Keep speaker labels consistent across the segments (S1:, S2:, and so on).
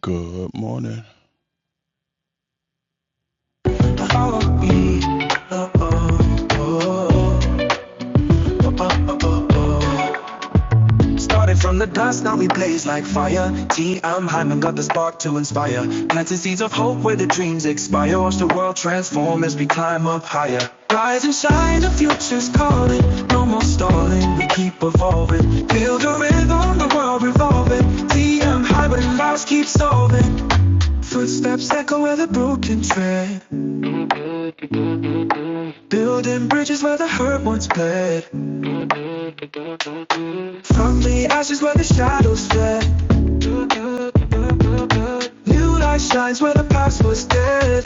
S1: Good morning. Follow me. Oh, oh, oh, oh, oh, oh, oh. Started from the dust, now we blaze like fire. T. I'm Hyman, got the spark to inspire. Planting seeds of hope where the dreams expire. Watch the world transform as we climb up higher. Rise and shine, the future's calling. No more stalling, we keep evolving. Build a rhythm, the world revolving. T. I'm Hyman, lives keep solving. Footsteps echo where the broken tread. Building bridges where the hurt once bled. From the ashes where the shadows fled. New light shines where the past was dead.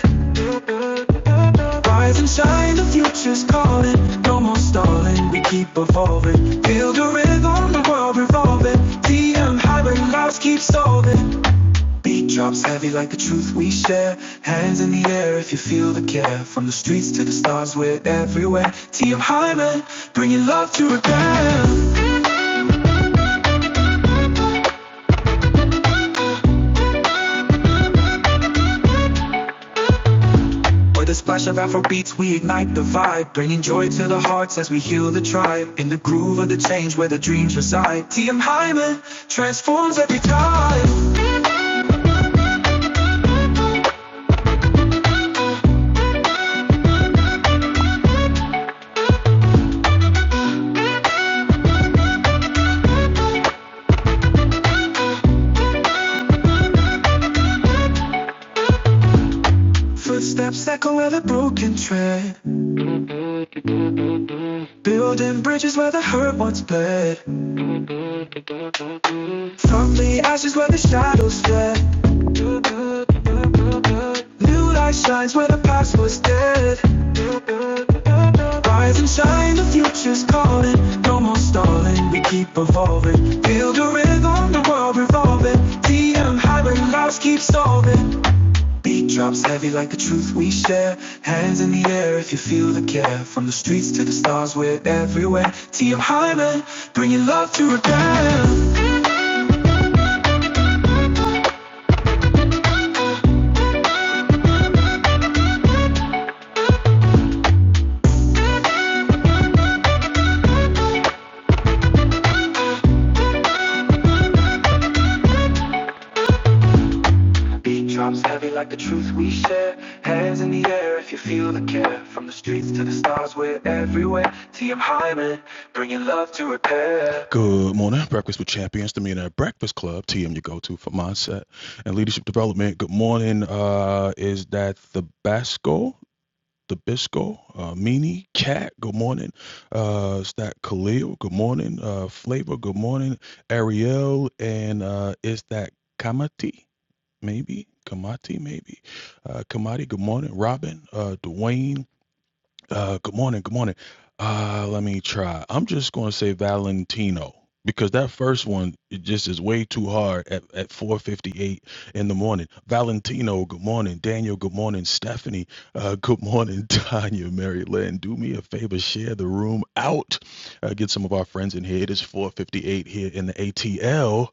S1: Rise and shine, the future's calling. No more stalling, we keep evolving. Build a rhythm, the world revolving. TM high where lives keep solving. Beat drops heavy like the truth we share. Hands in the air if you feel the care. From the streets to the stars, we're everywhere. TM Hyman, bringing love to repair. With a splash of Afro beats, we ignite the vibe, bringing joy to the hearts as we heal the tribe. In the groove of the change where the dreams reside, TM Hyman transforms every time. Footsteps echo where the broken tread, building bridges where the hurt once bled. From the ashes where the shadows fled, new light shines where the past was dead. Rise and shine, the future's calling. No more stalling, we keep evolving. Build a rhythm, the world revolving. TM highway lives keep solving. Beat drops heavy like the truth we share. Hands in the air if you feel the care. From the streets to the stars, we're everywhere. TM highway, bringing love to repair. Beat drops heavy like the truth we share. Hands in the air if you feel the care. From the streets to the stars, we're everywhere. TM Hyman, bringing love to repair. Good morning, Breakfast with Champions, the Millionaire Breakfast Club, TM, your go-to for mindset and leadership development. Good morning. Uh, is that the Basco, the Bisco, uh, Meanie, Cat? Good morning. Uh, is that Khalil? Good morning. Uh, Flavor. Good morning. Ariel, and uh, is that Kamati? maybe Kamati, maybe uh, Kamati. Good morning, Robin, uh, Dwayne. Uh, good morning, good morning. Uh, let me try. I'm just going to say Valentino because that first one it just is way too hard at, at 4:58 in the morning. Valentino, good morning. Daniel, good morning. Stephanie, uh, good morning. Tanya, Mary Lynn, do me a favor, share the room out. Uh, get some of our friends in here. It is 4:58 here in the ATL.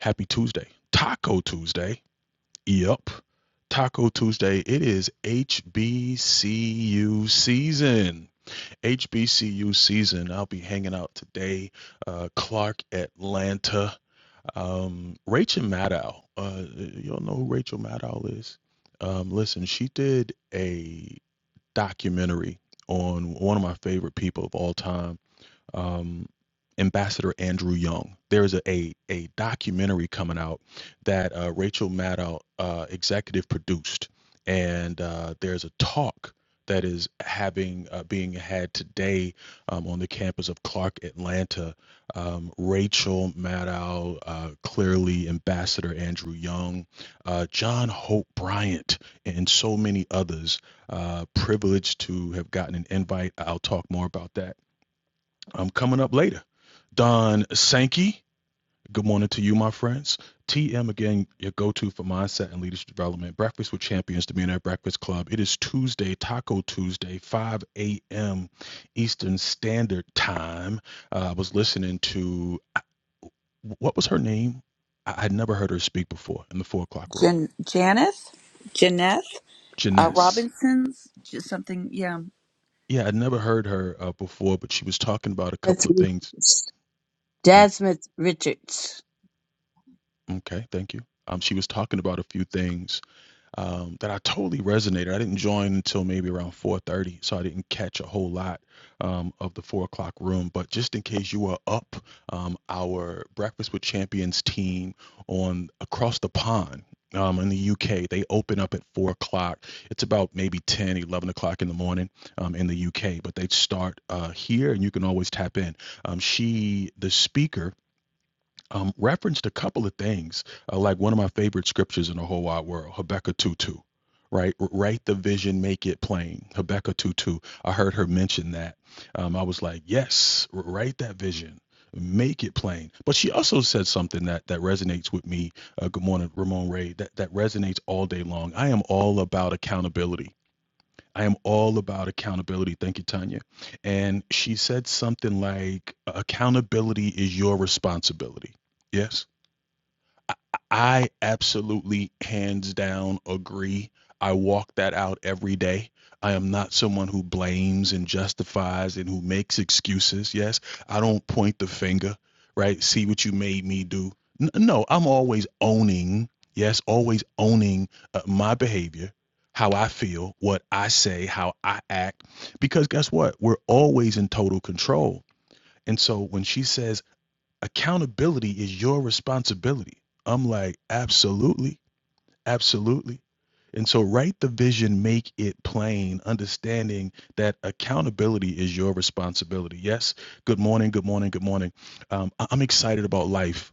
S1: Happy Tuesday, Taco Tuesday. Yep. Taco Tuesday. It is HBCU season. HBCU season. I'll be hanging out today. Uh, Clark, Atlanta. Um, Rachel Maddow. Uh, y'all know who Rachel Maddow is? Um, listen, she did a documentary on one of my favorite people of all time um, Ambassador Andrew Young. There's a, a a documentary coming out that uh, Rachel Maddow uh, executive produced, and uh, there's a talk that is having uh, being had today um, on the campus of Clark Atlanta. Um, Rachel Maddow, uh, clearly Ambassador Andrew Young, uh, John Hope Bryant, and so many others. Uh, privileged to have gotten an invite. I'll talk more about that um, coming up later. Don Sankey, good morning to you, my friends. TM again, your go-to for mindset and leadership development. Breakfast with Champions, the Millionaire Breakfast Club. It is Tuesday, Taco Tuesday, 5 a.m. Eastern Standard Time. Uh, I was listening to uh, what was her name? I had never heard her speak before in the four o'clock room.
S2: Jan- Janeth, Janeth uh,
S1: Janess.
S2: Robinson's, just something. Yeah.
S1: Yeah, I'd never heard her uh, before, but she was talking about a
S3: That's
S1: couple of things. Um,
S3: Jasmine Richards.
S1: okay, thank you. Um, she was talking about a few things um, that I totally resonated. I didn't join until maybe around 4:30, so I didn't catch a whole lot um, of the four o'clock room. But just in case you are up, um, our Breakfast with Champions team on across the pond. Um, in the UK, they open up at four o'clock. It's about maybe 10, 11 o'clock in the morning um, in the UK, but they start uh, here and you can always tap in. Um, she, the speaker, um, referenced a couple of things, uh, like one of my favorite scriptures in the whole wide world, Habakkuk 2 2, right? Write the vision, make it plain. Habakkuk 2 2. I heard her mention that. Um, I was like, yes, write that vision. Make it plain, but she also said something that that resonates with me. Uh, good morning, Ramon Ray. That that resonates all day long. I am all about accountability. I am all about accountability. Thank you, Tanya. And she said something like, accountability is your responsibility. Yes. I I absolutely, hands down, agree. I walk that out every day. I am not someone who blames and justifies and who makes excuses. Yes, I don't point the finger, right? See what you made me do. N- no, I'm always owning, yes, always owning uh, my behavior, how I feel, what I say, how I act. Because guess what? We're always in total control. And so when she says, Accountability is your responsibility. I'm like, absolutely, absolutely. And so write the vision, make it plain, understanding that accountability is your responsibility. Yes. Good morning. Good morning. Good morning. Um, I- am excited about life.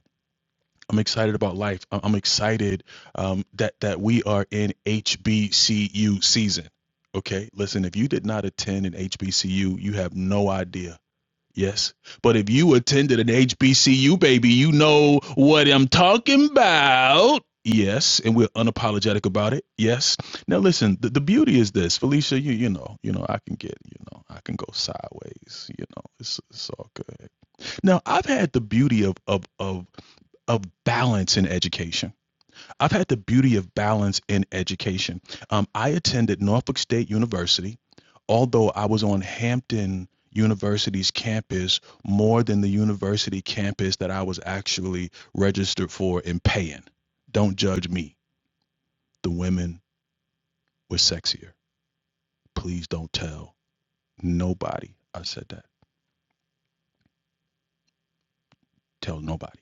S1: I'm excited about life. I- I'm excited um, that that we are in HBCU season. Okay. Listen, if you did not attend an HBCU, you have no idea Yes. But if you attended an HBCU, baby, you know what I'm talking about. Yes, and we're unapologetic about it. Yes. Now listen, the, the beauty is this, Felicia. You you know, you know, I can get, you know, I can go sideways. You know, it's, it's all good. Now I've had the beauty of of of of balance in education I've had the beauty of balance in education. Um, I attended Norfolk State University, although I was on Hampton University's campus more than the university campus that I was actually registered for and paying. Don't judge me. The women were sexier. Please don't tell nobody I said that. Tell nobody.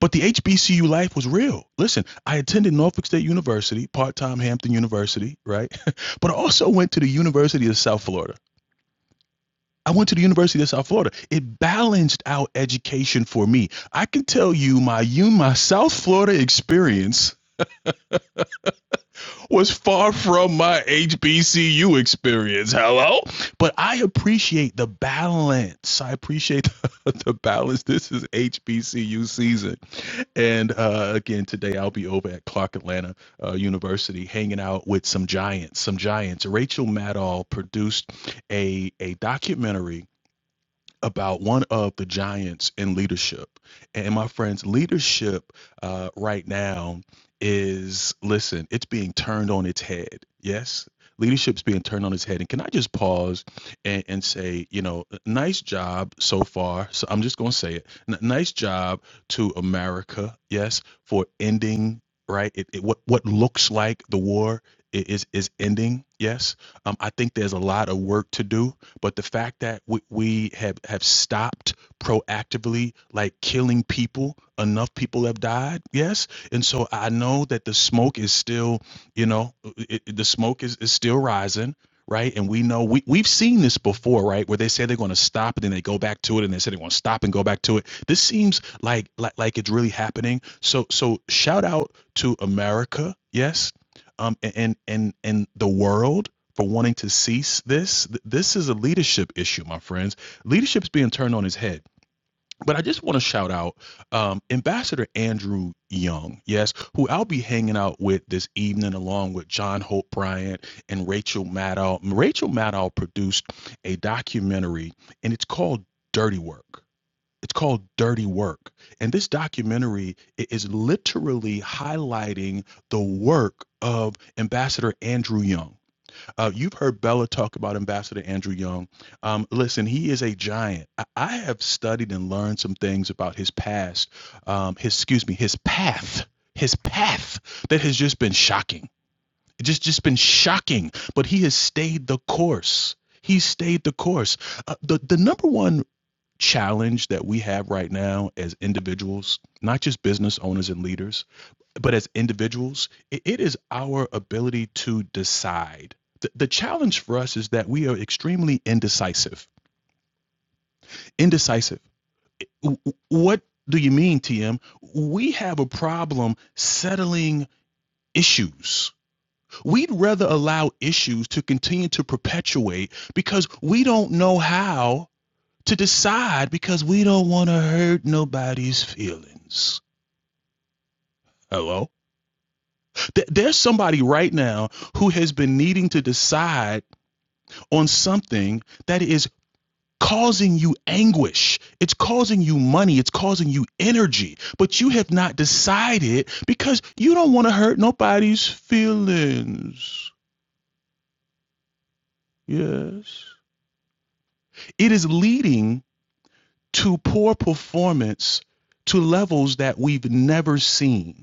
S1: But the HBCU life was real. Listen, I attended Norfolk State University, part time Hampton University, right? but I also went to the University of South Florida. I went to the University of South Florida. It balanced out education for me. I can tell you my you my South Florida experience was far from my HBCU experience. Hello? But I appreciate the balance. I appreciate the, the balance. This is HBCU season. And uh, again, today I'll be over at Clark Atlanta uh, University hanging out with some giants, some giants. Rachel Maddow produced a, a documentary about one of the giants in leadership. And my friends, leadership uh, right now is, listen, it's being turned on its head. Yes, leadership's being turned on its head. And can I just pause and, and say, you know, nice job so far. So I'm just going to say it. N- nice job to America, yes, for ending. Right, it, it, what what looks like the war i- is is ending. Yes, um, I think there's a lot of work to do but the fact that we, we have have stopped proactively, like killing people, enough people have died. Yes, and so I know that the smoke is still, you know, it, it- the smoke is, is still rising. Right. And we know we, we've seen this before, right? Where they say they're going to stop and then they go back to it and they say they're going to stop and go back to it. This seems like, like like it's really happening. So so shout out to America. Yes um, and and and the world for wanting to cease this. This is a leadership issue, my friends. Leadership's being turned on its head. But I just want to shout out um, Ambassador Andrew Young, yes, who I'll be hanging out with this evening along with John Hope Bryant and Rachel Maddow. Rachel Maddow produced a documentary and it's called Dirty Work. It's called Dirty Work. And this documentary is literally highlighting the work of Ambassador Andrew Young. Uh, you've heard Bella talk about Ambassador Andrew Young. Um, listen, he is a giant. I, I have studied and learned some things about his past, um, his excuse me, his path, his path that has just been shocking. It Just, just been shocking. But he has stayed the course. He stayed the course. Uh, the the number one challenge that we have right now as individuals, not just business owners and leaders, but as individuals, it, it is our ability to decide. The, the challenge for us is that we are extremely indecisive. Indecisive. What do you mean, TM? We have a problem settling issues. We'd rather allow issues to continue to perpetuate because we don't know how to decide because we don't want to hurt nobody's feelings. Hello? Th- There's somebody right now who has been needing to decide on something that is causing you anguish. It's causing you money. It's causing you energy. But you have not decided because you don't want to hurt nobody's feelings. Yes. It is leading to poor performance to levels that we've never seen.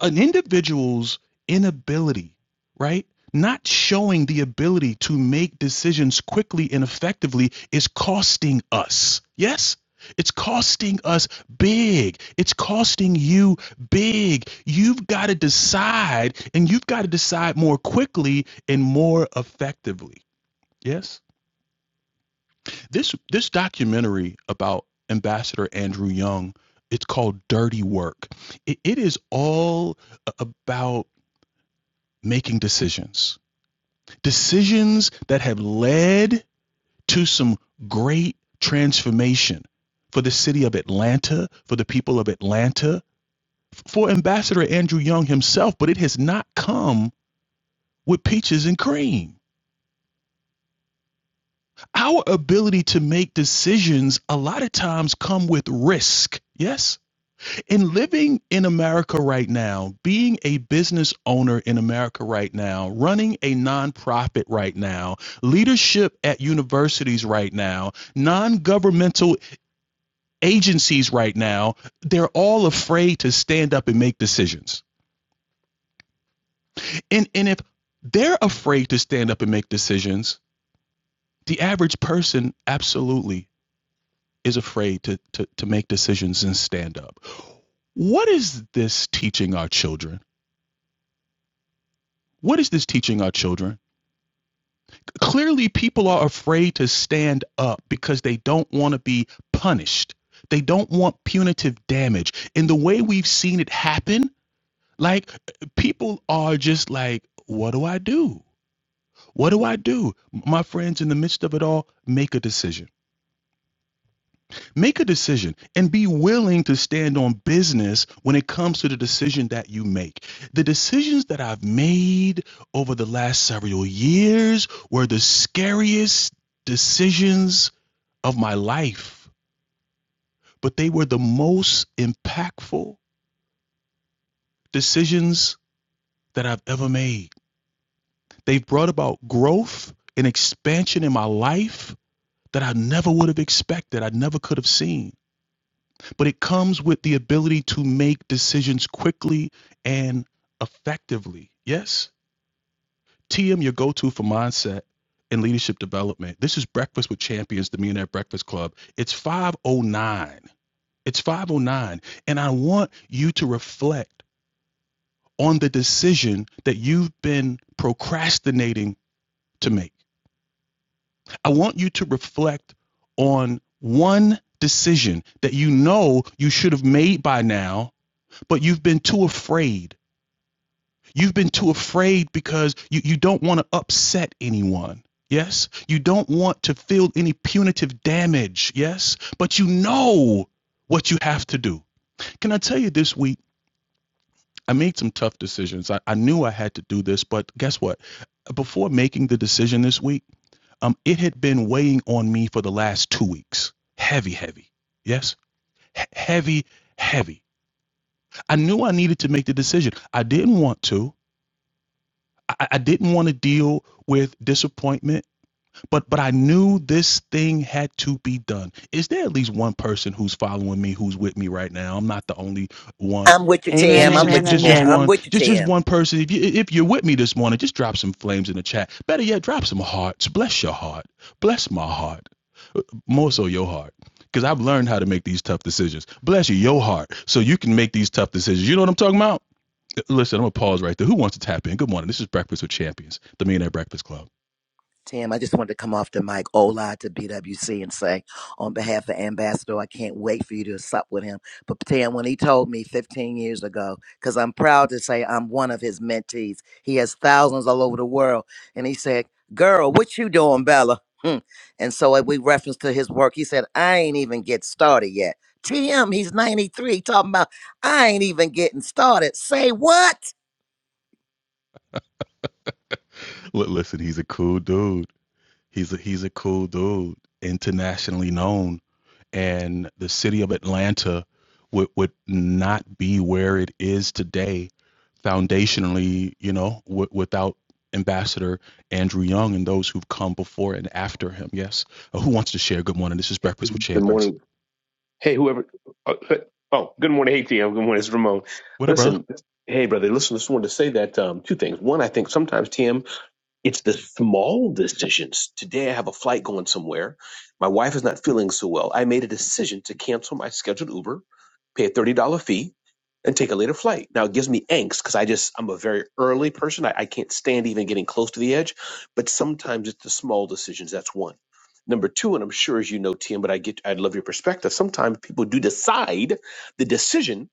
S1: an individual's inability, right? Not showing the ability to make decisions quickly and effectively is costing us. Yes? It's costing us big. It's costing you big. You've got to decide, and you've got to decide more quickly and more effectively. Yes? This this documentary about Ambassador Andrew Young, it's called Dirty Work. It, it is all about making decisions, decisions that have led to some great transformation for the city of Atlanta, for the people of Atlanta, for Ambassador Andrew Young himself, but it has not come with peaches and cream. Our ability to make decisions a lot of times come with risk. Yes? in living in America right now, being a business owner in America right now, running a nonprofit right now, leadership at universities right now, non governmental agencies right now, they're all afraid to stand up and make decisions. And, and if they're afraid to stand up and make decisions, the average person absolutely is afraid to, to, to make decisions and stand up. What is this teaching our children? What is this teaching our children? Clearly, people are afraid to stand up because they don't want to be punished. They don't want punitive damage. And the way we've seen it happen, like people are just like, what do I do? What do I do? My friends, in the midst of it all, make a decision Make a decision and be willing to stand on business when it comes to the decision that you make. The decisions that I've made over the last several years were the scariest decisions of my life, but they were the most impactful decisions that I've ever made. They've brought about growth and expansion in my life that I never would have expected, I never could have seen. but it comes with the ability to make decisions quickly and effectively. Yes, TM, your go to for mindset and leadership development. This is Breakfast with Champions, the Millionaire Breakfast Club. It's 509. It's 509. And I want you to reflect on the decision that you've been procrastinating to make. I want you to reflect on one decision that you know you should have made by now but you've been too afraid. You've been too afraid because you, you don't want to upset anyone. Yes. You don't want to feel any punitive damage. Yes. But you know what you have to do. Can I tell you this week? I made some tough decisions. I, I knew I had to do this, but guess what? Before making the decision this week, um, it had been weighing on me for the last two weeks. Heavy, heavy. Yes. He- heavy, heavy. I knew I needed to make the decision. I didn't want to. I, I didn't want to deal with disappointment, but but I knew this thing had to be done. Is there at least one person who's following me, who's with me right now? I'm not the only one.
S4: I'm with you,
S1: Is
S5: Amen,
S4: TM.
S1: is-
S4: I'm
S1: is-
S5: amen,
S4: with you,
S1: just
S4: boy.
S1: just
S5: amen.
S4: I'm
S1: one
S4: with you,
S1: just just
S4: TM.
S1: one person. If you if you're with me this morning, just drop some flames in the chat. Better yet, drop some hearts. Bless your heart. Bless my heart. More so your heart. Because I've learned how to make these tough decisions. Bless you, your heart, so you can make these tough decisions. You know what I'm talking about? Listen, I'm gonna pause right there. Who wants to tap in? Good morning. This is Breakfast with Champions, the Millionaire Breakfast Club.
S4: TM, I just wanted to come off the mic, Ola, to BWC and say, on behalf of Ambassador, I can't wait for you to sup with him. But TM, when he told me 15 years ago, because I'm proud to say I'm one of his mentees, he has thousands all over the world. And he said, Girl, what you doing, Bella? Hmm. And so uh, we reference to his work. He said, I ain't even get started yet. TM, he's 93, talking about, I ain't even getting started. Say what?
S1: L- listen, he's a cool dude. He's a, he's a cool dude, internationally known, and the city of Atlanta would would not be where it is today, foundationally, you know, w- without Ambassador Andrew Young and those who've come before and after him. Yes. Uh, who wants to share? Good morning. This is
S6: Hey,
S1: Breakfast with
S6: good
S1: Champions.
S6: morning. Hey, whoever. Oh, oh, good morning. Hey, TM. Good morning. It's Ramon.
S1: What up, brother?
S6: Listen, hey, brother. Listen, just wanted to say that um, two things. One, I think sometimes TM it's the small decisions. Today I have a flight going somewhere. My wife is not feeling so well. I made a decision to cancel my scheduled Uber, pay a $30 fee, and take a later flight. Now it gives me angst because I just, I'm a very early person. I, I can't stand even getting close to the edge. But sometimes it's the small decisions. That's one. Number two, and I'm sure as you know, Tim, but I get, I'd love your perspective. Sometimes people do decide the decision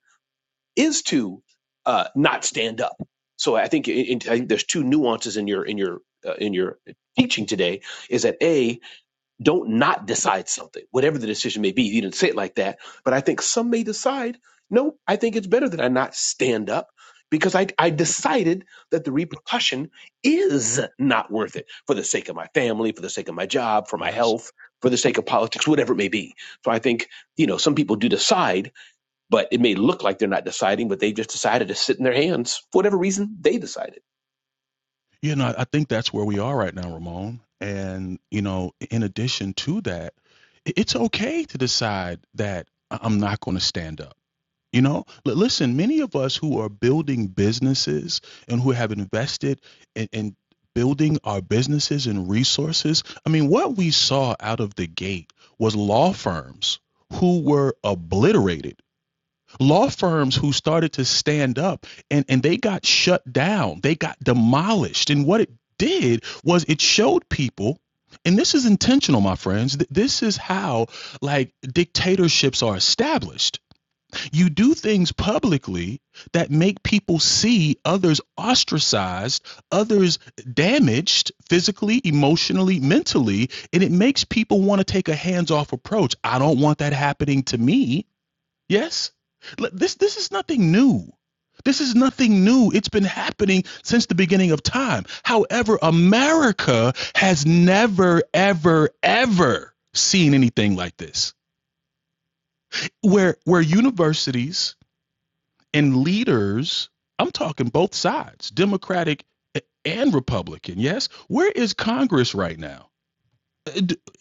S6: is to uh, not stand up. So I think in, I think there's two nuances in your in your uh, in your teaching today is that a don't not decide something whatever the decision may be. You didn't say it like that, but I think some may decide no. I think it's better that I not stand up because I I decided that the repercussion is not worth it for the sake of my family, for the sake of my job, for my
S1: Yes.
S6: health, for the sake of politics, whatever it may be. So I think you know some people do decide but it may look like they're not deciding, but they just decided to sit in their hands for whatever reason they decided.
S1: You know, I think that's where we are right now, Ramon. And, you know, in addition to that, i- it's okay to decide that I- I'm not going to stand up. You know, L- listen, many of us who are building businesses and who have invested in, in building our businesses and resources, I mean, what we saw out of the gate was law firms who were obliterated law firms who started to stand up and, and they got shut down, they got demolished. And what it did was it showed people, and this is intentional, my friends, th- this is how like dictatorships are established. You do things publicly that make people see others ostracized, others damaged physically, emotionally, mentally, and it makes people want to take a hands off approach. I don't want that happening to me. Yes? This this is nothing new. This is nothing new. It's been happening since the beginning of time. However, America has never ever ever seen anything like this. Where where universities and leaders, I'm talking both sides, Democratic and Republican, yes? Where is Congress right now?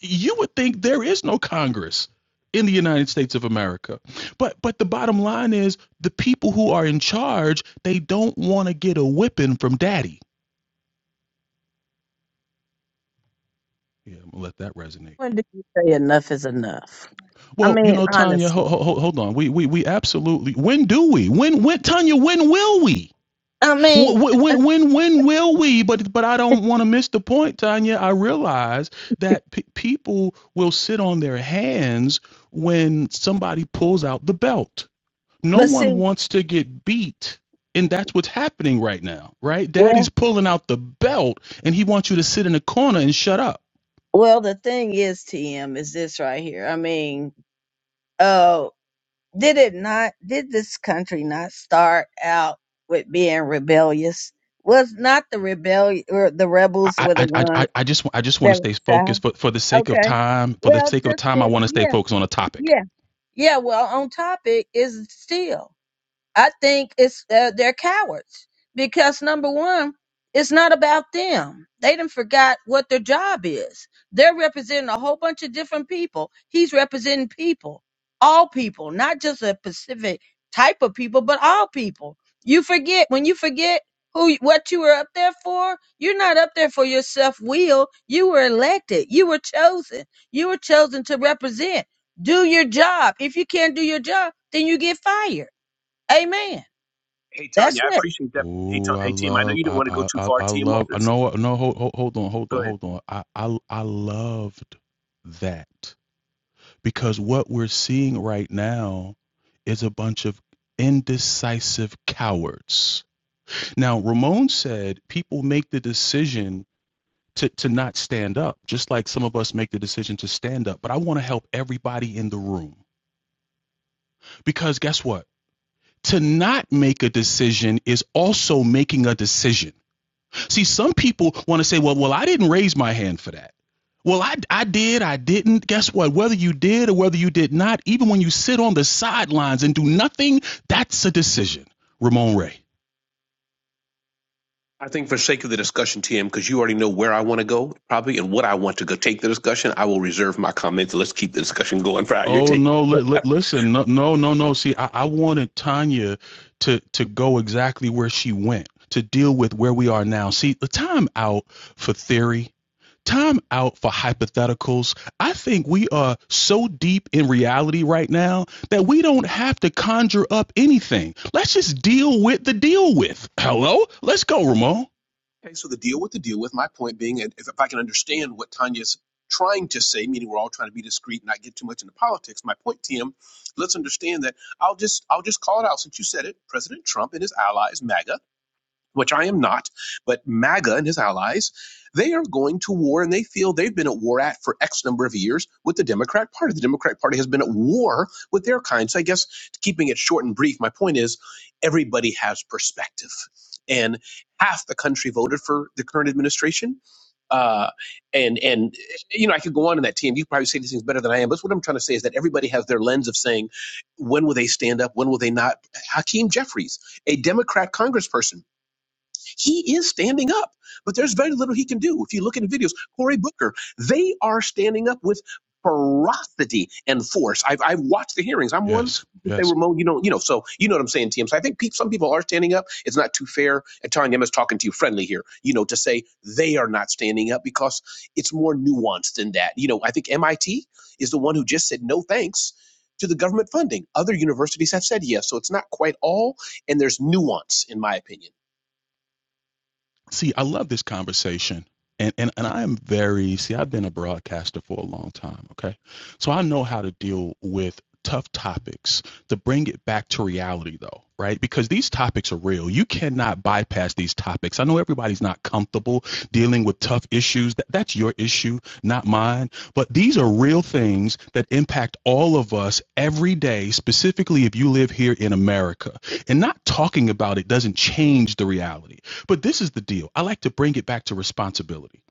S1: you would think there is no Congress in the United States of America. But but the bottom line is the people who are in charge, they don't want to get a whipping from daddy. Yeah, I'm gonna let that resonate.
S3: When did you say enough is enough? I
S1: Well, you
S3: mean,
S1: know, Tanya, ho-
S3: honestly.
S1: ho- hold on. We, we we absolutely. When do we? When when Tanya? When will we?
S3: I
S1: when
S3: mean,
S1: When when when will we? But but I don't want to miss the point, Tanya. I realize that pe people will sit on their hands when somebody pulls out the belt no
S3: but
S1: one
S3: see,
S1: wants to get beat and that's what's happening right now right daddy's
S3: well,
S1: pulling out the belt and he wants you to sit in a corner and shut up
S3: well, the thing is, TM, is this right here. I mean, uh, did it not, did this country not start out with being rebellious? Was not the rebellion, or the rebels
S1: i
S3: were the
S1: i i, I
S3: ones
S1: just i just want to
S3: that were
S1: stay
S3: south?
S1: focused for for the sake of
S3: Okay.
S1: time for the
S3: Well,
S1: sake of
S3: just
S1: time i
S3: this,
S1: want to stay
S3: yeah,
S1: focused on a topic
S3: yeah, yeah. Well, on topic is still. I think it's uh, they're cowards because number one, it's not about them. They done forgot what their job is. They're representing a whole bunch of different people. He's representing people, all people, not just a specific type of people, but all people. You forget when you forget who what you were up there for. You're not up there for your self will. You were elected. You were chosen. You were chosen to represent. Do your job. If you can't do your job, then you get fired Amen. That's
S1: Oh, I love, I, I, I I love.
S6: It's-
S1: No, no, hold, hold, hold on, hold on, hold on. I, I, I loved that because what we're seeing right now is a bunch of indecisive cowards Now, Ramon said people make the decision to, to not stand up, just like some of us make the decision to stand up. But I want to help everybody in the room because guess what? To not make a decision is also making a decision. See, some people want to say, well, well, I didn't raise my hand for that. Well, I, I did, I didn't. Guess what? Whether you did or whether you did not, even when you sit on the sidelines and do nothing, that's a decision. Ramon Ray.
S6: I think for sake of the discussion, TM, because you already know where I want to go probably and what I want to go take the discussion, I will reserve my comments. Let's keep the discussion going for how you're
S1: Oh
S6: taking.
S1: no! Li-
S6: it.
S1: li- listen, no, no, no, no. See, I, I wanted Tanya to to go exactly where she went to deal with where we are now. See, the time out for theory, time out for hypotheticals. I think we are so deep in reality right now that we don't have to conjure up anything. Let's just deal with the deal with. Hello, let's go, Ramon.
S6: okay, so the deal with the deal with my point being, if, if I can understand what Tanya's trying to say, meaning we're all trying to be discreet, and not get too much into politics. My point, TM, let's understand that I'll just I'll just call it out since you said it. President Trump and his allies, MAGA which I am not, but MAGA and his allies, they are going to war and they feel they've been at war at for X number of years with the Democrat Party. The Democrat Party has been at war with their kind. So I guess keeping it short and brief, my point is everybody has perspective. And half the country voted for the current administration. Uh, and, and, you know, I could go on in that team. You probably say these things better than I am. But what I'm trying to say is that everybody has their lens of saying, when will they stand up? When will they not? Hakeem Jeffries, a Democrat congressperson, he is standing up, but there's very little he can do. If you look at the videos, Cory Booker, they are standing up with ferocity and force. I've, I've watched the hearings. I'm one
S1: Yes,
S6: who say,
S1: yes.
S6: Ramon, you don't, you know, so you know what I'm saying, TM. So I think pe- some people are standing up. It's not too fair. And Tanya, I'm just talking to you friendly here, you know, to say they are not standing up because it's more nuanced than that. You know, I think MIT is the one who just said no thanks to the government funding. Other universities have said yes. So it's not quite all, and there's nuance, in my opinion.
S1: See, I love this conversation. And, and and I am very see, I've been a broadcaster for a long time, okay? So I know how to deal with tough topics to bring it back to reality though, right? Because these topics are real. You cannot bypass these topics. I know everybody's not comfortable dealing with tough issues. That, that's your issue, not mine. But these are real things that impact all of us every day, specifically if you live here in America. And not talking about it doesn't change the reality. But this is the deal. I like to bring it back to responsibility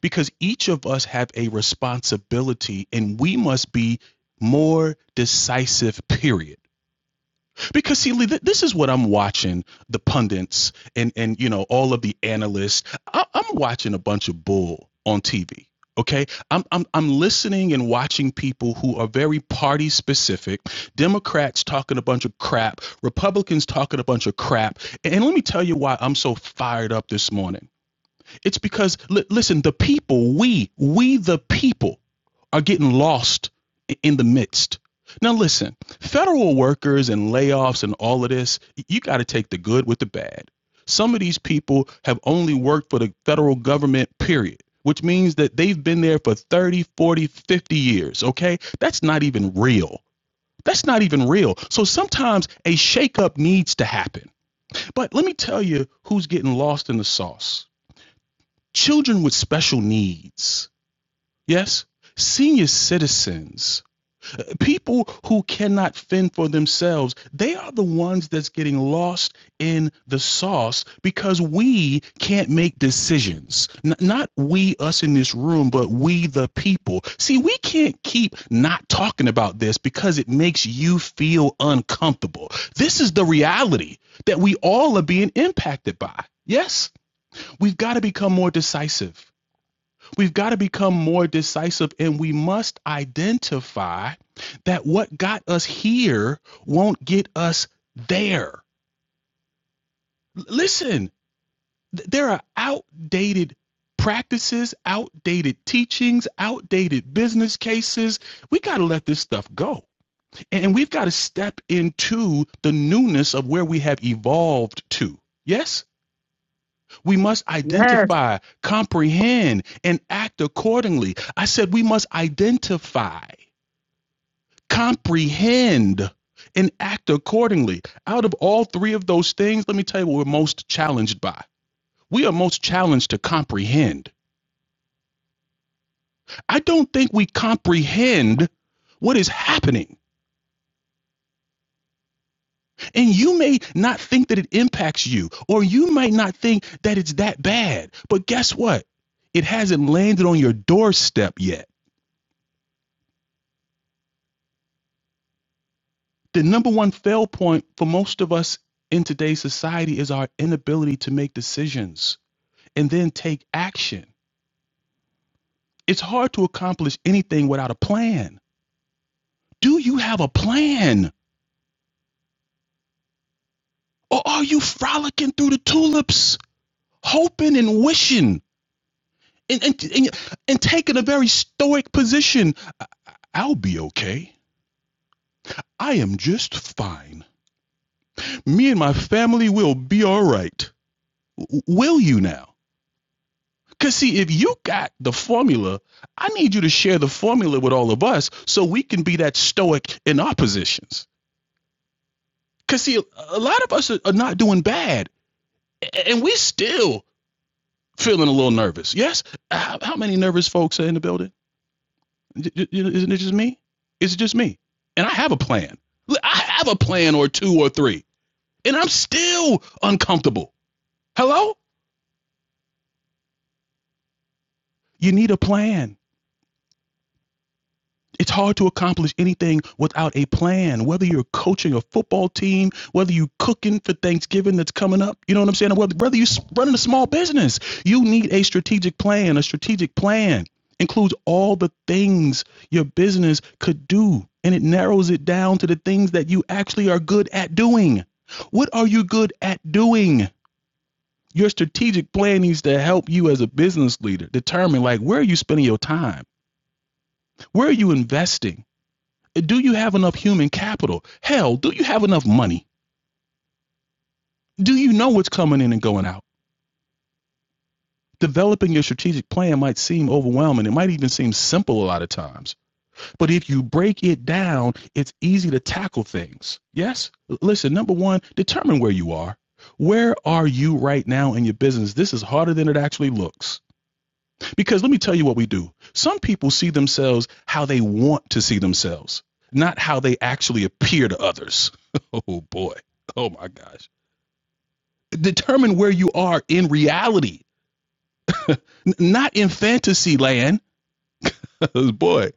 S1: because each of us have a responsibility and we must be more decisive period because see Lee, th- this is what i'm watching the pundits and and you know all of the analysts I- i'm watching a bunch of bull on tv okay I'm, I'm i'm listening and watching people who are very party specific democrats talking a bunch of crap republicans talking a bunch of crap and let me tell you why i'm so fired up this morning it's because li- listen, the people, we, we the people are getting lost in the midst. Now listen, federal workers and layoffs and all of this, you got to take the good with the bad. Some of these people have only worked for the federal government period, which means that they've been there for 30, 40, 50 years, okay? That's not even real. That's not even real. So sometimes a shakeup needs to happen. But let me tell you who's getting lost in the sauce children with special needs, yes, senior citizens, people who cannot fend for themselves, they are the ones that's getting lost in the sauce because we can't make decisions. N- not we, us in this room, but we, the people. See, we can't keep not talking about this because it makes you feel uncomfortable. This is the reality that we all are being impacted by. Yes, we've got to become more decisive. We've got to become more decisive and we must identify that what got us here won't get us there. L- Listen, th- there are outdated practices, outdated teachings, outdated business cases. We got to let this stuff go. And we've got to step into the newness of where we have evolved to. Yes? We must
S5: Yes.
S1: identify, comprehend, and act accordingly. I said we must identify, comprehend, and act accordingly. Out of all three of those things, let me tell you what we're most challenged by. We are most challenged to comprehend. I don't think we comprehend what is happening. And you may not think that it impacts you, or you might not think that it's that bad. But guess what? It hasn't landed on your doorstep yet. the number one fail point for most of us in today's society is our inability to make decisions and then take action. It's hard to accomplish anything without a plan. Do you have a plan? Or are you frolicking through the tulips, hoping and wishing and, and, and, and taking a very stoic position? "I- will be okay. I am just fine. Me and my family will be all right. Will you now? Because, see, if you got the formula, I need you to share the formula with all of us so we can be that stoic in our positions. Because, see, a lot of us are not doing bad, and we still feeling a little nervous. Yes? Uh, How many nervous folks are in the building? Isn't it just me? It's just me. And I have a plan. I have a plan or two or three, and I'm still uncomfortable. Hello? You need a plan. It's hard to accomplish anything without a plan, whether you're coaching a football team, whether you're cooking for Thanksgiving that's coming up, you know what I'm saying? Whether, whether you're running a small business, you need a strategic plan. A strategic plan includes all the things your business could do, and it narrows it down to the things that you actually are good at doing. What are you good at doing? Your strategic plan needs to help you as a business leader determine like where are you spending your time? Where are you investing? Do you have enough human capital? Hell, do you have enough money? Do you know what's coming in and going out? Developing your strategic plan might seem overwhelming. It might even seem simple a lot of times. But if you break it down, it's easy to tackle things. Yes? Listen, number one, determine where you are. Where are you right now in your business? This is harder than it actually looks. Because let me tell you what we do. Some people see themselves how they want to see themselves, not how they actually appear to others. Oh boy. Oh my gosh. Determine where you are in reality, n- not in fantasy land. boy,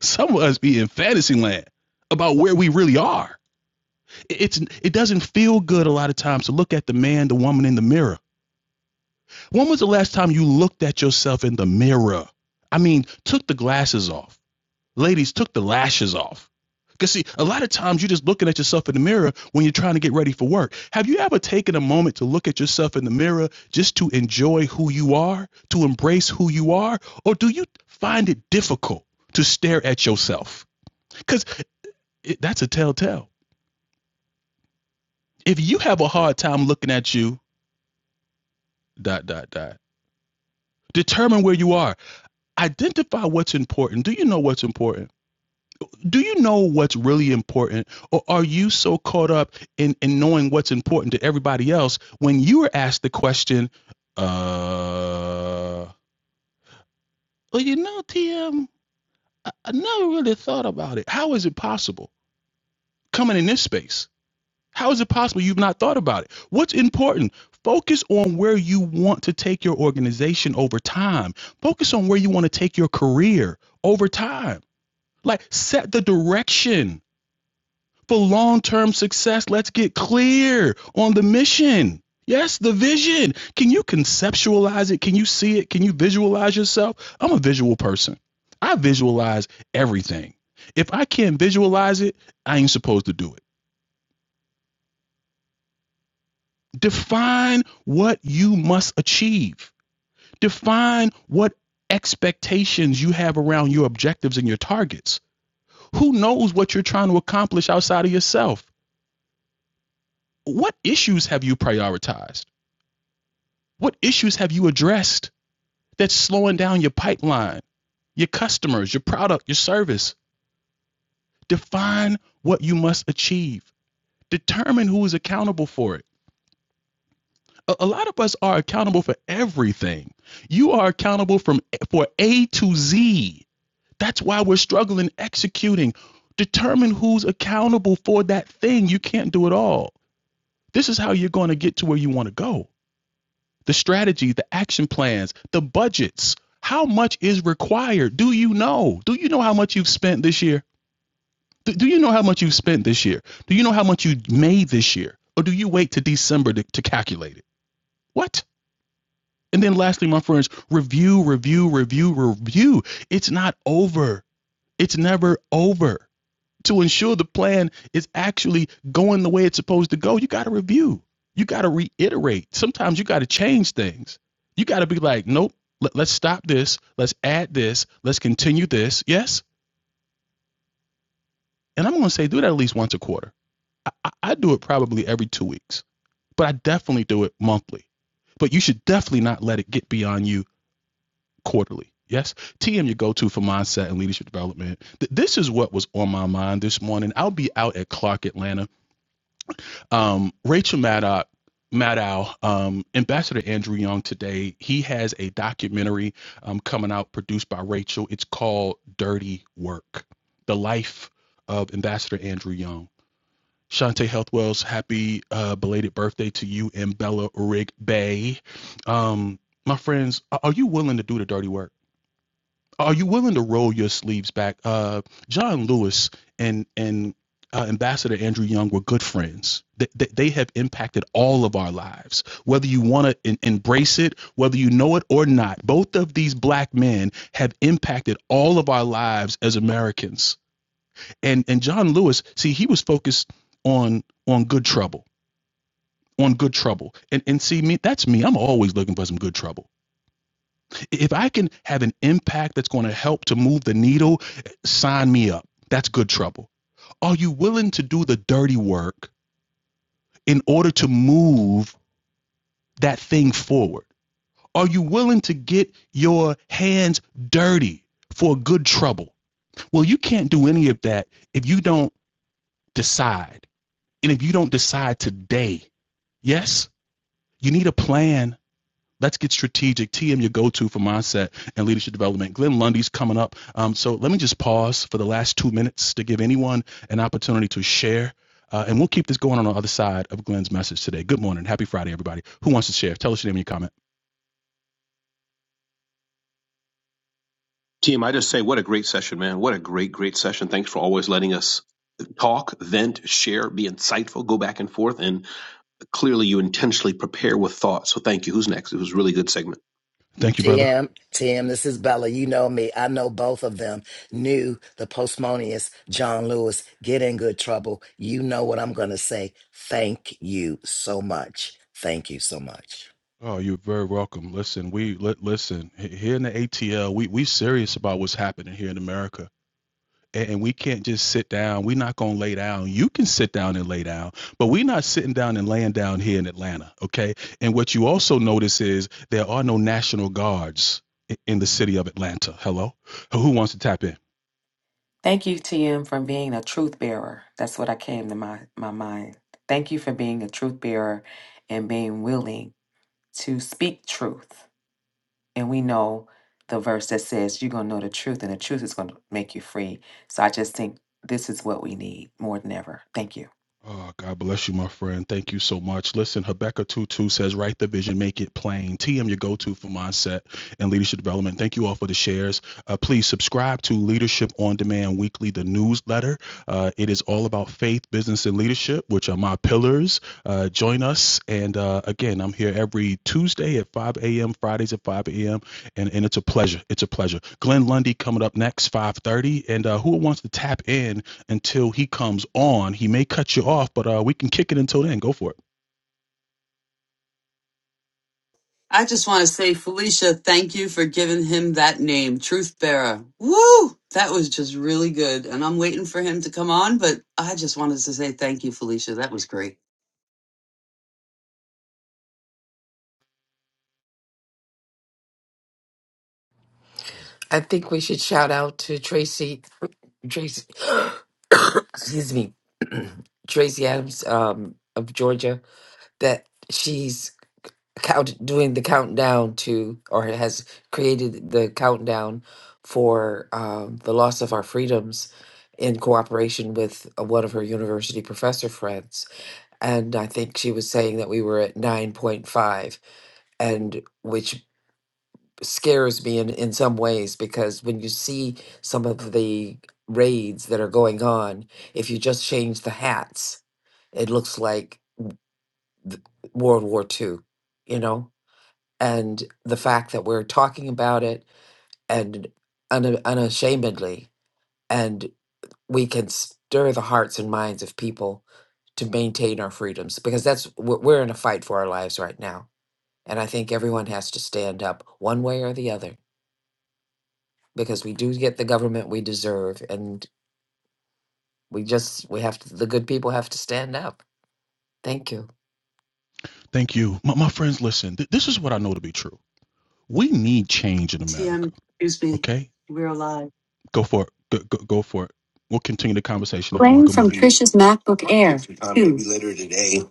S1: some of us be in fantasy land about where we really are. It's it doesn't feel good a lot of times to look at the man, the woman in the mirror. When was the last time you looked at yourself in the mirror? I mean, took the glasses off ladies took the lashes off. Because see, a lot of times you're just looking at yourself in the mirror when you're trying to get ready for work. Have you ever taken a moment to look at yourself in the mirror just to enjoy who you are, to embrace who you are? Or do you find it difficult to stare at yourself? Because that's a telltale. If you have a hard time looking at you, dot, dot, dot, determine where you are. Identify what's important. Do you know what's important? do you know what's really important or are you so caught up in, in knowing what's important to everybody else when you were asked the question uh well you know tm I I never really thought about it how is it possible coming in this space how is it possible you've not thought about it what's important focus on where you want to take your organization over time focus on where you want to take your career over time like set the direction for long term success, let's get clear on the mission. Yes, the vision. Can you conceptualize it? Can you see it? Can you visualize yourself? I'm a visual person. I visualize everything. If I can't visualize it, I ain't supposed to do it. Define what you must achieve, define what expectations you have around your objectives and your targets. Who knows what you're trying to accomplish outside of yourself? What issues have you prioritized? What issues have you addressed that's slowing down your pipeline, your customers, your product, your service? Define what you must achieve. Determine who is accountable for it. A, a lot of us are accountable for everything. You are accountable from for A to Z. That's why we're struggling executing. Determine who's accountable for that thing. You can't do it all. This is how you're going to get to where you want to go. the strategy, the action plans, the budgets. How much is required? Do you know? Do you know how much you've spent this year? Do, do you know how much you've spent this year? Do you know how much you made this year? Or do you wait to December to, to calculate it? What? And then lastly, my friends, review, review, review, review. It's not over. It's never over to ensure the plan is actually going the way it's supposed to go, you got to review. You got to reiterate. Sometimes you got to change things. You got to be like, nope, let, us stop this. Let's add this. Let's continue this. Yes. And I'm going to say do that at least once a quarter. I, I, I do it probably every two weeks, but I definitely do it monthly. But you should definitely not let it get beyond you quarterly. Yes. TM, your go to for mindset and leadership development. Th- this is what was on my mind this morning. I'll be out at Clark, Atlanta Um, Rachel Maddow, Maddow um, Ambassador Andrew Young today, he has a documentary um, coming out produced by Rachel. It's called Dirty Work The Life of Ambassador Andrew Young. Shante Healthwells, happy uh, belated birthday to you and Bella Rig Bay. Um, my friends, are you willing to do the dirty work? Are you willing to roll your sleeves back? Uh, John Lewis and and uh, Ambassador Andrew Young were good friends. They, they, they have impacted all of our lives, whether you want to embrace it, whether you know it or not. Both of these black men have impacted all of our lives as Americans. And and John Lewis, see, he was focused on on good trouble, on good trouble. And and see me, that's me. I'm always looking for some good trouble. If I can have an impact that's going to help to move the needle, sign me up. That's good trouble. Are you willing to do the dirty work in order to move that thing forward? Are you willing to get your hands dirty for good trouble? Well, you can't do any of that if you don't decide. And if you don't decide today, yes, you need a plan Let's get strategic. TM, your go-to for mindset and leadership development. Glenn Lundy's coming up. Um, so let me just pause for the last two minutes to give anyone an opportunity to share. Uh, and we'll keep this going on the other side of Glenn's message today. Good morning. Happy Friday, everybody. Who wants to share? Tell us your name and your comment.
S6: Team, I just say, what a great session, man. What a great, great session. Thanks for always letting us talk, vent, share, be insightful, go back and forth. And clearly, you intentionally prepare with thought. So thank you. Who's next? It was a really good segment.
S1: Thank you, brother.
S4: Tim, Tim, this is Bella. You know me. I know both of them. Knew the postmonius, John Lewis, get in good trouble. You know what I'm going to say. Thank you so much. Thank you so much.
S1: Oh, you're very welcome. Listen, we li- listen here in the ATL. We we serious about what's happening here in America. and, we can't just sit down. We're not going to lay down. You can sit down and lay down, but we're not sitting down and laying down here in Atlanta. Okay. And what you also notice is there are no National Guards in the city of Atlanta. Hello. Who wants to tap in?
S7: Thank you, TM, for being a truth bearer. That's what I came to my, my mind. Thank you for being a truth bearer and being willing to speak truth. And we know the verse that says you're going to know the truth and the truth is going to make you free. So I just think this is what we need more than ever. Thank you.
S1: Oh, God bless you, my friend. Thank you so much. Listen, Habakkuk 2 2 says, Write the vision, make it plain. TM, your go to for mindset and leadership development. Thank you all for the shares. Uh, please subscribe to Leadership on Demand Weekly, the newsletter. Uh, it is all about faith, business, and leadership, which are my pillars. Uh, join us. And uh, again, I'm here every Tuesday at 5 a.m., Fridays at 5 a.m. And, and it's a pleasure. It's a pleasure. Glenn Lundy coming up next, 5:30. And uh, who wants to tap in? until he comes on. He may cut you off, but uh, we can kick it until then. Go for it.
S5: I just want to say, Felicia, thank you for giving him that name, Truth Bearer. Woo! That was just really good. And I'm waiting for him to come on, but I just wanted to say thank you, Felicia. That was great.
S8: I think we should shout out to Tracy. Tracy, excuse me, Tracy Adams um, of Georgia, that she's count doing the countdown to, or has created the countdown for um, the loss of our freedoms in cooperation with uh, one of her university professor friends. And I think she was saying that we were at nine point five, and which scares me in, in some ways because when you see some of the raids that are going on, if you just change the hats, it looks like th- World War Two, you know? And the fact that we're talking about it and un- unashamedly, and we can stir the hearts and minds of people to maintain our freedoms because that's we're we're in a fight for our lives right now. And I think everyone has to stand up one way or the other because we do get the government we deserve and we just we have to the good people have to stand up thank you
S1: Thank you. My, my friends, listen, th- this is what I know to be true. We need change in America.
S5: TM, excuse me.
S1: Okay?
S5: We're alive.
S1: Go for it. Go, go, go for it. We'll continue the conversation, everyone.
S5: Playing
S1: Good
S5: from
S1: morning.
S5: Trisha's MacBook Air. Um, two. Maybe later today.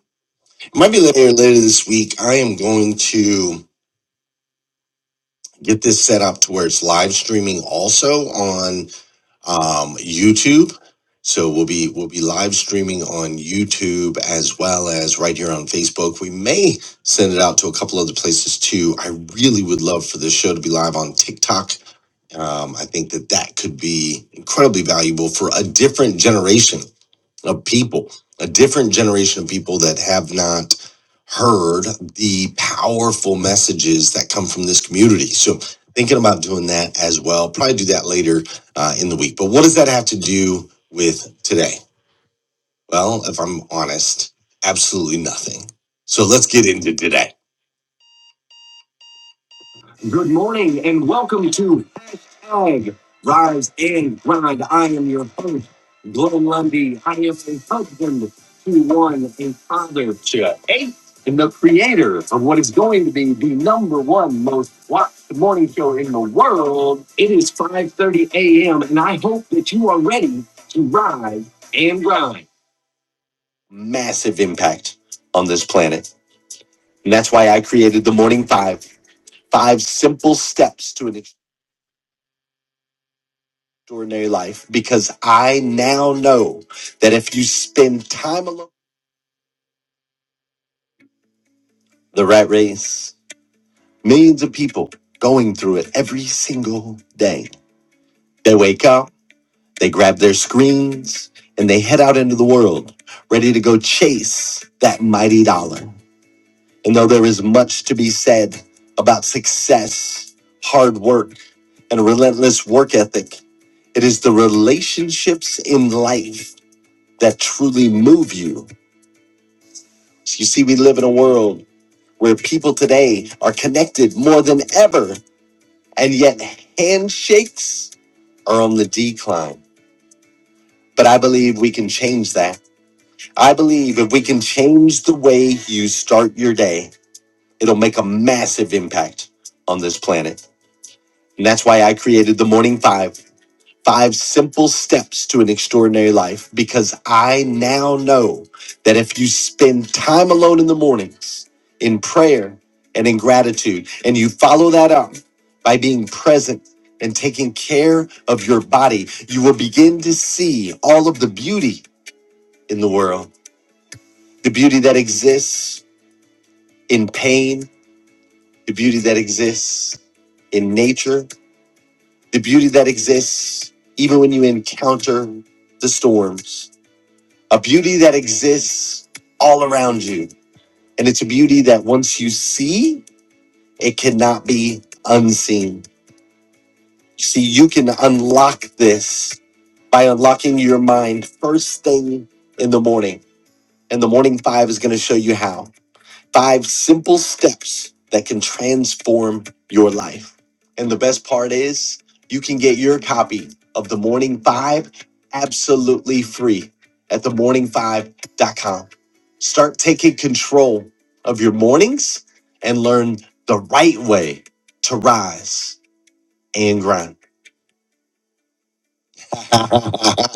S5: It Might be later later this week. I am going to get this set up to where it's live streaming also on um, YouTube. So we'll be we'll be live streaming on YouTube as well as right here on Facebook. We may send it out to a couple other places too. I really would love for this show to be live on TikTok. Um, I think that that could be incredibly valuable for a different generation of people, a different generation of people that have not heard the powerful messages that come from this community. So, thinking about doing that as well. Probably do that later uh, in the week. But what does that have to do with today? Well, if I'm honest, absolutely nothing. So, let's get into today. Good morning and welcome to hashtag Rise and Grind. I am your host, Glenn Lundy. I am a husband to one, a father to eight, and the creator of what is going to be the number one most watched morning show in the world. It is 5.30 a.m. and I hope that you are ready to rise and grind. Massive impact on this planet. And that's why I created the Morning Five. Five simple steps to an extraordinary life because I now know that if you spend time alone, the rat race, millions of people going through it every single day. They wake up, they grab their screens, and they head out into the world ready to go chase that mighty dollar. And though there is much to be said about success, hard work, and a relentless work ethic, it is the relationships in life that truly move you You see, we live in a world where people today are connected more than ever, and yet handshakes are on the decline. But I believe we can change that. I believe if we can change the way you start your day, it'll make a massive impact on this planet. And that's why I created the Morning Five. Five simple steps to an extraordinary life because I now know that if you spend time alone in the mornings in prayer and in gratitude, and you follow that up by being present and taking care of your body, you will begin to see all of the beauty in the world the beauty that exists in pain, the beauty that exists in nature, the beauty that exists even when you encounter the storms a beauty that exists all around you. And it's a beauty that once you see, it cannot be unseen. See, you can unlock this by unlocking your mind first thing in the morning. And the morning five is going to show you how. Five simple steps that can transform your life. And the best part is, you can get your copy of The Morning Five absolutely free at themorning5.com. Start taking control of your mornings and learn the right way to rise and grind.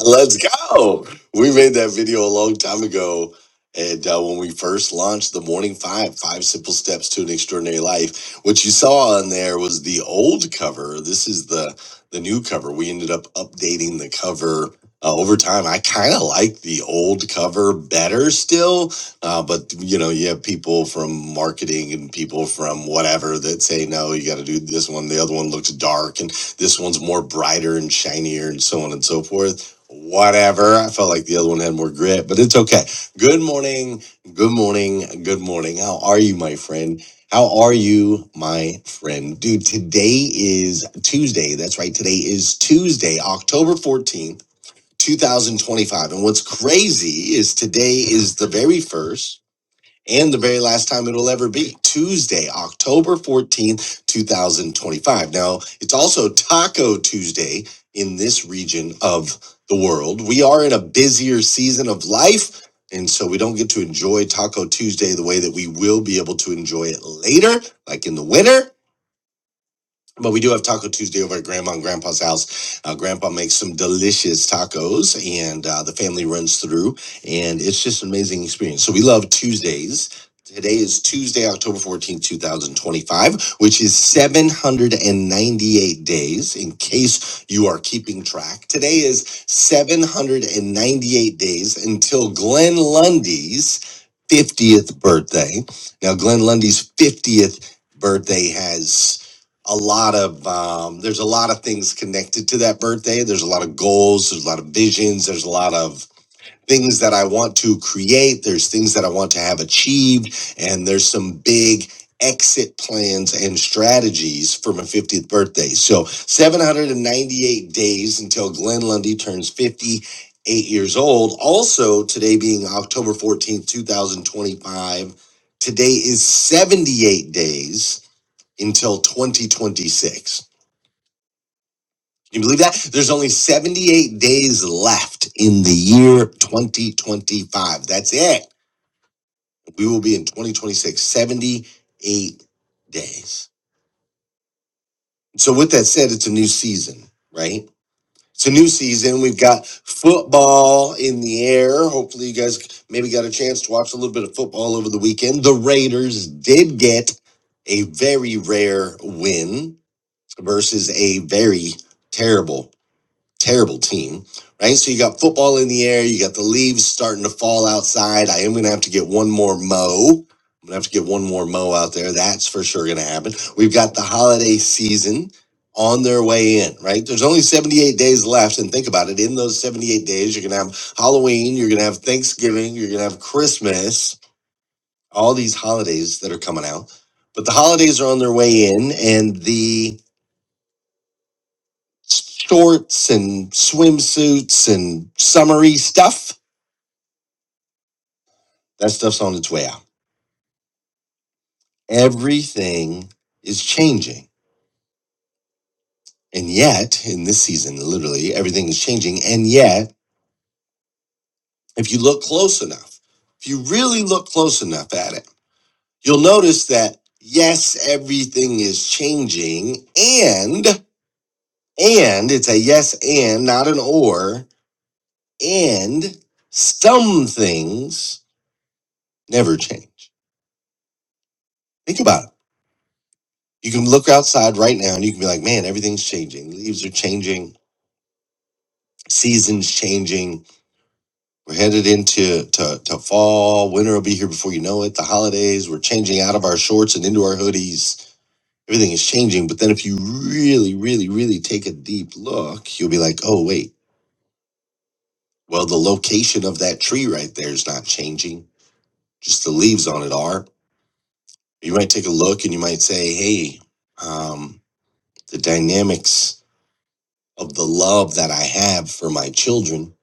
S5: Let's go. We made that video a long time ago. And uh, when we first launched the Morning Five, Five Simple Steps to an Extraordinary Life, what you saw on there was the old cover. This is the the new cover. We ended up updating the cover uh, over time. I kind of like the old cover better still, uh, but you know, you have people from marketing and people from whatever that say no, you got to do this one. The other one looks dark, and." this one's more brighter and shinier and so on and so forth. Whatever. I felt like the other one had more grit, but it's okay. Good morning. Good morning. Good morning. How are you, my friend? How are you, my friend? Dude, today is Tuesday. That's right. Today is Tuesday, October 14th, 2025. And what's crazy is today is the very first and the very last time it'll ever be Tuesday, October 14th, 2025. Now, it's also Taco Tuesday in this region of the world. We are in a busier season of life, and so we don't get to enjoy Taco Tuesday the way that we will be able to enjoy it later, like in the winter. But we do have Taco Tuesday over at Grandma and Grandpa's house. Uh, Grandpa makes some delicious tacos, and uh, the family runs through, and it's just an amazing experience. So we love Tuesdays. Today is Tuesday, October fourteenth, 2025, which is 798 days. In case you are keeping track, today is 798 days until Glenn Lundy's 50th birthday. Now, Glenn Lundy's 50th birthday has a lot of um, there's a lot of things connected to that birthday there's a lot of goals there's a lot of visions there's a lot of things that i want to create there's things that i want to have achieved and there's some big exit plans and strategies for my 50th birthday so 798 days until glenn lundy turns 58 years old also today being october 14th 2025 today is 78 days until 2026. You believe that? There's only 78 days left in the year 2025. That's it. We will be in 2026, 78 days. So, with that said, it's a new season, right? It's a new season. We've got football in the air. Hopefully, you guys maybe got a chance to watch a little bit of football over the weekend. The Raiders did get a very rare win versus a very terrible terrible team, right? So you got football in the air, you got the leaves starting to fall outside. I am going to have to get one more mow. I'm going to have to get one more mow out there. That's for sure going to happen. We've got the holiday season on their way in, right? There's only 78 days left. And think about it in those 78 days, you're going to have Halloween, you're going to have Thanksgiving, you're going to have Christmas, all these holidays that are coming out. But the holidays are on their way in, and the shorts and swimsuits and summery stuff. That stuff's on its way out. Everything is changing. And yet, in this season, literally everything is changing. And yet, if you look close enough, if you really look close enough at it, you'll notice that yes, everything is changing and and it's a yes and not an or and some things never change. Think about it You can look outside right now and you can be like, man, everything's changing. Leaves are changing, seasons changing. We're headed into to, to fall. Winter will be here before you know it. The holidays, we're changing out of our shorts and into our hoodies. Everything is changing. But then if you really, really, really take a deep look, you'll be like, oh, wait, well, the location of that tree right there is not changing. Just the leaves on it are. You might take a look and you might say, hey, um, the dynamics of the love that I have for my children,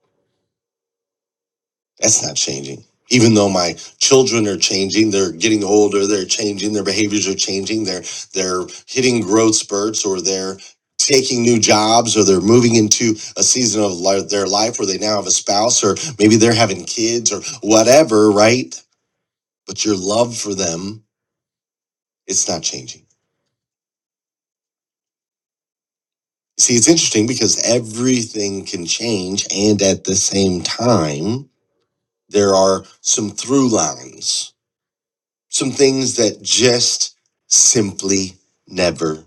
S5: that's not changing. Even though my children are changing, they're getting older, they're changing, their behaviors are changing, they're they're hitting growth spurts or they're taking new jobs or they're moving into a season of li- their life where they now have a spouse or maybe they're having kids or whatever, right? But your love for them, it's not changing. See, it's interesting because everything can change and at the same time There are some through lines, some things that just simply never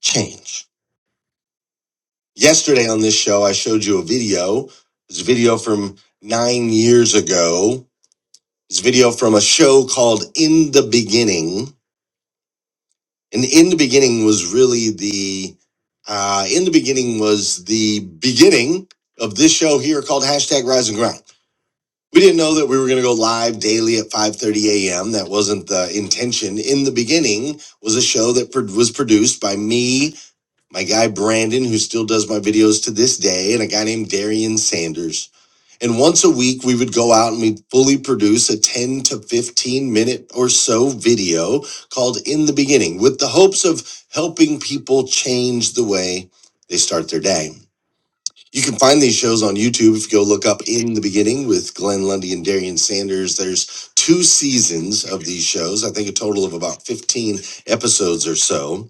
S5: change. Yesterday on this show, I showed you a video. It's a video from nine years ago. It's a video from a show called In the Beginning. And In the Beginning was really the, uh, In the Beginning was the beginning of this show here called hashtag Rise and Grind. We didn't know that we were going to go live daily at 5:30 a.m. That wasn't the intention. In the beginning, was a show that pro- was produced by me, my guy Brandon, who still does my videos to this day, and a guy named Darian Sanders. And once a week, we would go out and we'd fully produce a 10 to 15 minute or so video called In the Beginning, with the hopes of helping people change the way they start their day. You can find these shows on YouTube if you go look up In the Beginning with Glenn Lundy and Darian Sanders. There's two seasons of these shows, I think a total of about 15 episodes or so.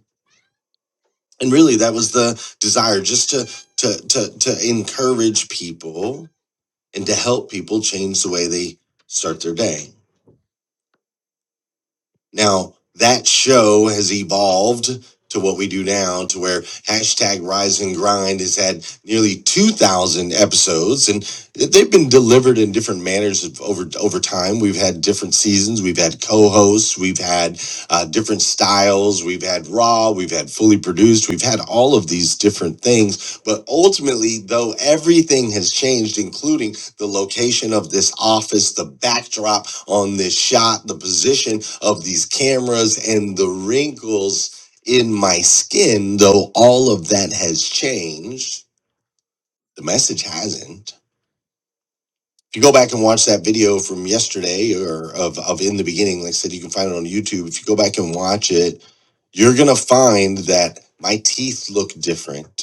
S5: And really, that was the desire just to, to, to, to encourage people and to help people change the way they start their day. Now, that show has evolved to what we do now, to where hashtag Rise and Grind has had nearly 2,000 episodes, and they've been delivered in different manners of- over over time. We've had different seasons, we've had co-hosts, we've had uh, different styles, we've had raw, we've had fully produced, we've had all of these different things. But ultimately, though, everything has changed, including the location of this office, the backdrop on this shot, the position of these cameras, and the wrinkles in my skin, though all of that has changed, the message hasn't. If you go back and watch that video from yesterday or of, of in the beginning, like I said, you can find it on YouTube. If you go back and watch it, you're going to find that my teeth look different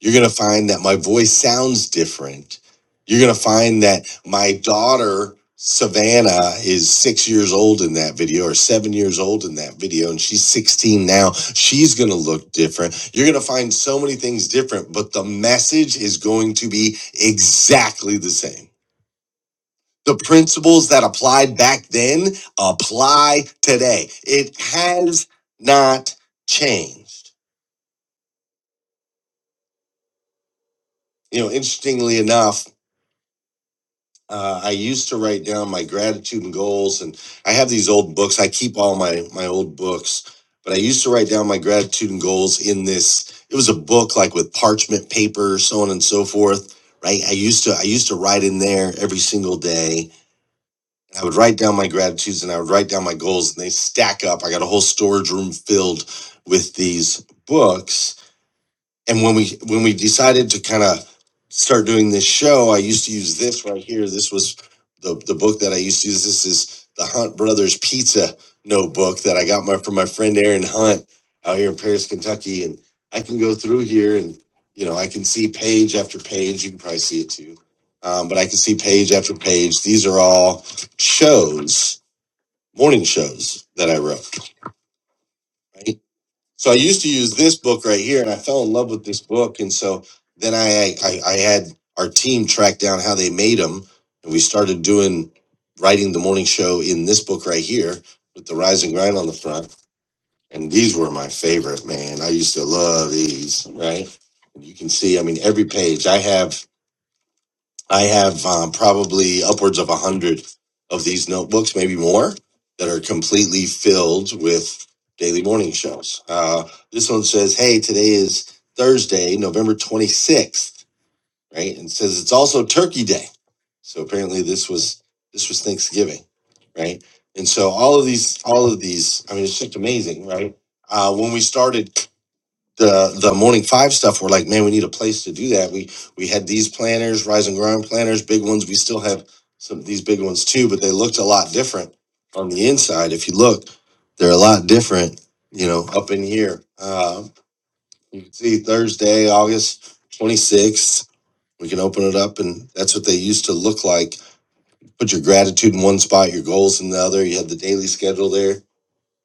S5: you're going to find that my voice sounds different. You're going to find that my daughter, Savannah, is six years old in that video or seven years old in that video, and she's 16 now. She's going to look different. You're going to find so many things different, but the message is going to be exactly the same. The principles that applied back then apply today. It has not changed. You know, interestingly enough, uh, I used to write down my gratitude and goals, and I have these old books. I keep all my my old books, but I used to write down my gratitude and goals in this. It was a book like with parchment paper, so on and so forth. Right? I used to I used to write in there every single day. And I would write down my gratitudes and I would write down my goals, and they stack up. I got a whole storage room filled with these books and when we when we decided to kind of start doing this show i used to use this right here this was the, the book that i used to use this is the hunt brothers pizza notebook that i got my from my friend aaron hunt out here in paris kentucky and i can go through here and you know i can see page after page you can probably see it too um, but i can see page after page these are all shows morning shows that i wrote right? So I used to use this book right here, and I fell in love with this book. And so then I I, I had our team track down how they made them, and we started doing writing the morning show in this book right here with the rise and grind on the front. And these were my favorite, man. I used to love these, right? And you can see, I mean, every page I have. I have um, probably upwards of a hundred of these notebooks, maybe more, that are completely filled with daily morning shows. Uh, this one says, "Hey, today is Thursday, November 26th," right? And it says it's also Turkey Day. So apparently, this was this was Thanksgiving, right? And so all of these, all of these, I mean, it's just amazing, right? Uh, when we started the the morning five stuff we're like man we need a place to do that we we had these planners rise and grind planners big ones we still have some of these big ones too but they looked a lot different on the inside if you look they're a lot different you know up in here Um you can see thursday august 26th we can open it up and that's what they used to look like put your gratitude in one spot your goals in the other you had the daily schedule there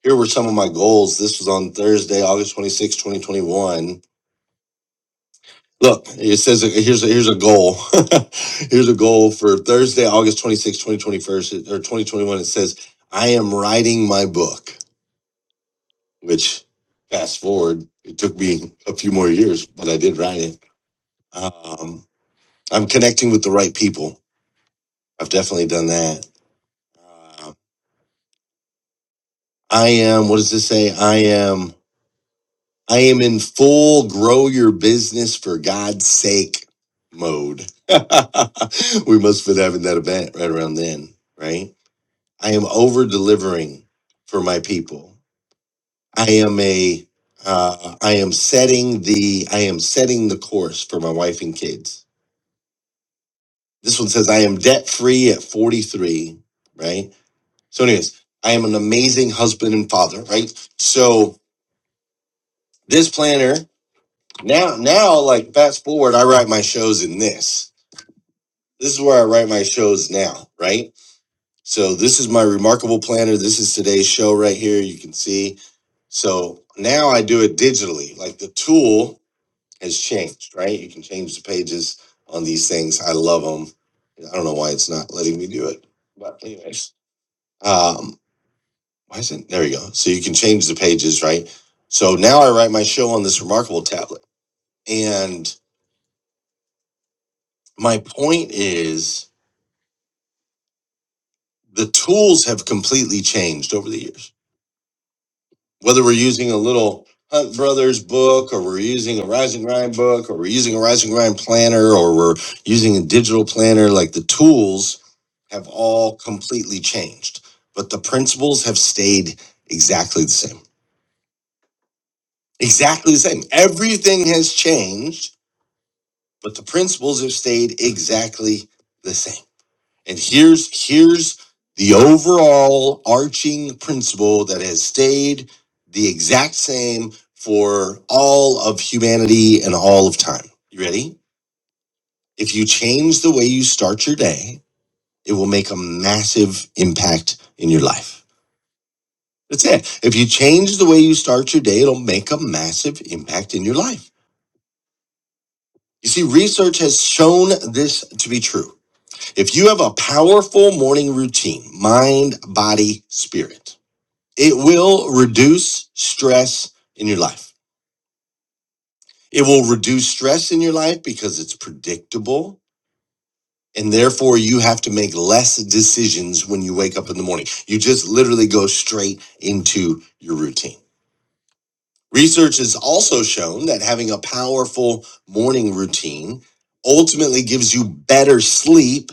S5: here were some of my goals this was on thursday august twenty sixth, 2021 Look, it says uh, here's a, here's a goal. here's a goal for Thursday, August 26, 2021 or 2021. It says, I am writing my book, which fast forward, it took me a few more years, but I did write it. Um, I'm connecting with the right people. I've definitely done that. Uh, I am, what does this say? I am. I am in full grow your business for God's sake mode. we must have been having that event right around then, right? I am over delivering for my people. I am a uh, I am setting the I am setting the course for my wife and kids. This one says I am debt free at 43, right? So anyways, I am an amazing husband and father, right? So this planner Now, now, like fast forward, I write my shows in this. This is where I write my shows now, right? So this is my remarkable planner. This is today's show right here. You can see. So now I do it digitally. Like the tool has changed, right? You can change the pages on these things. I love them. I don't know why it's not letting me do it, but anyways, um, why isn't there? You go. So you can change the pages, right? So now I write my show on this remarkable tablet, and my point is the tools have completely changed over the years. Whether we're using a little Hunt Brothers book, or we're using a Rise and Grind book, or we're using a Rise and Grind planner, or we're using a digital planner, like the tools have all completely changed, but the principles have stayed exactly the same. Exactly the same. Everything has changed, but the principles have stayed exactly the same. And here's here's the overall arching principle that has stayed the exact same for all of humanity and all of time. You ready? If you change the way you start your day, it will make a massive impact in your life. That's it. If you change the way you start your day, it'll make a massive impact in your life. You see, research has shown this to be true. If you have a powerful morning routine, mind, body, spirit, It will reduce stress in your life. It will reduce stress in your life because it's predictable. And therefore, you have to make less decisions when you wake up in the morning. You just literally go straight into your routine. Research has also shown that having a powerful morning routine ultimately gives you better sleep.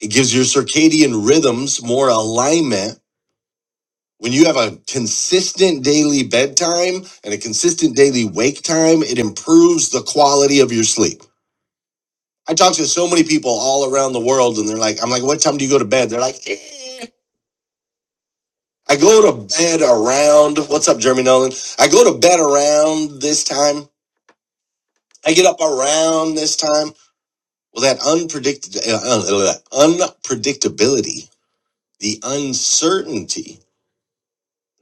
S5: It gives your circadian rhythms more alignment when you have a consistent daily bedtime and a consistent daily wake time, it improves the quality of your sleep. I talk to so many people all around the world, and they're like, I'm like, what time do you go to bed? They're like, "Eh." I go to bed around, what's up, Jeremy Nolan? I go to bed around this time. I get up around this time. Well, that unpredict- uh, uh, uh, unpredictability, the uncertainty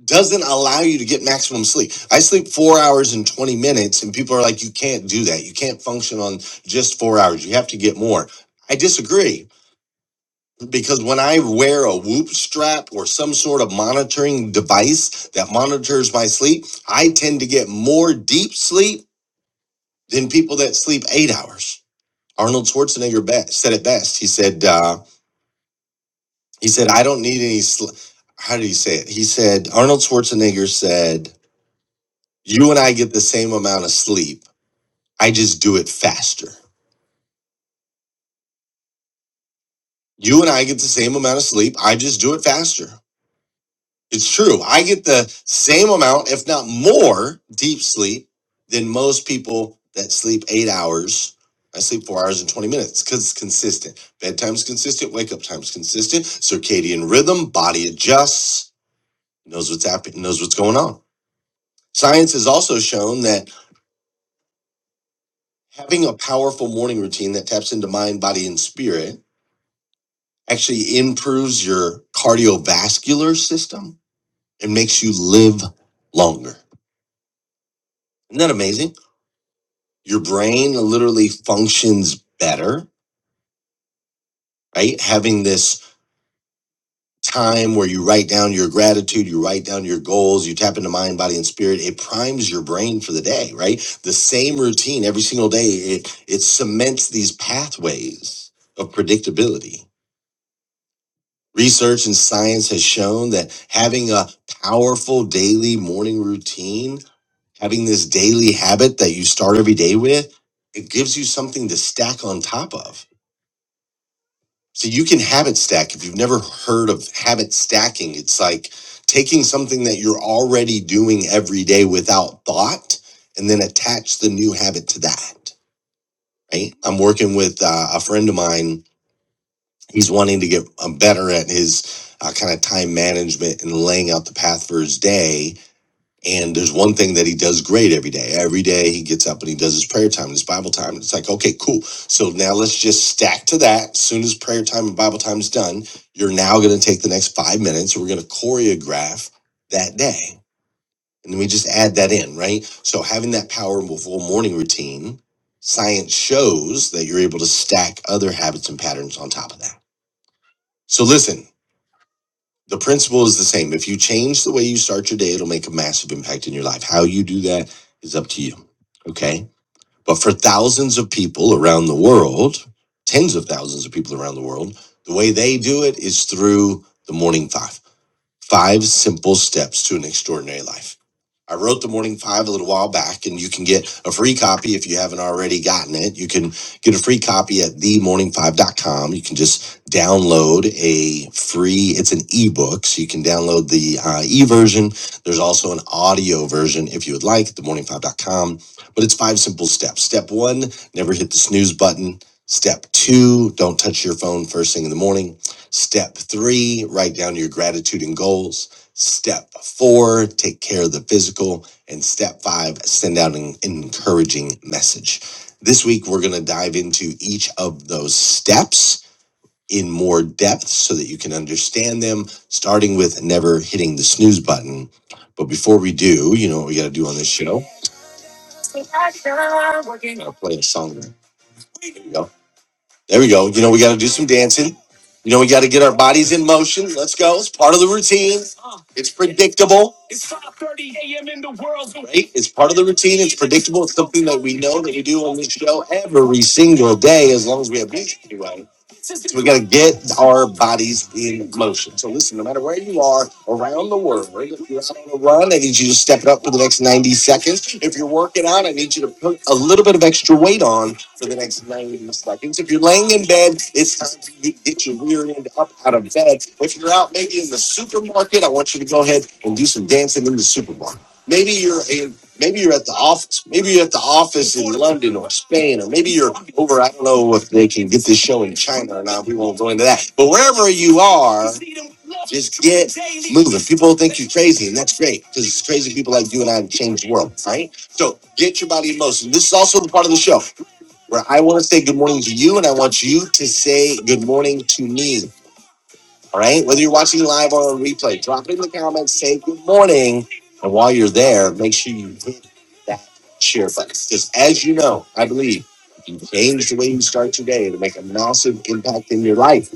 S5: doesn't allow you to get maximum sleep. I sleep four hours and 20 minutes, and people are like, you can't do that. You can't function on just four hours. You have to get more. I disagree because when I wear a whoop strap or some sort of monitoring device that monitors my sleep, I tend to get more deep sleep than people that sleep eight hours. Arnold Schwarzenegger be- said it best. He said, uh, he said, I don't need any, sl-. how did he say it? He said, Arnold Schwarzenegger said, You and I get the same amount of sleep. I just do it faster. You and I get the same amount of sleep. I just do it faster. It's true. I get the same amount, if not more, deep sleep than most people that sleep eight hours. I sleep four hours and 20 minutes because it's consistent. Bedtime's consistent, wake up time's consistent, circadian rhythm, body adjusts, knows what's happening, knows what's going on. Science has also shown that having a powerful morning routine that taps into mind, body, and spirit actually improves your cardiovascular system and makes you live longer. Isn't that amazing? Your brain literally functions better, right? Having this time where you write down your gratitude, you write down your goals, you tap into mind, body, and spirit, it primes your brain for the day, right? The same routine every single day, it it cements these pathways of predictability. Research and science has shown that having a powerful daily morning routine Having this daily habit that you start every day with, it gives you something to stack on top of. So you can habit stack. If you've never heard of habit stacking, it's like taking something that you're already doing every day without thought and then attach the new habit to that. Right. I'm working with uh, a friend of mine. He's wanting to get um, better at his uh, kind of time management and laying out the path for his day And there's one thing that he does great every day. Every day he gets up and he does his prayer time and his Bible time. And It's like, okay, cool. So now let's just stack to that. As soon as prayer time and Bible time is done, you're now going to take the next five minutes. and We're going to choreograph that day. And then we just add that in, right? So having that powerful morning routine, science shows that you're able to stack other habits and patterns on top of that. So listen the principle is the same. If you change the way you start your day, it'll make a massive impact in your life. How you do that is up to you. Okay. But for thousands of people around the world, tens of thousands of people around the world, the way they do it is through the morning five. Five simple steps to an extraordinary life. I wrote the morning five a little while back, and you can get a free copy if you haven't already gotten it. You can get a free copy at themorningfive.com. You can just download a free, it's an ebook, so you can download the uh, e version. There's also an audio version if you would like, themorningfive.com. But it's five simple steps. Step one, never hit the snooze button. Step two, don't touch your phone first thing in the morning. Step three, write down your gratitude and goals. Step four, take care of the physical. And step five, send out an encouraging message. This week, we're going to dive into each of those steps in more depth so that you can understand them, starting with never hitting the snooze button. But before we do, you know what we got to do on this show? I'll play a song. There we go. There we go. You know, we got to do some dancing. You know, we got to get our bodies in motion. Let's go. It's part of the routine. It's predictable. It's five thirty a m in the world. Right? It's part of the routine. It's predictable. It's something that we know that we do on this show every single day, as long as we have music anyway. So we got to get our bodies in motion. So listen, no matter where you are around the world, if you're out on a run, I need you to step it up for the next 90 seconds. If you're working out, I need you to put a little bit of extra weight on for the next 90 seconds. If you're laying in bed, it's time for you to get your rear end up out of bed. If you're out maybe in the supermarket, I want you to go ahead and do some dancing in the supermarket. Maybe you're in maybe you're at the office. Maybe you're at the office in London or Spain, or maybe you're over. I don't know if they can get this show in China or not. We won't go into that. But wherever you are, just get moving. People think you're crazy, and that's great because it's crazy people like you and I have changed the world, right? So get your body in motion. This is also the part of the show where I want to say good morning to you and I want you to say good morning to me. All right. Whether you're watching live or on replay, drop it in the comments, say good morning. And while you're there, make sure you hit that share button. Because as you know, I believe if you change the way you start your day to make a massive impact in your life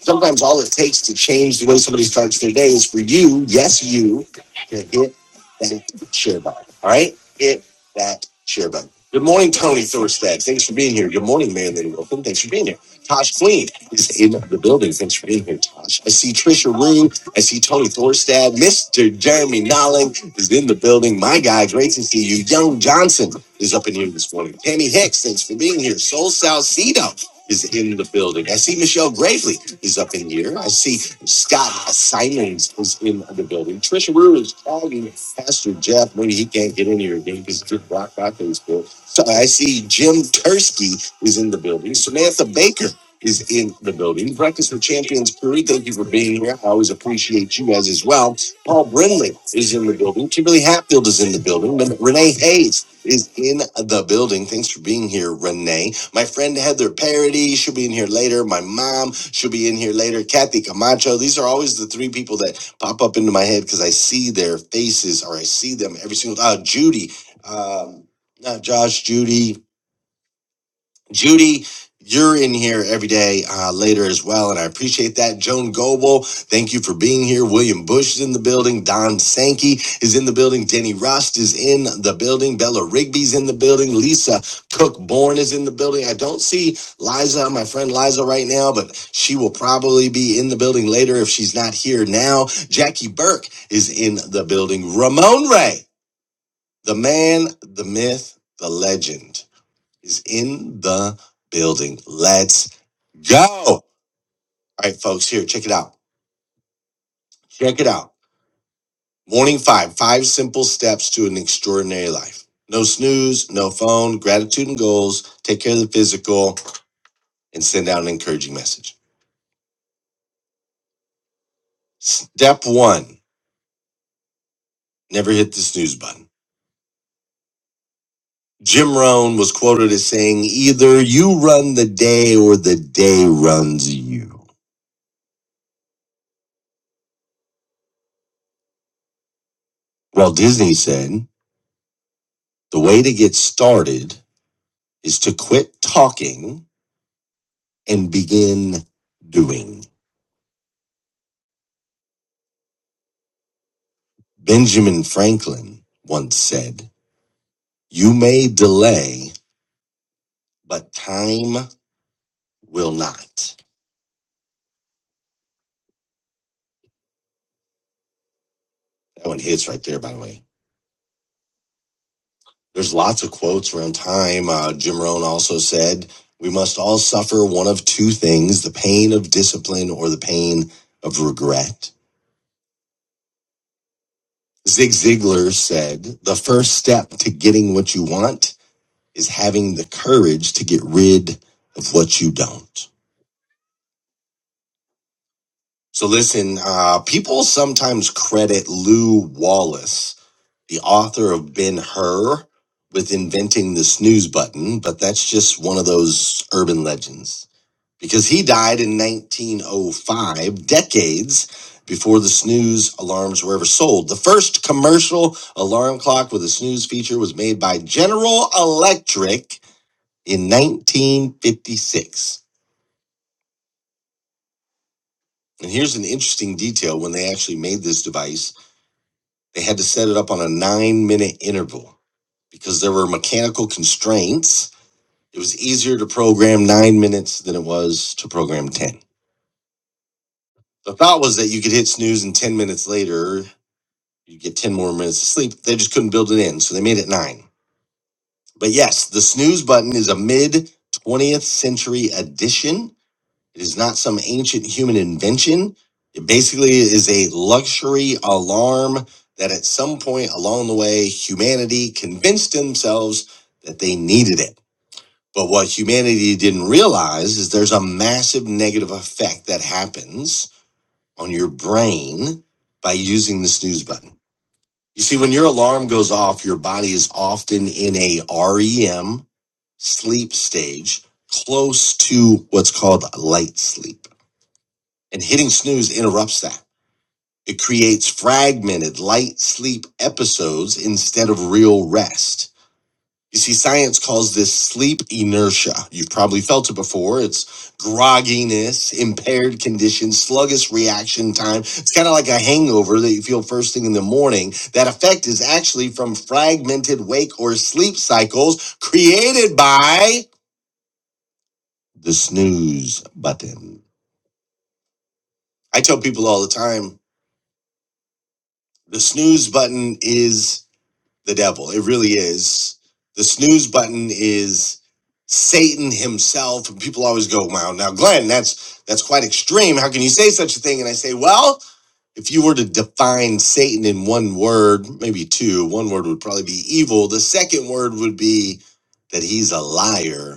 S5: Sometimes all it takes to change the way somebody starts their day is for you, yes, you, to hit that share button. All right? Hit that share button. Good morning, Tony Thorstad. Thanks for being here. Good morning, man, lady Wilson. Thanks for being here. Tosh Queen is in the building. Thanks for being here, Tosh. I see Trisha Rue. I see Tony Thorstad. Mr. Jeremy Nolling is in the building. My guy, great to see you. Young Johnson is up in here this morning. Tammy Hicks, thanks for being here. Soul Salcido is in the building. I see Michelle Gravely is up in here. I see Scott Simons is in the building. Trisha Rue is tagging Pastor Jeff. Maybe he can't get in here again because he did block by Facebook. So I see Jim Tursky is in the building. Samantha Baker is in the building. Breakfast with Champions Curry, thank you for being here. I always appreciate you guys as well. Paul Brindley is in the building. Kimberly Hatfield is in the building. Renee Hayes is in the building. Thanks for being here, Renee. My friend Heather Parody, she'll be in here later. My mom, she'll be in here later. Kathy Camacho. These are always the three people that pop up into my head because I see their faces or I see them every single uh Judy. Um not Josh, Judy. Judy, you're in here every day uh, later as well, and I appreciate that. Joan Goble, thank you for being here. William Bush is in the building. Don Sankey is in the building. Denny Rust is in the building. Bella Rigby's in the building. Lisa Cook Born is in the building. I don't see Liza, my friend Liza, right now, but she will probably be in the building later if she's not here now. Jackie Burke is in the building. Ramon Ray, the man, the myth, the legend is in the building. Let's go. All right, folks, here, check it out. Check it out. Morning five, five simple steps to an extraordinary life. No snooze, no phone, gratitude and goals, take care of the physical, and send out an encouraging message. Step one, never hit the snooze button. Jim Rohn was quoted as saying, either you run the day or the day runs you. Walt Disney said, the way to get started is to quit talking and begin doing. Benjamin Franklin once said, You may delay, but time will not. That one hits right there, by the way. There's lots of quotes around time. Uh, Jim Rohn also said, We must all suffer one of two things the pain of discipline or the pain of regret. Zig Ziglar said, The first step to getting what you want is having the courage to get rid of what you don't. So listen, uh, people sometimes credit Lou Wallace, the author of Ben Hur, with inventing the snooze button, but that's just one of those urban legends. Because he died in 1905, decades before the snooze alarms were ever sold. The first commercial alarm clock with a snooze feature was made by General Electric in 1956. And here's an interesting detail when they actually made this device. They had to set it up on a nine minute interval because there were mechanical constraints. It was easier to program nine minutes than it was to program 10. The thought was that you could hit snooze and 10 minutes later, you get 10 more minutes of sleep. They just couldn't build it in, so they made it nine. But yes, the snooze button is a mid 20th century addition It is not some ancient human invention. It basically is a luxury alarm that at some point along the way, humanity convinced themselves that they needed it. But what humanity didn't realize is there's a massive negative effect that happens on your brain by using the snooze button. You see, when your alarm goes off, your body is often in a REM sleep stage, close to what's called light sleep and hitting snooze interrupts that. It creates fragmented light sleep episodes instead of real rest. You see, science calls this sleep inertia. You've probably felt it before. It's grogginess, impaired condition, sluggish reaction time. It's kind of like a hangover that you feel first thing in the morning. That effect is actually from fragmented wake or sleep cycles created by the snooze button. I tell people all the time the snooze button is the devil. It really is. The snooze button is Satan himself. And people always go, "Wow, now Glenn, that's that's quite extreme. How can you say such a thing?" And I say, "Well, if you were to define Satan in one word, maybe two, one word would probably be evil. The second word would be that he's a liar.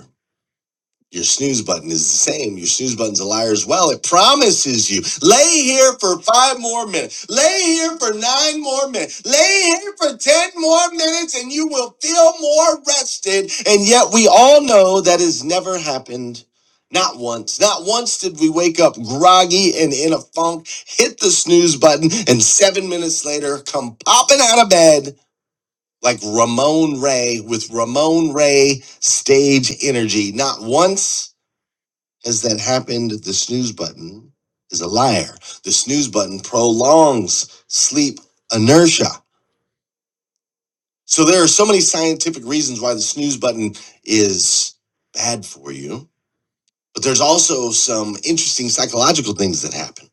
S5: Your snooze button is the same. Your snooze button's a liar as well. It promises you lay here for five more minutes, lay here for nine more minutes, lay here for 10 more minutes, and you will feel more rested. And yet, we all know that has never happened. Not once. Not once did we wake up groggy and in a funk, hit the snooze button, and seven minutes later come popping out of bed like Ramon Ray with Ramon Ray stage energy. Not once as that happened, the snooze button is a liar. The snooze button prolongs sleep inertia. So there are so many scientific reasons why the snooze button is bad for you, but there's also some interesting psychological things that happen.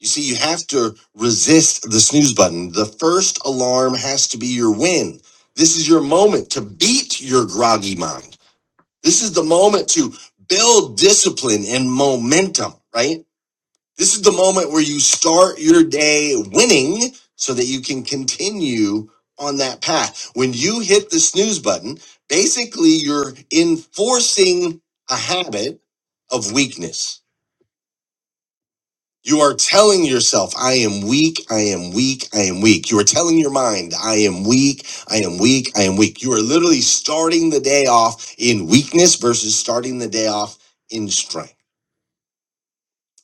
S5: You see, you have to resist the snooze button. The first alarm has to be your win. This is your moment to beat your groggy mind. This is the moment to build discipline and momentum, right? This is the moment where you start your day winning so that you can continue on that path. When you hit the snooze button, basically you're enforcing a habit of weakness. You are telling yourself, I am weak, I am weak, I am weak. You are telling your mind, I am weak, I am weak, I am weak. You are literally starting the day off in weakness versus starting the day off in strength.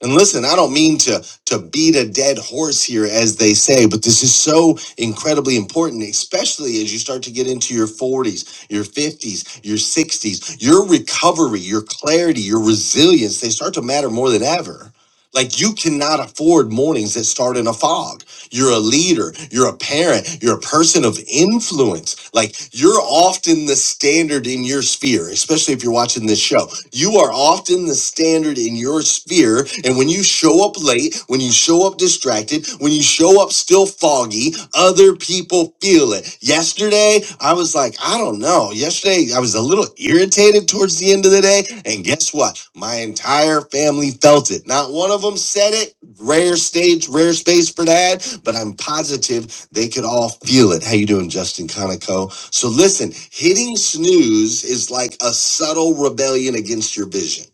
S5: And listen, I don't mean to to beat a dead horse here as they say, but this is so incredibly important, especially as you start to get into your 40s, your 50s, your 60s. Your recovery, your clarity, your resilience, they start to matter more than ever. Like you cannot afford mornings that start in a fog. You're a leader, you're a parent, you're a person of influence. Like you're often the standard in your sphere, especially if you're watching this show. You are often the standard in your sphere. And when you show up late, when you show up distracted, when you show up still foggy. Other people feel it. Yesterday, I was like, I don't know. Yesterday, I was a little irritated towards the end of the day. And guess what? My entire family felt it. Not one of them said it. Rare stage, rare space for that. But I'm positive they could all feel it. How you doing, Justin Conico? So listen, hitting snooze is like a subtle rebellion against your vision.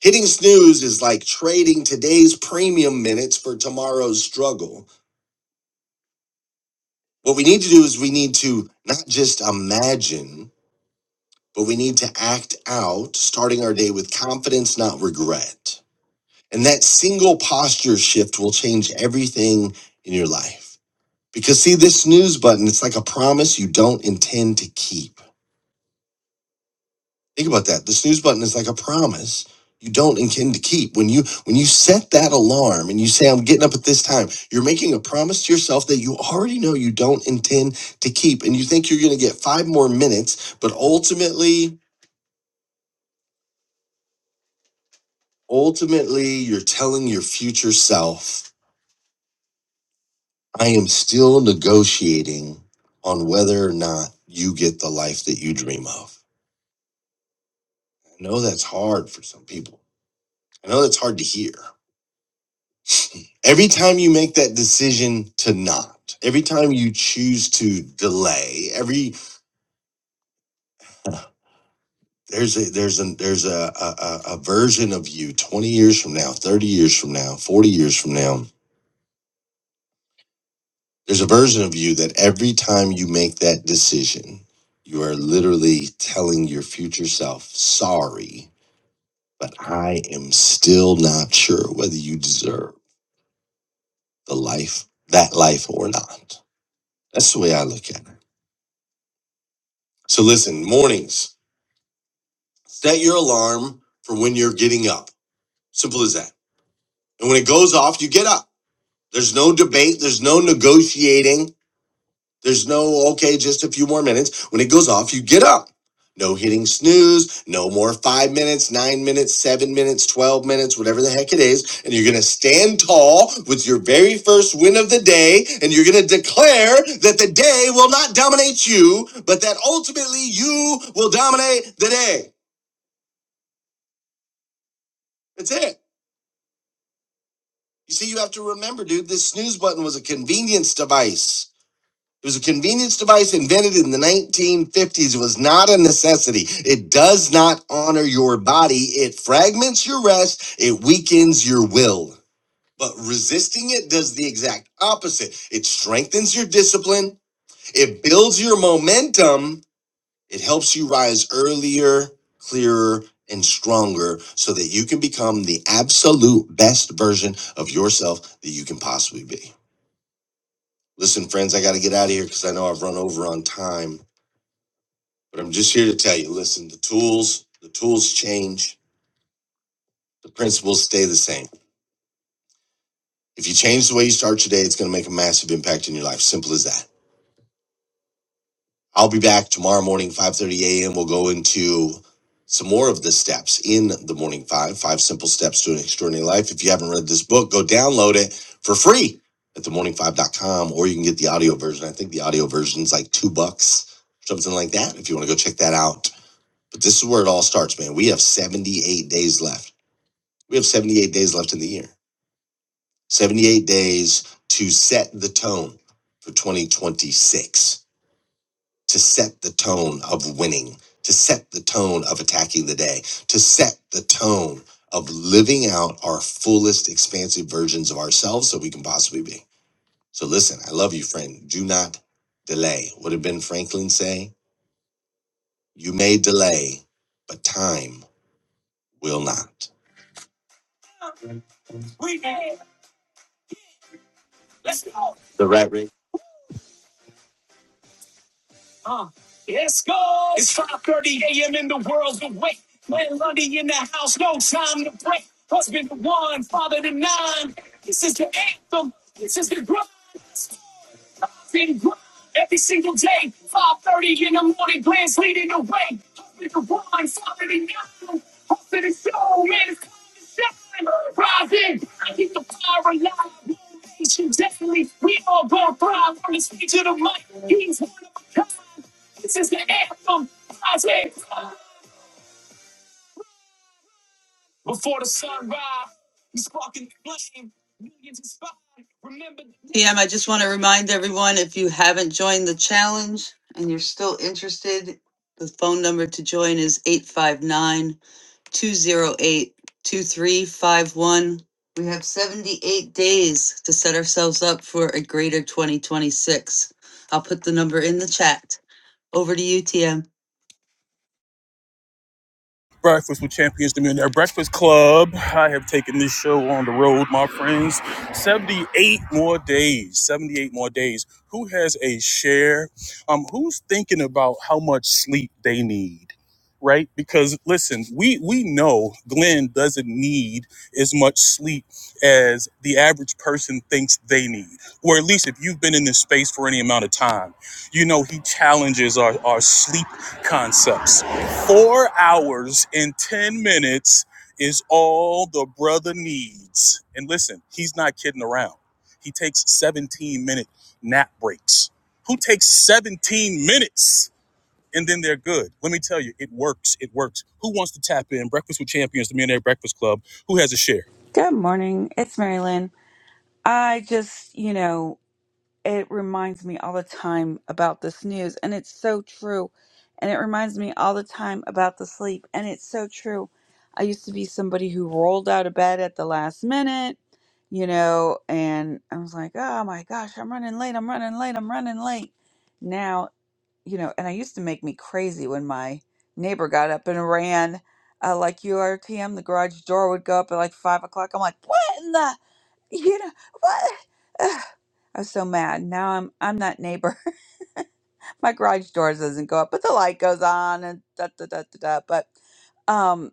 S5: Hitting snooze is like trading today's premium minutes for tomorrow's struggle. What we need to do is we need to not just imagine, but we need to act out, starting our day with confidence, not regret. And that single posture shift will change everything in your life. Because see, this snooze button, it's like a promise you don't intend to keep. Think about that. The snooze button is like a promise you don't intend to keep. When you when you set that alarm and you say I'm getting up at this time, you're making a promise to yourself that you already know you don't intend to keep and you think you're going to get 5 more minutes, but ultimately ultimately you're telling your future self, I am still negotiating on whether or not you get the life that you dream of. I know that's hard for some people. I know that's hard to hear. Every time you make that decision to not, every time you choose to delay, every there's a there's a there's a, a a a version of you 20 years from now, 30 years from now, 40 years from now, there's a version of you that every time you make that decision, you are literally telling your future self, sorry, but I am still not sure whether you deserve the life, that life or not. That's the way I look at it. So listen, mornings. Set your alarm for when you're getting up. Simple as that. And when it goes off, you get up. There's no debate, there's no negotiating, there's no, okay, just a few more minutes. When it goes off, you get up. No hitting snooze, no more five minutes, nine minutes, seven minutes, 12 minutes, whatever the heck it is. And you're going to stand tall with your very first win of the day. And you're going to declare that the day will not dominate you, but that ultimately you will dominate the day. That's it. You see, you have to remember, dude, this snooze button was a convenience device. It was a convenience device invented in the 1950s. It was not a necessity. It does not honor your body. It fragments your rest. It weakens your will. But resisting it does the exact opposite. It strengthens your discipline. It builds your momentum it helps you rise earlier, clearer, and stronger so that you can become the absolute best version of yourself that you can possibly be. Listen, friends, I got to get out of here because I know I've run over on time, but I'm just here to tell you listen, the tools, the tools change, the principles stay the same. If you change the way you start your day, it's going to make a massive impact in your life. Simple as that. I'll be back tomorrow morning, 5.30 a.m. We'll go into some more of the steps in the morning five, five simple steps to an extraordinary life. If you haven't read this book, go download it for free at the morning five dot com, or you can get the audio version. I think the audio version is like two bucks, something like that, if you want to go check that out. But this is where it all starts, man. We have 78 days left. We have 78 days left in the year. 78 days to set the tone for 2026 to set the tone of winning, to set the tone of attacking the day, to set the tone of living out our fullest expansive versions of ourselves that we can possibly be. So listen, I love you, friend. Do not delay. What did Ben Franklin say? You may delay, but time will not. The right. Uh, yes, go. It's 5.30 a.m. in the world's awake. Man, Lundy in the house, no time to break. Husband to one, father to nine. This is the anthem. This is the grind been every single day. 5.30 in the morning, plans leading the way. Hoping to run, something in you. Hoping to show, man, it's coming to shine. Rising, I keep the fire alive. Motivation, Definitely, we all gonna thrive on the stage of the mic. He's one of a kind. This is the anthem. Rising, PM, I just want to remind everyone if you haven't joined the challenge and you're still interested, the phone number to join is 859 208 2351. We have 78 days to set ourselves up for a greater 2026. I'll put the number in the chat. Over to you, TM.
S1: Breakfast with Champions, the Millionaire Breakfast Club. I have taken this show on the road, my friends. 78 more days. 78 more days. Who has a share? Um, who's thinking about how much sleep they need? Right? Because listen, we we know Glenn doesn't need as much sleep as the average person thinks they need. Or at least if you've been in this space for any amount of time, you know he challenges our, our sleep concepts Four hours and 10 minutes is all the brother needs. And listen, he's not kidding around. He takes 17 minute nap breaks. Who takes 17 minutes and then they're good? Let me tell you, it works. It works. Who wants to tap in? Breakfast with Champions, the Millionaire Breakfast Club. Who has a share?
S2: Good morning. It's Mary Lynn. I just, you know, it reminds me all the time about this news, and it's so true. And it reminds me all the time about the sleep, and it's so true. I used to be somebody who rolled out of bed at the last minute, you know, and I was like, oh my gosh, I'm running late, I'm running late, I'm running late. you know, and I used to make me crazy when my neighbor got up and ran. Uh, like you are, TM, the garage door would go up at like five o'clock. I'm like, what in the, you know, what? Ugh, I was so mad. Now I'm I'm that neighbor. my garage door doesn't go up, but the light goes on and da da da da da. But um,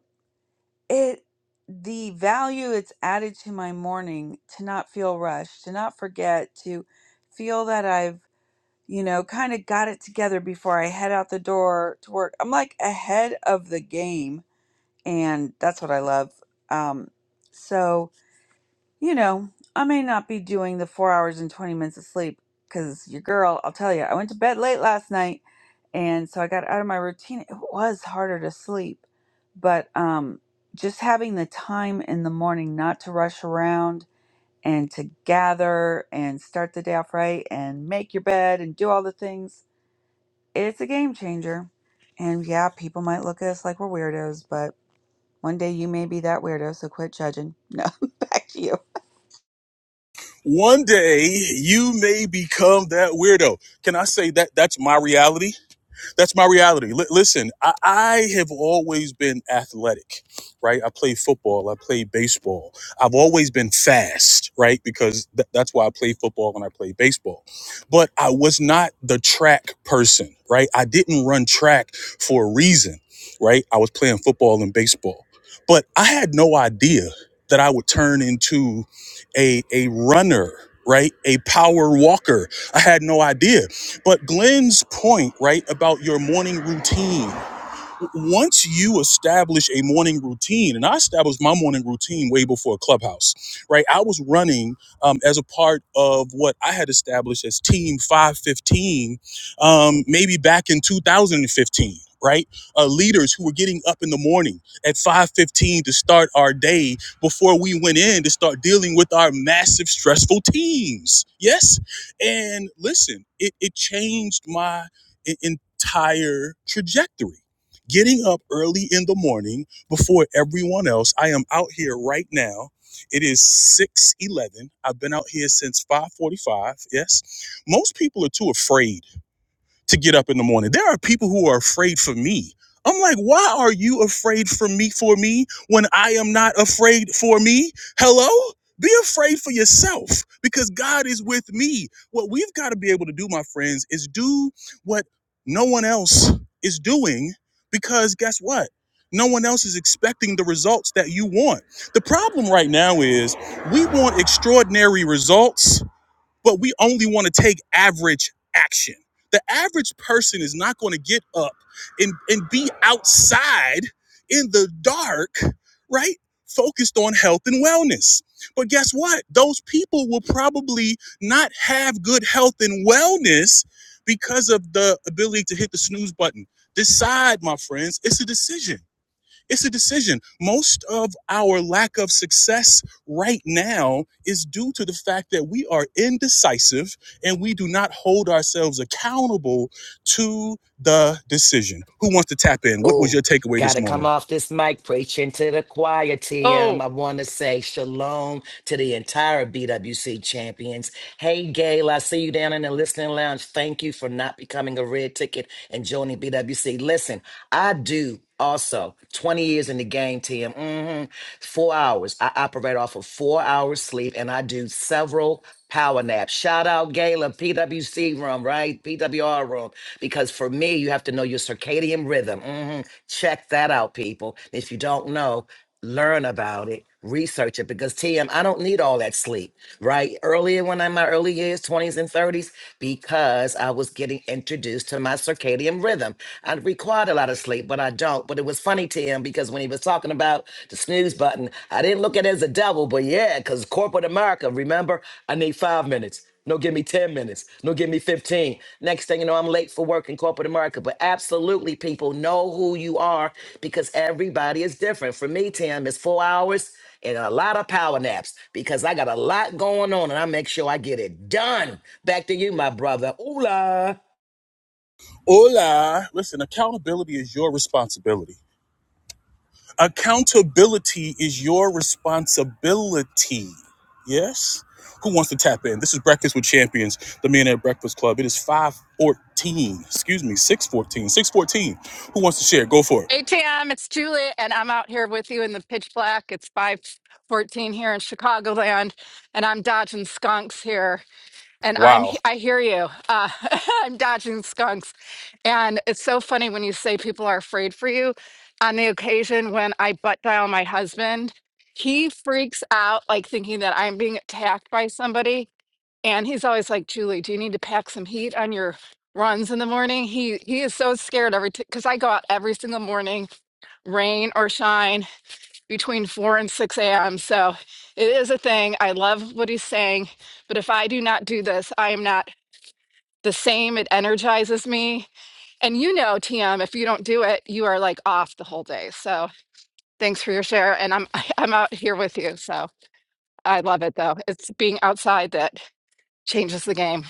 S2: it the value it's added to my morning to not feel rushed, to not forget, to feel that I've you know, kind of got it together before I head out the door to work. I'm like ahead of the game, and that's what I love. Um, so, you know, I may not be doing the four hours and 20 minutes of sleep because your girl, I'll tell you, I went to bed late last night, and so I got out of my routine. It was harder to sleep, but um, just having the time in the morning not to rush around. And to gather and start the day off right and make your bed and do all the things it's a game changer. And yeah, people might look at us like we're weirdos, but one day you may be that weirdo, so quit judging. No, back to you.
S1: One day you may become that weirdo. Can I say that that's my reality? that's my reality. Li- listen, I-, I have always been athletic, right? I played football, I played baseball. I've always been fast, right? Because th- that's why I played football and I played baseball. But I was not the track person, right? I didn't run track for a reason, right? I was playing football and baseball. But I had no idea that I would turn into a a runner, right? A power walker. I had no idea. But Glenn's point, right, about your morning routine once you establish a morning routine, and I established my morning routine way before Clubhouse, right? I was running um, as a part of what I had established as Team 515, um, maybe back in 2015. Right, uh, leaders who were getting up in the morning at 5:15 to start our day before we went in to start dealing with our massive stressful teams. Yes, and listen, it, it changed my e- entire trajectory getting up early in the morning before everyone else. I am out here right now. It is 6:11. I've been out here since 5:45. Yes. Most people are too afraid to get up in the morning. There are people who are afraid for me. I'm like, why are you afraid for me for me when I am not afraid for me? Hello? Be afraid for yourself because God is with me. What we've got to be able to do, my friends, is do what no one else is doing because guess what? No one else is expecting the results that you want. The problem right now is we want extraordinary results but we only want to take average action. The average person is not going to get up and, and be outside in the dark, right? Focused on health and wellness. But guess what? Those people will probably not have good health and wellness because of the ability to hit the snooze button. Decide, my friends, it's a decision. It's a decision. Most of our lack of success right now is due to the fact that we are indecisive and we do not hold ourselves accountable to the decision. Who wants to tap in? What was
S4: Oh,
S1: your takeaway this
S4: gotta come
S1: morning?
S4: off this mic preaching to the choir, TM.
S9: Oh,
S4: I wanna say shalom to the entire BWC champions. Hey, Gail, I see you down in the listening lounge. Thank you for not becoming a red ticket and joining BWC. Listen, I do also 20 years in the game, Tim. hmm Four hours. I operate off of four hours sleep and I do several power naps. Shout out Gala, PWC room, right? PWR room. Because for me, you have to know your circadian rhythm. hmm Check that out, people. If you don't know, learn about it, research it because TM, I don't need all that sleep, right? Earlier when I'm in my early years, 20s and 30s, because I was getting introduced to my circadian rhythm. I required a lot of sleep, but I don't. But it was funny, TM, because when he was talking about the snooze button, I didn't look at it as a devil, but yeah, because corporate America, remember, I need five minutes. No, give me 10 minutes. No, give me 15. Next thing you know, I'm late for work in corporate America. But absolutely, people know who you are because everybody is different. For me, Tim, it's four hours and a lot of power naps because I got a lot going on and I make sure I get it done. Back to you, my brother. Ooh la.
S1: Hola. Listen, accountability is your responsibility. Accountability is your responsibility. Yes? Who wants to tap in? This is Breakfast with Champions, the Millionaire Breakfast Club. It is 514. Excuse me, 614. 614. Who wants to share? Go for it.
S9: ATM, it's Julie, and I'm out here with you in the pitch black. It's 514 here in Chicagoland, and I'm dodging skunks here. And I'm,
S1: Wow.
S9: he- I hear you. Uh, I'm dodging skunks. And it's so funny when you say people are afraid for you. On the occasion when I butt dial my husband, he freaks out, like thinking that I'm being attacked by somebody. And he's always like, Julie, do you need to pack some heat on your runs in the morning? He he is so scared every because I go out every single morning, rain or shine, between four and six a.m. So it is a thing. I love what he's saying, but if I do not do this, I am not the same. It energizes me, and you know, TM, if you don't do it, you are like off the whole day. So thanks for your share, and I'm I'm out here with you. So I love it though. It's being outside that changes the game.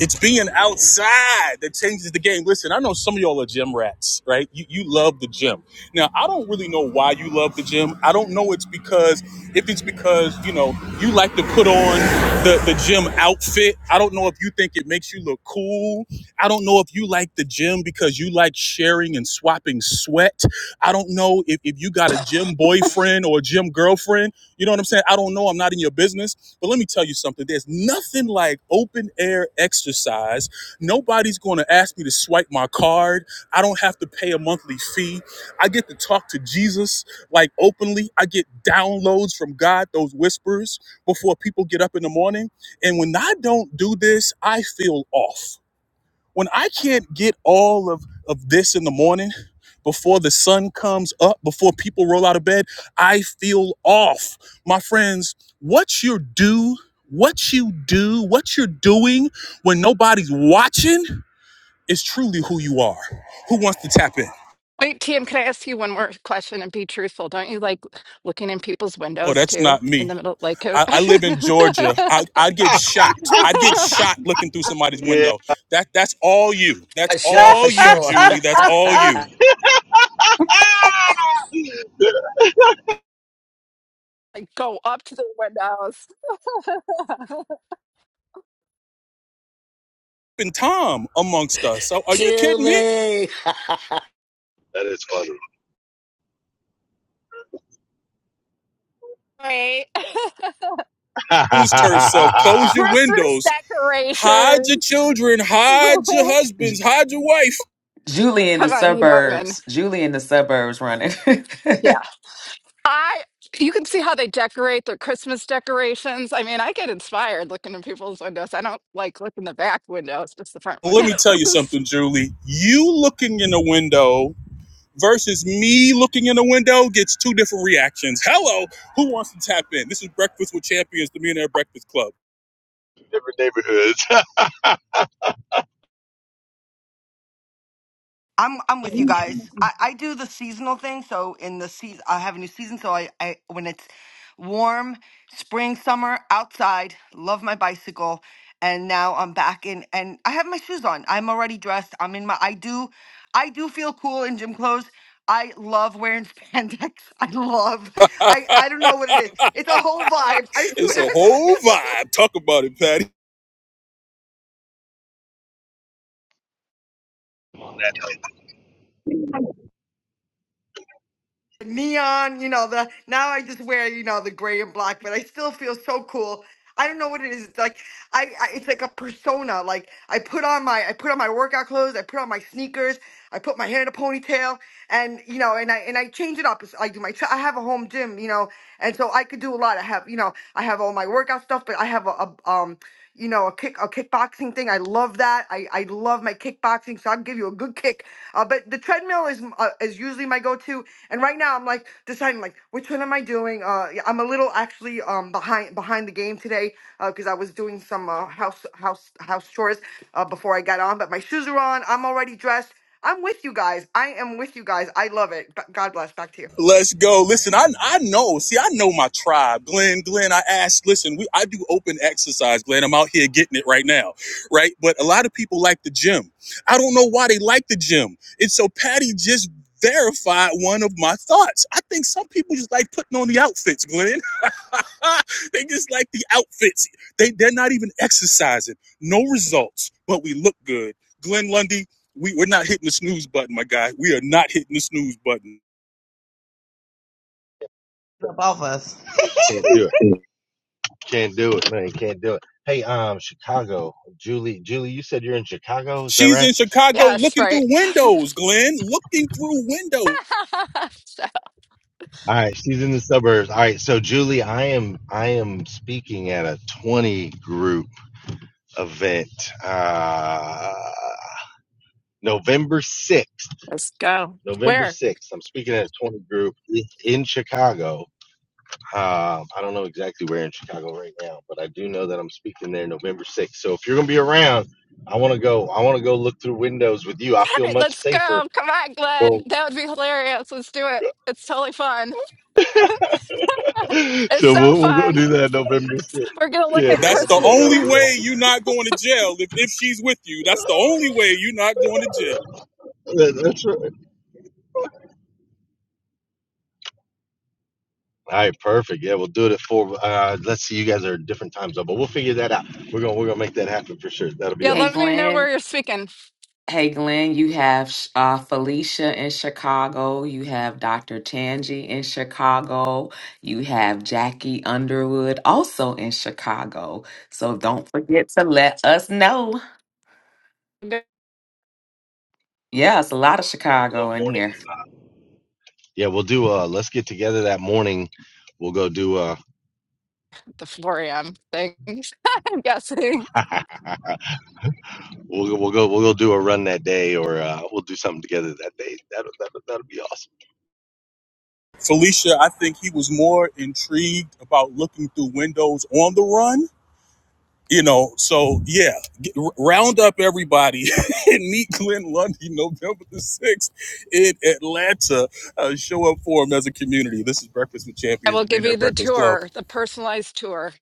S1: It's being outside that changes the game. Listen, I know some of y'all are gym rats, right? You, you love the gym. Now, I don't really know why you love the gym. I don't know it's because, if it's because, you know, you like to put on the, the gym outfit. I don't know if you think it makes you look cool. I don't know if you like the gym because you like sharing and swapping sweat. I don't know if, if you got a gym boyfriend or a gym girlfriend. You know what I'm saying? I don't know. I'm not in your business but let me tell you something. There's nothing like open air exercise. Nobody's going to ask me to swipe my card. I don't have to pay a monthly fee. I get to talk to Jesus like openly. I get downloads from God, those whispers before people get up in the morning. And when I don't do this, I feel off when I can't get all of, of this in the morning before the sun comes up, before people roll out of bed, I feel off. My friends, what you do, what you do, what you're doing when nobody's watching is truly who you are. Who wants to tap in?
S9: Wait, Tim, can I ask you one more question and be truthful? Don't you like looking in people's
S1: Oh,
S9: windows
S1: that's
S9: too
S1: not
S9: in
S1: me.
S9: the middle? Like, uh,
S1: I, I live in Georgia. I, I'd get shot. I'd get shot looking through somebody's
S10: Yeah.
S1: window. That that's all you. That's
S4: For sure,
S1: all
S4: for
S1: you,
S4: sure.
S1: Julie. That's all you.
S9: like go up to the windows.
S1: and Tom amongst us. So are you kidding me?
S4: Julie.
S10: that is funny.
S9: Right.
S1: Close herself. Close your
S9: Christmas
S1: windows. Hide your
S9: decorations.
S1: children. Hide your husbands.
S7: J-
S1: Hide your wife.
S7: Julie in the
S9: Come on, you know what I mean?
S7: suburbs. Julie in the suburbs running.
S9: Yeah. I, you can see how they decorate their Christmas decorations. I mean, I get inspired looking in people's windows. I don't like looking the back windows, just the front
S1: Let me
S9: windows.
S1: tell you something, Julie. You looking in the window versus me looking in the window gets two different reactions. Hello, who wants to tap in? This is Breakfast with Champions, the Millionaire Breakfast Club.
S10: Different neighborhoods.
S11: I'm I'm
S12: up
S11: with you guys. I, I do the seasonal thing, so in the season I have a new season, so I, I when it's warm, spring, summer, outside, love my bicycle, and now I'm back in and I have my shoes on. I'm already dressed. I'm in my I do I do feel cool in gym clothes. I love wearing spandex. I love I I don't know what it is. It's a whole vibe. I
S1: it's
S11: swear.
S1: a whole vibe. Talk about it, Patty.
S10: That
S11: neon, you know, the now I just wear, you know, the gray and black, but I still feel so cool. I don't know what it is. It's like I, I it's like a persona. Like I put on my I put on my workout clothes, I put on my sneakers, I put my hair in a ponytail and you know, and I and I change it up. It's- I do my I have a home gym, you know, and so I could do a lot. I have, you know, I have all my workout stuff, but I have a, a um you know, a kick a kickboxing thing. I love that. I, I love my kickboxing, so I'll give you a good kick. Uh, but the treadmill is uh, is usually my go-to and right now I'm like deciding like which one am I doing? Uh yeah, I'm a little actually um behind behind the game today because uh, I was doing some uh, house house house chores uh, before I got on, but my shoes are on. I'm already dressed. I'm with you guys. I am with you guys. I love it. G- God bless. Back to you.
S1: Let's go. Listen, I I know. See, I know my tribe. Glenn, Glenn, I asked, listen, we I do open exercise, Glenn. I'm out here getting it right now. Right? But a lot of people like the gym. I don't know why they like the gym. And so Patty just verified one of my thoughts. I think some people just like putting on the outfits, Glenn. they just like the outfits. They they're not even exercising. No results, but we look good. Glenn Lundy, we, we're not hitting the snooze button, my guy. We are not hitting the snooze button.
S12: off us.
S10: can't do it. Can't do it, man. Can't do it. Hey, um, Chicago, Julie, Julie, you said you're in Chicago. Is that
S1: She's
S10: right?
S1: in Chicago
S9: yes,
S1: looking
S9: right.
S1: through windows, Glenn, looking through windows.
S9: so,
S10: All right. She's in the suburbs. All right. So, Julie, I am, I am speaking at a 20 group event, uh, November 6th,
S9: let's go.
S10: November
S9: Where?
S10: 6th. I'm speaking at a 20 group i- in Chicago. Um, I don't know exactly where in Chicago right now, but I do know that I'm speaking there November 6th. So if you're gonna be around, I want to go. I want to go look through windows with you. I feel
S9: right,
S10: much
S9: let's
S10: safer.
S9: go. Come on, Glenn.
S10: Go.
S9: That would be hilarious. Let's do it. It's totally fun.
S10: so
S9: It's so
S10: we'll, we'll go
S9: fun.
S10: do that November 6th.
S9: We're going to look
S10: Yeah,
S9: at
S1: That's
S10: that'll
S1: the
S10: be
S9: curses.
S10: that'll
S1: only
S10: be all.
S1: way you're not going to jail if, if she's with you. That's the only way you're not going to jail.
S10: That- that's right. All right, perfect. Yeah, we'll do it at four. Uh, let's see, you guys are at different time zone, but we'll figure that out. We're gonna we're gonna make that happen for sure. That'll be
S9: Yeah,
S7: hey,
S9: let
S10: awesome.
S9: me know
S7: Glenn.
S9: where you're speaking.
S7: Hey, Glenn, you have uh, Felicia in Chicago. You have Dr. Tangi in Chicago. You have Jackie Underwood also in Chicago. So don't forget to let us know.
S9: The
S7: Yeah, it's a lot of
S10: Do a little
S7: Chicago in
S10: morning.
S7: here.
S10: Yeah, we'll do. Uh, let's get together that morning. We'll go do. Uh,
S9: 4 a.m. things, I'm guessing.
S10: we'll go- we'll go we'll go do a run that day, or uh, we'll do something together that day. That'll that'll, that'll be awesome.
S1: Felicia, I think he was more intrigued about looking through windows on the run. You know, so yeah, get, round up everybody and meet Glenn Lundy November the 6th in Atlanta. Uh, show up for him as a community. This is Breakfast with
S9: I
S1: Champions,
S9: will
S1: the
S9: give
S1: Millionaire
S9: you the
S1: Breakfast Club.
S9: tour, the personalized tour.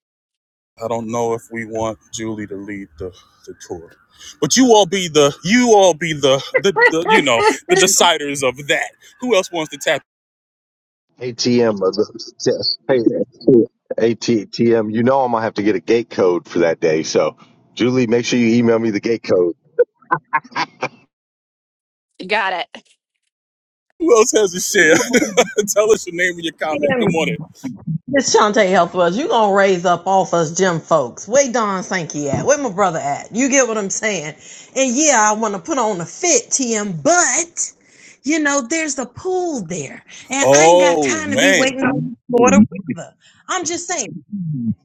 S1: I don't know if we want Julie to lead the, the tour, but you all be the you all be the, the the you know the deciders of that. Who else wants to tap?
S10: ATM, uh, hey, ATM, you know I'm gonna have to get a gate code for that day. So, Julie, make sure you email me the gate code.
S9: You got it.
S1: Who else has a share? Tell us your name and your comment. Good morning.
S12: Miss Shantae Health was you gonna raise up off us gym folks. Where Don Sankey at? Where my brother at? You get what I'm saying? And yeah, I wanna put on a fit, TM, but you know, there's a pool there. And I ain't got
S1: Oh
S12: time to be
S1: man.
S12: waiting for the weather. I'm just saying.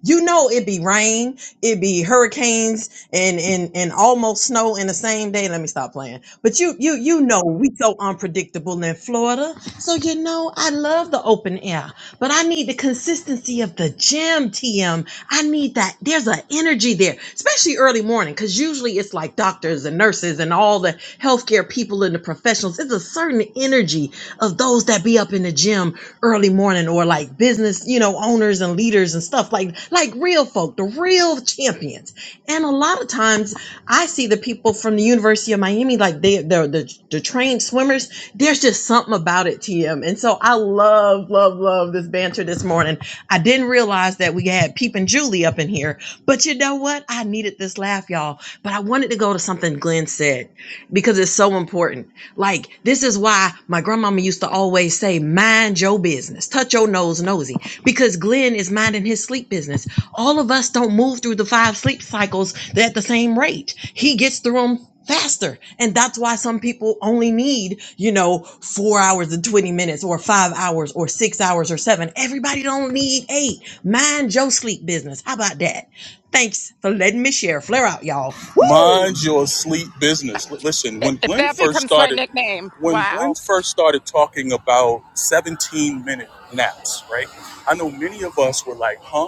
S12: You know it be rain, it be hurricanes and and and almost snow in the same day. Let me stop playing. But you you you know we so unpredictable in Florida. So you know I love the open air, but I need the consistency of the gym T M. I need that. There's an energy there, especially early morning, because usually it's like doctors and nurses and all the healthcare people and the professionals. It's a certain energy of those that be up up in the gym early morning or like business, you know, owners and leaders and stuff like like real folk, the real champions. And a lot of times I see the people from the University of Miami, like they they're the, the trained swimmers, there's just something about it, TM. And so I love, love, love this banter this morning. I didn't realize that we had Peep and Julie up in here, but you know what? I needed this laugh, y'all. But I wanted to go to something Glenn said because it's so important. Like, this is why my grandmama used to always say, mind your business, touch your nose nosy, because Glenn is minding his sleep business. All of us don't move through the five sleep cycles at the same rate. He gets through them faster. And that's why some people only need, you know, four hours and 20 minutes or five hours or six hours or seven. Everybody don't need eight. Mind your sleep business. How about that? Thanks for letting me share. Flare out, y'all.
S1: Mind your sleep business. Listen,
S9: I-
S1: when
S9: If
S1: Glenn
S9: that
S1: first
S9: becomes my
S1: started,
S9: nickname,
S1: when
S9: wow.
S1: Glenn first started talking about 17 minute naps, right? I know many of us were like, huh?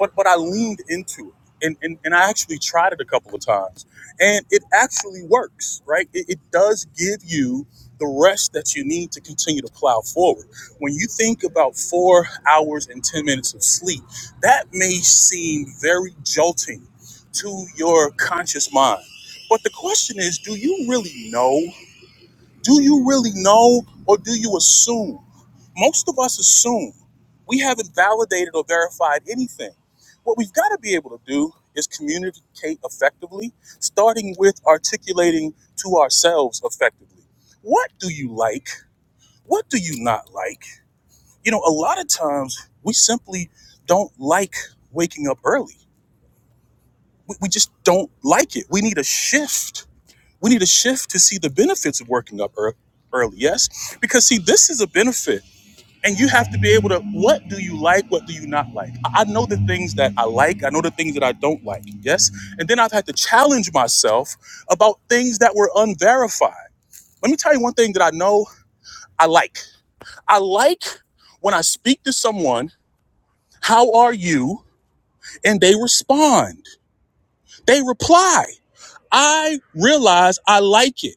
S1: But but I leaned into it. And, and, and I actually tried it a couple of times. And it actually works, right? It, it does give you the rest that you need to continue to plow forward. When you think about four hours and 10 minutes of sleep, that may seem very jolting to your conscious mind. But the question is, do you really know? Do you really know or do you assume? Most of us assume. We haven't validated or verified anything. What we've got to be able to do is communicate effectively, starting with articulating to ourselves effectively. What do you like? What do you not like? You know, a lot of times we simply don't like waking up early. We, we just don't like it. We need a shift We need to shift to see the benefits of working up ear- early. Yes, because see, this is a benefit, and you have to be able to. What do you like? What do you not like? I I know the things that I like. I know the things that I don't like. Yes, and then I've had to challenge myself about things that were unverified. Let me tell you one thing that I know I like. I like when I speak to someone, "How are you?" and they respond. They reply. I realize I like it.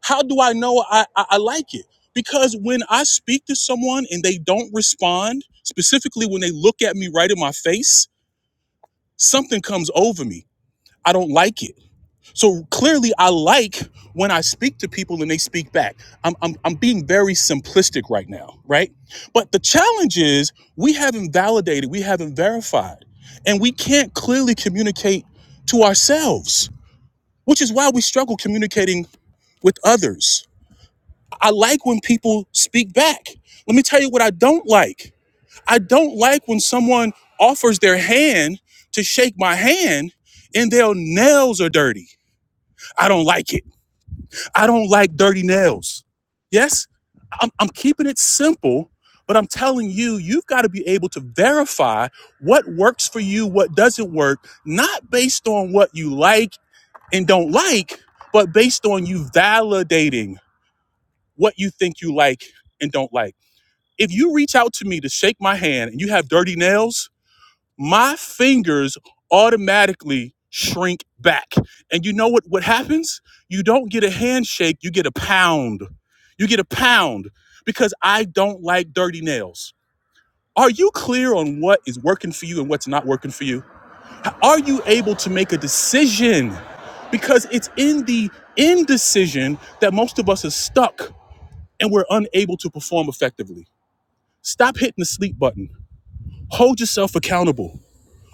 S1: How do I know I, I, I like it? Because when I speak to someone and they don't respond, specifically when they look at me right in my face, something comes over me. I don't like it. So clearly, I like when I speak to people and they speak back. I'm, I'm, I'm being very simplistic right now, right? But the challenge is we haven't validated, we haven't verified, and we can't clearly communicate to ourselves, which is why we struggle communicating with others I like when people speak back. Let me tell you what I don't like. I don't like when someone offers their hand to shake my hand and their nails are dirty. I don't like it. I don't like dirty nails. Yes, I'm, I'm keeping it simple, but I'm telling you, you've got to be able to verify what works for you, what doesn't work, not based on what you like and don't like, but based on you validating what you think you like and don't like if you reach out to me to shake my hand and you have dirty nails, my fingers automatically shrink back. And you know what what happens? You don't get a handshake, you get a pound. You get a pound because I don't like dirty nails. Are you clear on what is working for you and what's not working for you? Are you able to make a decision? Because it's in the indecision that most of us are stuck and we're unable to perform effectively. Stop hitting the sleep button Hold yourself accountable.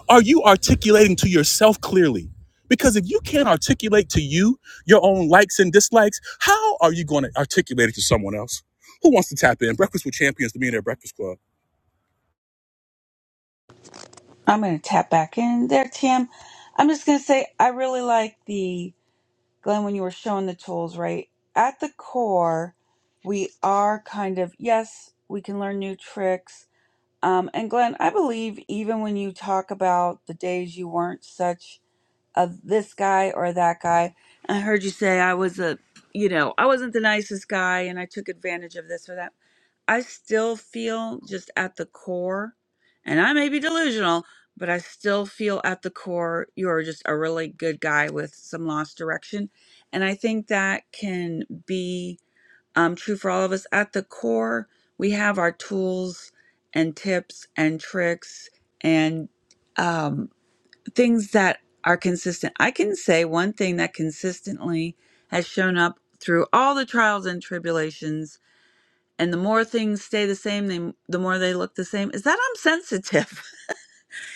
S1: Are you articulating to yourself clearly? Because if you can't articulate to you your own likes and dislikes, how are you going to articulate it to someone else? Who wants to tap in? Breakfast with Champions, the Millionaire Breakfast Club.
S2: I'm going to tap back in there, Tam. I'm just going to say I really like the, Glenn, when you were showing the tools, right? At the core, we are kind of, yes, we can learn new tricks. Um, and Glenn, I believe even when you talk about the days you weren't such of this guy or that guy. I heard you say I was a, you know, I wasn't the nicest guy and I took advantage of this or that. I still feel just at the core, and I may be delusional, but I still feel at the core you're just a really good guy with some lost direction. And I think that can be um, true for all of us. At the core, we have our tools and tips and tricks and, um, things that are consistent. I can say one thing that consistently has shown up through all the trials and tribulations, and the more things stay the same, they, the more they look the same, is that I'm sensitive.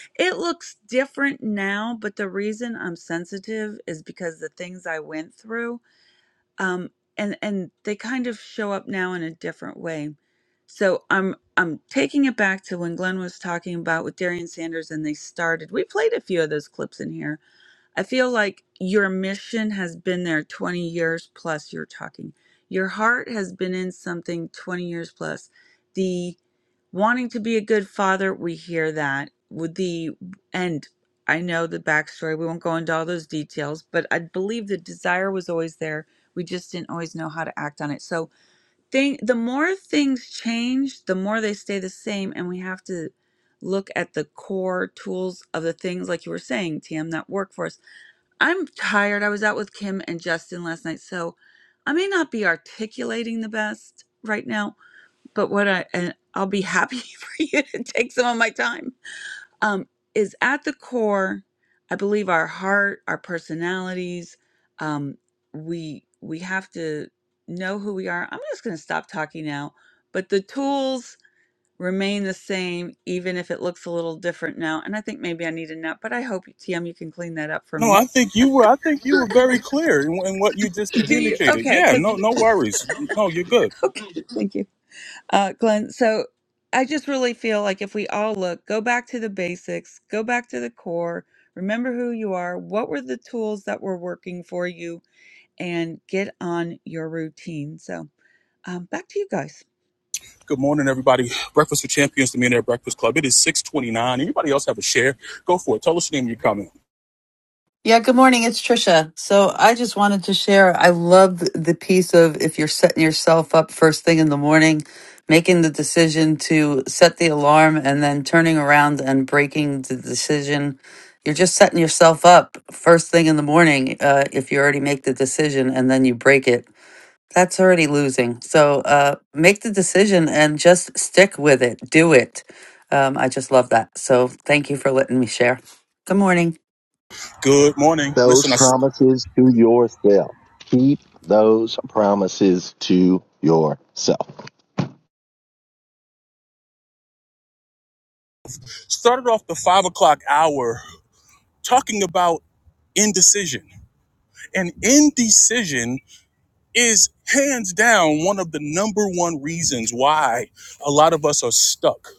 S2: it looks different now, but the reason I'm sensitive is because the things I went through, um, and and they kind of show up now in a different way. So I'm I'm taking it back to when Glenn was talking about with Darian Sanders and they started. We played a few of those clips in here I feel like your mission has been there 20 years plus, you're talking. Your heart has been in something 20 years plus. The wanting to be a good father, we hear that. With the, and I know the backstory, we won't go into all those details, but I believe the desire was always there. We just didn't always know how to act on it. So, thing, the more things change, the more they stay the same, and we have to look at the core tools of the things, like you were saying, Tam, that work for us I'm tired. I was out with Kim and Justin last night, so I may not be articulating the best right now, but what I and I'll be happy for you to take some of my time. Um is at the core, I believe our heart, our personalities, um we we have to know who we are. I'm just going to stop talking now, but the tools remain the same even if it looks a little different now. And I think maybe I need a nap, but I hope TM you can clean that up for
S1: No,
S2: me.
S1: I think you were. I think you were very clear in, in what you just
S2: Do you?
S1: communicated.
S2: Okay,
S1: Yeah,
S2: because
S1: no, no worries. No, you're good.
S2: okay, thank you, uh, Glenn. So I just really feel like if we all look, go back to the basics, go back to the core, remember who you are, what were the tools that were working for you, and get on your routine. So um, back to you guys.
S1: Good morning, everybody. Breakfast with Champions, the Millionaire Breakfast Club. It is 6:29. Anybody else have a share? Go for it. Tell us your name. You're coming.
S5: Yeah, good morning. It's Trisha. So I just wanted to share. I love th- the piece of if you're setting yourself up first thing in the morning, making the decision to set the alarm and then turning around and breaking the decision. You're just setting yourself up first thing in the morning uh, if you already make the decision and then you break it. That's already losing. So uh, make the decision and just stick with it. Do it. Um, I just love that. So thank you for letting me share. Good morning.
S1: Good morning.
S10: Those
S1: Listen, I
S10: promises to yourself. Keep those promises to yourself.
S1: started off the five o'clock hour talking about indecision. And indecision is hands down one of the number one reasons why a lot of us are stuck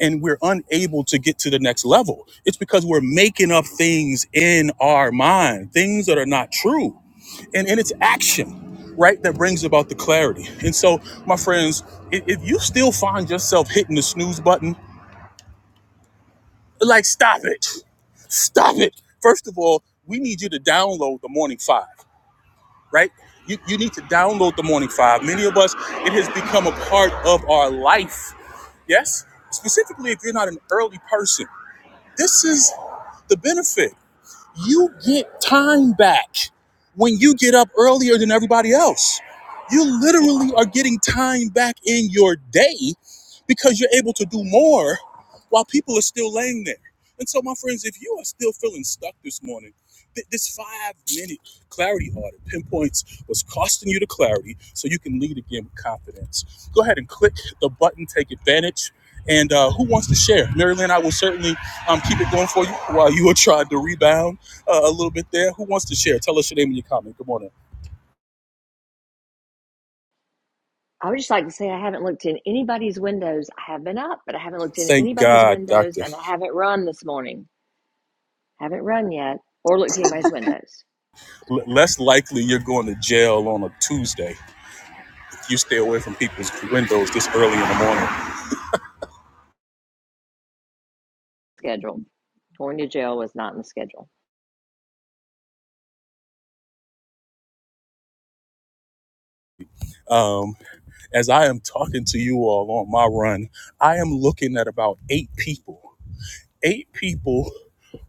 S1: and we're unable to get to the next level. It's because we're making up things in our mind, things that are not true. And, and it's action, right, that brings about the clarity. And so, my friends, if, if you still find yourself hitting the snooze button, like, stop it. Stop it. First of all, we need you to download the morning five. right? You, you need to download the morning five. Many of us, it has become a part of our life. Yes? Specifically, if you're not an early person, this is the benefit you get time back when you get up earlier than everybody else. You literally are getting time back in your day because you're able to do more while people are still laying there. And so, my friends, if you are still feeling stuck this morning, th- this five minute clarity audit pinpoints what's costing you the clarity so you can lead again with confidence. Go ahead and click the button, take advantage. And uh, who wants to share? Marilyn, I will certainly um, keep it going for you while you are trying to rebound uh, a little bit there. Who wants to share? Tell us your name and your comment. Good morning.
S13: I would just like to say I haven't looked in anybody's windows. I have been up, but I haven't looked in
S1: Thank
S13: anybody's
S1: God,
S13: windows,
S1: Doctor.
S13: and I haven't run this morning. I haven't run yet or looked in anybody's windows.
S1: L- less likely you're going to jail on a Tuesday if you stay away from people's windows this early in the morning.
S13: Scheduled. Going to jail was not in the schedule.
S1: Um, as I am talking to you all on my run, I am looking at about eight people, eight people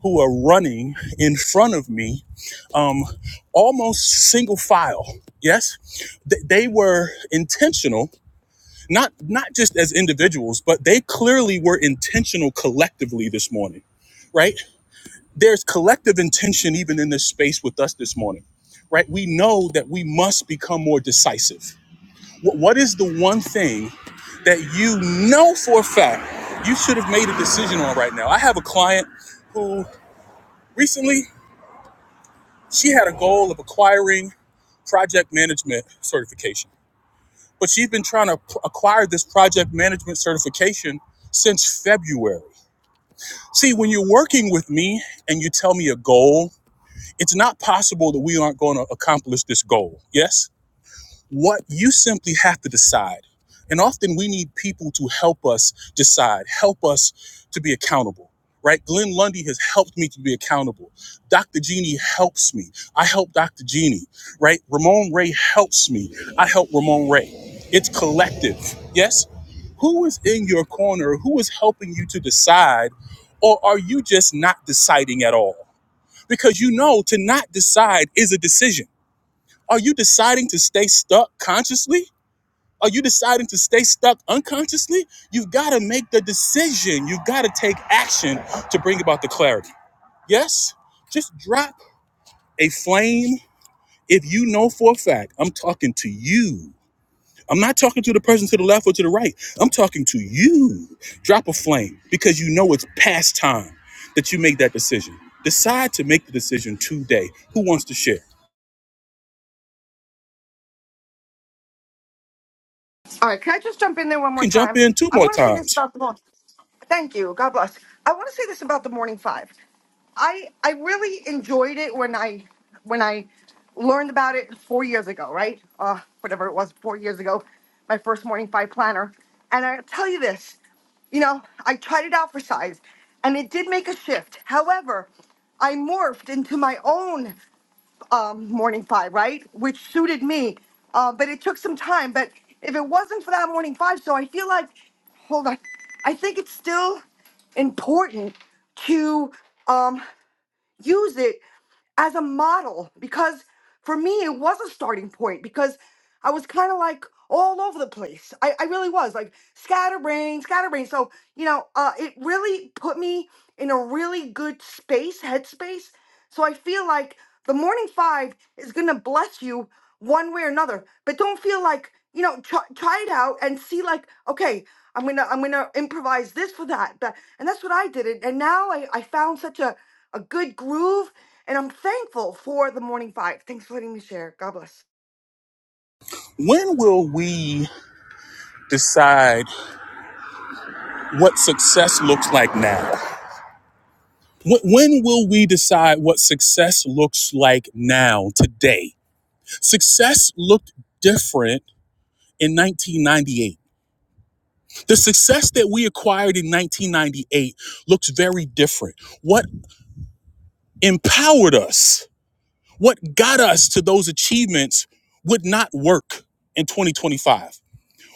S1: who are running in front of me, um, almost single file. Yes, Th- they were intentional not not just as individuals, but they clearly were intentional collectively this morning, right? There's collective intention even in this space with us this morning, right? We know that we must become more decisive. Wh- what is the one thing that you know for a fact you should have made a decision on right now? I have a client who recently she had a goal of acquiring project management certification but she's been trying to p- acquire this project management certification since February. See, when you're working with me and you tell me a goal, it's not possible that we aren't going to accomplish this goal. Yes? what you simply have to decide. And often we need people to help us decide, help us to be accountable, right? Glenn Lundy has helped me to be accountable. Dr. Jeannie helps me. I help Dr. Jeannie, right? Ramon Ray helps me. I help Ramon Ray. It's collective, yes? Who is in your corner? Who is helping you to decide? Or are you just not deciding at all? Because you know to not decide is a decision are you deciding to stay stuck consciously? Are you deciding to stay stuck unconsciously? You've got to make the decision. You've got to take action to bring about the clarity. Yes? Just drop a flame if you know for a fact I'm talking to you. I'm not talking to the person to the left or to the right. I'm talking to you. Drop a flame because you know it's past time that you make that decision. Decide to make the decision today. Who wants to share? You
S11: All right, can I just jump in there one more
S1: can jump
S11: time?
S1: in two
S11: I
S1: more
S11: want to say this
S1: times.
S11: about the morning. Thank you. God bless. I want to say this about the morning five. I I really enjoyed it when I when I learned about it four years ago, right? Uh, whatever it was, four years ago, my first morning five planner. And I tell you this, you know, I tried it out for size, and it did make a shift. However, I morphed into my own um, morning five, right? Which suited me, uh, but it took some time. But if it wasn't for that morning five, so I feel like, hold on, I think it's still important to. Um, use it as a model because for me it was a starting point because I was kind of like all over the place. I, I really was like scatterbrain, scatterbrain. So, you know, uh, it really put me in a really good space, headspace. So I feel like the morning five is going to bless you one way or another, but don't feel like, you know, try, try it out and see like, okay, I'm going to, I'm going to improvise this for that. But, and that's what I did. And and now I, I found such a, a good groove. And I'm thankful for the morning five. Thanks for letting me share. God bless.
S1: When will we decide what success looks like now? When, will we decide what success looks like now, today? Success looked different in 1998. The success that we acquired in 1998 looks very different. What empowered us, what got us to those achievements would not work in 2025.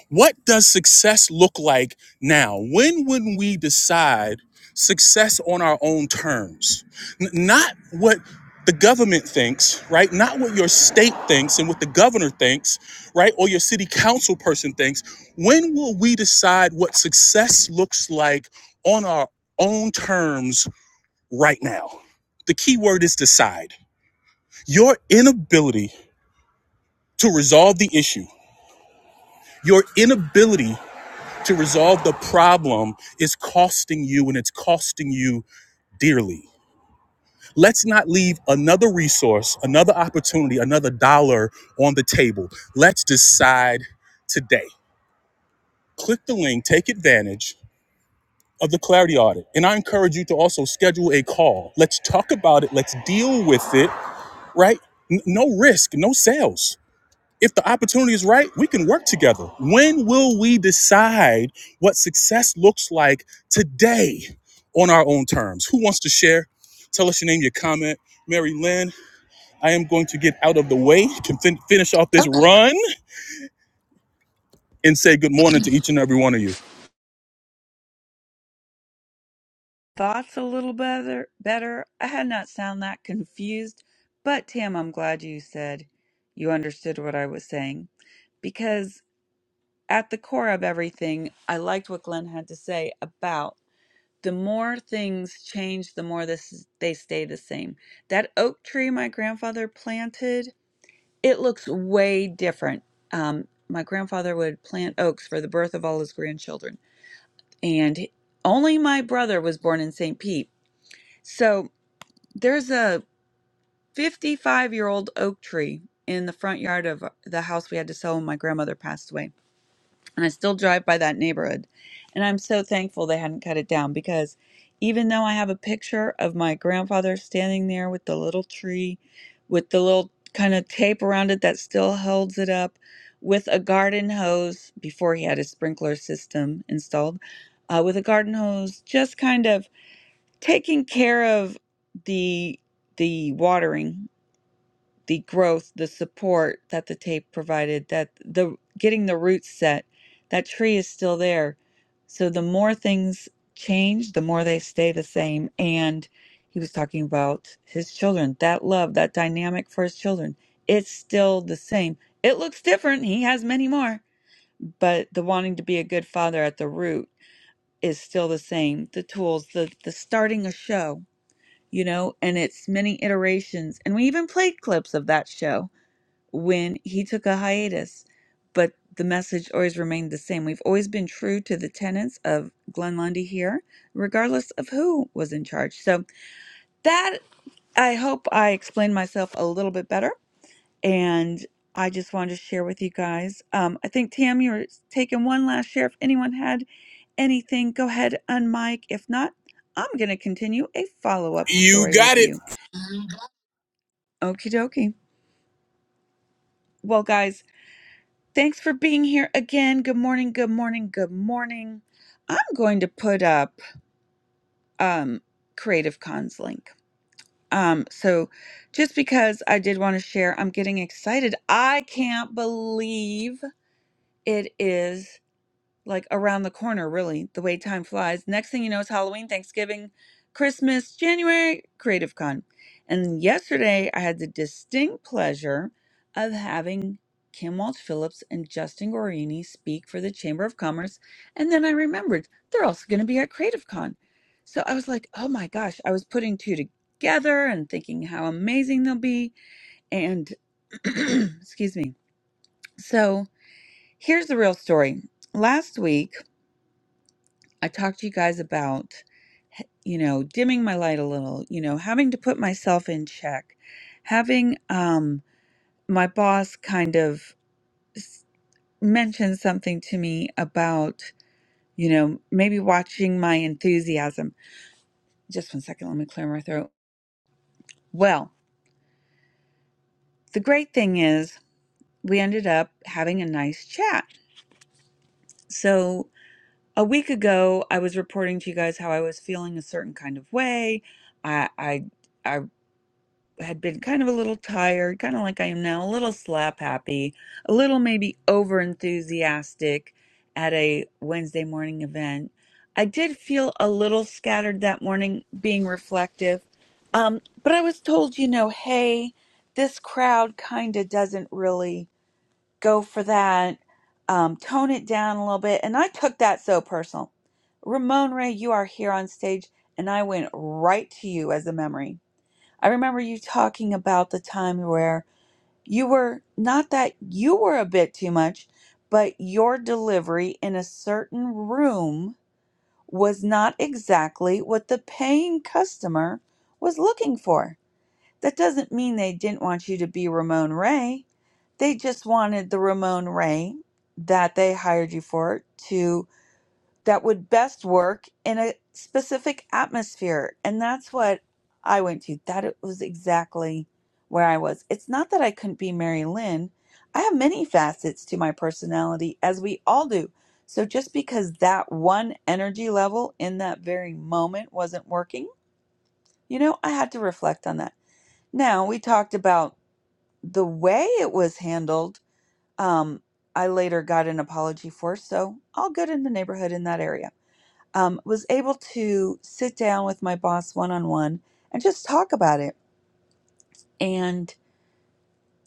S1: What does success look like now? When would we decide success on our own terms? N- not what the government thinks, right? Not what your state thinks and what the governor thinks, right? Or your city council person thinks. When will we decide what success looks like on our own terms right now? The key word is decide. Your inability to resolve the issue, your inability to resolve the problem is costing you and it's costing you dearly. Let's not leave another resource, another opportunity, another dollar on the table. Let's decide today. Click the link, take advantage of the clarity audit. And I encourage you to also schedule a call. Let's talk about it, let's deal with it, right? no risk, no sales. if the opportunity is right, we can work together. When will we decide what success looks like today on our own terms? Who wants to share? Tell us your name, your comment. Mary Lynn, I am going to get out of the way, can fin- finish off this run, and say good morning to each and every one of you.
S2: Thoughts a little better. Better. I had not sound that confused, but Tam, I'm glad you said you understood what I was saying because at the core of everything, I liked what Glenn had to say about. the more things change, the more this they stay the same. That oak tree my grandfather planted, it looks way different. Um, my grandfather would plant oaks for the birth of all his grandchildren, and only my brother was born in St. Pete. So there's a 55 year old oak tree in the front yard of the house we had to sell when my grandmother passed away and I still drive by that neighborhood. And I'm so thankful they hadn't cut it down because even though I have a picture of my grandfather standing there with the little tree, with the little kind of tape around it that still holds it up, with a garden hose before he had his sprinkler system installed, uh, with a garden hose, just kind of taking care of the the watering the growth, the support that the tape provided, that the getting the roots set, that tree is still there. So the more things change, the more they stay the same. And he was talking about his children, that love, that dynamic for his children. It's still the same. It looks different. He has many more, but the wanting to be a good father at the root is still the same. The tools, the the starting a show, you know, and it's many iterations. And we even played clips of that show when he took a hiatus, but the message always remained the same. We've always been true to the tenets of Glenn Lundy here, regardless of who was in charge. So that I hope I explained myself a little bit better, and I just wanted to share with you guys. Um, I think Tam, you were taking one last share. If anyone had anything, go ahead and mic. If not, I'm going to continue a follow up
S1: You
S2: story
S1: got
S2: with
S1: it.
S2: you. Okie dokie. Well, guys. Thanks for being here again. Good morning, good morning, good morning. I'm going to put up um Creative Cons link. Um so just because I did want to share, I'm getting excited. I can't believe it is like around the corner, really, the way time flies. Next thing you know, it's Halloween, Thanksgiving, Christmas, January, Creative Con. And yesterday, I had the distinct pleasure of having Kim Walsh Phillips and Justin Guarini speak for the Chamber of Commerce. And then I remembered they're also going to be at Creative Con. So I was like, oh my gosh, I was putting two together and thinking how amazing they'll be. And excuse me. So here's the real story. Last week, I talked to you guys about, you know, dimming my light a little, you know, having to put myself in check, having um, my boss kind of s- mention something to me about, you know, maybe watching my enthusiasm. Just one second, let me clear my throat. Well, the great thing is we ended up having a nice chat. So a week ago, I was reporting to you guys how I was feeling a certain kind of way. I, I, I had been kind of a little tired, kind of like I am now, a little slap happy, a little maybe over enthusiastic at a Wednesday morning event. I did feel a little scattered that morning, being reflective. Um, but I was told, you know, hey, this crowd kind of doesn't really go for that. Um, tone it down a little bit. And I took that so personal. Ramon Ray, you are here on stage, and I went right to you as a memory. I remember you talking about the time where you were not that you were a bit too much, but your delivery in a certain room was not exactly what the paying customer was looking for. That doesn't mean they didn't want you to be Ramon Ray. They just wanted the Ramon Ray that they hired you for to that would best work in a specific atmosphere. And that's what I went to. That was exactly where I was. It's not that I couldn't be Mary Lynn. I have many facets to my personality, as we all do. So just because that one energy level in that very moment wasn't working, you know, I had to reflect on that. Now, we talked about the way it was handled. Um, I later got an apology for, so all good in the neighborhood in that area um, was able to sit down with my boss one on one and just talk about it. And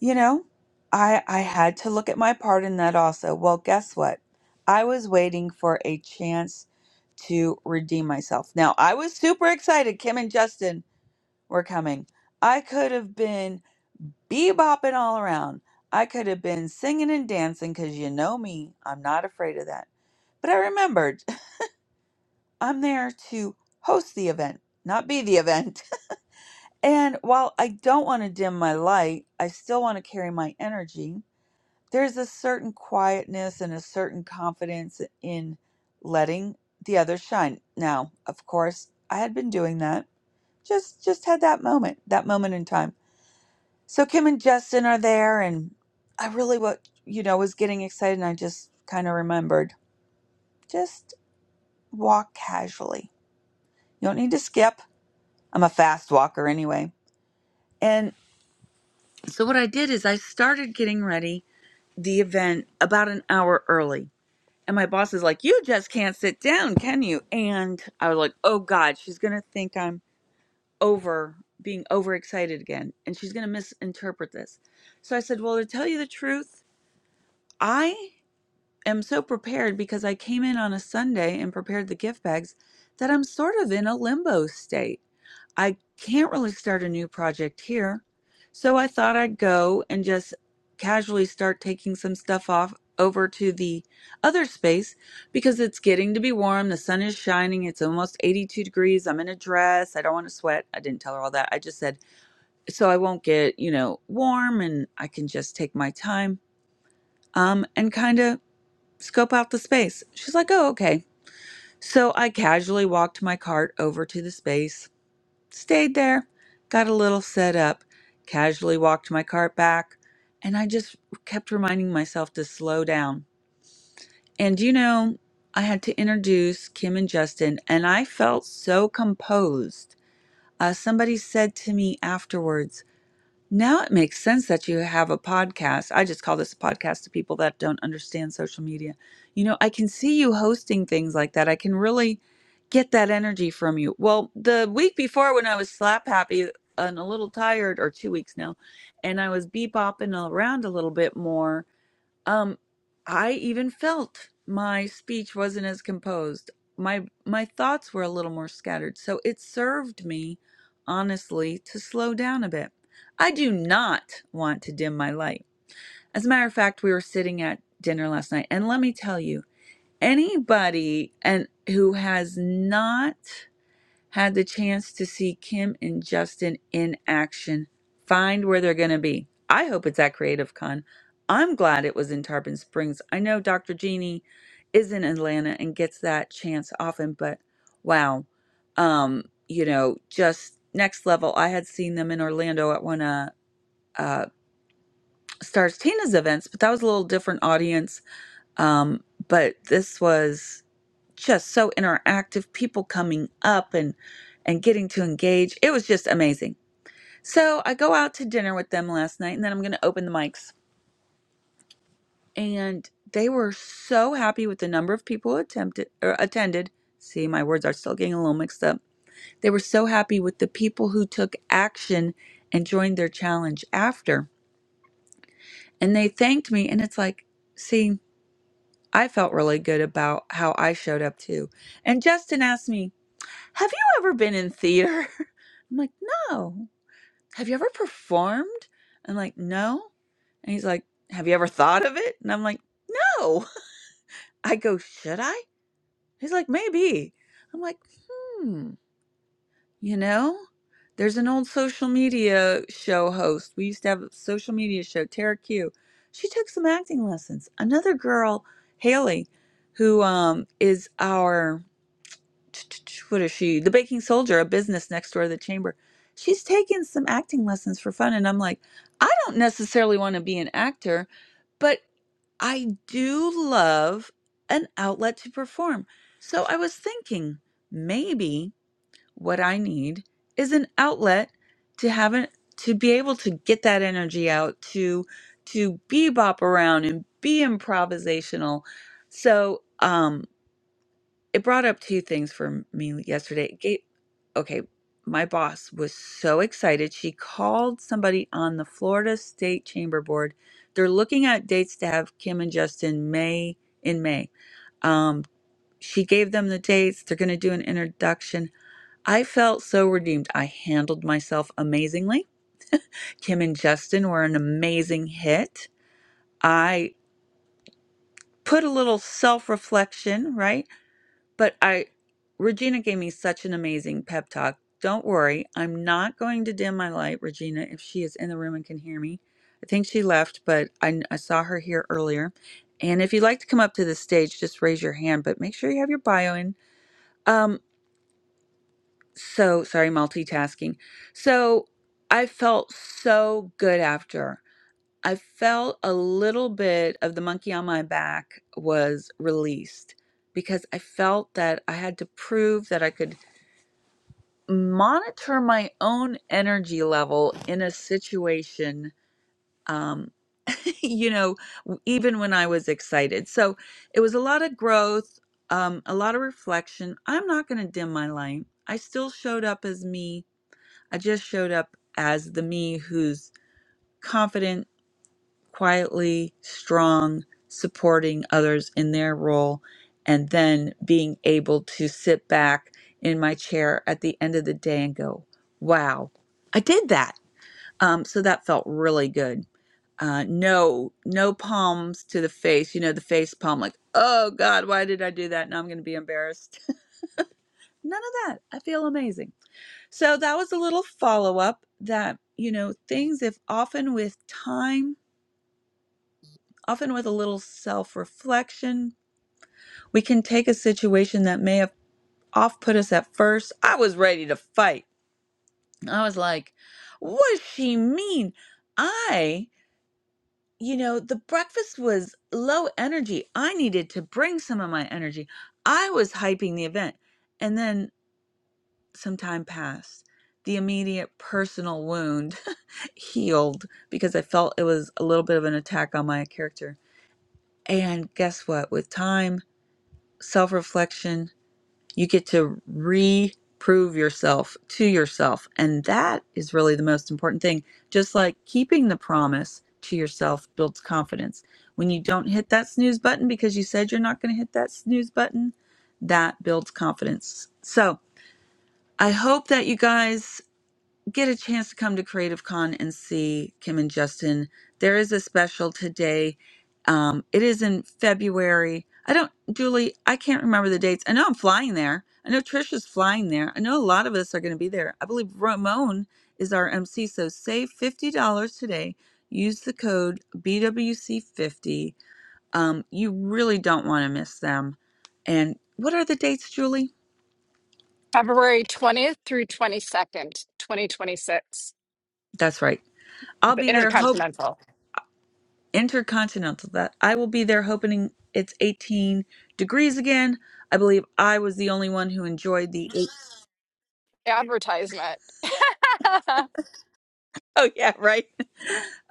S2: you know, I I had to look at my part in that also. Well, guess what? I was waiting for a chance to redeem myself. Now I was super excited. Kim and Justin were coming. I could have been bebopping all around. I could have been singing and dancing because you know me, I'm not afraid of that. But I remembered I'm there to host the event, not be the event. And while I don't want to dim my light, I still want to carry my energy. There's a certain quietness and a certain confidence in letting the others shine. Now, of course, I had been doing that. Just just had that moment, that moment in time. So Kim and Justin are there and I really what you know was getting excited and I just kind of remembered. Just walk casually. You don't need to skip. I'm a fast walker anyway. And so what I did is I started getting ready the event about an hour early. And my boss is like, You just can't sit down, can you? And I was like, Oh God, she's going to think I'm over being overexcited again. And she's going to misinterpret this. So I said, Well, to tell you the truth, I am so prepared because I came in on a Sunday and prepared the gift bags that I'm sort of in a limbo state. I can't really start a new project here. So I thought I'd go and just casually start taking some stuff off over to the other space because it's getting to be warm. The sun is shining. It's almost 82 degrees. I'm in a dress. I don't want to sweat. I didn't tell her all that. I just said, so I won't get, you know, warm and I can just take my time um, and kind of scope out the space. She's like, oh, okay. So I casually walked my cart over to the space, Stayed there, got a little set up, casually walked my cart back, and I just kept reminding myself to slow down. And you know, I had to introduce Kim and Justin, and I felt so composed. Uh, somebody said to me afterwards, now it makes sense that you have a podcast. I just call this a podcast to people that don't understand social media. You know, I can see you hosting things like that. I can really get that energy from you. Well, the week before when I was slap happy and a little tired, or two weeks now, and I was bebopping around a little bit more, um, I even felt my speech wasn't as composed. My my thoughts were a little more scattered, so it served me, honestly, to slow down a bit. I do not want to dim my light. As a matter of fact, we were sitting at dinner last night, and let me tell you, anybody and who has not had the chance to see Kim and Justin in action. Find where they're going to be. I hope it's at Creative Con. I'm glad it was in Tarpon Springs. I know Dr. Jeannie is in Atlanta and gets that chance often, but wow. Um, you know, just next level. I had seen them in Orlando at one of uh, Stars Tina's events, but that was a little different audience. Um, but this was just so interactive people coming up and and getting to engage it was just amazing so i go out to dinner with them last night and then i'm going to open the mics and they were so happy with the number of people who attempted or attended see my words are still getting a little mixed up they were so happy with the people who took action and joined their challenge after and they thanked me and it's like see i felt really good about how i showed up too and justin asked me Have you ever been in theater? I'm like, No. Have you ever performed? I'm like, No. And he's like, Have you ever thought of it? And I'm like, No. I go, Should I? He's like, Maybe. I'm like, Hmm, you know? There's an old social media show host. We used to have a social media show, Tara Q. She took some acting lessons. Another girl, Haley, who um, is our what is she? The Baking Soldier, a business next door to the chamber. She's taking some acting lessons for fun. And I'm like, I don't necessarily want to be an actor, but I do love an outlet to perform. So I was thinking maybe what I need is an outlet to have an to be able to get that energy out to to bebop around and be improvisational. So um it brought up two things for me yesterday. It gave, okay, my boss was so excited. She called somebody on the Florida State Chamber Board. They're looking at dates to have Kim and Justin May in May. Um, she gave them the dates. They're going to do an introduction. I felt so redeemed. I handled myself amazingly. Kim and Justin were an amazing hit. I put a little self reflection, right? But I, Regina gave me such an amazing pep talk. Don't worry, I'm not going to dim my light, Regina, if she is in the room and can hear me. I think she left, but I, I saw her here earlier. And if you'd like to come up to the stage, just raise your hand, but make sure you have your bio in. Um, so sorry, multitasking. So I felt so good after. I felt a little bit of the monkey on my back was released because I felt that I had to prove that I could monitor my own energy level in a situation um you know w- even when i was excited so it was a lot of growth um a lot of reflection i'm not going to dim my light i still showed up as me i just showed up as the me who's confident quietly strong, supporting others in their role, and then being able to sit back in my chair at the end of the day and go, wow, I did that. Um, so that felt really good. Uh, no, no palms to the face. You know, the face palm, like, oh God, why did I do that? Now I'm going to be embarrassed. None of that. I feel amazing. So that was a little follow up that, you know, things, if often with time Often, with a little self reflection, we can take a situation that may have off put us at first. I was ready to fight. I was like, what does she mean? I, you know, the breakfast was low energy. I needed to bring some of my energy. I was hyping the event. And then some time passed. The immediate personal wound healed because I felt it was a little bit of an attack on my character. And guess what? With time, self reflection, You get to reprove yourself to yourself. And that is really the most important thing. Just like keeping the promise to yourself builds confidence. When you don't hit that snooze button because you said you're not going to hit that snooze button, that builds confidence. So I hope that you guys get a chance to come to Creative Con and see Kim and Justin, there is a special today. Um, it is in February. I don't, Julie, I can't remember the dates. I know I'm flying there. I know Trisha's flying there. I know a lot of us are going to be there. I believe Ramon is our MC. So save $50 today. Use the code BWC50. Um, you really don't want to miss them. And what are the dates, Julie?
S9: February 20th through 22nd, 2026.
S2: That's right. I'll
S9: The
S2: be there
S9: Intercontinental
S2: Intercontinental that I will be there hoping it's 18 degrees again. I believe I was the only one who enjoyed the eight.
S9: advertisement.
S2: Oh yeah, right.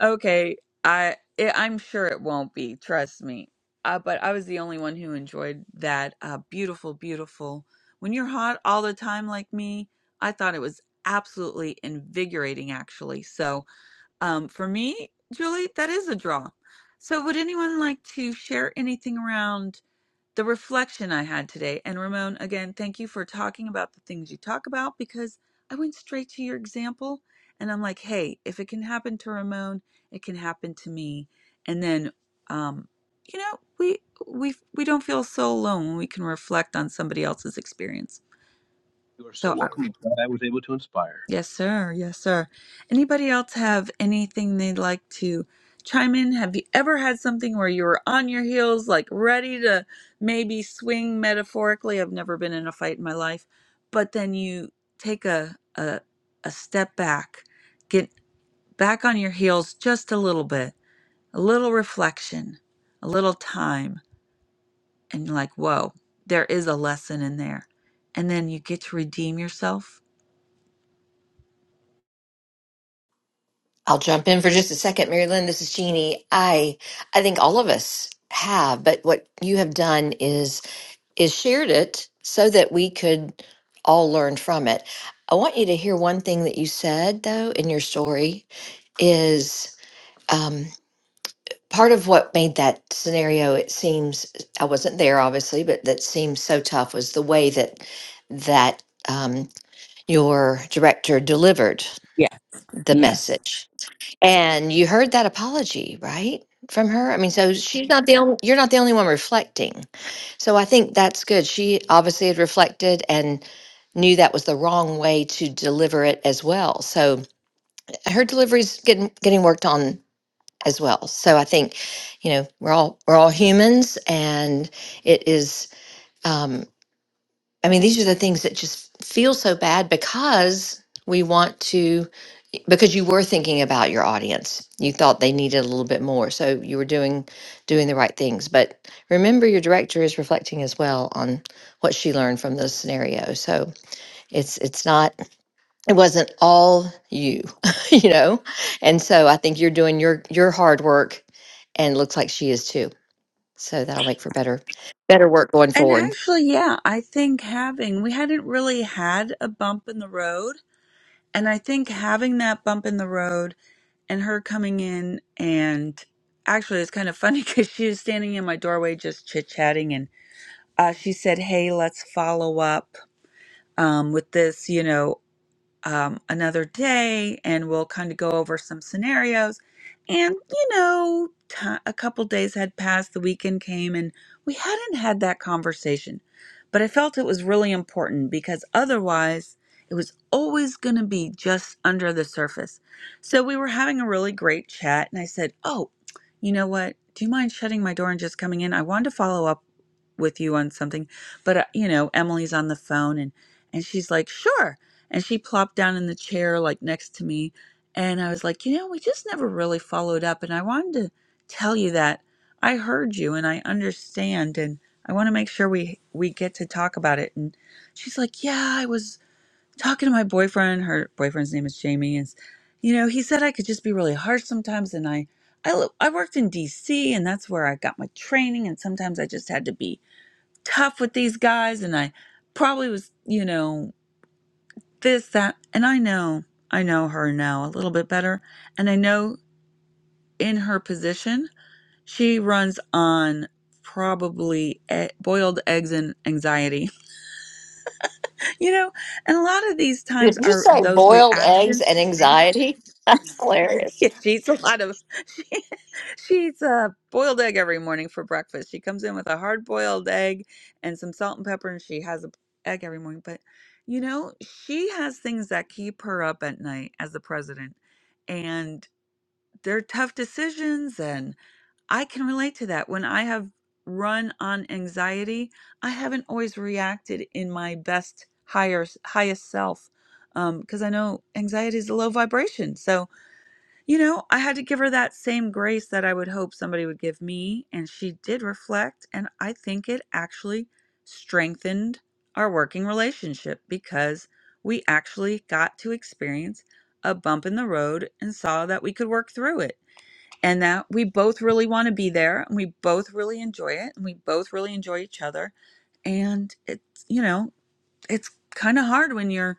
S2: Okay, I it, I'm sure it won't be, trust me. Uh, but I was the only one who enjoyed that uh, beautiful beautiful. When you're hot all the time like me, I thought it was absolutely invigorating actually. So, um for me, Julie, that is a draw. So, would anyone like to share anything around the reflection I had today. And Ramon, again, thank you for talking about the things you talk about because I went straight to your example and I'm like, hey, if it can happen to Ramon, it can happen to me. And then, um, you know, we we we don't feel so alone when we can reflect on somebody else's experience.
S6: You are
S2: So
S6: so
S2: I
S6: welcome. I'm glad I was able to inspire.
S2: Yes, sir. Yes, sir. Anybody else have anything they'd like to chime in? Have you ever had something where you were on your heels, like ready to maybe swing metaphorically? I've never been in a fight in my life, but then you take a a, a step back, get back on your heels just a little bit, a little reflection, a little time, and you're like, whoa, there is a lesson in there. And then you get to redeem yourself
S13: I'll jump in for just a second, Mary Lynn. This is Jeannie. I I think all of us have, but what you have done is is shared it so that we could all learn from it. I want you to hear one thing that you said though in your story is um, part of what made that scenario it seems i wasn't there obviously but that seems so tough was the way that that um, your director delivered
S2: Yeah.
S13: the
S2: Yes.
S13: message and you heard that apology right from her i mean so she's not the only you're not the only one reflecting so i think that's good she obviously had reflected and knew that was the wrong way to deliver it as well so her delivery's getting getting worked on as well. So I think, you know, we're all we're all humans, and it is. Um, I mean, these are the things that just feel so bad because we want to because you were thinking about your audience. You thought they needed a little bit more, so you were doing doing the right things. But remember, your director is reflecting as well on what she learned from those scenarios. So it's it's not it wasn't all you you know and so i think you're doing your your hard work and looks like she is too so that'll make for better better work going
S2: And
S13: forward
S2: actually, yeah, I think having, we hadn't really had a bump in the road. And I think having that bump in the road and her coming in and actually it's kind of funny because she was standing in my doorway just chit chatting and uh, she said, Hey, let's follow up um, with this. You know, um, another day and we'll kind of go over some scenarios. And, you know, ti a couple days had passed, the weekend came, and we hadn't had that conversation. But I felt it was really important because otherwise it was always going to be just under the surface. So we were having a really great chat, and I said, Oh, you know what? Do you mind shutting my door and just coming in? I wanted to follow up with you on something, but, uh, you know, Emily's on the phone and and she's like, "Sure." And she plopped down in the chair, like next to me. And I was like, you know, we just never really followed up. And I wanted to tell you that I heard you and I understand. And I want to make sure we, we get to talk about it. And she's like, yeah, I was talking to my boyfriend. Her boyfriend's name is Jamie. And, you know, he said I could just be really harsh sometimes. And I, I, li- I worked in DC and that's where I got my training. And sometimes I just had to be tough with these guys. And I, probably was, you know, this, that. And I know, I know her now a little bit better. And I know in her position, she runs on probably e- boiled eggs and anxiety, you know? And a lot of these times
S13: did you
S2: are
S13: say
S2: those
S13: boiled eggs
S2: reactions.
S13: and anxiety that's hilarious
S2: Yeah, she eats a lot of, she eats a boiled egg every morning for breakfast. She comes in with a hard boiled egg and some salt and pepper, and she has a egg every morning. But, you know, she has things that keep her up at night as the president. and. they're tough decisions and i can relate to that when i have run on anxiety i haven't always reacted in my best higher highest self because um, i know anxiety is a low vibration so you know i had to give her that same grace that i would hope somebody would give me and she did reflect and i think it actually strengthened our working relationship because we actually got to experience a bump in the road and saw that we could work through it and that we both really want to be there and we both really enjoy it and we both really enjoy each other and it's you know it's kind of hard when you're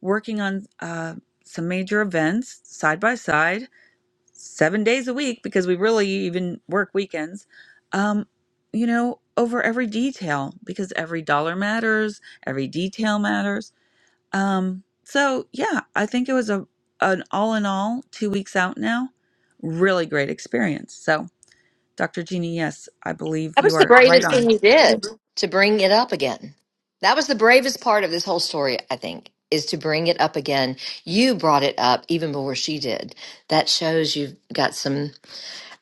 S2: working on uh, some major events side by side seven days a week because we really even work weekends um, you know over every detail because every dollar matters every detail matters um, so yeah i think it was a an all in all two weeks out now really great experience so Dr. Jeannie, yes, I believe
S13: that
S2: you
S13: was the
S2: are right
S13: bravest
S2: on.
S13: thing you did to bring it up again that was the bravest part of this whole story i think is to bring it up again you brought it up even before she did that shows you've got some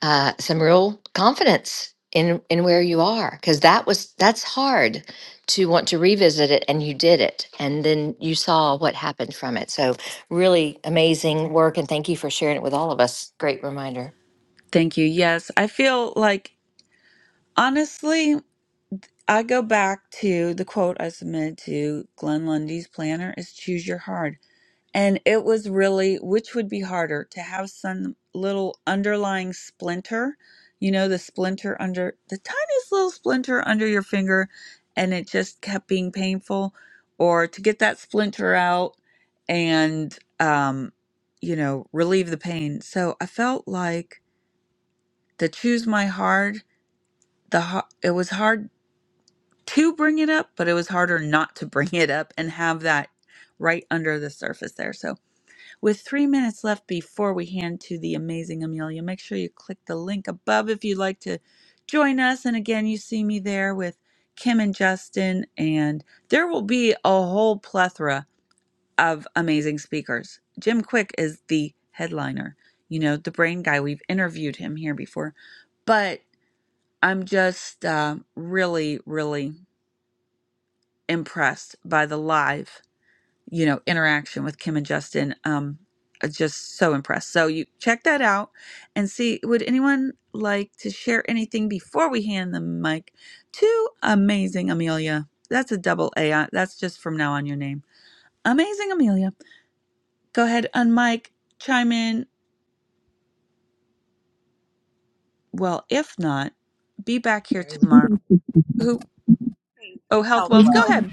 S13: uh, some real confidence in in where you are because that was that's hard to want to revisit it and you did it and then you saw what happened from it so really amazing work and thank you for sharing it with all of us great reminder
S2: Thank you. Yes, I feel like honestly, I go back to the quote I submitted to Glenn Lundy's planner is choose your heart. And it was really which would be harder to have some little underlying splinter, you know, the splinter under the tiniest little splinter under your finger, and it just kept being painful, or to get that splinter out and, um, you know, relieve the pain. So I felt like the choose my hard, the har- it was hard to bring it up, but it was harder not to bring it up and have that right under the surface there. So with three minutes left before we hand to the amazing Amelia, make sure you click the link above if you'd like to join us. And again, you see me there with Kim and Justin, and there will be a whole plethora of amazing speakers. Jim Quick is the headliner, you know, the brain guy. We've interviewed him here before, but I'm just uh, really, really impressed by the live. you know interaction with kim and justin um uh, just so impressed so you check that out and see would anyone like to share anything before we hand the mic to amazing amelia that's a double a uh, that's just from now on your name amazing amelia go ahead and mike chime in well if not be back here
S12: Marilyn.
S2: tomorrow who oh
S12: It's
S2: health
S12: health
S2: wells go
S12: well.
S2: ahead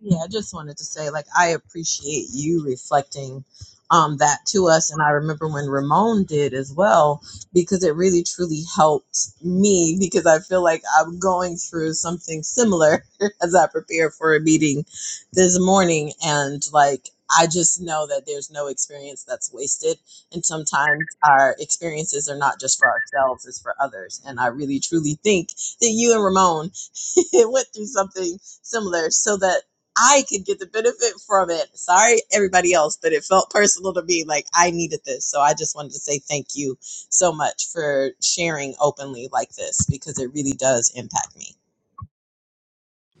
S12: Yeah, I just wanted to say, like, I appreciate you reflecting um, that to us. And I remember when Ramon did as well, because it really truly helped me because I feel like I'm going through something similar as I prepare for a meeting this morning. And, like, I just know that there's no experience that's wasted. And sometimes our experiences are not just for ourselves, it's for others. And I really truly think that you and Ramon went through something similar so that I could get the benefit from it. Sorry, everybody else, but it felt personal to me. Like I needed this. So I just wanted to say thank you so much for sharing openly like this because it really does impact me.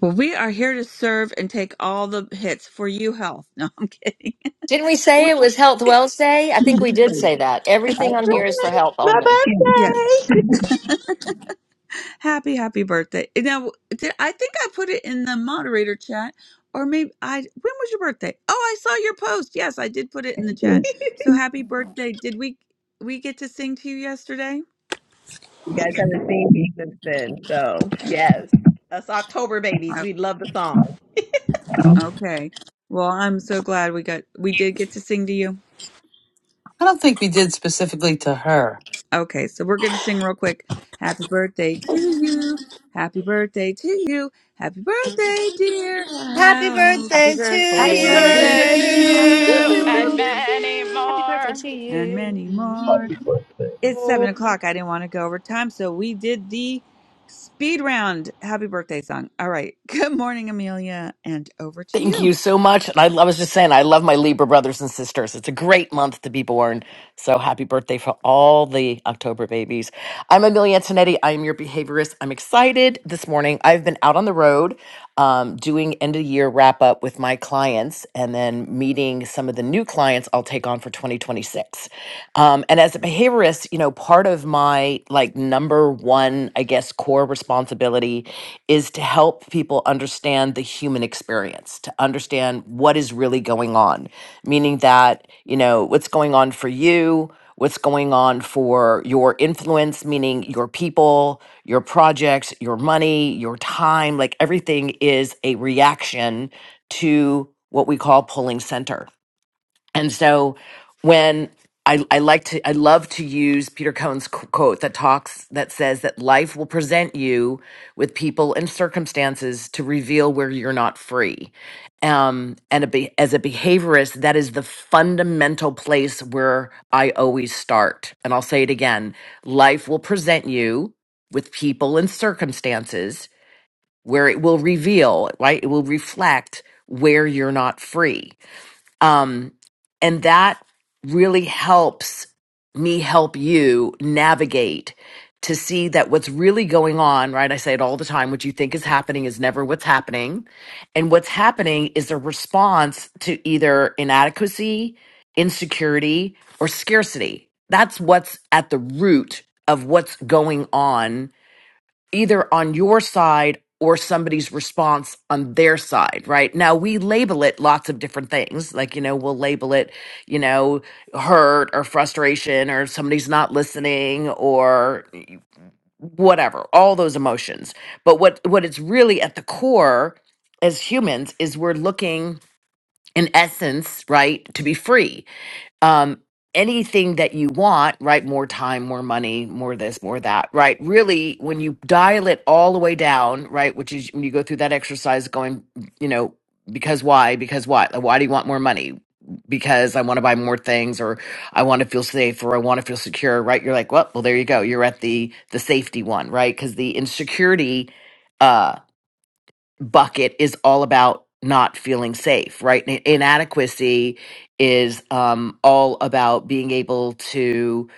S2: well we are here to serve and take all the hits for you health no i'm kidding
S13: didn't we say
S2: We-
S13: it was health wells day i think we did say that
S2: it's-
S13: everything on here is for health
S12: My
S13: only
S2: yes
S12: birthday. Two
S2: Happy, happy birthday. Now, did, I think I put it in the moderator chat, or maybe I. When was your birthday? Oh, I saw your post. Yes, I did put it in the chat. So happy birthday. Did we we get to sing to you yesterday?
S12: babies since then. So yes. Us October babies.
S2: Oh,
S12: We love the song.
S2: okay. Well, I'm so glad we got we did get to sing to you.
S5: I don't think we did specifically to her.
S2: Okay, so we're gonna sing real quick. Happy birthday to you. Happy birthday to you. Happy birthday, dear.
S5: Happy
S2: Harold.
S13: happy
S5: birthday to
S2: Happy
S14: Happy
S13: birthday
S2: birthday to
S9: Birthday
S2: you.
S9: to
S14: birthday to
S2: Pew,
S9: you
S2: pew, pew,
S9: and
S14: you.
S5: you.
S2: pew,
S13: happy
S9: many
S2: pew.
S13: birthday
S9: more.
S13: to
S2: and
S13: you
S2: many more.
S15: happy birthday.
S2: It's
S3: it.
S2: seven o'clock. I didn't want to go over time, so we did the speed round. Happy birthday song. All right. Good morning, Amelia, and over to
S16: Thank you
S2: you.
S16: so much. And I, I was just saying, I love my Libra brothers and sisters. It's a great month to be born. So happy birthday for all the October babies. I'm Amelia Antonetti. I am your behaviorist. I'm excited this morning. I've been out on the road um, doing end of year wrap up with my clients and then meeting some of the new clients I'll take on for 2026. Um, and as a behaviorist, you know, part of my like number one, I guess, core responsibility is to help people understand the human experience, to understand what is really going on, meaning that, you know, what's going on for you, what's going on for your influence, meaning your people, your projects, your money, your time, like everything is a reaction to what we call pulling center. And so when I, I like to, I love to use Peter Cohn's qu- quote that talks, that says that life will present you with people and circumstances to reveal where you're not free. Um, and a be- as a behaviorist, that is the fundamental place where I always start. And I'll say it again life will present you with people and circumstances where it will reveal, right? It will reflect where you're not free um, and that really helps me help you navigate to see that what's really going on, right? I say it all the time what you think is happening is never what's happening. And what's happening is a response to either inadequacy, insecurity, or scarcity. That's what's at the root of what's going on either on your side or somebody's response on their side, right? Now we label it lots of different things. Like, you know, we'll label it, you know, hurt or frustration or somebody's not listening or whatever, all those emotions. But what what it's really at the core as humans is we're looking in essence, right, to be free um, anything that you want, right? More time, more money, more this, more that, right? Really, when you dial it all the way down, right? Which is when you go through that exercise going, you know, because why? Because what? Like, Why do you want more money? Because I want to buy more things or I want to feel safe or I want to feel secure, right? You're like, well, well, there you go. You're at the the safety one, right? Because the insecurity uh, bucket is all about not feeling safe, right? In- Inadequacy is um, all about being able to,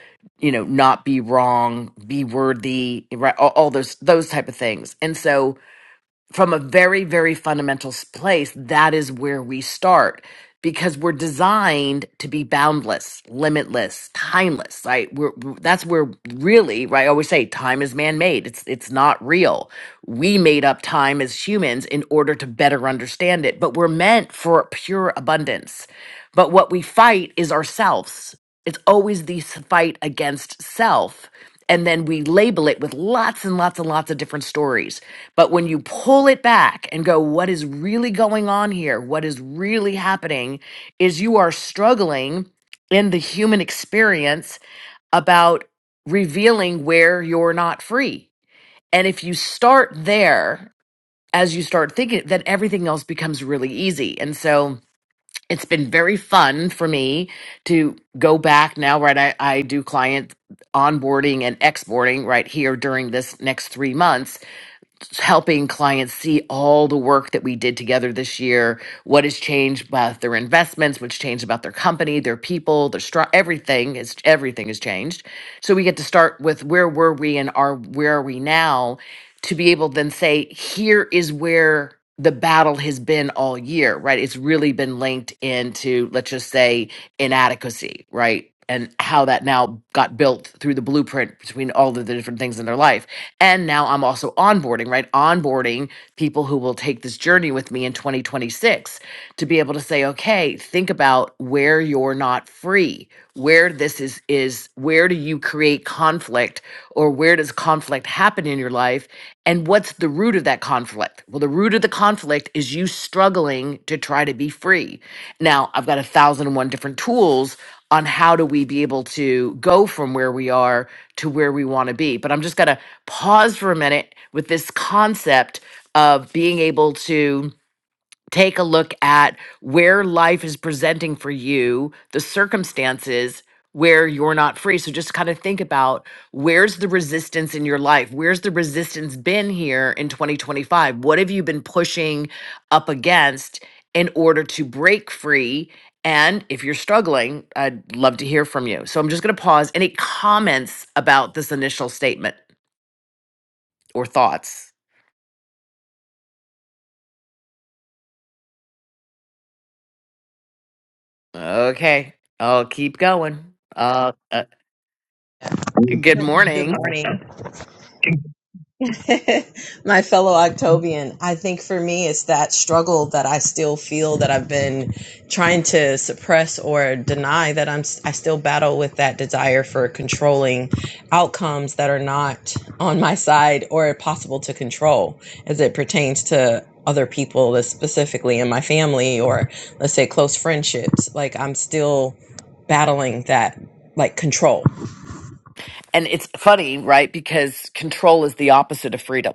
S16: you know, not be wrong, be worthy, right? All, all those those type of things. And so from a very very fundamental s- place that is where we start because we're designed to be boundless limitless timeless right we're we're- that's where really right i always say time is man-made it's it's not real we made up time as humans in order to better understand it but we're meant for pure abundance but what we fight is ourselves it's always the s- fight against self and then we label it with lots and lots and lots of different stories but when you pull it back and go, what is really going on here? What is really happening is you are struggling in the human experience about revealing where you're not free. And if you start there, as you start thinking, then everything else becomes really easy. And so it's been very fun for me to go back now, right? I, I do client onboarding and exporting right here during this next three months helping clients see all the work that we did together this year what has changed about their investments what's changed about their company their people their str- everything is everything has changed so we get to start with where were we and are where are we now to be able to then say here is where the battle has been all year right it's really been linked into let's just say inadequacy right right? and how that now got built through the blueprint between all of the different things in their life. And now I'm also onboarding, right? Onboarding people who will take this journey with me in 2026 to be able to say, okay, think about where you're not free, where this is is where do you create conflict or where does conflict happen in your life? And what's the root of that conflict? Well, the root of the conflict is you struggling to try to be free. Now, I've got a thousand and one different tools on how do we be able to go from where we are to where we want to be. But I'm just going to pause for a minute with this concept of being able to take a look at where life is presenting for you the circumstances where you're not free so just kind of think about where's the resistance in your life where's the resistance been here in 2025 what have you been pushing up against in order to break free and if you're struggling i'd love to hear from you so i'm just going to pause any comments about this initial statement or thoughts okay i'll keep going uh, uh good
S12: Good
S16: morning
S12: morning. my fellow Octobian, I think for me it's that struggle that I still feel that I've been trying to suppress or deny that I'm I still battle with that desire for controlling outcomes that are not on my side or possible to control as it pertains to other people, specifically in my family or let's say close friendships. Like I'm still battling that like control
S16: And it's funny, right? Because control is the opposite of freedom,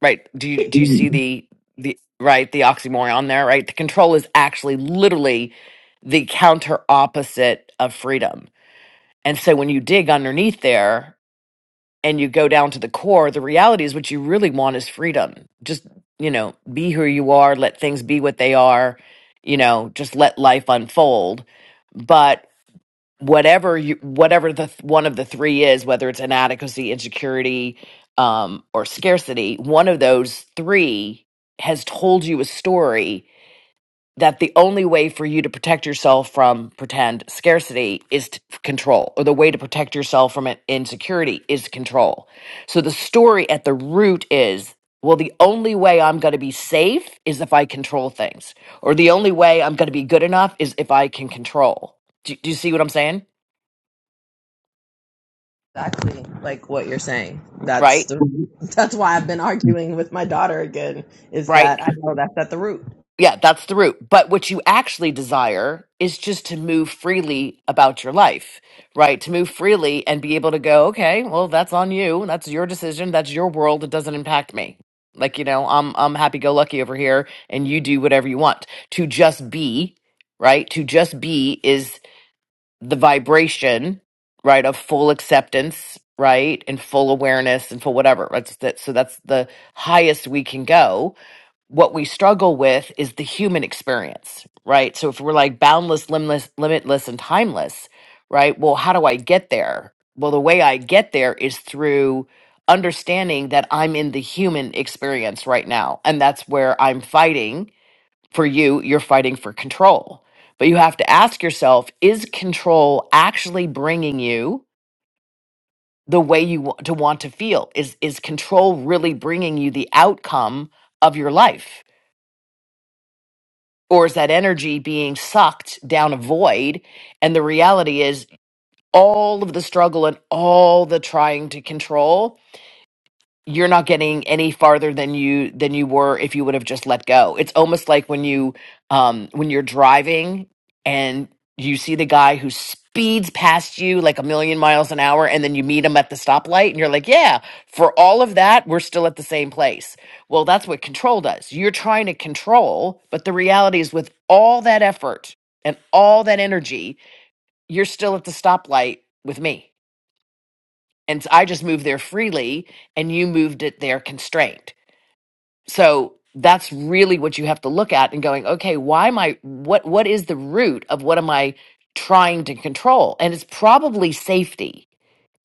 S16: right? Do you do you see the the right the oxymoron there, right? The control is actually literally the counter opposite of freedom. And so when you dig underneath there and you go down to the core, the reality is what you really want is freedom. Just, you know, be who you are, let things be what they are, you know, just let life unfold But whatever you whatever the th- one of the three is whether it's inadequacy insecurity um or scarcity one of those three has told you a story that the only way for you to protect yourself from pretend scarcity is to control or the way to protect yourself from an insecurity is control so the story at the root is well the only way i'm going to be safe is if i control things or the only way i'm going to be good enough is if i can control do, do you see what i'm saying
S12: exactly like what you're saying. That's
S16: right?
S12: the that's why I've been arguing with my daughter again is
S16: Right?
S12: that I know that's at the root.
S16: Yeah, that's the root. But what you actually desire is just to move freely about your life, right? To move freely and be able to go, okay, well, that's on you. That's your decision. That's your world. It doesn't impact me. Like, you know, I'm I'm happy go lucky over here and you do whatever you want. To just be, right? To just be is the vibration, right, of full acceptance, right? And full awareness and full whatever. That's that so that's the highest we can go what we struggle with is the human experience, right? So if we're like boundless, limitless, limitless and timeless, right? Well, how do I get there? Well, the way I get there is through understanding that I'm in the human experience right now. And that's where I'm fighting for you, you're fighting for control. But you have to ask yourself, is control actually bringing you the way you want to want to feel? Is is control really bringing you the outcome of your life? or is that energy being sucked down a void? And the reality is all of the struggle and all the trying to control you're not getting any farther than you than you were if you would have just let go. It's almost like when you um when you're driving and you see the guy who speeds past you like a million miles an hour and then you meet him at the stoplight and you're like, "Yeah, for all of that, we're still at the same place." Well, that's what control does. You're trying to control, but the reality is with all that effort and all that energy, you're still at the stoplight with me. And I just moved there freely and you moved it there constrained so that's really what you have to look at and going, okay, why am I what what is the root of what am I trying to control? And it's probably safety,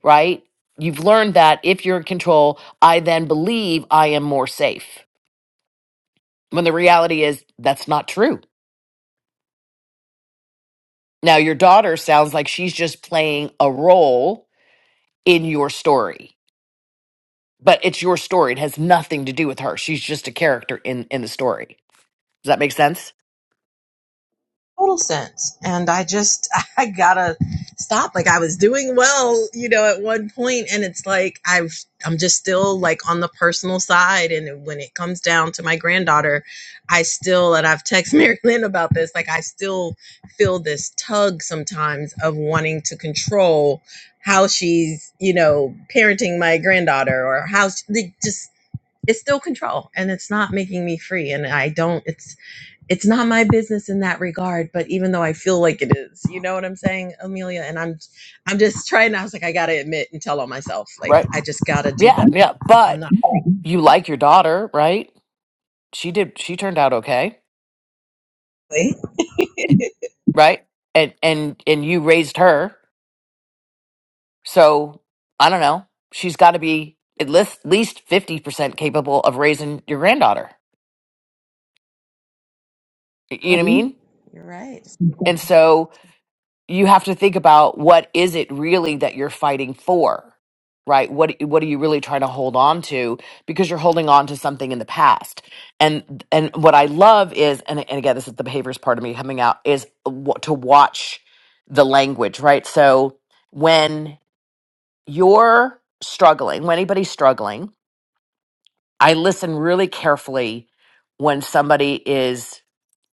S16: right? You've learned that if you're in control, I then believe I am more safe. When the reality is that's not true. Now your daughter sounds like she's just playing a role in your story. But it's your story. It has nothing to do with her. She's just a character in in the story. Does that make sense?
S12: total sense. And I just, I gotta stop. Like I was doing well, you know, at one point, and it's like I've, I'm just still like on the personal side. And when it comes down to my granddaughter, I still, and I've texted Mary Lynn about this, like I still feel this tug sometimes of wanting to control how she's, you know, parenting my granddaughter or how she, they just, it's still control and it's not making me free. And I don't, it's, it's not my business in that regard but even though i feel like it is you know what i'm saying amelia and i'm i'm just trying i was like i gotta admit and tell on myself like
S16: Right.
S12: i just gotta do
S16: Yeah,
S12: better
S16: yeah.
S12: i'm
S16: But
S12: not
S16: you like your daughter, right? She did she turned out okay,
S12: Right.
S16: right? And and and you raised her. So, I don't know. She's got to be at least least 50% capable of raising your granddaughter. Y- You know what I
S12: right
S16: mean?
S12: you're right
S16: And so you have to think about what is it really that you're fighting for right what what are you really trying to hold on to because you're holding on to something in the past and and what i love is and, and again this is the behaviors part of me coming out is wa- to watch the language right so when you're struggling when anybody's struggling i listen really carefully when somebody is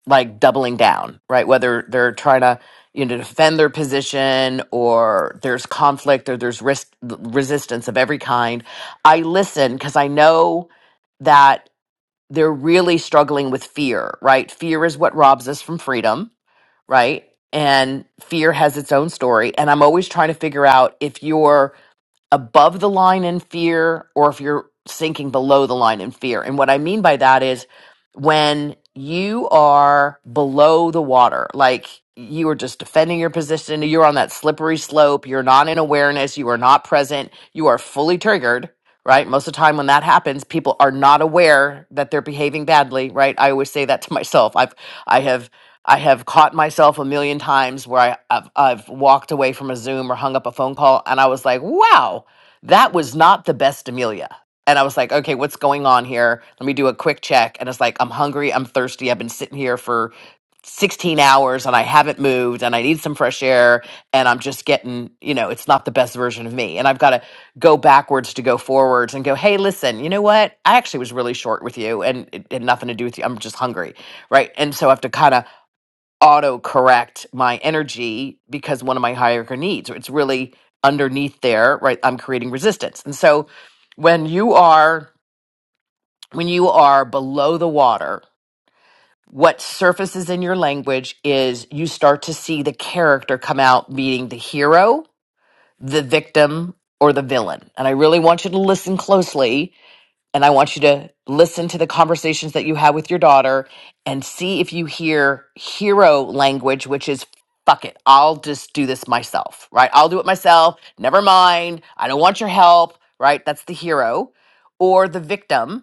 S16: like doubling down, right? Whether they're trying to, you know, defend their position or there's conflict or there's risk resistance of every kind. I listen because I know that they're really struggling with fear, right? Fear is what robs us from freedom, right? And fear has its own story. And I'm always trying to figure out if you're above the line in fear or if you're sinking below the line in fear. And what I mean by that is when you are below the water, like you are just defending your position, you're on that slippery slope, you're not in awareness, you are not present, you are fully triggered. Right. Most of the time when that happens, people are not aware that they're behaving badly. Right. I always say that to myself. I've, I have I have caught myself a million times where I, I've, I've walked away from a Zoom or hung up a phone call and I was like, wow, that was not the best Amelia. And I was like, okay, what's going on here? Let me do a quick check. And it's like, I'm hungry, I'm thirsty, I've been sitting here for 16 hours and I haven't moved and I need some fresh air and I'm just getting, you know, it's not the best version of me. And I've got to go backwards to go forwards and go, hey, listen, you know what? I actually was really short with you and it had nothing to do with you. I'm just hungry. Right. And so I have to kind of auto correct my energy because one of my higher needs. or It's really underneath there, right? I'm creating resistance. And so when you are when you are below the water, what surfaces in your language is you start to see the character come out meaning the hero, the victim, or the villain. And I really want you to listen closely and I want you to listen to the conversations that you have with your daughter and see if you hear hero language, which is fuck it, I'll just do this myself, right? I'll do it myself. Never mind. I don't want your help, right? That's the hero or the victim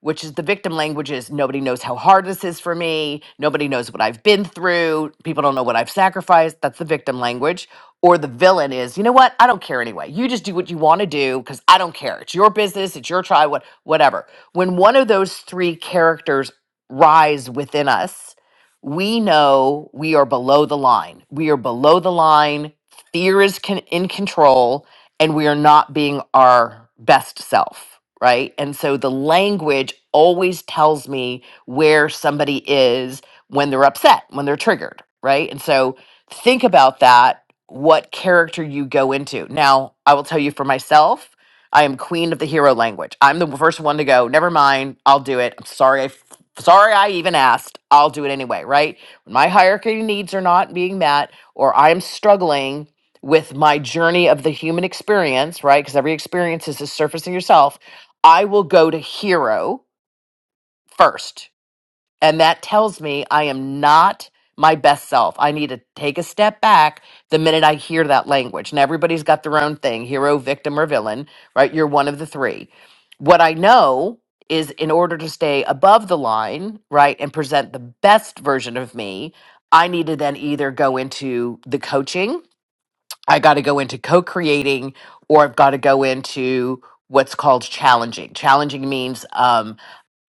S16: which is the victim language is nobody knows how hard this is for me. Nobody knows what I've been through. People don't know what I've sacrificed. That's the victim language. Or the villain is, you know what? I don't care anyway. You just do what you want to do because I don't care. It's your business. It's your trial, what, whatever. When one of those three characters rise within us, we know we are below the line. We are below the line. Fear is con- in control and we are not being our best self, right? And so the language always tells me where somebody is when they're upset, when they're triggered, right? And so think about that, what character you go into. Now, I will tell you for myself, I am queen of the hero language. I'm the first one to go, never mind, I'll do it. I'm sorry I f- sorry I even asked. I'll do it anyway, right? When my hierarchy needs are not being met or I'm struggling, with my journey of the human experience, right? Because every experience is just surfacing yourself. I will go to hero first. And that tells me I am not my best self. I need to take a step back the minute I hear that language. And everybody's got their own thing hero, victim, or villain, right? You're one of the three. What I know is in order to stay above the line, right, and present the best version of me, I need to then either go into the coaching I got to go into co creating or I've got to go into what's called challenging. Challenging means um,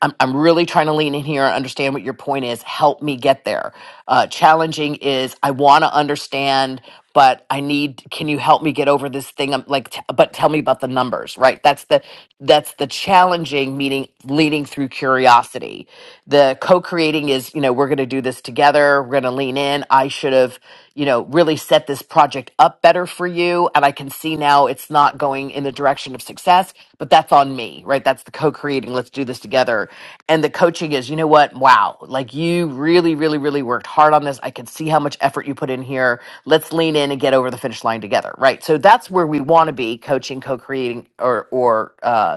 S16: I'm, I'm really trying to lean in here. I understand what your point is. Help me get there. Uh, challenging is I want to understand, but I need. Can you help me get over this thing? I'm like, t- but tell me about the numbers, right? That's the that's the challenging meaning leading through curiosity. The co-creating is you know we're going to do this together. We're going to lean in. I should have you know really set this project up better for you, and I can see now it's not going in the direction of success. But that's all that's on me, right? That's the co-creating. Let's do this together. And the coaching is, you know what? Wow. Like you really, really, really worked hard on this. I can see how much effort you put in here. Let's lean in and get over the finish line together. Right. So that's where we want to be coaching, co-creating or, or, uh,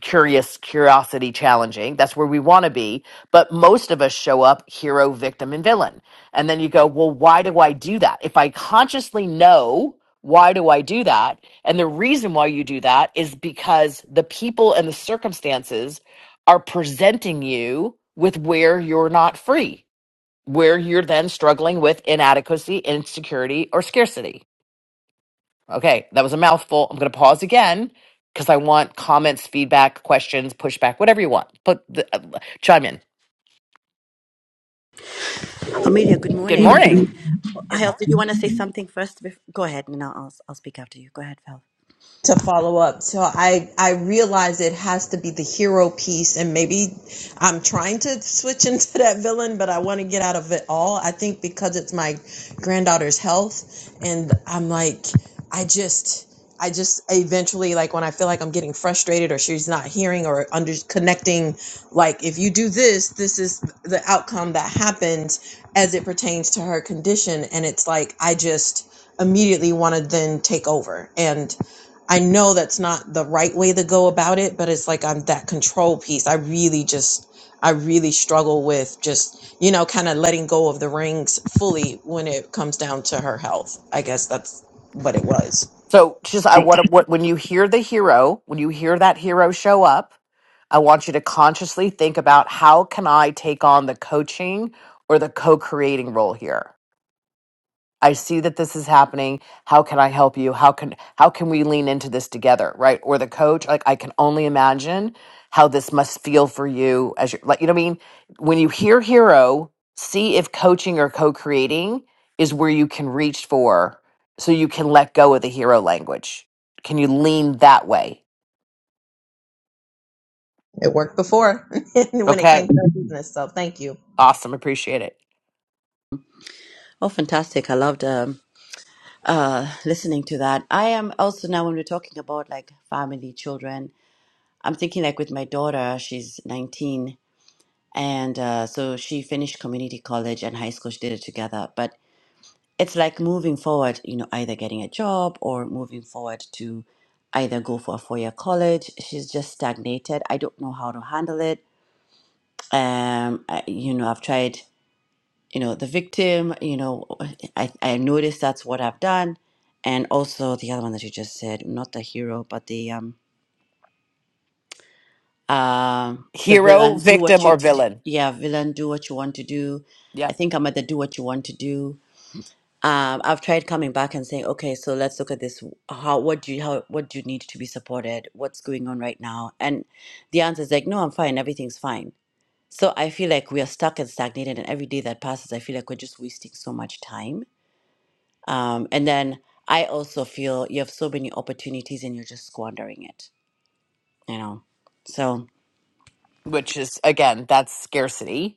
S16: curious curiosity challenging that's where we want to be but most of us show up hero victim and villain and then you go well why do i do that if i consciously know why do i do that and the reason why you do that is because the people and the circumstances are presenting you with where you're not free where you're then struggling with inadequacy insecurity or scarcity Okay, that was a mouthful. I'm going to pause again because I want comments, feedback, questions, pushback, whatever you want. Put the, uh, chime in.
S17: Amelia, good
S16: Good
S17: morning.
S16: morning.
S17: Hal, did you want to say something first? bef- Go ahead, and I'll I'll I'll speak after you. Go ahead, Val.
S12: to follow up. So I I realize it has to be the hero piece, and maybe I'm trying to switch into that villain, but I want to get out of it all. I think because it's my granddaughter's health, and I'm like, I just. I just eventually like when I feel like I'm getting frustrated or she's not hearing or under connecting, like if you do this, this is the outcome that happens as it pertains to her condition. And it's like I just immediately want to then take over. And I know that's not the right way to go about it, but it's like I'm that control piece. I really just, I really struggle with just, you know, kind of letting go of the rings fully when it comes down to her health. I guess that's what it was.
S16: So, just I want what when you hear the hero, when you hear that hero show up, I want you to consciously think about how can I take on the coaching or the co-creating role here. I see that this is happening. How can I help you? How can how can we lean into this together, right? Or the coach, like I can only imagine how this must feel for you as you're like you know what I mean? When you hear hero, see if coaching or co-creating is where you can reach for so you can let go of the hero language. Can you lean that way?
S12: It worked before when it
S16: Okay.
S12: came to her business. So thank you.
S16: Awesome. Appreciate it.
S17: Oh, fantastic! I loved um, uh, listening to that. I am also now when we're talking about like family, children. I'm thinking like with my daughter. She's 19, and uh, so she finished community college and high school. She did it together, but it's like moving forward. You know, either getting a job or moving forward to either go for a four-year college. She's just stagnated. I don't know how to handle it. um I, you know i've tried you know the victim you know i i noticed that's what i've done and also the other one that you just said not the hero but the um um the
S16: Hero,
S17: villain do what
S16: victim, or
S17: you d-
S16: villain.
S17: yeah villain do what you want to do i
S16: Yep.
S17: think i'm at the do what you want to do um i've tried coming back and saying okay so let's look at this how what do you how what do you need to be supported what's going on right now and the answer is like no i'm fine everything's fine So I feel like we are stuck and stagnated, and every day that passes, I feel like we're just wasting so much time. Um, and then I also feel you have so many opportunities and you're just squandering it, you know? So.
S16: Which is again, that's scarcity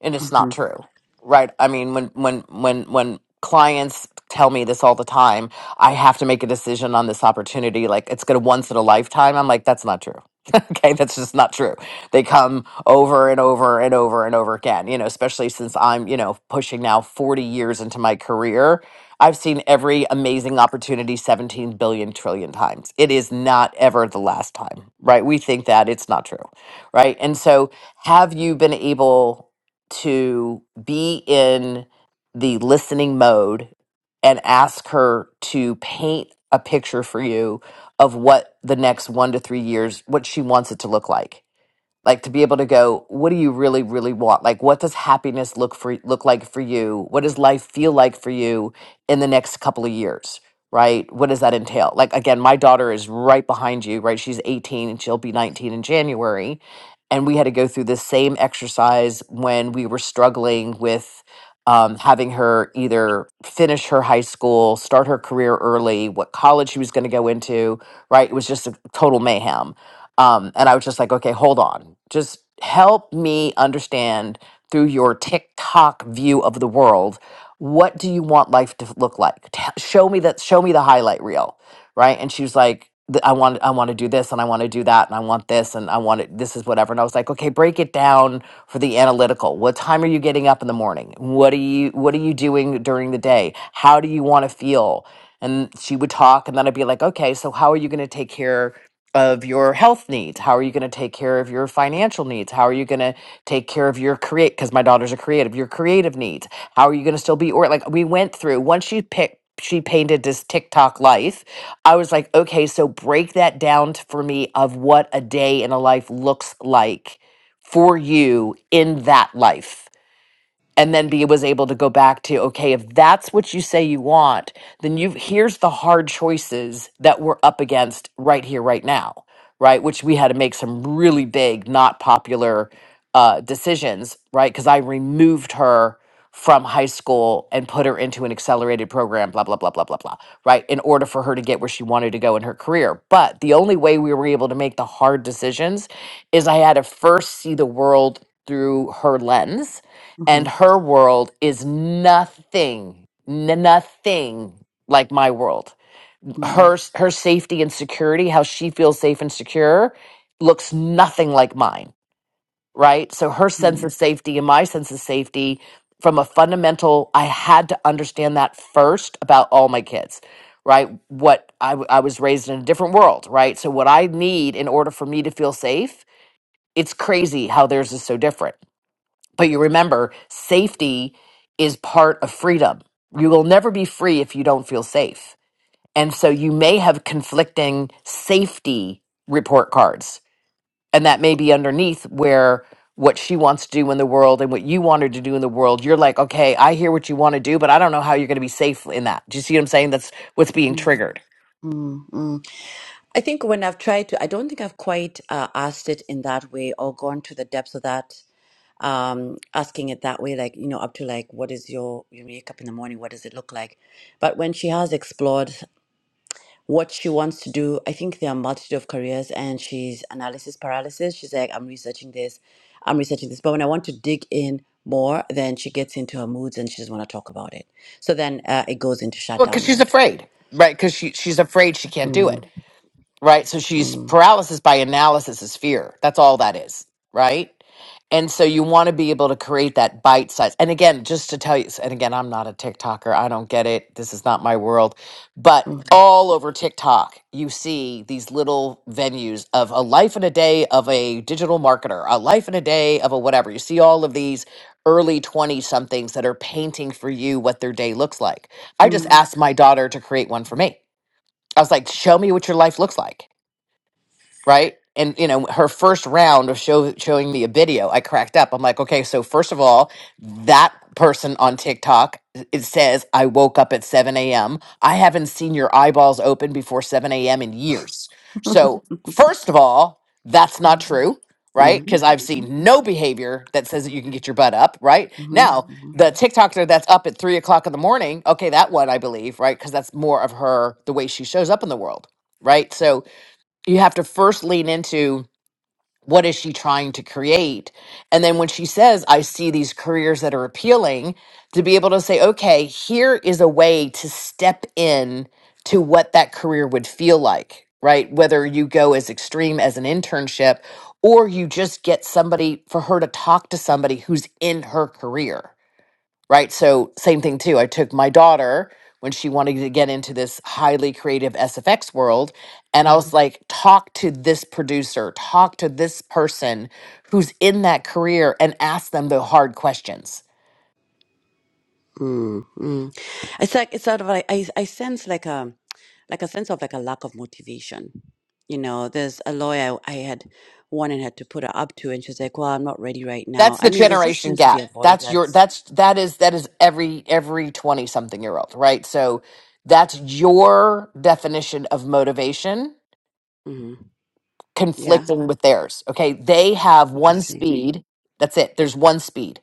S16: and it's not
S17: Mhm,
S16: true right i mean when when when when clients tell me this all the time i have to make a decision on this opportunity like it's gonna once in a lifetime i'm like that's not true okay that's just not true they come over and over and over and over again you know especially since i'm you know pushing now 40 years into my career i've seen every amazing opportunity 17 billion trillion times it is not ever the last time right we think that it's not true right and so have you been able to be in the listening mode and ask her to paint a picture for you of what the next one to three years, what she wants it to look like like to be able to go what do you really really want like what does happiness look for look like for you what does life feel like for you in the next couple of years right what does that entail like again my daughter is right behind you right she's 18 and she'll be 19 in january and we had to go through this same exercise when we were struggling with um, having her either finish her high school start her career early what college she was going to go into right it was just a total mayhem um, and I was just like, okay, hold on. Just help me understand through your TikTok view of the world, what do you want life to look like? T- show me that, show me the highlight reel. Right. And she was like, "Th- I want, I want to do this and I want to do that and I want this and I want it, this is whatever. And I was like, okay, break it down for the analytical. What time are you getting up in the morning? What are you, what are you doing during the day? How do you want to feel? And she would talk and then I'd be like, okay, so how are you going to take care of your health needs how are you going to take care of your financial needs how are you going to take care of your create because my daughters are creative your creative needs how are you going to still be or like we went through once she picked she painted this TikTok life. I was like, okay, so break that down t- for me of what a day in a life looks like for you in that life and then be was able to go back to okay if that's what you say you want then you here's the hard choices that we're up against right here right now right which we had to make some really big not popular uh, decisions right because i removed her from high school and put her into an accelerated program blah blah blah blah blah blah right in order for her to get where she wanted to go in her career but the only way we were able to make the hard decisions is i had to first see the world through her lens
S17: mhm,
S16: and her world is nothing n- nothing like my world
S17: mm,
S16: her her safety and security how she feels safe and secure looks nothing like mine right so her sense of
S17: mm,
S16: safety and my sense of safety from a fundamental i had to understand that first about all my kids right what I, w- I was raised in a different world right so what i need in order for me to feel safe it's crazy how theirs is so different but you remember, safety is part of freedom. You will never be free if you don't feel safe. And so you may have conflicting safety report cards. And that may be underneath where what she wants to do in the world and what you want her to do in the world, you're like, okay, I hear what you want to do, but I don't know how you're going to be safe in that. Do you see what I'm saying? That's what's being
S17: mm,
S16: triggered.
S17: mm, mm. I think when I've tried to, I don't think I've quite uh, asked it in that way or gone to the depths of that, um, asking it that way, like, you know, up to like, what is your, your makeup in the morning? What does it look like? But when she has explored what she wants to do. I think there are a multitude of careers, and she's analysis paralysis. She's like, I'm researching this, I'm researching this. But when I want to dig in more, then she gets into her moods and she doesn't want to talk about it. So then uh, it goes into
S16: Well, because
S17: shutdown
S16: she's
S17: mode.
S16: afraid, right? Because she, she's afraid she can't do it.
S17: Mm,
S16: right? So she's
S17: mm,
S16: paralysis by analysis is fear. That's all that is, right? And so you want to be able to create that bite size. And again, just to tell you, and again, I'm not a TikToker. I don't get it. This is not my world. But
S17: mm,
S16: all over TikTok, you see these little venues of a life and a day of a digital marketer, a life and a day of a whatever. You see all of these early 20 somethings that are painting for you what their day looks like.
S17: mm,
S16: I just
S17: mm,
S16: asked my daughter to create one for me. I was like, show me what your life looks like right? And you know, her first round of show, showing me a video, I cracked up. I'm like, okay, so first of all, that person on TikTok it says I woke up at 7 a.m. I haven't seen your eyeballs open before 7 a.m. in years. So first of all, that's not true, right?
S17: mhm,
S16: Because I've
S17: mhm,
S16: seen no behavior that says that
S17: mhm,
S16: you can get your butt up, right? Now,
S17: mhm,
S16: the TikToker that's up at three o'clock in the morning, okay, that one I believe, right? Because that's more of her the way she shows up in the world, right? So you have to first lean into what is she trying to create and then when she says i see these careers that are appealing to be able to say okay here is a way to step in to what that career would feel like right whether you go as extreme as an internship or you just get somebody for her to talk to somebody who's in her career right? So same thing too. I took my daughter when she wanted to get into this highly creative SFX world and
S17: mhm.
S16: I was like talk to this producer, talk to this person who's in that career and ask them the hard questions.
S17: Mm, mm. It's like it's sort of like I, I sense like a like a sense of like a lack of motivation. You know, there's a lawyer I had wanted her to put her up to, and she's like, "Well, I'm not ready right now."
S16: That's
S17: I
S16: the
S17: mean, there just
S16: generation
S17: seems to be
S16: gap. That's your
S17: avoidance.
S16: that's that is that is every every 20 something year old, right? So that's your definition of motivation
S17: hmm Yeah,
S16: conflicting with theirs. Okay? They have one
S17: interesting.
S16: speed. That's it. There's one speed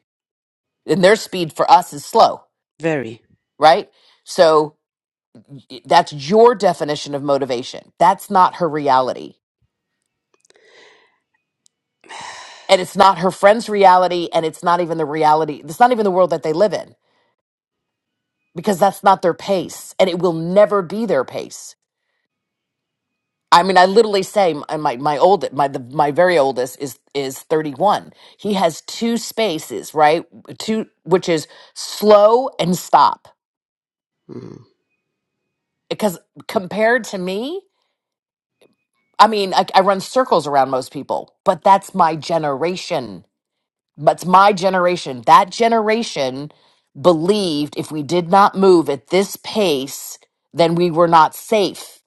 S16: and their speed for us is slow,
S17: Very.
S16: right? So y- that's your definition of motivation. That's not her reality. And it's not her friend's reality. And it's not even the reality. It's not even the world that they live in because that's not their pace and it will never be their pace. I mean, I literally say my, my, my old, my, the, my very oldest is, is 31. He has two spaces, right? Two, which is slow and stop
S17: Mm.
S16: because compared to me, I mean, I, I run circles around most people, but that's my generation. That's my generation. That generation believed if we did not move at this pace, then we were not safe.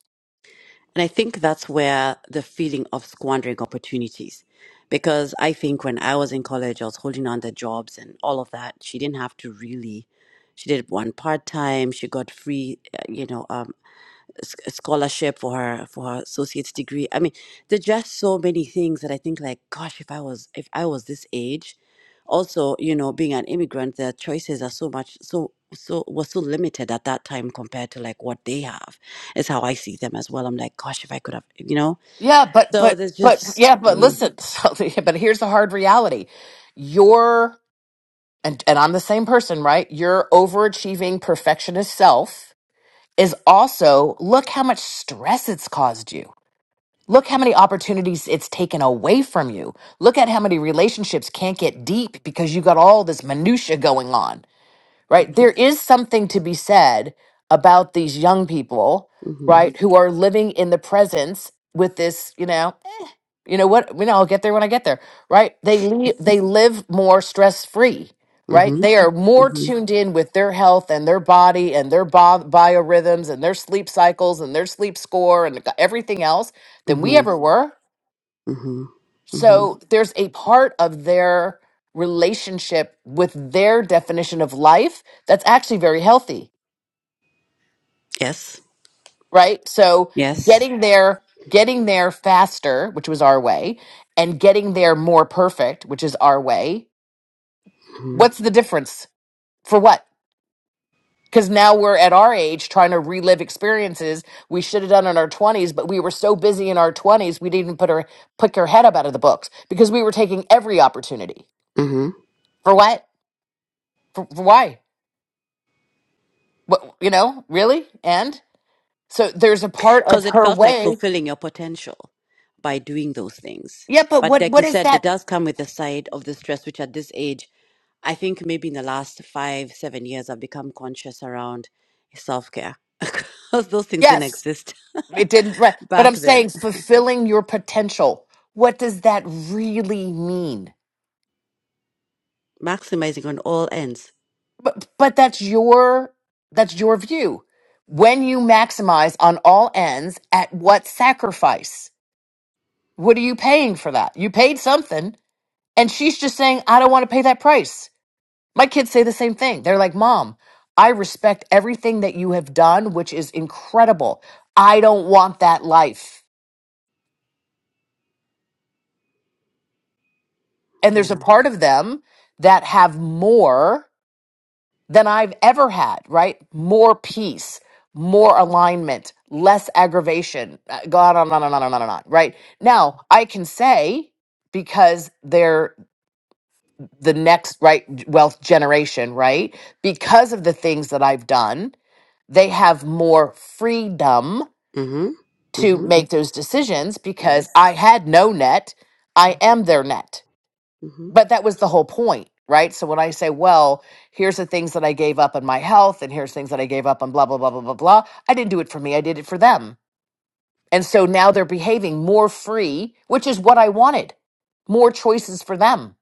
S17: And I think that's where the feeling of squandering opportunities, because I think when I was in college, I was holding on to jobs and all of that. She didn't have to really. She did one part time. She got free, uh, you know, um, s- scholarship for her for her associate's degree. I mean, there's just so many things that I think like, gosh, if I was if I was this age, also you know, being an immigrant, their choices are so much so so were so limited at that time compared to like what they have. Is how I see them as well. I'm like, gosh, if I could have, you know.
S16: Yeah, but
S17: So
S16: but
S17: there's
S16: but
S17: just.
S16: yeah, but
S17: Mm,
S16: listen. So, yeah, but here's the hard reality: your and, and I'm the same person, right? Your overachieving perfectionist self is also look how much stress it's caused you. Look how many opportunities it's taken away from you. Look at how many relationships can't get deep because you got all this minutia going on, right? There is something to be said about these young people,
S17: mhm,
S16: right, who are living in the presence with this, you know you know what you know i'll get there when i get there right they leave they live more stress free right
S17: mhm,
S16: they are more
S17: mhm,
S16: tuned in with their health and their body and their bo- biorhythms and their sleep cycles and their sleep score and everything else than we
S17: mhm,
S16: ever were
S17: mhm, mhm.
S16: so there's a part of their relationship with their definition of life that's actually very healthy
S17: Yes.
S16: right so
S17: Yes.
S16: getting there getting there faster which was our way and getting there more perfect which is our way
S17: Mm-hmm.
S16: what's the difference for what because now we're at our age trying to relive experiences we should have done in our 20s but we were so busy in our 20s we didn't even put our pick our head up out of the books because we were taking every opportunity
S17: mm-hmm.
S16: for what for, for why what you know really and so there's a part of
S17: because it
S16: her
S17: felt like
S16: way
S17: fulfilling your potential by doing those things.
S16: yeah but
S17: But
S16: what
S17: like
S16: what
S17: you
S16: is
S17: said,
S16: that
S17: it does come with the side of the stress, which at this age, I think maybe in the last five, seven years, I've become conscious around self care because those things didn't
S16: yes
S17: exist
S16: it didn't right but
S17: back
S16: i'm
S17: then.
S16: saying fulfilling your potential what does that really mean
S17: Maximizing on all ends.
S16: But but that's your that's your view. When you maximize on all ends, at what sacrifice? What are you paying for that? You paid something, and she's just saying, I don't want to pay that price. My kids say the same thing. They're like, Mom, I respect everything that you have done, which is incredible. I don't want that life. And there's a
S17: Yeah.
S16: part of them that have more. than I've ever had, right? More peace, more alignment, less aggravation. uh, Go on and on and on and on and on, right? Now, I can say because they're the next right wealth generation, right? Because of the things that I've done, they have more freedom
S17: Mm hmm. Mm
S16: to
S17: hmm.
S16: make those decisions because
S17: Yes.
S16: I had no net, I am their net
S17: Mm hmm.
S16: but that was the whole point right so when i say well here's the things that i gave up on my health and here's things that i gave up on blah blah blah blah blah blah i didn't do it for me i did it for them and so now they're behaving more free which is what i wanted more choices for them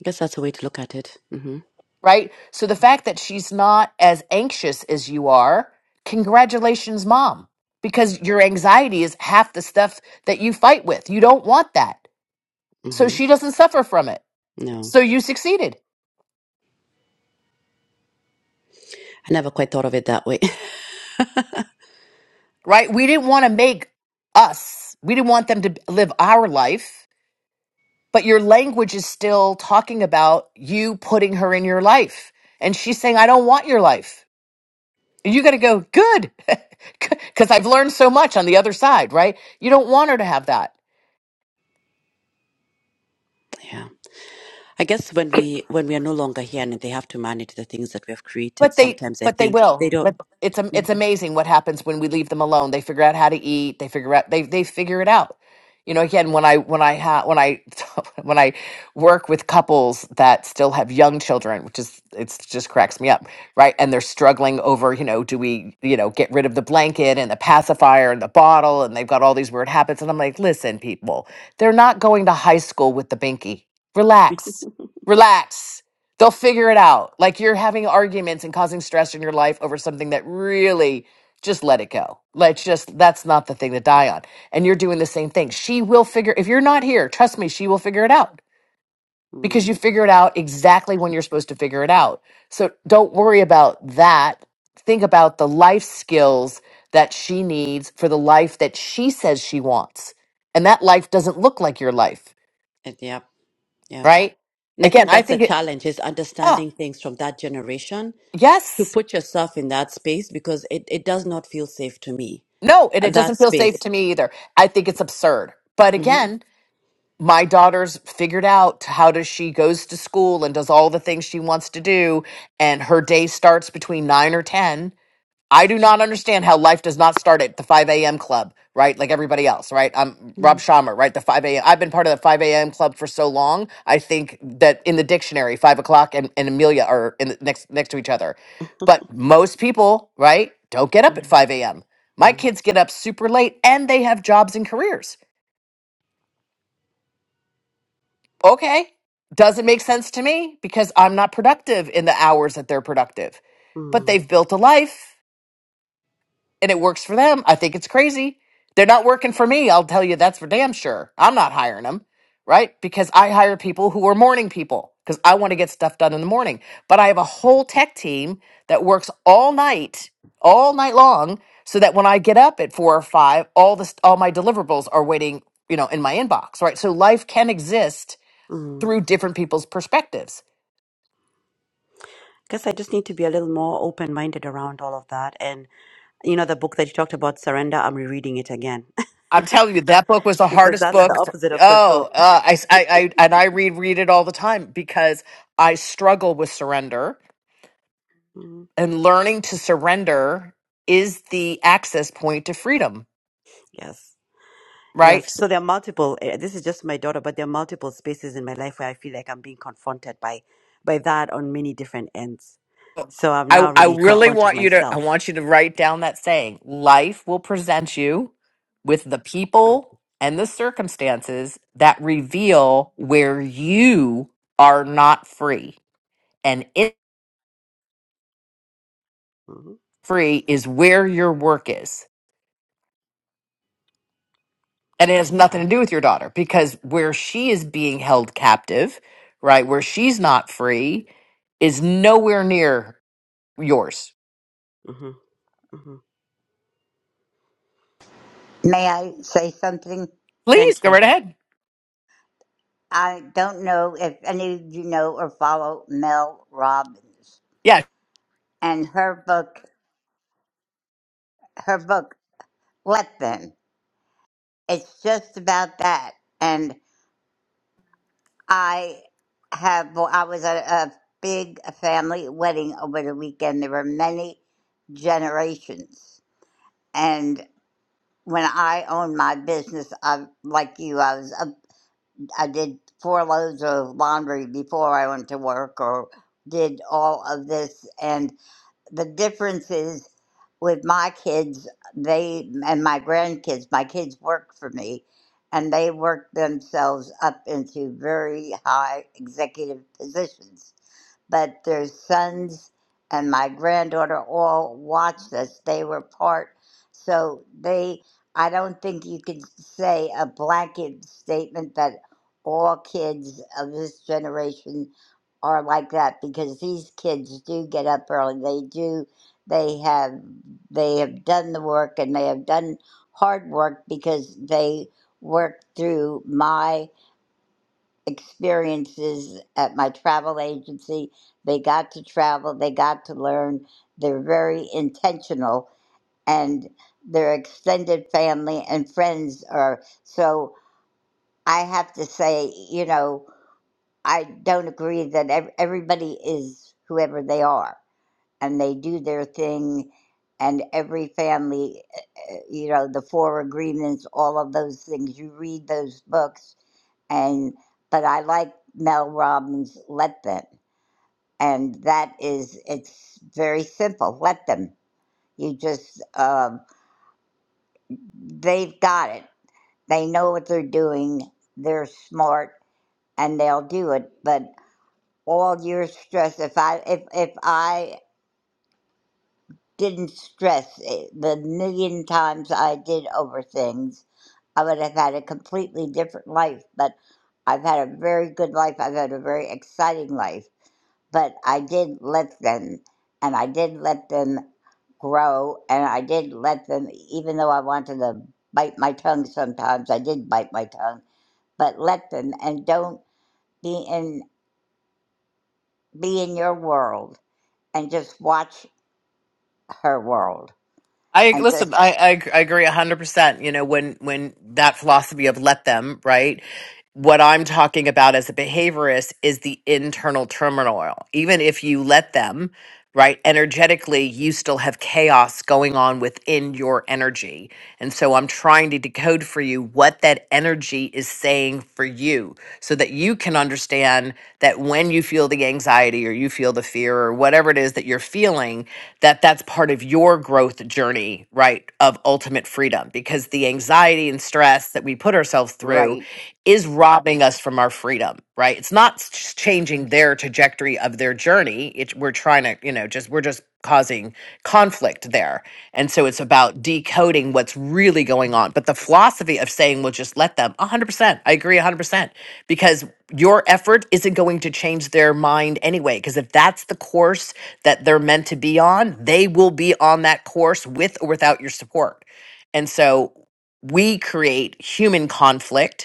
S17: I guess that's a way to look at it. Mm hmm.
S16: right so the fact that she's not as anxious as you are congratulations mom because your anxiety is half the stuff that you fight with you don't want that
S17: Mm
S16: so
S17: hmm.
S16: she doesn't suffer from it
S17: No,
S16: so you succeeded
S17: I never quite thought of it that way.
S16: right? We didn't want to make us, we didn't want them to live our life, but your language is still talking about you putting her in your life. And she's saying, I don't want your life. And you got to go, good, because I've learned so much on the other side, right? You don't want her to have that.
S17: Yeah. I guess when
S18: C-
S17: we when we are no longer here and they have to manage the things that we have created,
S16: But they,
S17: sometimes I
S16: but they
S17: think they
S16: will.
S17: don't.
S16: But it's am- it's amazing what happens when we leave them alone. They figure out how to eat. They figure out they they figure it out. You know, again, when I when I ha- when I when I work with couples that still have young children, which is it's just cracks me up, right? And they're struggling over, you know, do we, you know, get rid of the blanket and the pacifier and the bottle, and they've got all these weird habits. And I'm like, listen, people, they're not going to high school with the binky. Relax, relax They'll figure it out. Like you're having arguments and causing stress in your life over something that really just let it go. Let's just, that's not the thing to die on. And you're doing the same thing. She will figure, if you're not here, trust me, she will figure it out because
S17: Mm,
S16: you figure it out exactly when you're supposed to figure it out. So don't worry about that. Think about the life skills that she needs for the life that she says she wants. And that life doesn't look like your life,
S17: and yeah, yeah,
S16: right?
S17: and I
S16: Again,
S17: think
S16: I
S17: that's the
S16: think it,
S17: challenge is
S16: oh,
S17: understanding things from that generation
S16: yes,
S17: to put yourself in that space because it, it does not feel safe to me
S16: No, and
S17: uh,
S16: it
S17: that
S16: doesn't feel safe
S17: space.
S16: to me either. I think it's absurd. But
S17: hmm
S16: again, my daughter's figured out how does she goes to school and does all the things she wants to do and her day starts between 9 or 10 I do not understand how life does not start at the 5 a.m. club, right? Like everybody else, right? I'm Rob
S17: mm
S16: Schammer, right? The 5 a.m. I've been part of the 5 a.m. club for so long. I think that in the dictionary, 5 o'clock and, and Amelia are in the, next next to each other. But most people, right, don't get up at
S17: mm
S16: 5 a.m. My
S17: mm
S16: kids get up super late and they have jobs and careers. Okay. Doesn't make sense to me because I'm not productive in the hours that they're productive.
S17: mm
S16: But
S17: mm.
S16: they've built a life and it works for them. I think it's crazy. They're not working for me. I'll tell you that's for damn sure. I'm not hiring them, right? Because I hire people who are morning people because I want to get stuff done in the morning. But I have a whole tech team that works all night, all night long, so that when I get up at four or five, all this, all my deliverables are waiting, you know, in my inbox, right? So life can exist through different people's perspectives
S17: Guess I just need to be a little more open minded around all of that. And you know, the book that you talked about, Surrender, I'm rereading it again
S16: I'm telling you, that book was the
S17: because
S16: hardest
S17: that's the
S16: book. for-
S17: opposite of
S16: oh,
S17: control.
S16: uh, I, I, I, and I reread it all the time because I struggle with surrender,
S17: Mm,
S16: and learning to surrender is the access point to freedom.
S17: Yes. Yes,
S16: Right? So
S17: so there are multiple. eh, This is just my daughter, but there are multiple spaces in my life where I feel like I'm being confronted by by that on many different ends. So I'm
S16: I,
S17: now
S16: I
S17: really
S16: really
S17: confronting
S16: want you to, I
S17: myself.
S16: want you to write down that saying: Life will present you with the
S17: Mm.
S16: people and the circumstances that reveal where you are not free, and it
S17: Mhm.
S16: free is where your work is and it has
S17: I
S16: nothing to
S17: hear.
S16: do with your daughter because where she is being held captive, right, where she's not free, is nowhere near yours.
S17: Mm-hmm. hmm
S18: May I say something?
S16: Please
S17: Thank
S16: go
S17: you.
S16: right ahead.
S18: I don't know if any of you know or follow Mel Robbins
S16: Yeah,
S18: and her book, her book, Let Them. It's just about that. And I have, well, I was at a big family wedding over the weekend. There were many generations. And when I owned my business, I, like you, I was up I did four loads of laundry before I went to work or did all of this. And the difference is with my kids, they and my grandkids, my kids work for me and they work themselves up into very high executive positions but their sons and my granddaughter all watched us. They were part. So they, I don't think you could say a blanket statement that all kids of this generation are like that because these kids do get up early. They do. They have they have done the work and they have done hard work because they worked through my experiences at my travel agency. They got to travel, they got to learn. They're very intentional, and their extended family and friends are. So I have to say, you know, I don't agree that ev- everybody is whoever they are and they do their thing. And every family, eh, eh, you know, the four agreements, all of those things, you read those books and but I like Mel Robbins' "Let Them," and that is it's very simple. Let them. You just um they've got it. They know what they're doing. They're smart, and they'll do it. But all your stress. If I if if I didn't stress it, the million times I did over things, I would have had a completely different life. But I've had a very good life. I've had a very exciting life but I did let them, and I did let them grow, and I did let them, even though I wanted to bite my tongue sometimes, I did bite my tongue, but let them, and don't be in be in your world, and just watch her world,
S16: I
S18: and
S16: listen.
S18: just
S16: I I, I agree a hundred percent. You know, when when that philosophy of let them, right? What I'm talking about as a behaviorist is the internal turmoil. Even if you let them, right, energetically, you still have chaos going on within your energy. And so I'm trying to decode for you what that energy is saying for you so that you can understand that when you feel the anxiety or you feel the fear or whatever it is that you're feeling, that that's part of your growth journey, right, of ultimate freedom because the anxiety and stress that we put ourselves through
S18: right.
S16: is robbing us from our freedom, right? It's not s- changing their trajectory of their journey. It, we're trying to, you know, just we're just causing conflict there. And so it's about decoding what's really going on. But the philosophy of saying, well, just let them 100%, I agree 100%, because your effort isn't going to change their mind anyway. Because if that's the course that they're meant to be on, they will be on that course with or without your support. And so we create human conflict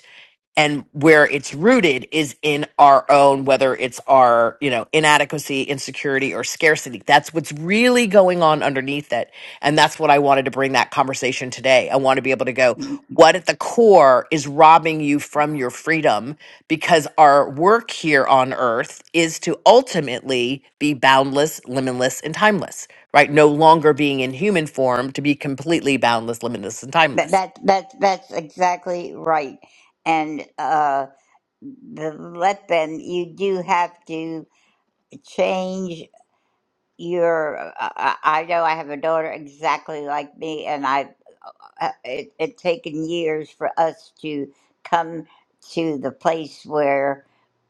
S16: and where it's rooted is in our own whether it's our you know inadequacy insecurity or scarcity that's what's really going on underneath it and that's what i wanted to bring that conversation today i want to be able to go what at the core is robbing you from your freedom because our work here on earth is to ultimately be boundless limitless and timeless right no longer being in human form to be completely boundless limitless and
S18: That
S16: timeless
S18: that, that that's exactly right, and uh, the let them. You do have to change you're uh, I, I I know i have a daughter exactly like me and i uh, it, it's taken years for us to come to the place where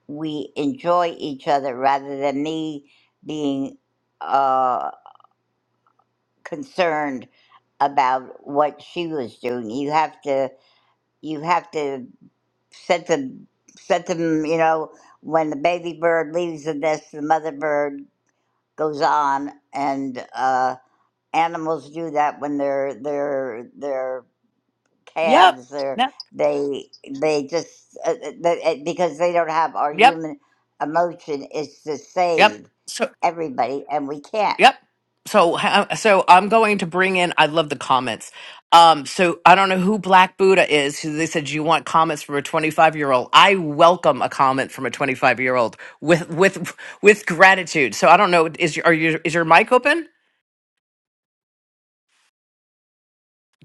S18: we enjoy each other rather than me being uh concerned about what she was doing you have to you have to set them set them you know when the baby bird leaves the nest the mother bird goes on and uh, animals do that when they're they're they're
S16: yep
S18: calves they're
S16: yep
S18: they they just uh, uh, they, uh, because they don't have our
S16: yep
S18: human emotion is to
S16: yep
S18: save
S16: So.
S18: everybody and we can't
S16: Yep. So ha- so I'm going to bring in. I love the comments. Um, so I don't know who Black Buddha is. Who they said "Do you want comments from a 25 year old. I welcome a comment from a 25 year old with with with gratitude. So I don't know. Is your are your is your mic open?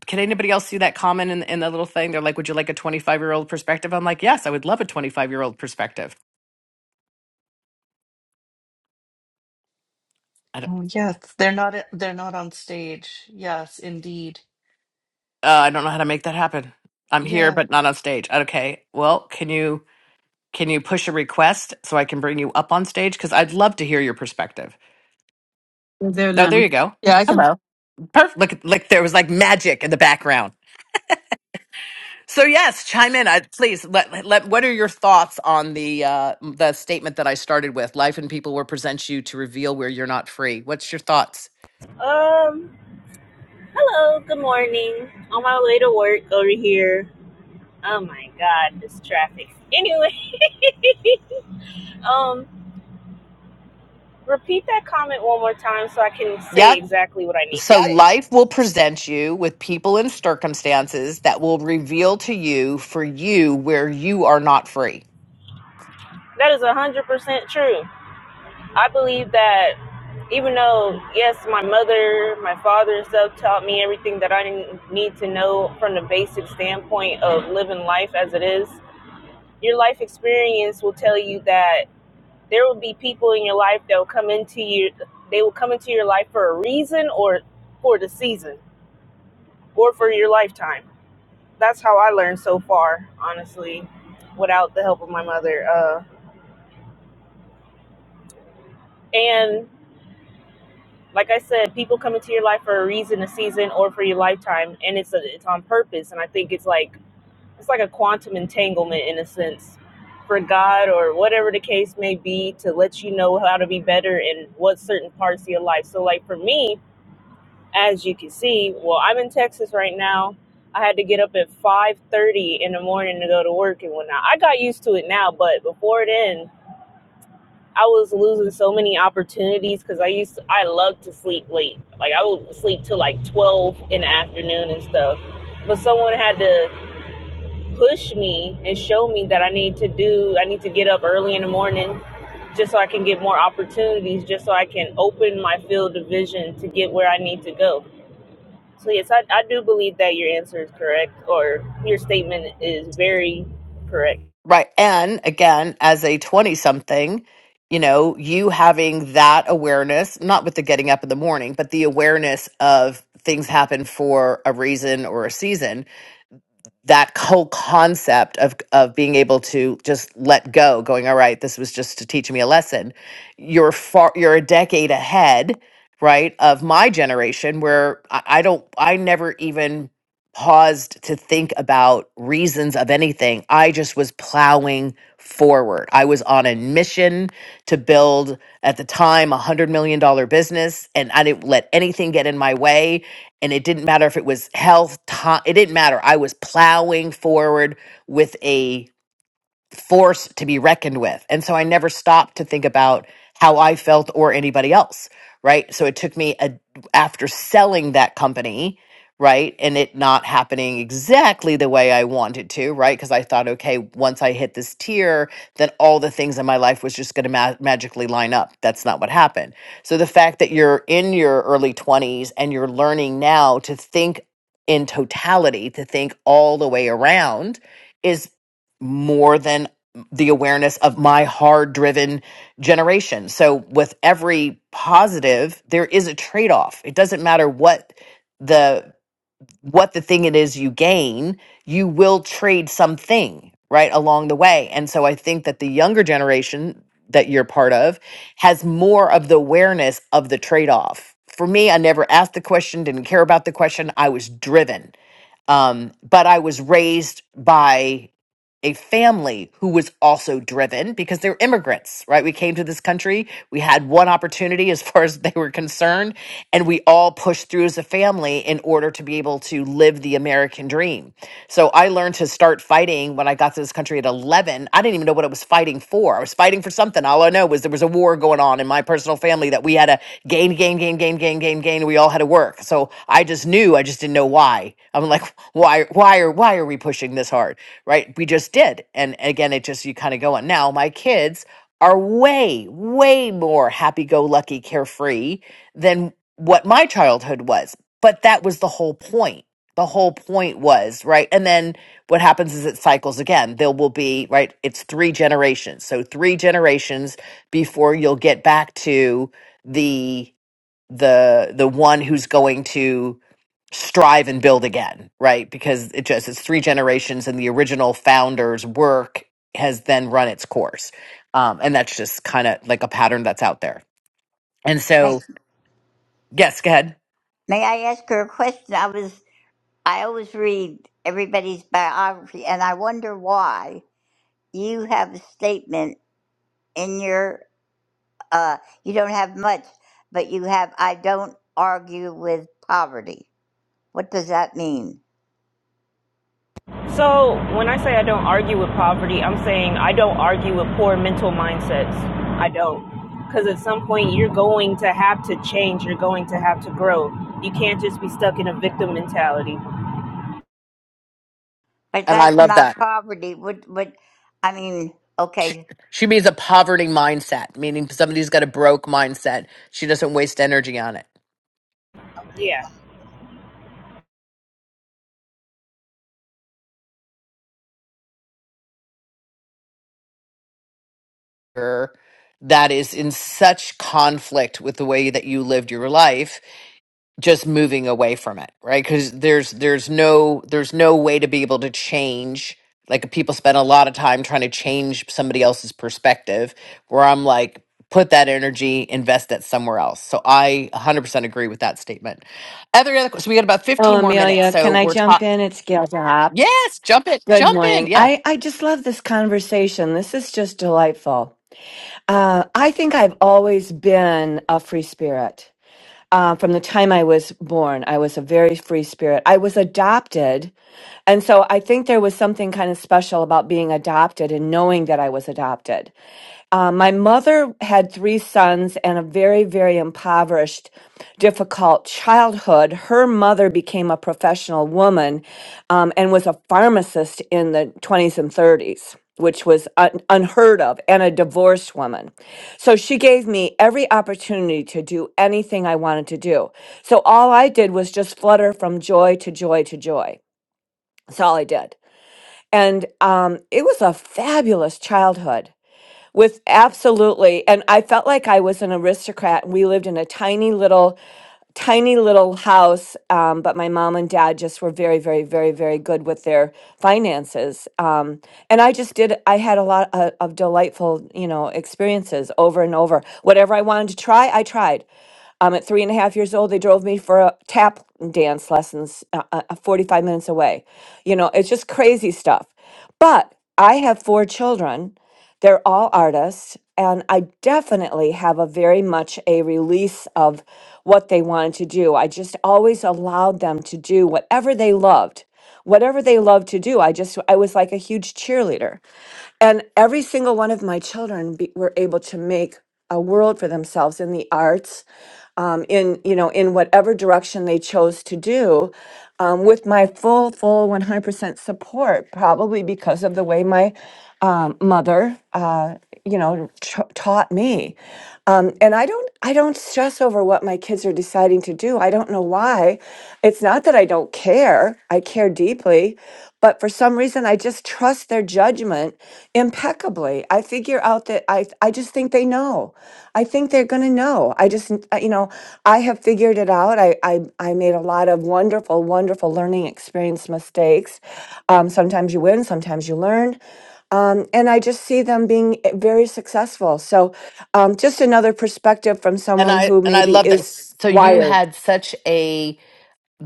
S16: Can anybody else see that comment in, in the little thing? They're like, would you like a 25 year old perspective? I'm like, yes, I would love a 25 year old perspective. I don't,
S19: Oh, yes, they're not they're not on stage. Yes, indeed.
S16: uh, I don't know how to make that happen. I'm
S19: Yeah.
S16: here, but not on stage. Okay. Well, can you? Can you push a request so I can bring you up on stage? Because I'd love to hear your perspective.
S5: You're there
S16: Oh, there
S5: now.
S16: you go.
S5: Yeah, I can.
S16: Hello. Perfect. Look, like there was like magic in the background. So yes, chime in. I, please let, let what are your thoughts on the uh, the statement that I started with? Life and people will present you to reveal where you're not free. What's your thoughts?
S20: Um, hello, good morning. On my way to work over here. Oh my god, this traffic. Anyway, um, repeat that comment one more time so I can say
S16: Yep.
S20: exactly what I need to
S16: So
S20: Yep. say.
S16: life will present you with people and circumstances that will reveal to you for you where you are not free.
S20: That is 100% true. I believe that even though, yes, my mother, my father, and stuff taught me everything that I n- need to know from the basic standpoint of living life as it is, your life experience will tell you that there will be people in your life that will come into you they will come into your life for a reason or for the season or for your lifetime that's how i learned so far honestly without the help of my mother uh, and like i said people come into your life for a reason a season or for your lifetime and it's a, it's on purpose and i think it's like it's like a quantum entanglement in a sense for god or whatever the case may be to let you know how to be better in what certain parts of your life so like for me as you can see, well, I'm in Texas right now. I had to get up at 5:30 in the morning to go to work and whatnot. I got used to it now, but before then, I was losing so many opportunities because I used to, I loved to sleep late. Like I would sleep till like 12 in the afternoon and stuff. But someone had to push me and show me that I need to do I need to get up early in the morning just so I can get more opportunities, just so I can open my field of vision to get where I need to go so yes, I, I do believe that your answer is correct or your statement is very correct.
S16: Right. And again, as a 20 something, you know, you having that awareness, not with the getting up in the morning, but the awareness of things happen for a reason or a season that whole concept of of being able to just let go going all right this was just to teach me a lesson you're far you're a decade ahead right of my generation where i, I don't i never even paused to think about reasons of anything i just was plowing forward i was on a mission to build at the time a hundred million dollar business and i didn't let anything get in my way and it didn't matter if it was health time it didn't matter i was plowing forward with a force to be reckoned with. And so I never stopped to think about how I felt or anybody else, right? So it took me a, after selling that company, right? And it not happening exactly the way I wanted to, right? Because I thought, okay, once I hit this tier, then all the things in my life was just going to ma- magically line up. That's not what happened. So the fact that you're in your early 20s and you're learning now to think in totality, to think all the way around is more than the awareness of my hard driven generation. So, with every positive, there is a trade off. It doesn't matter what the what the thing it is you gain, you will trade something right along the way. And so I think that the younger generation that you're part of has more of the awareness of the trade off. For me, I never asked the question, didn't care about the question. I was driven. Um, but I was raised by a family who was also driven because they're immigrants, right? We came to this country, we had one opportunity as far as they were concerned, and we all pushed through as a family in order to be able to live the American dream. So I learned to start fighting when I got to this country at 11. I didn't even know what I was fighting for. I was fighting for something. All I know was there was a war going on in my personal personal family that we had to gain, gain, gain, gain, gain, gain, gain. We all had to work. So I just knew, I just didn't know why. I'm like, why, why are, why are we pushing this hard? Right. We just did. And again, it just, you kind of go on. Now my kids are way, way more happy go lucky, carefree than what my childhood was. But that was the whole point. The whole point was, right? And then what happens is it cycles again. There will be, right? It's three generations. So three generations before you'll get back to the the the one who's going to strive and build again right because it just it's three generations and the original founder's work has then run its course um and that's just kind of like a pattern that's out there and
S18: may,
S16: so yes go ahead
S18: may i ask her a question i was i always read everybody's biography and i wonder why you have a statement in your uh you don't have much but you have i don't argue with poverty what does that mean
S20: So when I say I don't argue with poverty, I'm saying I don't argue with poor mental mindsets. I don't. Because at some point you're going to have to change, you're going to have to grow. You can't just be stuck in a victim mentality.
S18: But
S16: and i
S18: that's
S16: love that
S18: not poverty. What? What? I mean,
S16: She,
S18: okay.
S16: she means a poverty mindset, meaning somebody's got a broke mindset. She doesn't waste energy on it.
S20: Yeah.
S16: Or That is in such conflict with the way that you lived your life just moving away from it right because there's there's no there's no way to be able to change like people spend a lot of time trying to change somebody else's perspective where i'm like put that energy invest that somewhere else so i 100% agree with that statement other other so we got about
S21: Oh,
S16: 15 more minutes
S21: Amelia,
S16: so
S21: can I
S16: we're
S21: jump
S16: talking
S21: in? It's Gail Rapp.
S16: yes jump it
S21: Good
S16: jump in
S21: morning.
S16: yeah
S21: I, I just love this conversation. This is just delightful. Uh, I think I've always been a free spirit. Uh, from the time I was born, I was a very free spirit. I was adopted. And so I think there was something kind of special about being adopted and knowing that I was adopted. Uh, my mother had three sons and a very, very impoverished, difficult childhood. Her mother became a professional woman um, and was a pharmacist in the 20s and 30s, which was un- unheard of, and a divorced woman. So she gave me every opportunity to do anything I wanted to do. So all I did was just flutter from joy to joy to joy. That's all I did. And um, it was a fabulous childhood with absolutely. And I felt like I was an aristocrat and we lived in a tiny little tiny little house, um, but my mom and dad just were very, very, very, very good with their finances. Um, and I just did, I had a lot of, of delightful, you know, experiences over and over. Whatever I wanted to try, I tried. Um, at three and a half years old, they drove me for a tap dance lessons uh, uh, uh, 45 minutes away. You know, it's just crazy stuff. But I have four children they're all artists, and I definitely have a very much a release of what they wanted to do. I just always allowed them to do whatever they loved. Whatever they loved to do, I just, I was like a huge cheerleader. And every single one of my children be, were able to make a world for themselves in the arts um, in you know in whatever direction they chose to do um, with my full full 100% support probably because of the way my um, mother uh, you know tra- taught me um, and i don't i don't stress over what my kids are deciding to do i don't know why it's not that i don't care i care deeply but for some reason, I just trust their judgment impeccably. I figure out that I, I just think they know. I think they're going to know. I just, n- uh, you know, I have figured it out. I, I, I made a lot of wonderful, wonderful learning experience mistakes. Um, sometimes you win, sometimes you learn. Um, and I just see them being eh, very successful. So, um, just another perspective from
S16: and
S21: someone
S16: i
S21: who
S16: and i
S21: maybe
S16: love that
S21: is
S16: so you
S21: wired.
S16: had such a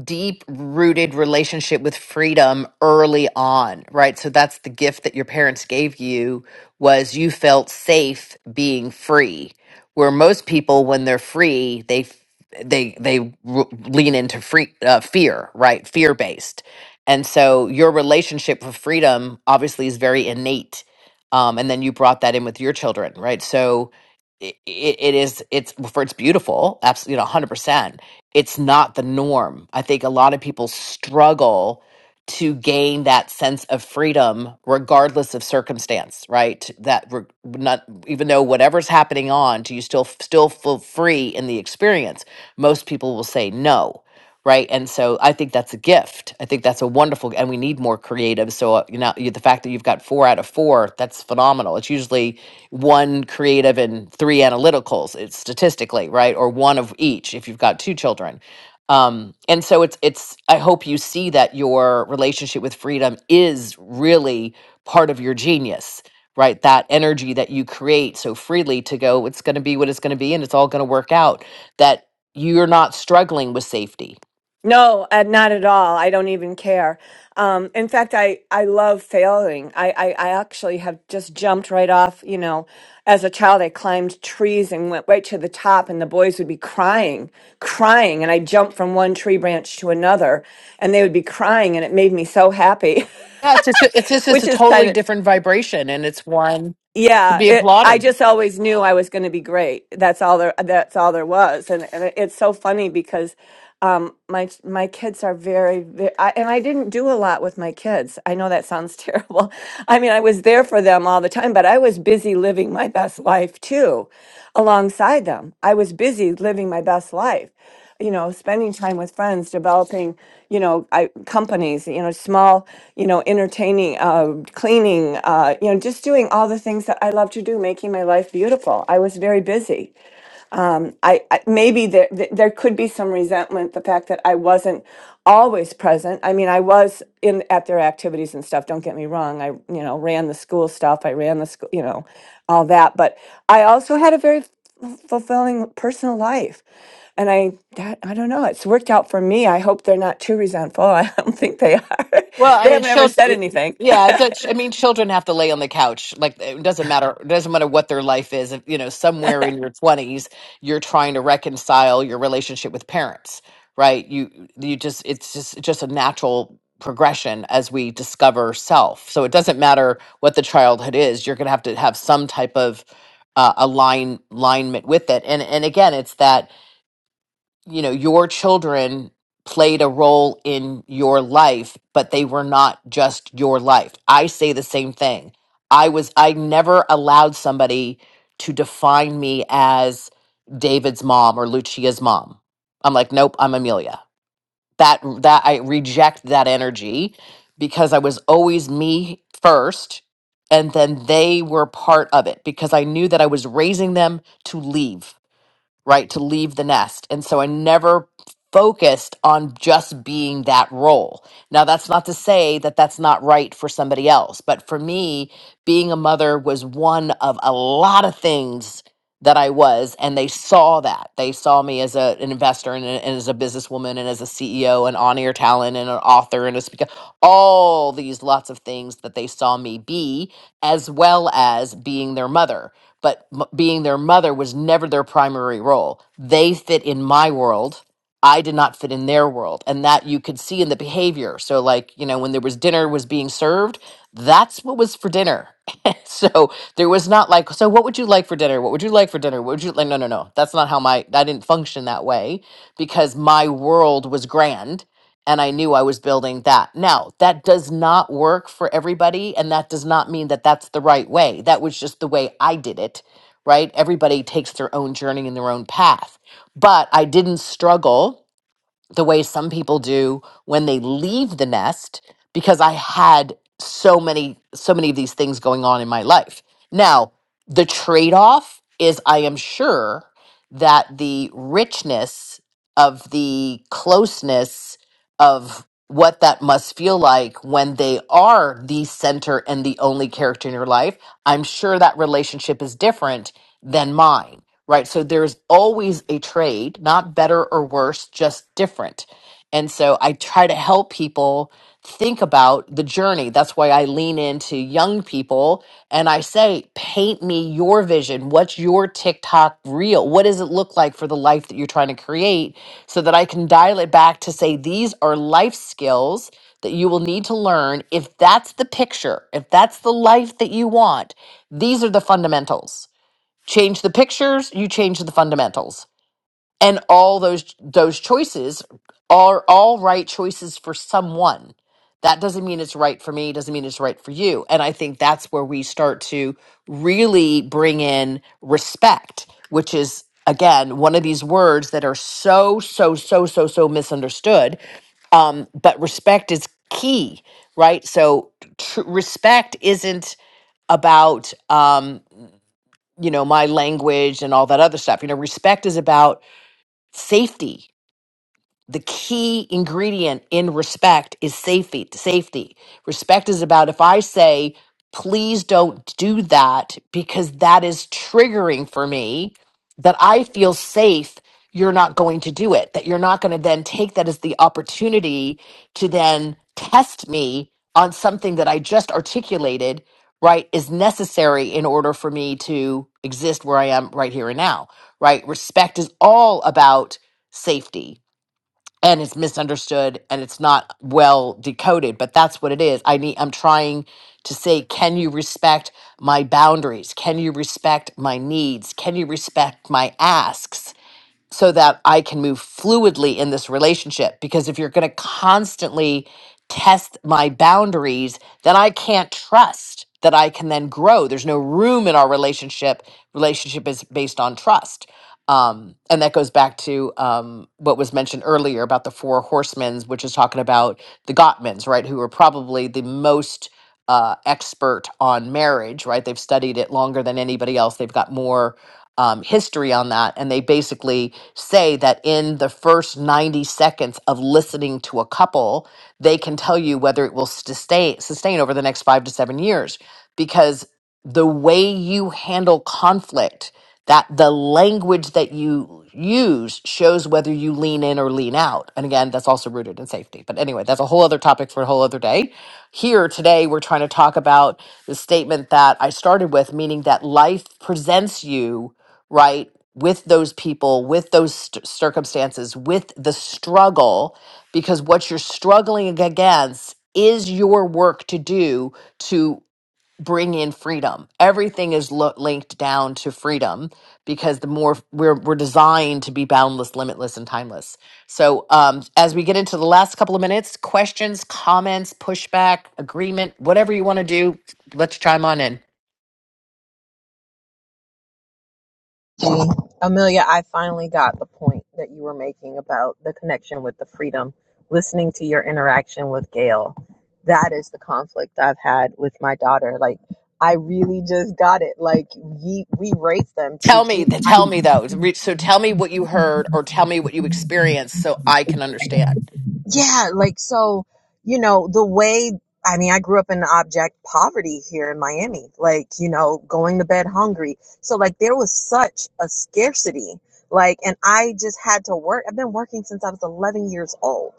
S16: deep rooted relationship with freedom early on right so that's the gift that your parents gave you was you felt safe being free where most people when they're free they f- they they r- lean into free uh, fear right fear based and so your relationship with freedom obviously is very innate um, and then you brought that in with your children right so it, it is it's for it's beautiful absolutely you know 100% it's not the norm. I think a lot of people struggle to gain that sense of freedom regardless of circumstance, right? That re- not even though whatever's happening on, do you still still feel free in the experience? Most people will say no, right? And so I think that's a gift. I think that's a wonderful and we need more creative. So uh, you know you- the fact that you've got 4 out of 4, that's phenomenal. It's usually one creative and three analyticals it's statistically right or one of each if you've got two children um, and so it's it's i hope you see that your relationship with freedom is really part of your genius right that energy that you create so freely to go it's going to be what it's going to be and it's all going to work out that you're not struggling with safety
S21: No, uh, not at all. I don't even care. Um, in fact, I, I love failing. I, I, I actually have just jumped right off. You know, as a child, I climbed trees and went right to the top, and the boys would be crying, crying. And I jumped from one tree branch to another, and they would be crying, and it made me so happy,
S16: yeah it's just it's just it's
S21: which
S16: a
S21: is kind
S16: totally
S21: of,
S16: different vibration and it's one to
S21: yeah,
S16: be
S21: it, I
S16: applauded.
S21: just always knew I was going to be great. That's all there, that's all there was. And, and it's so funny because um my my kids are very, very I, and i didn't do a lot with my kids i know that sounds terrible i mean i was there for them all the time but i was busy living my best life too alongside them i was busy living my best life you know spending time with friends developing you know I, companies you know small you know entertaining uh, cleaning uh, you know just doing all the things that i love to do making my life beautiful i was very busy I, I maybe there th- there could be some resentment the fact that I wasn't always present. I mean, I was in at their activities and stuff. Don't get me wrong. I you know ran the school stuff. I ran the school, you know, all that. But I also had a very f- fulfilling personal life, and I that I don't know. It's worked out for me. I hope they're not too resentful. I don't think they are.
S16: Well, I
S21: they
S16: mean,
S21: haven't ever said
S16: children.
S21: anything.
S16: Yeah, it does- I mean, children have to lay on the couch. Like, it doesn't matter. It doesn't matter what their life is. If, You know, somewhere in your twenties, you're trying to reconcile your relationship with parents, right? You, you just, it's just, just a natural progression as we discover self. So it doesn't matter what the childhood is. You're going to have to have some type of uh, align alignment with it. And and again, it's that you know, your children played a role in your life, but they were not just your life. I say the same thing. I was, I never allowed somebody to define me as David's mom or Lucia's mom. I'm like, nope, I'm Amelia. That, that, I reject that energy because I was always me first. And then they were part of it because I knew that I was raising them to leave right to leave the nest and so i never focused on just being that role now that's not to say that that's not right for somebody else but for me being a mother was one of a lot of things that i was and they saw that they saw me as a, an investor and, a- and as a businesswoman and as a ceo and on-air talent and an author and a speaker all these lots of things that they saw me be as well as being their mother but m- being their mother was never their primary role. They fit in my world. I did not fit in their world. And that you could see in the behavior. So, like, you know, when there was dinner was being served, that's what was for dinner. so there was not like, so what would you like for dinner? What would you like for dinner? What would you like? No, no, no. That's not how my, I didn't function that way because my world was grand and I knew I was building that. Now, that does not work for everybody, and that does not mean that that's the right way. That was just the way I did it, right? Everybody takes their own journey and their own path. But I didn't struggle the way some people do when they leave the nest because I had so many so many of these things going on in my life. Now, the trade-off is I am sure that the richness of the closeness of what that must feel like when they are the center and the only character in your life, I'm sure that relationship is different than mine right? So there's always a trade, not better or worse, just different. And so I try to help people think about the journey. That's why I lean into young people and I say, paint me your vision. What's your TikTok reel? What does it look like for the life that you're trying to create so that I can dial it back to say, these are life skills that you will need to learn. If that's the picture, if that's the life that you want, these are the fundamentals change the pictures you change the fundamentals and all those those choices are all right choices for someone that doesn't mean it's right for me doesn't mean it's right for you and i think that's where we start to really bring in respect which is again one of these words that are so so so so so misunderstood um, but respect is key right so tr- respect isn't about um, you know my language and all that other stuff you know respect is about safety the key ingredient in respect is safety safety respect is about if i say please don't do that because that is triggering for me that i feel safe you're not going to do it that you're not going to then take that as the opportunity to then test me on something that i just articulated right is necessary in order for me to exist where i am right here and now right respect is all about safety and it's misunderstood and it's not well decoded but that's what it is i need i'm trying to say can you respect my boundaries can you respect my needs can you respect my asks so that I can move fluidly in this relationship. Because if you're going to constantly test my boundaries, then I can't trust that I can then grow. There's no room in our relationship. Relationship is based on trust. Um, and that goes back to um, what was mentioned earlier about the four horsemen, which is talking about the Gottmans, right? Who are probably the most uh, expert on marriage, right? They've studied it longer than anybody else. They've got more um, history on that. And they basically say that in the first 90 seconds of listening to a couple, they can tell you whether it will sustain, sustain over the next five to seven years. because the way you handle conflict that the language that you use shows whether you lean in or lean out and again that's also rooted in safety but anyway that's a whole other topic for a whole other day here today we're trying to talk about the statement that i started with meaning that life presents you right with those people with those st- circumstances with the struggle because what you're struggling ag- against is your work to do to bring in freedom. Everything is lo- linked down to freedom because the more we're we're designed to be boundless, limitless, and timeless. So, um, as we get into the last couple of minutes, questions, comments, pushback, agreement, whatever you want to do, let's chime on in.
S12: Amelia, I finally got the point that you were making about the connection with the freedom, listening to your interaction with Gail. That is the conflict I've had with my daughter. Like, I really just got it. Like, we we raised them to
S16: Tell me,
S12: be,
S16: then tell me though. Re- So tell me what you heard, or tell me what you experienced, so I can understand.
S12: yeah, like, so, you know, the way, I mean, I grew up in object poverty here in Miami, like, you know, going to bed hungry. So, like, there was such a scarcity. Like, and I just had to work. I've been working since I was 11 years old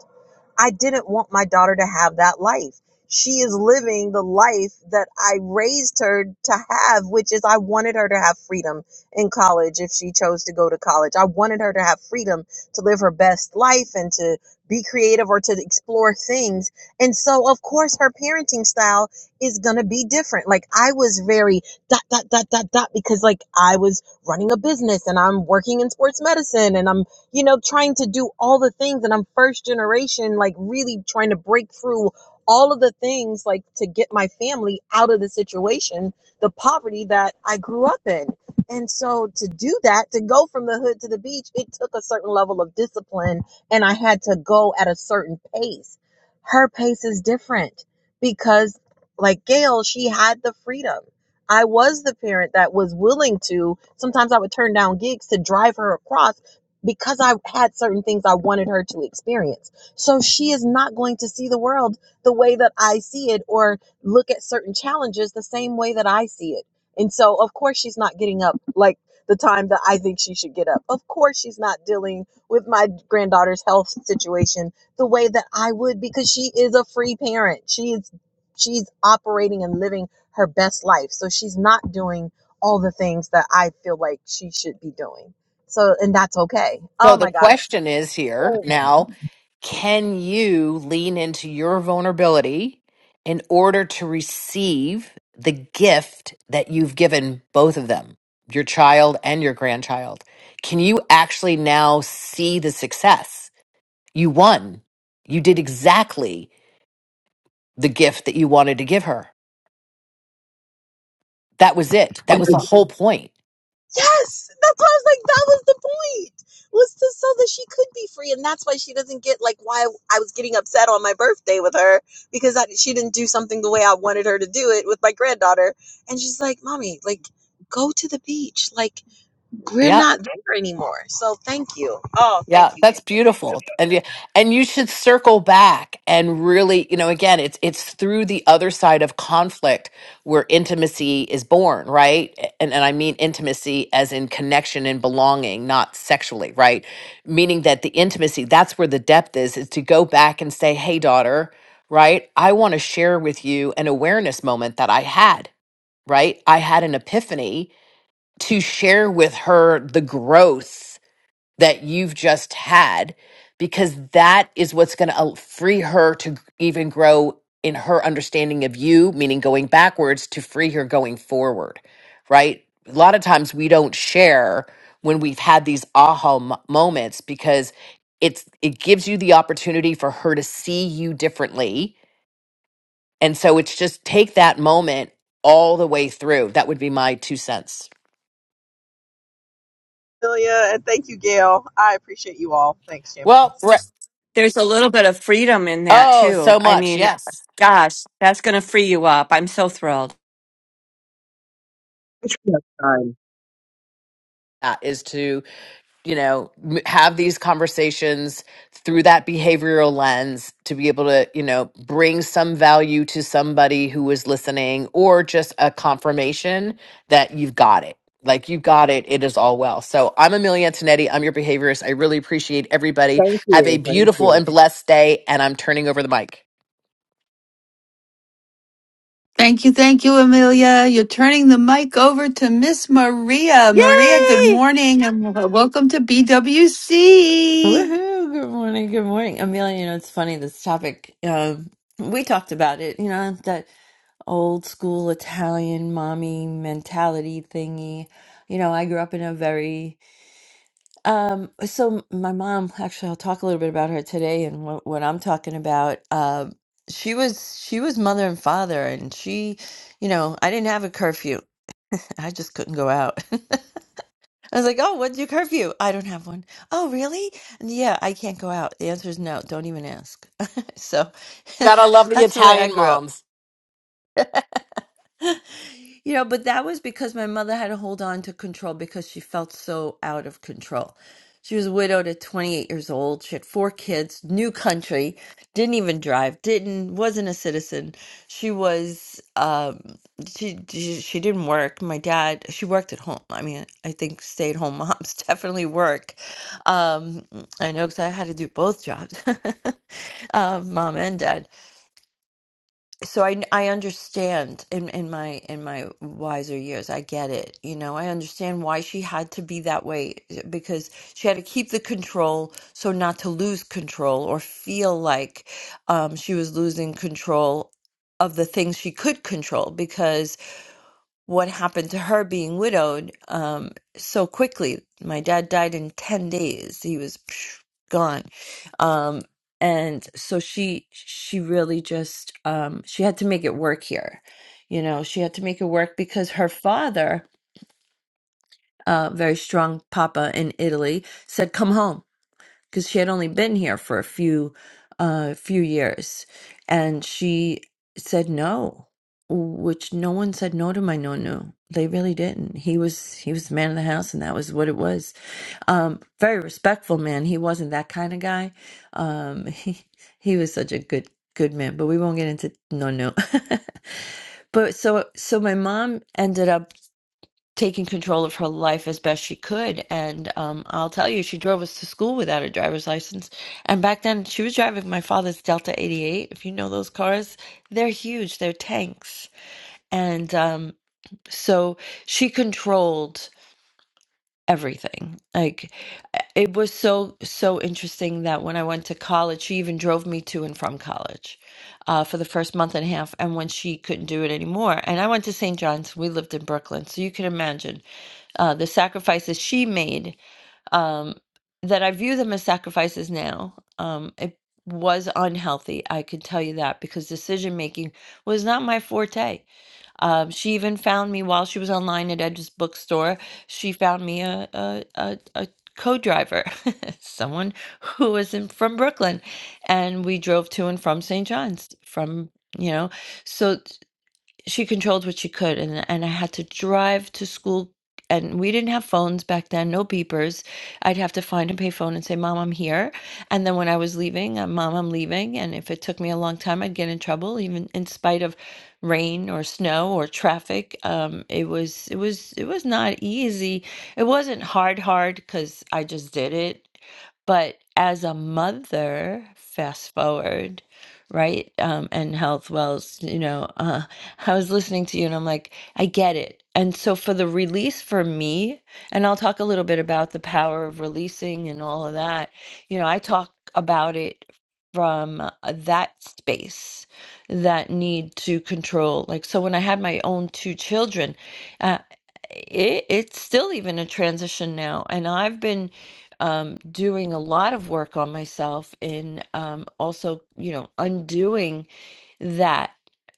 S12: I didn't want my daughter to have that life. She is living the life that I raised her to have, which is I wanted her to have freedom in college if she chose to go to college. I wanted her to have freedom to live her best life and to be creative or to explore things. And so, of course, her parenting style is going to be different. Like, I was very dot, dot, dot, dot, dot, because like I was running a business and I'm working in sports medicine and I'm you know, trying to do all the things. And I'm first generation, like really trying to break through all of the things, like to get my family out of the situation, the poverty that I grew up in. And so to do that, to go from the hood to the beach, it took a certain level of discipline and I had to go at a certain pace. Her pace is different because, like Gail, she had the freedom. I was the parent that was willing to. Sometimes I would turn down gigs to drive her across because I had certain things I wanted her to experience. So she is not going to see the world the way that I see it or look at certain challenges the same way that I see it. And so, of course, she's not getting up like the time that I think she should get up. Of course, she's not dealing with my granddaughter's health situation the way that I would because she is a free parent. She is she's operating and living her best life. So she's not doing all the things that I feel like she should be doing. So, and that's okay.
S16: So
S12: Oh
S16: the
S12: my God.
S16: question is here
S12: So-
S16: now can you lean into your vulnerability in order to receive the gift that you've given both of them, your child and your grandchild? Can you actually now see the success? You won. You did exactly the gift that you wanted to give her. That was it. That was the whole point.
S12: Yes. That's why I was like, that was the point, was to so that she could be free. And that's why she doesn't get like why I was getting upset on my birthday with her because I, she didn't do something the way I wanted her to do it with my granddaughter. And she's like, Mommy, like, go to the beach. Like, we're
S16: Yeah.
S12: not there anymore. So, thank you. Oh,
S16: Yeah,
S12: thank you, Gail.
S16: that's
S12: Thank you,
S16: beautiful. And yeah, and you should circle back and really, you know, again, it's it's through the other side of conflict where intimacy is born, right? A- And and I mean intimacy as in connection and belonging, not sexually, right? Meaning that the intimacy, that's where the depth is, is to go back and say, "Hey daughter, right? I want to share with you an awareness moment that I had, right? I had an epiphany to share with her the growth that you've just had because that is what's going to free her to even grow in her understanding of you meaning going backwards to free her going forward right a lot of times we don't share when we've had these aha mo- moments because it's it gives you the opportunity for her to see you differently and so it's just take that moment all the way through that would be my two cents
S12: Amelia. And thank you, Gail. I appreciate you all. Thanks, champions.
S16: well Bre-
S21: There's a little bit of freedom in that
S16: oh
S21: too.
S16: so
S21: I
S16: much
S21: mean,
S16: yes
S21: gosh, that's going to free you up. I'm so thrilled.
S22: It's Christmas time.
S16: that is to you know m- have these conversations through that behavioral lens to be able to you know bring some value to somebody who is listening or just a confirmation that you've got it like you've got it it is all well so i'm amelia antonetti i'm your behaviorist i really appreciate everybody
S22: Thank
S16: have a
S22: you. Thank
S16: beautiful
S22: you.
S16: and blessed day and i'm turning over the mic
S5: Thank you, thank you, Amelia. You're turning the mic over to Miss Maria. Maria, good
S16: yay
S5: morning and w- welcome to BWC.
S23: Woohoo! Good morning, good morning. Amelia, you know, it's funny this topic. Um, we talked about it, you know, that old school Italian mommy mentality thingy. You know, I grew up in a very um so my mom, actually I'll talk a little bit about her today and what, what I'm talking about. Um she was she was mother and father and she, you know, I didn't have a curfew. I just couldn't go out. I was like, "Oh, what's your curfew?" I don't have one. Oh, really? yeah, I can't go out. The answer is no. Don't even ask. so
S16: gotta love the
S23: that's the way I
S16: italian
S23: grew up.
S16: moms
S23: You know, but that was because my mother had to hold on to control because she felt so out of control. She was widowed at 28 years old. She had four kids, new country, didn't even drive, didn't wasn't a citizen. She was um she she, she didn't work. My dad, she worked at home. I mean, I think stay-at-home moms definitely work. Um I know because I had to do both jobs. um mom and dad so I I understand in in my in my wiser years I get it you know I understand why she had to be that way eh, because she had to keep the control so not to lose control or feel like um she was losing control of the things she could control because what happened to her being widowed um, so quickly. My dad died in 10 days. He was psh, gone. Um, and so she she really just um, she had to make it work here. You know, she had to make it work because her father, uh, very strong papa in Italy, said, "Come home." because she had only been here for a few uh few years and she said no which no one said no to my nonu. they really didn't he was he was the man of the house and that was what it was um very respectful man he wasn't that kind of guy um he he was such a good good man but we won't get into nonu. but so so my mom ended up taking control of her life as best she could. And um, I'll tell you, she drove us to school without a driver's license. And back then, she was driving my father's Delta 88. If you know those cars, they're huge, they're tanks. And um, so she controlled everything. Like it was so, so interesting that when I went to college, she even drove me to and from college. Uh, for the first month and a half, and when she couldn't do it anymore. And I went to St. John's, we lived in Brooklyn. So you can imagine uh, the sacrifices she made, um, that I view them as sacrifices now. Um, it was unhealthy, I could tell you that, because decision making was not my forte. Um, she even found me while she was online at Edge's bookstore. She found me a a a, a co-driver, someone who was in, from Brooklyn, and we drove to and from St. John's from you know so she controlled what she could and and I had to drive to school and we didn't have phones back then, no beepers. I'd have to find a payphone and say, "Mom, I'm here." And then when I was leaving, uh, "Mom, I'm leaving." And if it took me a long time, I'd get in trouble even in spite of rain or snow or traffic. Um it was it was it was not easy. It wasn't hard hard cuz I just did it but as a mother fast forward right um and health wells you know uh, I was listening to you and I'm like, I get it. And so for the release for me, and I'll talk a little bit about the power of releasing and all of that, you know, I talk about it from uh, that space, that need to control. Like, so when I had my own two children, uh, it, it's still even a transition now. And I've been um, doing a lot of work on myself in um, also, you know, undoing that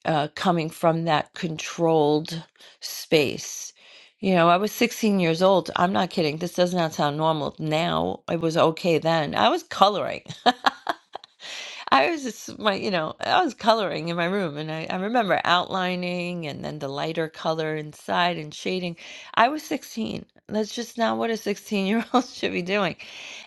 S23: uh, coming from that controlled space. You know, I was 16 years old. I'm not kidding. This does not sound normal now. It was okay then. I was coloring. I was just my, you know, I was coloring in my room and I, I remember outlining and then the lighter color inside and shading. I was 16. That's just not what a 16 year old should be doing.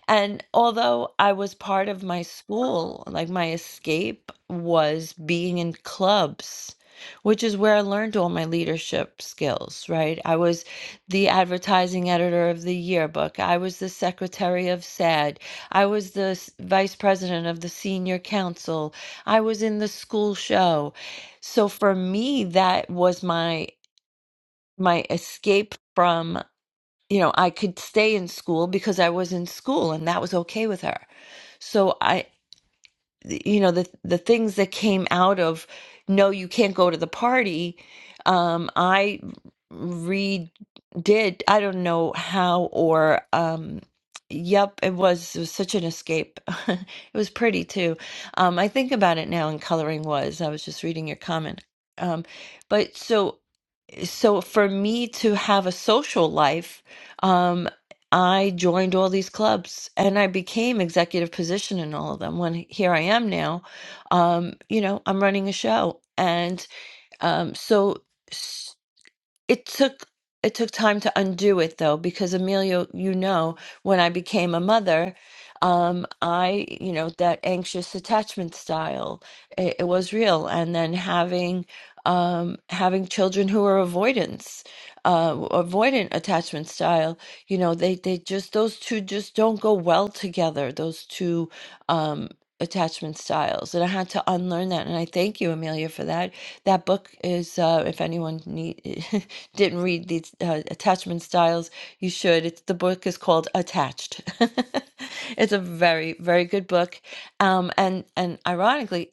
S23: And although I was part of my school, like my escape was being in clubs, which is where I learned all my leadership skills, right? I was the advertising editor of the yearbook. I was the secretary of SAD. I was the s- vice president of the senior council. I was in the school show. So for me, that was my my escape from, you know, I could stay in school because I was in school and that was okay with her so I, you know, the the things that came out of no, you can't go to the party. Um, I redid. I don't know how or um, yep, it was it was such an escape. it was pretty too. Um, I think about it now, and coloring was. I was just reading your comment. Um, but so so for me to have a social life, um, I joined all these clubs and I became executive position in all of them. When here I am now, um, you know, I'm running a show, and um, so it took it took time to undo it though because Amelia, you know when I became a mother um I you know that anxious attachment style it, it was real and then having um having children who are avoidance uh avoidant attachment style you know they they just those two just don't go well together those two um attachment styles and I had to unlearn that and I thank you Amelia for that that book is uh if anyone need didn't read these uh, attachment styles, you should. It's the book is called Attached. it's a very very good book, um, and and ironically,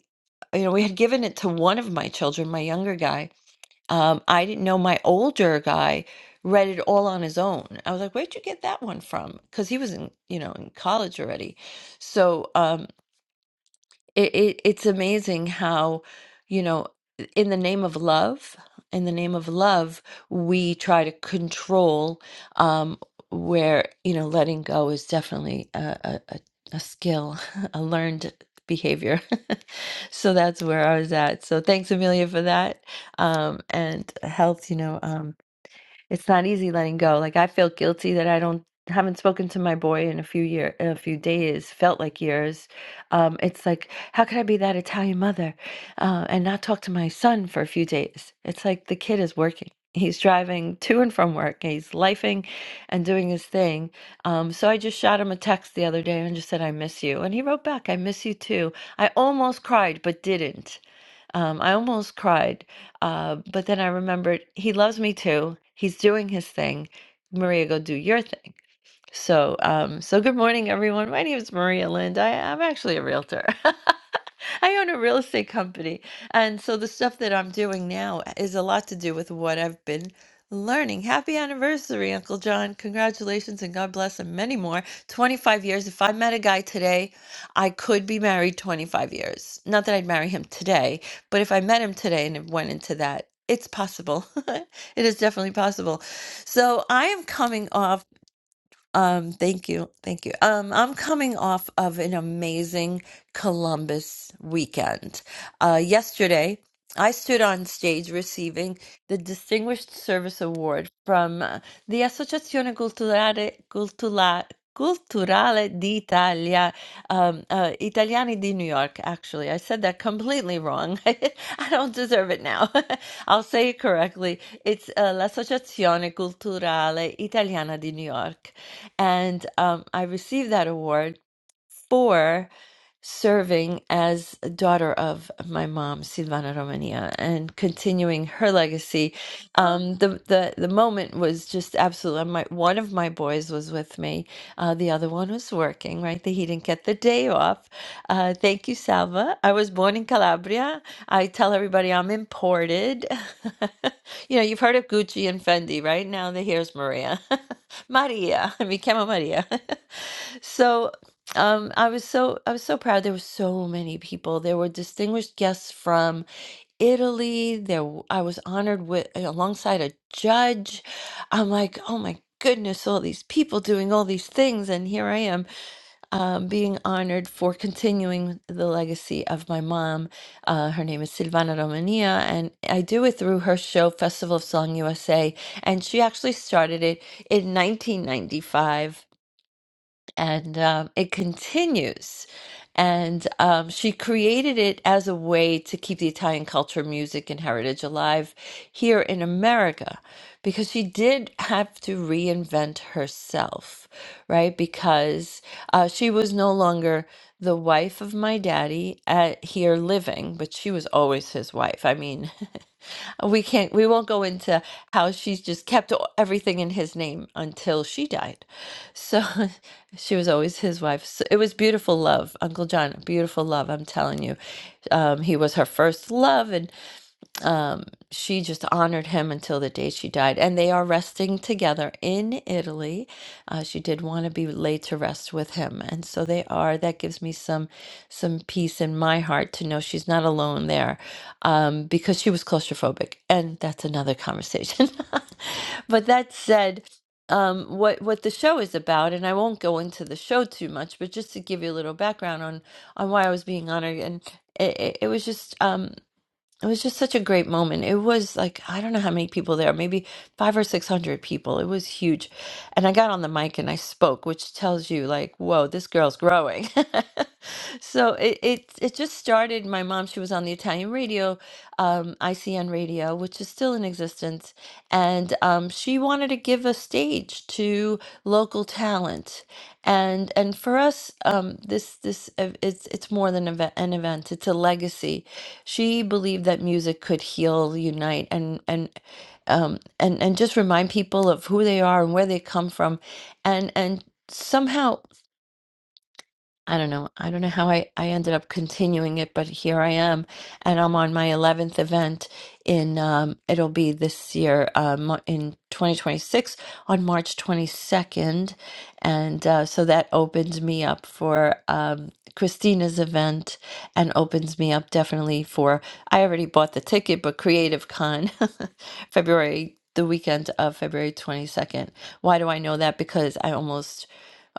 S23: you know, we had given it to one of my children, my younger guy. Um, I didn't know my older guy read it all on his own. I was like, "Where'd you get that one from?" Because he was in you know in college already. So. Um, it, it it's amazing how, you know, in the name of love, in the name of love, we try to control um, where, you know, letting go is definitely a, a, a a skill, a learned behavior. So that's where I was at. So thanks, Amelia, for that. Um, and health, you know. um, it's not easy letting go. Like I feel guilty that I don't haven't spoken to my boy in a few year in a few days. Felt like years. Um, it's like how could I be that Italian mother uh, and not talk to my son for a few days? It's like the kid is working. He's driving to and from work. He's lifing and doing his thing. Um, so I just shot him a text the other day and just said, I miss you. And he wrote back, I miss you too. I almost cried, but didn't. Um, I almost cried, uh, but then I remembered he loves me too. He's doing his thing. Maria, go do your thing. So, um, so good morning, everyone. My name is Maria Lind. I, I'm actually a realtor. I own a real estate company. And so the stuff that I'm doing now is a lot to do with what I've been learning. Happy anniversary, Uncle John. Congratulations and God bless and many more. 25 years. If I met a guy today, I could be married 25 years. Not that I'd marry him today, but if I met him today and it went into that, it's possible. it is definitely possible. So I am coming off. Um, thank you. Thank you. Um, I'm coming off of an amazing Columbus weekend. Uh, yesterday, I stood on stage receiving the Distinguished Service Award from uh, the Associazione Culturale, Cultura, Culturale d'Italia, um, uh, Italiani di New York, actually. I said that completely wrong. I don't deserve it now. I'll say it correctly. It's uh, l'Associazione Culturale Italiana di New York. And um, I received that award for serving as a daughter of my mom, Silvana Romania, and continuing her legacy. Um, the, the, the moment was just absolutely, my, one of my boys was with me. Uh, the other one was working, right? That he didn't get the day off. Uh, thank you, Salva. I was born in Calabria. I tell everybody I'm imported. you know, you've heard of Gucci and Fendi, right? Now the here's Maria. Maria. I became a Maria. So um I was so I was so proud. There were so many people. There were distinguished guests from Italy. There w- I was honored with alongside a judge. I'm like, oh my goodness, all these people doing all these things, and here I am um, being honored for continuing the legacy of my mom. Uh, her name is Silvana Romania, and I do it through her show Festival of Song USA, and she actually started it in 1995 and um, it continues. And um, she created it as a way to keep the Italian culture, music, and heritage alive here in America because she did have to reinvent herself, right? Because uh, she was no longer the wife of my daddy at, here living, but she was always his wife. I mean, we can't we won't go into how she's just kept all- everything in his name until she died so she was always his wife so it was beautiful love uncle john beautiful love i'm telling you um, he was her first love and she just honored him until the day she died. And they are resting together in Italy. Uh, she did want to be laid to rest with him, and so they are. That gives me some some peace in my heart to know she's not alone there, um, because she was claustrophobic, and that's another conversation. but that said. Um, what what the show is about, and I won't go into the show too much, but just to give you a little background on on why I was being honored, and it, it it was just um, it was just such a great moment. It was like, I don't know how many people there, maybe five or 600 people. It was huge. And I got on the mic and I spoke, which tells you, like, whoa, this girl's growing. so it, it, it just started. My mom, she was on the Italian radio, um, ICN radio, which is still in existence. And um, she wanted to give a stage to local talent. And, and for us, um, this, this, ev- it's, it's more than eve- an event. It's a legacy she believed that music could heal, unite, and and um, and and just remind people of who they are and where they come from, and and somehow. I don't know. I don't know how I, I ended up continuing it, but here I am, and I'm on my 11th event in um it'll be this year um in 2026 on March 22nd, and uh, so that opens me up for um Christina's event and opens me up definitely for I already bought the ticket, but Creative Con February the weekend of February 22nd. Why do I know that? Because I almost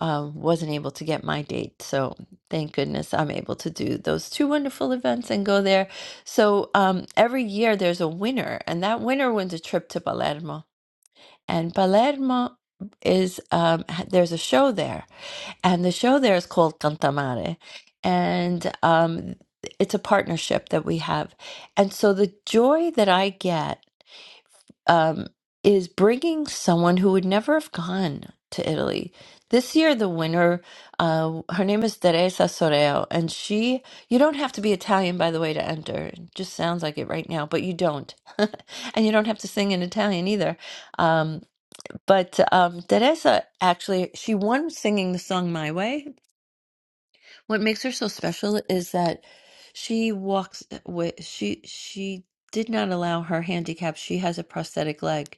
S23: uh, wasn't able to get my date. So thank goodness I'm able to do those two wonderful events and go there. So um, every year there's a winner, and that winner wins a trip to Palermo. And Palermo is um, ha- there's a show there, and the show there is called Cantamare, and um, it's a partnership that we have. And so the joy that I get um, is bringing someone who would never have gone to Italy. This year, the winner, uh, her name is Teresa Soreo, and she, you don't have to be Italian, by the way, to enter. It just sounds like it right now, but you don't. and you don't have to sing in Italian either. Um, but um, Teresa actually, she won singing the song My Way. What makes her so special is that she walks with, she, she did not allow her handicap. She has a prosthetic leg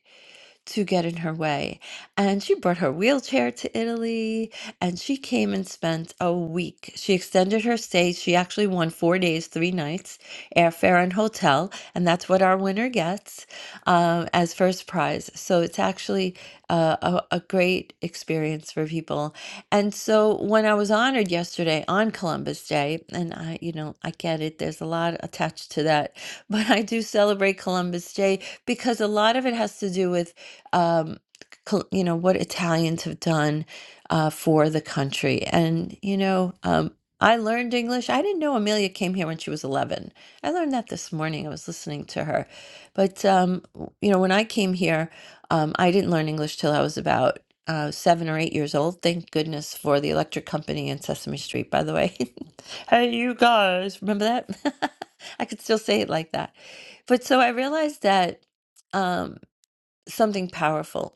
S23: to get in her way. And she brought her wheelchair to Italy and she came and spent a week. She extended her stay. She actually won four days, three nights, airfare and hotel. And that's what our winner gets um, as first prize. So it's actually uh, a, a great experience for people. And so when I was honored yesterday on Columbus Day, and I, you know, I get it, there's a lot attached to that, but I do celebrate Columbus Day because a lot of it has to do with um, col- you know, what Italians have done uh, for the country. And, you know, um, I learned English. I didn't know Amelia came here when she was 11. I learned that this morning. I was listening to her. But, um, w- you know, when I came here, um, I didn't learn English till I was about uh, seven or eight years old. Thank goodness for the electric company in Sesame Street, by the way. hey, you guys, remember that? I could still say it like that. But so I realized that. Um, something powerful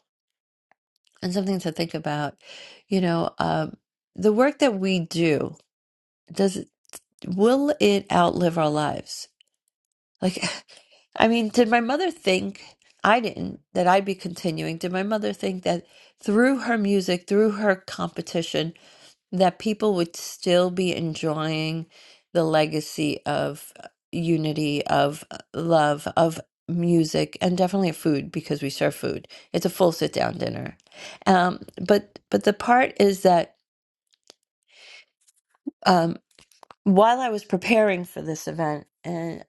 S23: and something to think about. You know, um, the work that we do, does it, will it outlive our lives? Like, I mean, did my mother think I didn't that I'd be continuing? Did my mother think that through her music, through her competition? that people would still be enjoying the legacy of uh, unity, of uh, love, of music, and definitely of food because we serve food. It's a full sit down dinner. Um, but but the part is that um, while I was preparing for this event, and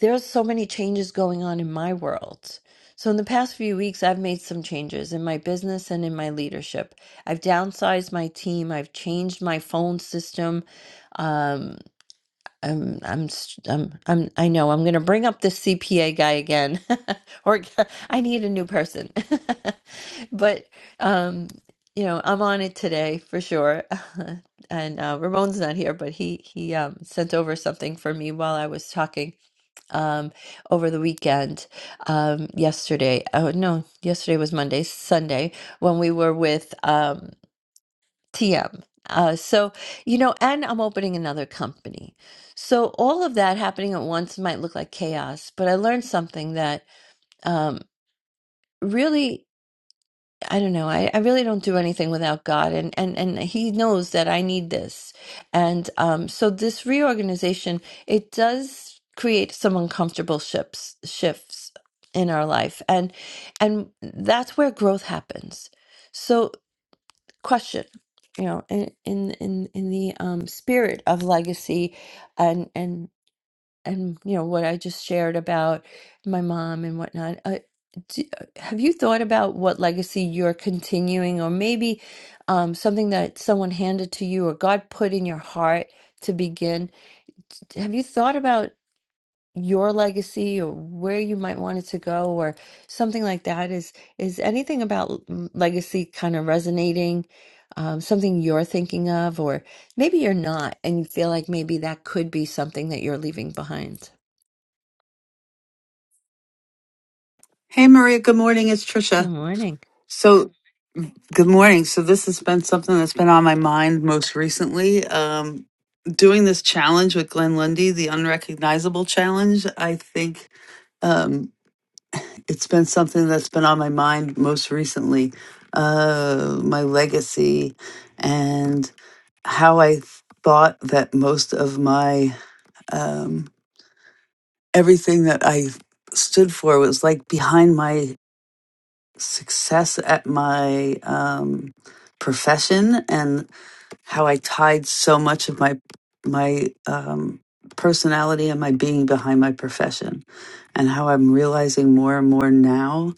S23: there's so many changes going on in my world. So in the past few weeks, I've made some changes in my business and in my leadership. I've downsized my team. I've changed my phone system. Um, I'm I'm i I'm I'm I know I'm gonna bring up the CPA guy again, or g- I need a new person. But um, you know, I'm on it today for sure. And uh, Ramon's not here, but he he um, sent over something for me while I was talking um, over the weekend. Um, yesterday, oh no, yesterday was Monday, Sunday when we were with um, TM. Uh, so, you know, and I'm opening another company. So, all of that happening at once might look like chaos, but I learned something that um, really, I don't know, I, I really don't do anything without God. And, and, and He knows that I need this. And um, so, this reorganization, it does create some uncomfortable shifts, shifts in our life. And, and that's where growth happens. So question you know in in in, in the um, spirit of legacy and and and you know what i just shared about my mom and whatnot uh, do, uh, have you thought about what legacy you're continuing or maybe um, something that someone handed to you or god put in your heart to begin have you thought about your legacy or where you might want it to go or something like that is is anything about mm, legacy kind of resonating um, something you're thinking of or maybe you're not and you feel like maybe that could be something that you're leaving behind
S5: Hey Maria, good morning. It's
S23: good
S5: Trisha.
S23: morning
S5: So, good morning. So, this has been something that's been on my mind most recently. Um, doing this challenge with Glenn Lundy, the unrecognizable challenge, I think Um, it's been something that's been on my mind most recently uh, my legacy and how I thought that most of my um, everything that I stood for was like behind my success at my um, profession and how I tied so much of my my um, personality and my being behind my profession, and how I'm realizing more and more now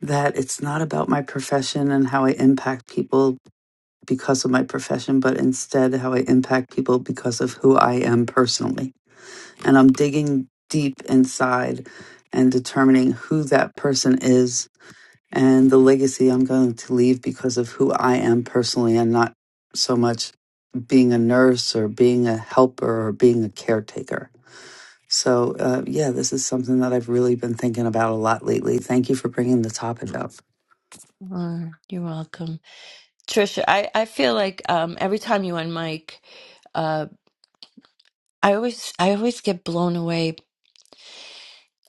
S5: that it's not about my profession and how I impact people because of my profession, but instead how I impact people because of who I am personally. And I'm digging deep inside and determining who that person is and the legacy I'm going to leave because of who I am personally and not so much being a nurse or being a helper or being a caretaker. So, uh, yeah, this is something that I've really been thinking about a lot lately. Thank you for bringing the topic up.
S23: Uh, you're welcome trisha i i feel like um every time you on uh i always i always get blown away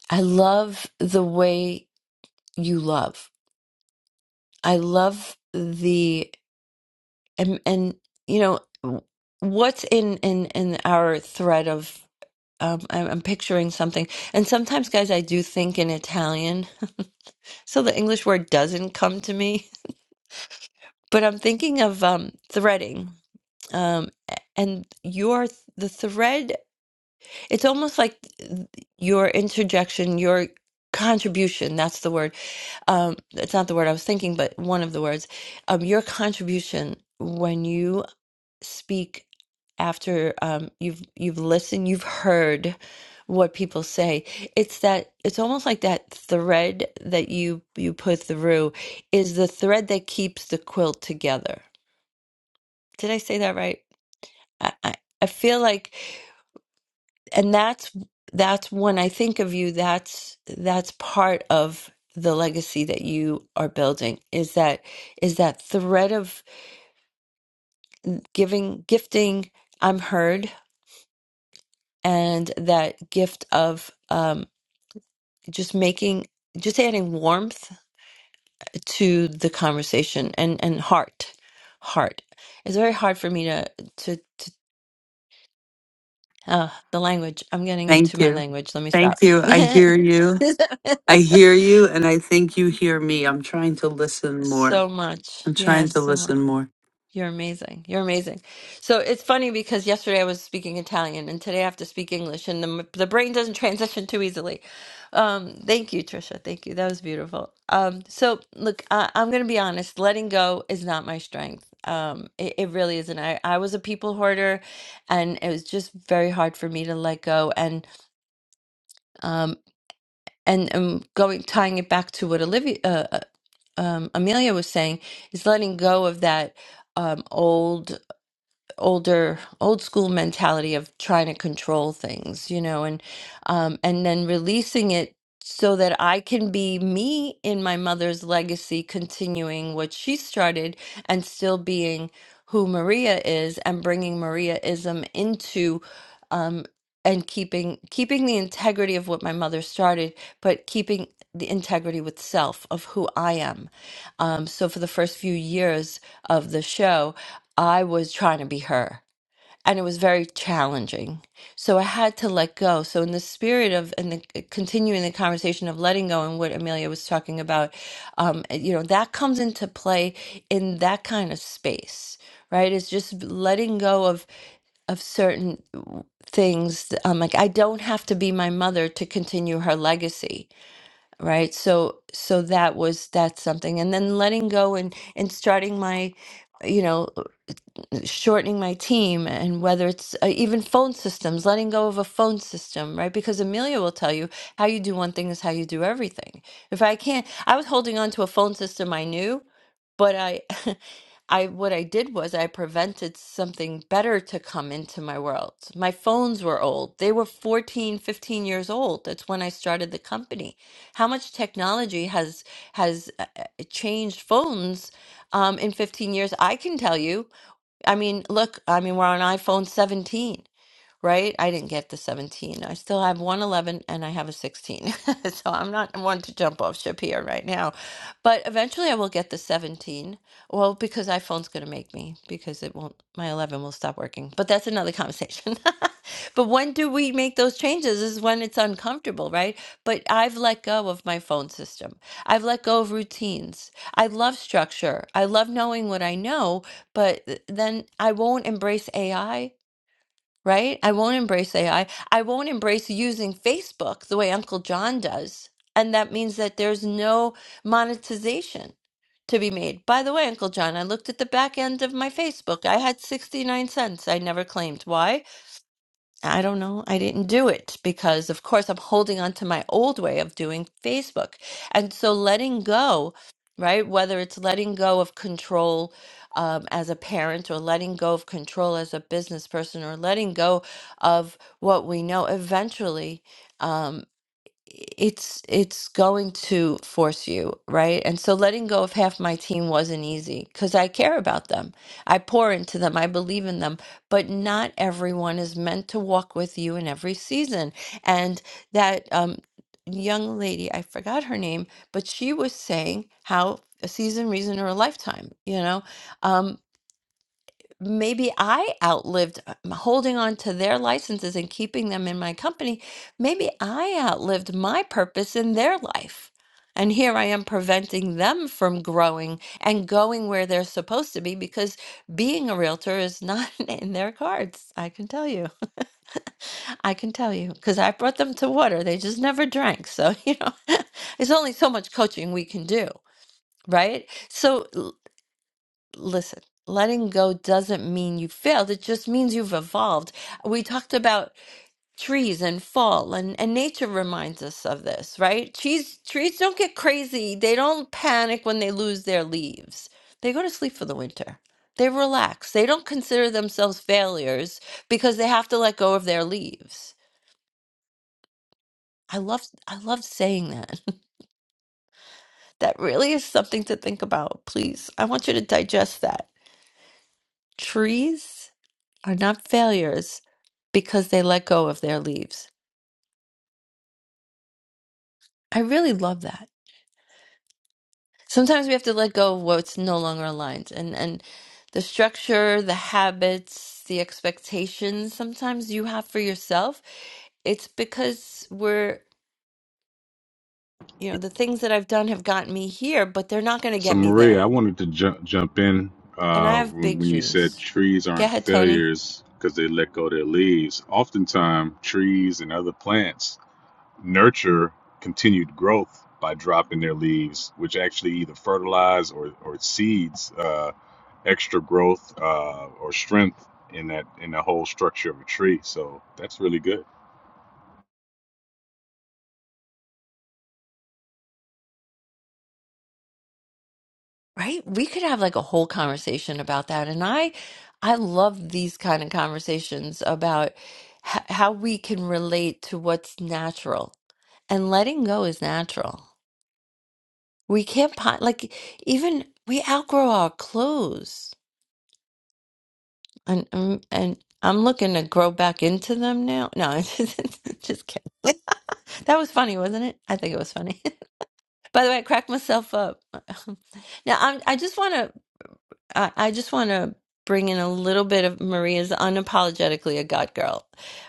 S23: i love the way you love i love the. and and you know what's in in in our thread of um, I'm, I'm picturing something, and sometimes, guys, I do think in Italian, so the English word doesn't come to me. But I'm thinking of um, threading, um, a- and your the thread. It's almost like th- your interjection, your contribution. That's the word. Um, it's not the word I was thinking, but one of the words. Um, your contribution when you speak after um, you've you've listened, you've heard what people say. It's that it's almost like that thread that you you put through is the thread that keeps the quilt together. Did I say that right? I, I, I feel like, and that's that's when I think of you. That's that's part of the legacy that you are building is that is that thread of giving gifting i'm heard and that gift of um, just making just adding warmth to the conversation and and heart heart it's very hard for me to to, to uh, the language i'm getting
S5: Thank
S23: into my
S5: you.
S23: language let me stop
S5: Thank you. I hear you. I hear you, and I think you hear me. I'm trying to listen more.
S23: so much
S5: I'm trying
S23: yes
S5: to
S23: so much
S5: listen more.
S23: You're amazing. You're amazing. So it's funny because yesterday I was speaking Italian and today I have to speak English, and the, the brain doesn't transition too easily. Um, thank you, Trisha. Thank you. That was beautiful. Um, so look, I, I'm going to be honest. Letting go is not my strength. Um, it, it really isn't. I, I was a people hoarder, and it was just very hard for me to let go. And um, and um, going tying it back to what Olivia, uh, uh, um, Amelia was saying is letting go of that. Um, old older old school mentality of trying to control things you know and um and then releasing it so that I can be me in my mother's legacy continuing what she started and still being who Maria is and bringing Mariaism into um and keeping keeping the integrity of what my mother started but keeping the integrity with self of who I am um so for the first few years of the show I was trying to be her and it was very challenging. So I had to let go. So in the spirit of and the, uh, continuing the conversation of letting go and what Amelia was talking about, um, eh, you know, that comes into play in that kind of space, right? It's just letting go of of certain things. Um, like I don't have to be my mother to continue her legacy, right? So so that was that's something. And then letting go and and starting my you know shortening my team and whether it's uh, even phone systems letting go of a phone system right because amelia will tell you how you do one thing is how you do everything if i can't i was holding on to a phone system i knew but i i what i did was i prevented something better to come into my world my phones were old they were 14, 15 years old that's when i started the company how much technology has has uh, uh, changed phones um, in 15 years i can tell you I mean, look, I mean, we're on iPhone 17 right? I didn't get the 17. I still have 111 and I have a 16. so I'm not one to jump off ship here right now. But eventually I will get the 17. Well, because iPhone's going to make me because it won't my 11 will stop working. But that's another conversation. but when do we make those changes is when it's uncomfortable, right? But I've let go of my phone system. I've let go of routines. I love structure. I love knowing what I know, but th- then I won't embrace AI right? I won't embrace AI. I I won't embrace using Facebook the way Uncle John does. And that means that there's no monetization to be made. By the way, Uncle John, I looked at the back end of my Facebook. I had 69 cents I never claimed. Why? I don't know. I didn't do it because, of course, I'm holding on to my old way of doing Facebook. And so letting go, right? Whether it's letting go of control um, as a parent or letting go of control as a business person or letting go of what we know, eventually. um, it's it's going to force you right and so letting go of half my team wasn't easy because i care about them i pour into them i believe in them but not everyone is meant to walk with you in every season and that um young lady i forgot her name but she was saying how a season reason or a lifetime you know um maybe I outlived uh, m- holding on to their licenses and keeping them in my company. Maybe I outlived my purpose in their life. And here I am preventing them from growing and going where they're supposed to be because being a realtor is not in their cards. I can tell you. I can tell you because I brought them to water. They just never drank. So, you know, there's only so much coaching we can do, right? So, listen, letting go doesn't mean you failed. It just means you've evolved. We talked about trees and fall and, and nature reminds us of this, right? Trees trees don't get crazy. They don't panic when they lose their leaves. They go to sleep for the winter. They relax. They don't consider themselves failures because they have to let go of their leaves. I love I love saying that. That really is something to think about. Please. I want you to digest that. Trees are not failures because they let go of their leaves. I really love that. Sometimes we have to let go of what's no longer aligned and and the structure, the habits, the expectations sometimes you have for yourself. It's because we're, you know, the things that I've done have gotten me here, but they're not going to
S24: So
S23: get me
S24: Maria, I
S23: there.
S24: wanted to jump jump in
S23: And
S24: uh,
S23: I have
S24: when,
S23: big
S24: when you said
S23: dreams.
S24: trees
S23: Go
S24: aren't
S23: ahead, Tony.
S24: failures because they let go their leaves. Oftentimes, trees and other plants nurture continued growth by dropping their leaves, which actually either fertilize or or seeds uh, extra growth uh, or strength in that in the whole structure of a tree. So that's really good.
S23: Right? We could have like a whole conversation about that. And I I love these kind of conversations about h- how we can relate to what's natural. And letting go is natural. We can't po- like even we outgrow our clothes. And and, and I'm looking to grow back into them now. No, just kidding. That was funny, wasn't it? I think it was funny. By the way, I cracked myself up. Now, I'm, I just want to I, I just want to bring in a little bit of Maria's unapologetically a God girl,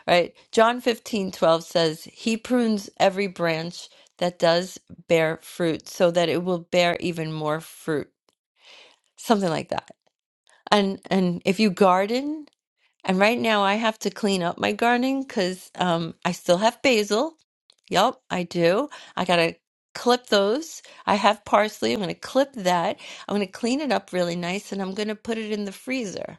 S23: right? John fifteen twelve says, He prunes every branch that does bear fruit so that it will bear even more fruit, something like that. And, and if you garden, and right now I have to clean up my gardening because um, I still have basil. Yup, I do. I got to clip those. I have parsley. I'm going to clip that. I'm going to clean it up really nice and I'm going to put it in the freezer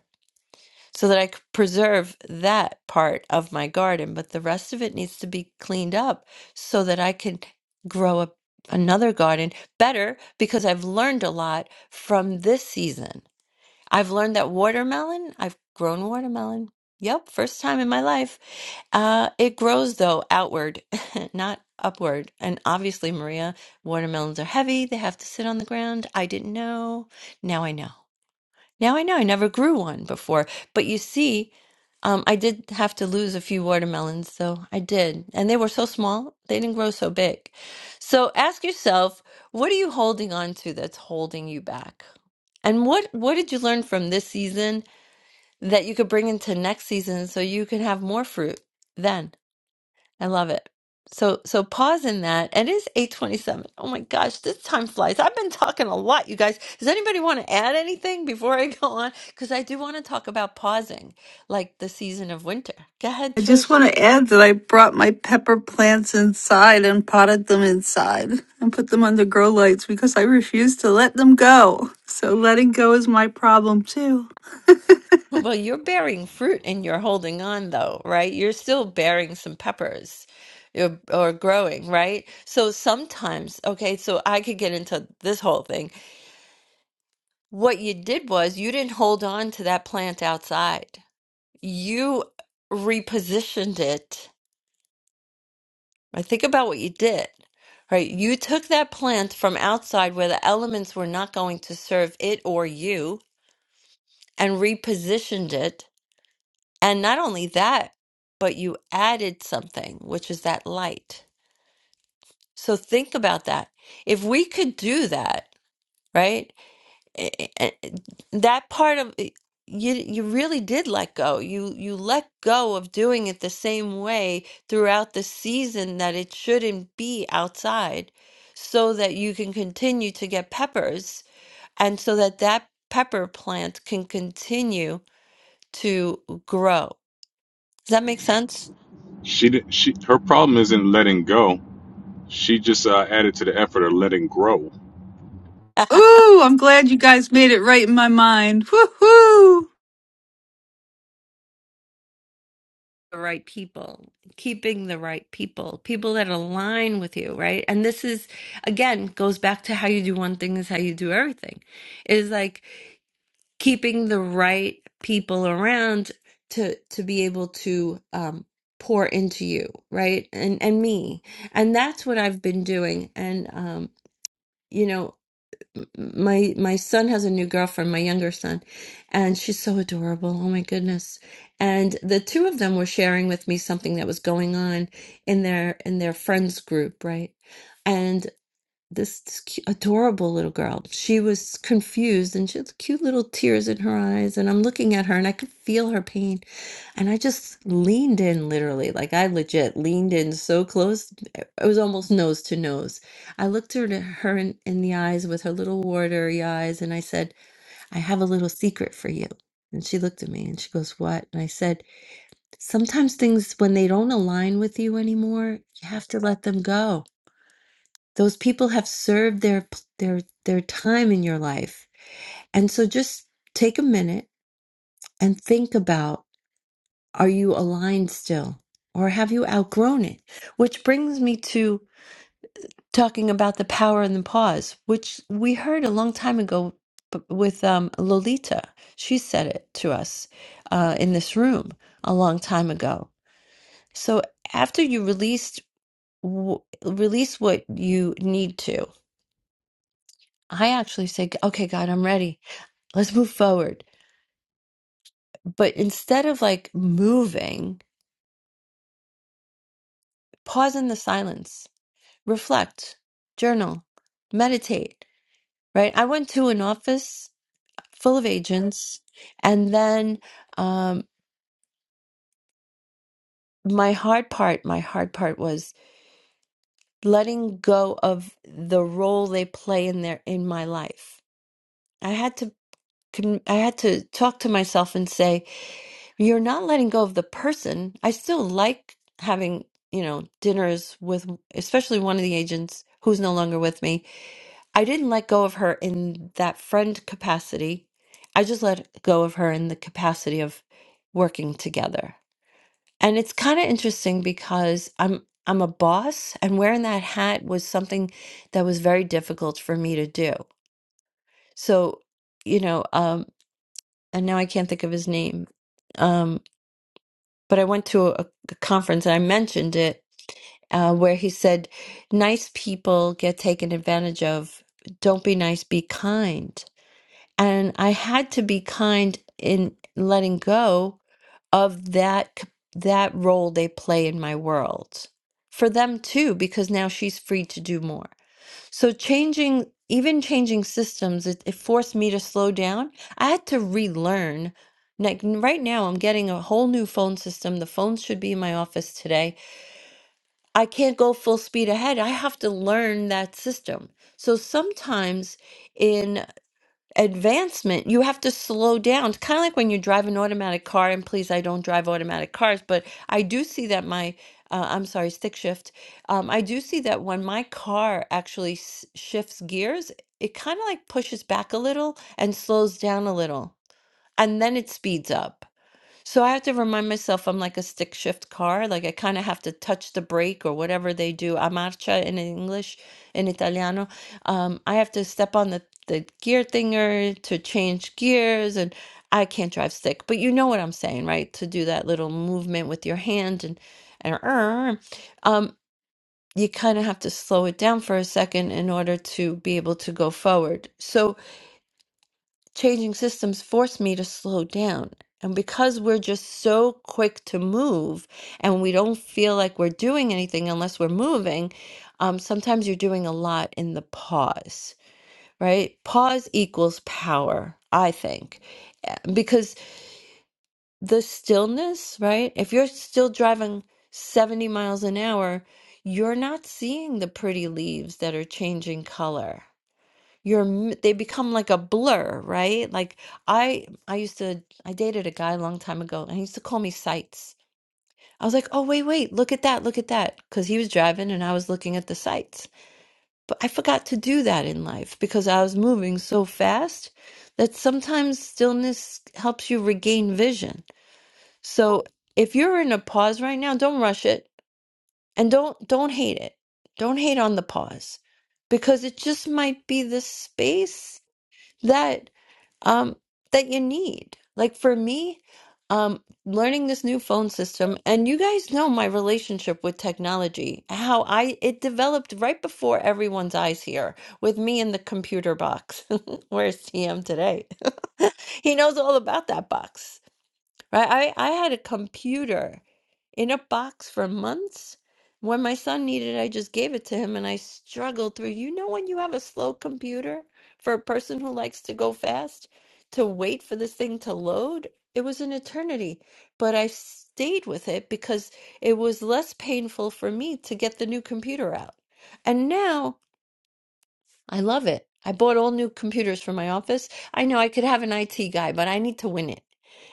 S23: so that I could preserve that part of my garden, but the rest of it needs to be cleaned up so that I can grow up another garden better because I've learned a lot from this season. I've learned that watermelon, I've grown watermelon. Yep, first time in my life. Uh, it grows though outward, not upward. And obviously, Maria, watermelons are heavy. They have to sit on the ground. I didn't know. Now I know. Now I know I never grew one before, but you see, um, I did have to lose a few watermelons, so I did. And they were so small, they didn't grow so big. So ask yourself, what are you holding on to that's holding you back? And what what did you learn from this season that you could bring into next season so you can have more fruit then? I love it. So so pause in that. It is 827. Oh my gosh, this time flies. I've been talking a lot, you guys. Does anybody want to add anything before I go on? Because I do want to talk about pausing, like the season of winter. Go ahead,
S5: I just
S23: Trish.
S5: want to add that I brought my pepper plants inside and potted them inside and put them under grow lights because I refuse to let them go. So letting go is my problem too.
S23: Well, you're bearing fruit and you're holding on though, right? You're still bearing some peppers or, or growing, right? So sometimes, okay, so I could get into this whole thing. What you did was you didn't hold on to that plant outside you repositioned it. I think about what you did, right? You took that plant from outside where the elements were not going to serve it or you and repositioned it. And not only that, but you added something, which is that light. So think about that. If we could do that, right? a- a- that part of it- you you really did let go you you let go of doing it the same way throughout the season that it shouldn't be outside so that you can continue to get peppers and so that that pepper plant can continue to grow does that make sense
S24: She did, she her problem isn't letting go. She just uh, added to the effort of letting grow.
S5: Ooh, I'm glad you guys made it right in my mind. Woohoo!
S23: the right people, keeping the right people, people that align with you, right? And this is, again, goes back to how you do one thing is how you do everything. It is like keeping the right people around to to be able to um, pour into you, right? And and me, and that's what I've been doing. And um, you know my my son has a new girlfriend, my younger son, and she's so adorable. Oh my goodness. And the two of them were sharing with me something that was going on in their in their friends group, right? And. This this cu adorable little girl. She was confused, and she had cute little tears in her eyes, and I'm looking at her, and I could feel her pain. And I just leaned in, literally, like, I legit leaned in so close, it was almost nose to nose. I looked her to her in, in the eyes with her little watery eyes, and I said, "I have a little secret for you." And she looked at me and she goes, "What?" And I said, "Sometimes things, when they don't align with you anymore, you have to let them go." those people have served their their their time in your life and so just take a minute and think about are you aligned still or have you outgrown it which brings me to talking about the power in the pause which we heard a long time ago b- with um, lolita she said it to us uh, in this room a long time ago so after you released w- release what you need to i actually say okay god i'm ready Let's move forward. But instead of like moving, pause in the silence, reflect, journal, meditate, right? I went to an office full of agents, and then um, my hard part, my hard part was letting go of the role they play in their in my life. I had to com- I had to talk to myself and say, You're not letting go of the person. I still like having, you know, dinners with, especially one of the agents who's no longer with me. I didn't let go of her in that friend capacity. I just let go of her in the capacity of working together. And it's kind of interesting because I'm I'm a boss and wearing that hat was something that was very difficult for me to do. So, you know, um and now I can't think of his name. Um, but I went to a, a conference and I mentioned it uh, where he said, nice people get taken advantage of. Don't be nice, be kind. And I had to be kind in letting go of that c- that role they play in my world for them too, because now she's free to do more. So changing, even changing systems, it, it forced me to slow down. I had to relearn. Like n- right now, I'm getting a whole new phone system. The phones should be in my office today. I can't go full speed ahead. I have to learn that system. So sometimes, in advancement, you have to slow down. It's kind of like when you drive an automatic car, and please, I don't drive automatic cars, but I do see that my, uh, I'm sorry, stick shift. Um, I do see that when my car actually s- shifts gears, it kind of like pushes back a little and slows down a little, and then it speeds up. So I have to remind myself I'm like a stick shift car. Like I kind of have to touch the brake or whatever they do. A marcia in English, in Italiano. Um, I have to step on the, the gear thinger to change gears and I can't drive stick. But you know what I'm saying, right? To do that little movement with your hand and and er, um, you kind of have to slow it down for a second in order to be able to go forward. So changing systems force me to slow down. And because we're just so quick to move and we don't feel like we're doing anything unless we're moving, um, sometimes you're doing a lot in the pause, right? Pause equals power, I think, Uh, because the stillness, right? If you're still driving 70 miles an hour, you're not seeing the pretty leaves that are changing color you're m- they become like a blur, right? Like I I used to I dated a guy a long time ago and he used to call me sights. I was like, "Oh, wait, wait, look at that, look at that," because he was driving and I was looking at the sights. But I forgot to do that in life because I was moving so fast that sometimes stillness helps you regain vision. So, if you're in a pause right now, don't rush it and don't don't hate it. Don't hate on the pause because it just might be the space that um that you need. Like for me, um learning this new phone system and you guys know my relationship with technology, how I it developed right before everyone's eyes here with me in the computer box. Where's TM today? he knows all about that box. Right? I I had a computer in a box for months. When my son needed it, I just gave it to him and I struggled through. You know, when you have a slow computer for a person who likes to go fast, to wait for this thing to load, it was an eternity. But I stayed with it because it was less painful for me to get the new computer out. And now I love it. I bought all new computers for my office. I know I could have an IT guy, but I need to win it.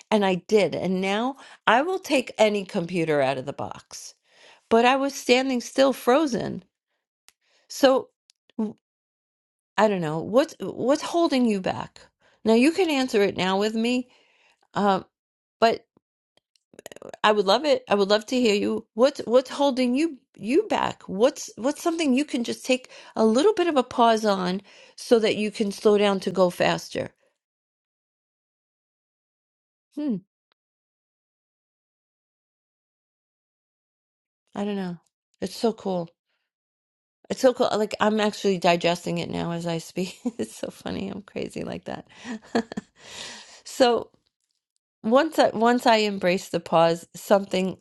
S23: And I did. And now I will take any computer out of the box but I was standing still frozen. So w- I don't know what's what's holding you back. Now you can answer it now with me. Uh, but I would love it. I would love to hear you. What's what's holding you you back? What's what's something you can just take a little bit of a pause on so that you can slow down to go faster? Hmm, I don't know. It's so cool. It's so cool. uh, Like I'm actually digesting it now as I speak. It's so funny. I'm crazy like that. So Once I once I embraced the pause, something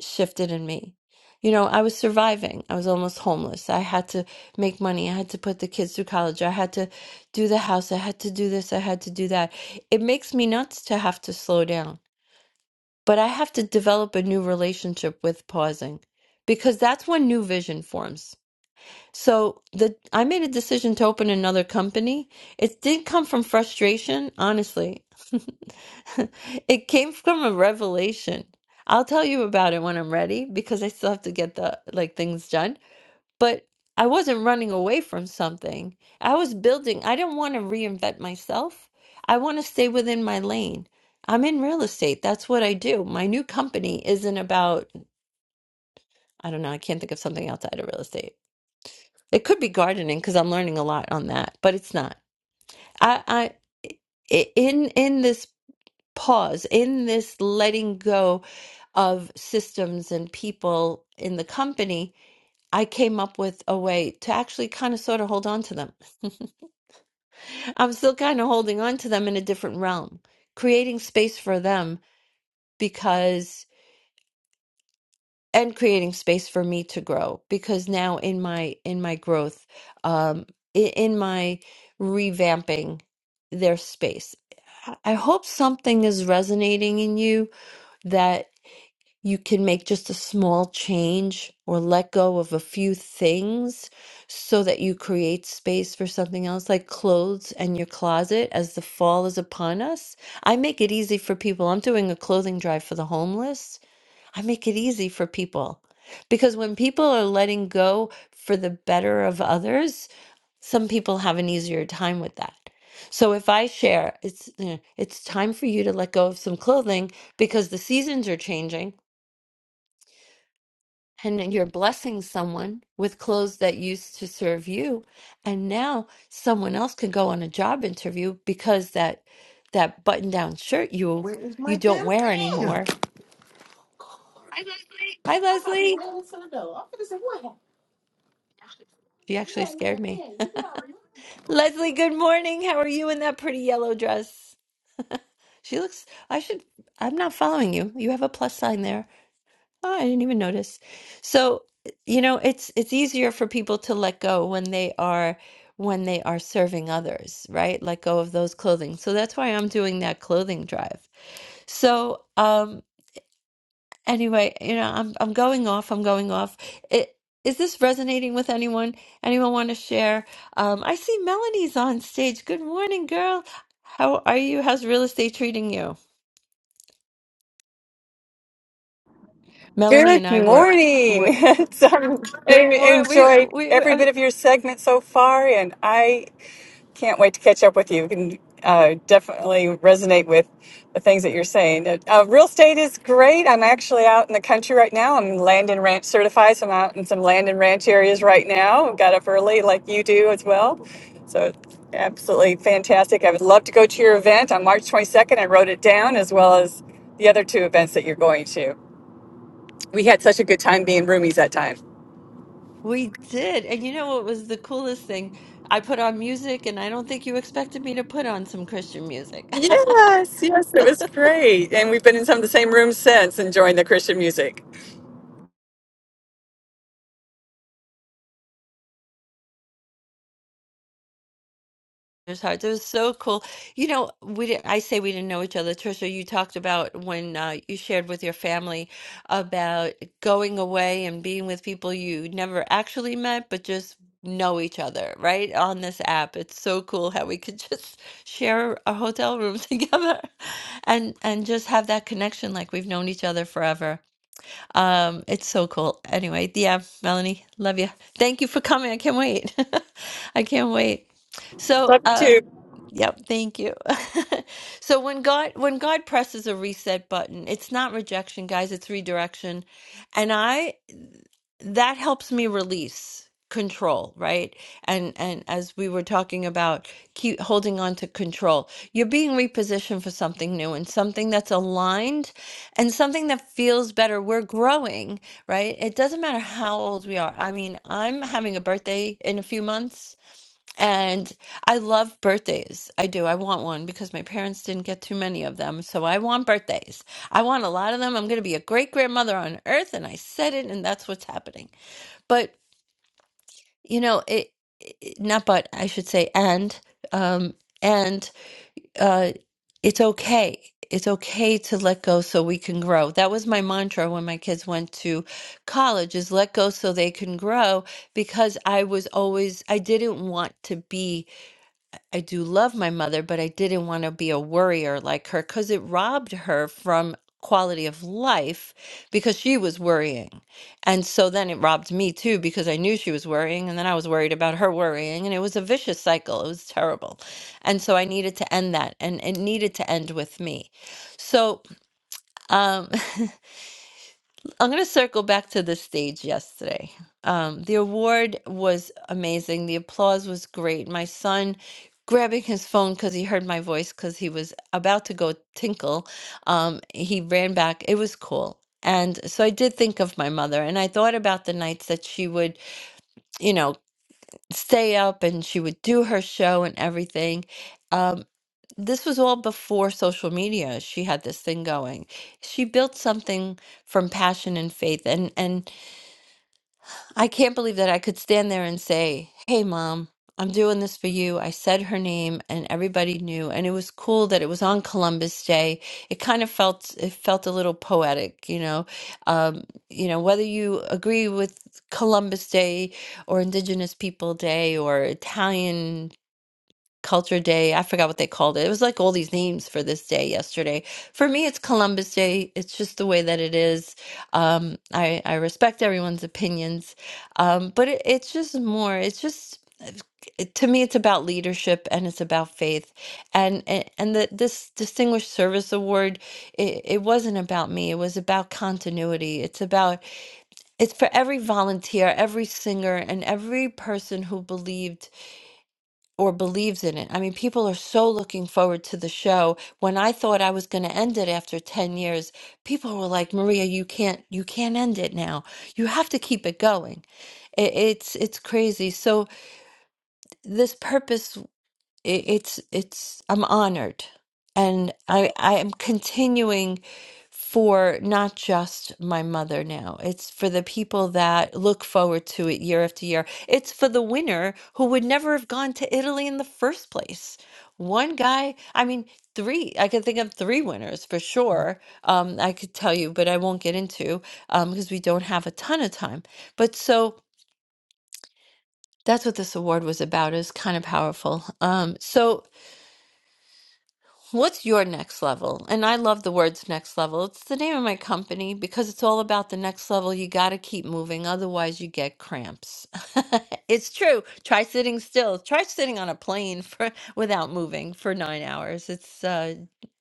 S23: shifted in me. You know, I was surviving. I was almost homeless. I had to make money. I had to put the kids through college. I had to do the house. I had to do this. I had to do that. It makes me nuts to have to slow down. But I have to develop a new relationship with pausing because that's when new vision forms. So the I made a decision to open another company. It did come from frustration, honestly. It came from a revelation. I'll tell you about it when I'm ready because I still have to get the like things done. But I wasn't running away from something. I was building. I didn't want to reinvent myself. I want to stay within my lane. I'm in real estate. That's what I do. My new company isn't about, I don't know, I can't think of something outside of real estate it could be gardening because I'm learning a lot on that, but it's not. I, I i- in in this pause, in this letting go of systems and people in the company, I came up with a way to actually kind of sort of hold on to them. I'm still kind of holding on to them in a different realm, creating space for them and creating space for me to grow because now in my in my growth um in, in my revamping their space i I hope something is resonating in you that you can make just a small change or let go of a few things so that you create space for something else like clothes and your closet as the fall is upon us i make it easy for people i'm doing a clothing drive for the homeless I make it easy for people because when people are letting go for the better of others, some people have an easier time with that. So if I share, it's you know, it's time for you to let go of some clothing because the seasons are changing and then you're blessing someone with clothes that used to serve you and now someone else can go on a job interview because that that button-down shirt you
S25: Where is
S23: you
S25: my
S23: don't
S25: damn
S23: wear
S25: pen?
S23: anymore. Hi
S25: I've been
S23: Leslie.
S25: waiting to the door. I'm finna say, what happened?
S23: She
S25: You
S23: actually
S25: had me
S23: scared
S25: in
S23: me.
S25: pen. You got me.
S23: Leslie, good morning. How are you in that pretty yellow dress? She looks, I should, I'm not following you. You have a plus sign there. Oh, I didn't even notice. So, you know, it's it's easier for people to let go when they are when they are serving others, right? Let go of those clothing. So that's why I'm doing that clothing drive. So, um Anyway, you know, I'm I'm going off. I'm going off. It, is this resonating with anyone? Anyone want to share? Um, I see Melanie's on stage. Good morning, girl. How are you? How's real estate treating you? Melanie and
S26: Good
S23: I were were
S26: morning. It's, um, I
S23: good morning. We
S26: enjoyed
S23: we we,
S26: every
S23: I-
S26: bit of your segment so far, and I can't wait to catch up with you. You can uh, definitely resonate with the things that you're saying. Uh, uh, real estate is great. I'm actually out in the country right now. I'm land and ranch certified, so I'm out in some land and ranch areas right now. Got up early, like you do as well. So absolutely fantastic. I would love to go to your event on March 22nd. I wrote it down as well as the other two events that you're going to we had such a good time being roomies that time.
S23: we did, and you know what was the coolest thing? I put on music, and I don't think you expected me to put on some Christian music.
S26: Yes, yes, it was great. And we've been in some of the same rooms since enjoying the Christian music.
S23: His heart. That was so cool. You know, we didn't, I say we didn't know each other. Trisha, you talked about when uh, you shared with your family about going away and being with people you never actually met, but just know each other, right? On this app. It's so cool how we could just share a hotel room together and and just have that connection like we've known each other forever. Um, it's so cool. Anyway, yeah, Melanie, love you. Thank you for coming. I can't wait. I can't wait. So,
S26: Love
S23: uh,
S26: you too.
S23: Yep, thank you. So when God when God presses a reset button, it's not rejection, guys, it's redirection. And I that helps me release control, right? And and as we were talking about keep holding on to control, you're being repositioned for something new and something that's aligned and something that feels better. We're growing, right? It doesn't matter how old we are. I mean, I'm having a birthday in a few months and I love birthdays. I do. I want one because my parents didn't get too many of them. So I want birthdays. I want a lot of them. I'm going to be a great grandmother on earth. And I said it, and that's what's happening. But, you know, it, it not but, I should say, and, um, and, uh, it's okay. It's okay to let go so we can grow. That was my mantra when my kids went to college is let go so they can grow because I was always I didn't want to be I do love my mother, but I didn't want to be a worrier like her because it robbed her from quality of life because she was worrying. And so then it robbed me too because I knew she was worrying and then I was worried about her worrying and it was a vicious cycle. It was terrible. And so I needed to end that and it needed to end with me. So um I'm going to circle back to the stage yesterday. Um, the award was amazing. The applause was great. My son grabbing his phone because he heard my voice because he was about to go tinkle. Um, he ran back. It was cool. And so I did think of my mother, and I thought about the nights that she would, you know, stay up and she would do her show and everything. Um, this was all before social media. She had this thing going. She built something from passion and faith, and and I can't believe that I could stand there and say, Hey, mom, I'm doing this for you. I said her name and everybody knew. And it was cool that it was on Columbus Day. It kind of felt, it felt a little poetic, you know. Um, you know, whether you agree with Columbus Day or Indigenous People Day or Italian Culture Day. I forgot what they called it. It was like all these names for this day yesterday. For me, it's Columbus Day. It's just the way that it is. Um, I I respect everyone's opinions, um, but it, it's just more. It's just it- to me, it's about leadership and it's about faith, and and, and the, this Distinguished Service Award. It, it wasn't about me. It was about continuity. It's about it's for every volunteer, every singer, and every person who believed or believes in it. I mean, people are so looking forward to the show. When I thought I was going to end it after 10 years, people were like, "Maria, you can't you can't end it now. You have to keep it going." It, it's it's crazy. So this purpose. It, it's it's I'm honored, and I I am continuing for not just my mother now. It's for the people that look forward to it year after year. It's for the winner who would never have gone to Italy in the first place. One guy, I mean, three. I can think of three winners for sure. Um, I could tell you, but I won't get into um, because we don't have a ton of time. But so that's what this award was about. It was kind of powerful. Um, so What's your next level? And I love the words next level. It's the name of my company because it's all about the next level. You got to keep moving, otherwise, you get cramps. it's true. Try sitting still. Try sitting on a plane for without moving for nine hours. It's uh,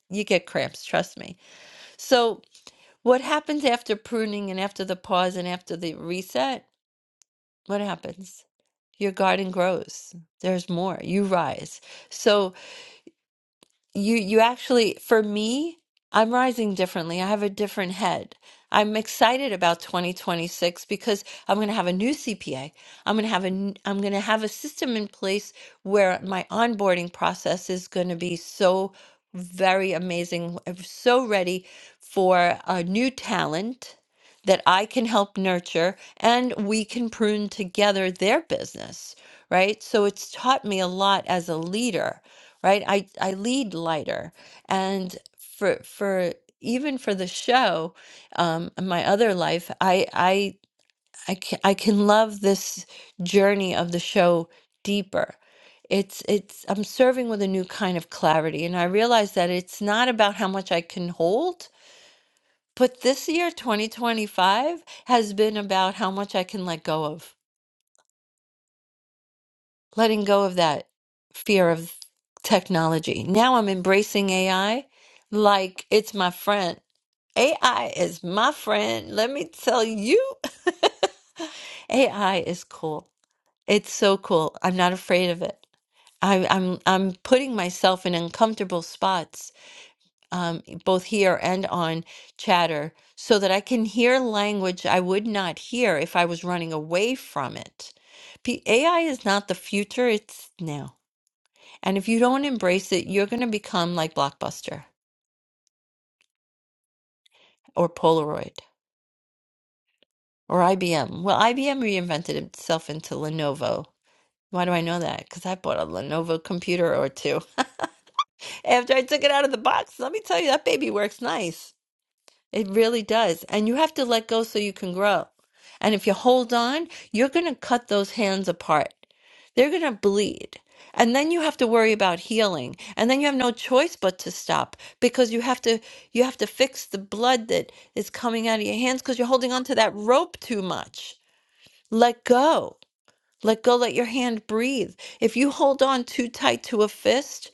S23: you get cramps. Trust me. So, what happens after pruning and after the pause and after the reset? What happens? Your garden grows. There's more. You rise. So. You you actually for me, I'm rising differently. I have a different head. I'm excited about 2026 because I'm going to have a new CPA. I'm going to have a n- I'm going to have a system in place where my onboarding process is going to be so very amazing. I'm so ready for a new talent that I can help nurture and we can prune together their business, right? So it's taught me a lot as a leader right? I I lead lighter, and for for even for the show, um, in my other life, I I I can, I can love this journey of the show deeper. It's it's I'm serving with a new kind of clarity, and I realize that it's not about how much I can hold, but this year, 2025, has been about how much I can let go of letting go of that fear of technology. Now I'm embracing AI like it's my friend. AI is my friend. Let me tell you. AI is cool. It's so cool. I'm not afraid of it. I, I'm I'm putting myself in uncomfortable spots, um, both here and on chatter, so that I can hear language I would not hear if I was running away from it. P- AI is not the future; it's now. And if you don't embrace it, you're going to become like Blockbuster or Polaroid or IBM. Well, IBM reinvented itself into Lenovo. Why do I know that? Because I bought a Lenovo computer or two after I took it out of the box. Let me tell you, that baby works nice. It really does. And you have to let go so you can grow. And if you hold on, you're going to cut those hands apart. They're going to bleed. And then you have to worry about healing. And then you have no choice but to stop because you have to you have to fix the blood that is coming out of your hands because you're holding on to that rope too much. Let go. Let go, let your hand breathe. If you hold on too tight to a fist,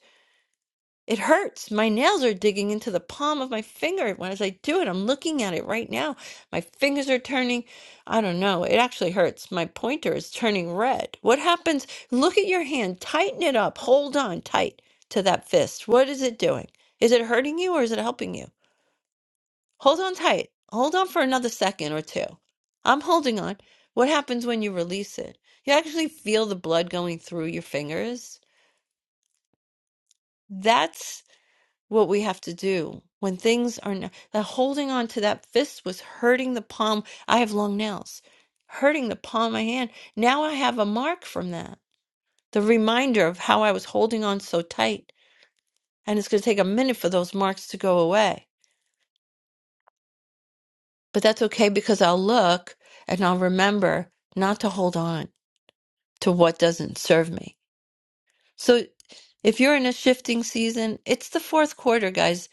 S23: it hurts. My nails are digging into the palm of my finger when as I do it. I'm looking at it right now. My fingers are turning. I don't know. It actually hurts. My pointer is turning red. What happens? Look at your hand. Tighten it up. Hold on tight to that fist. What is it doing? Is it hurting you or is it helping you? Hold on tight. Hold on for another second or two. I'm holding on. What happens when you release it? You actually feel the blood going through your fingers. That's what we have to do when things are not that holding on to that fist was hurting the palm i have long nails hurting the palm of my hand now i have a mark from that the reminder of how i was holding on so tight and it's going to take a minute for those marks to go away but that's okay because i'll look and i'll remember not to hold on to what doesn't serve me so if you're in a shifting season it's the fourth quarter guys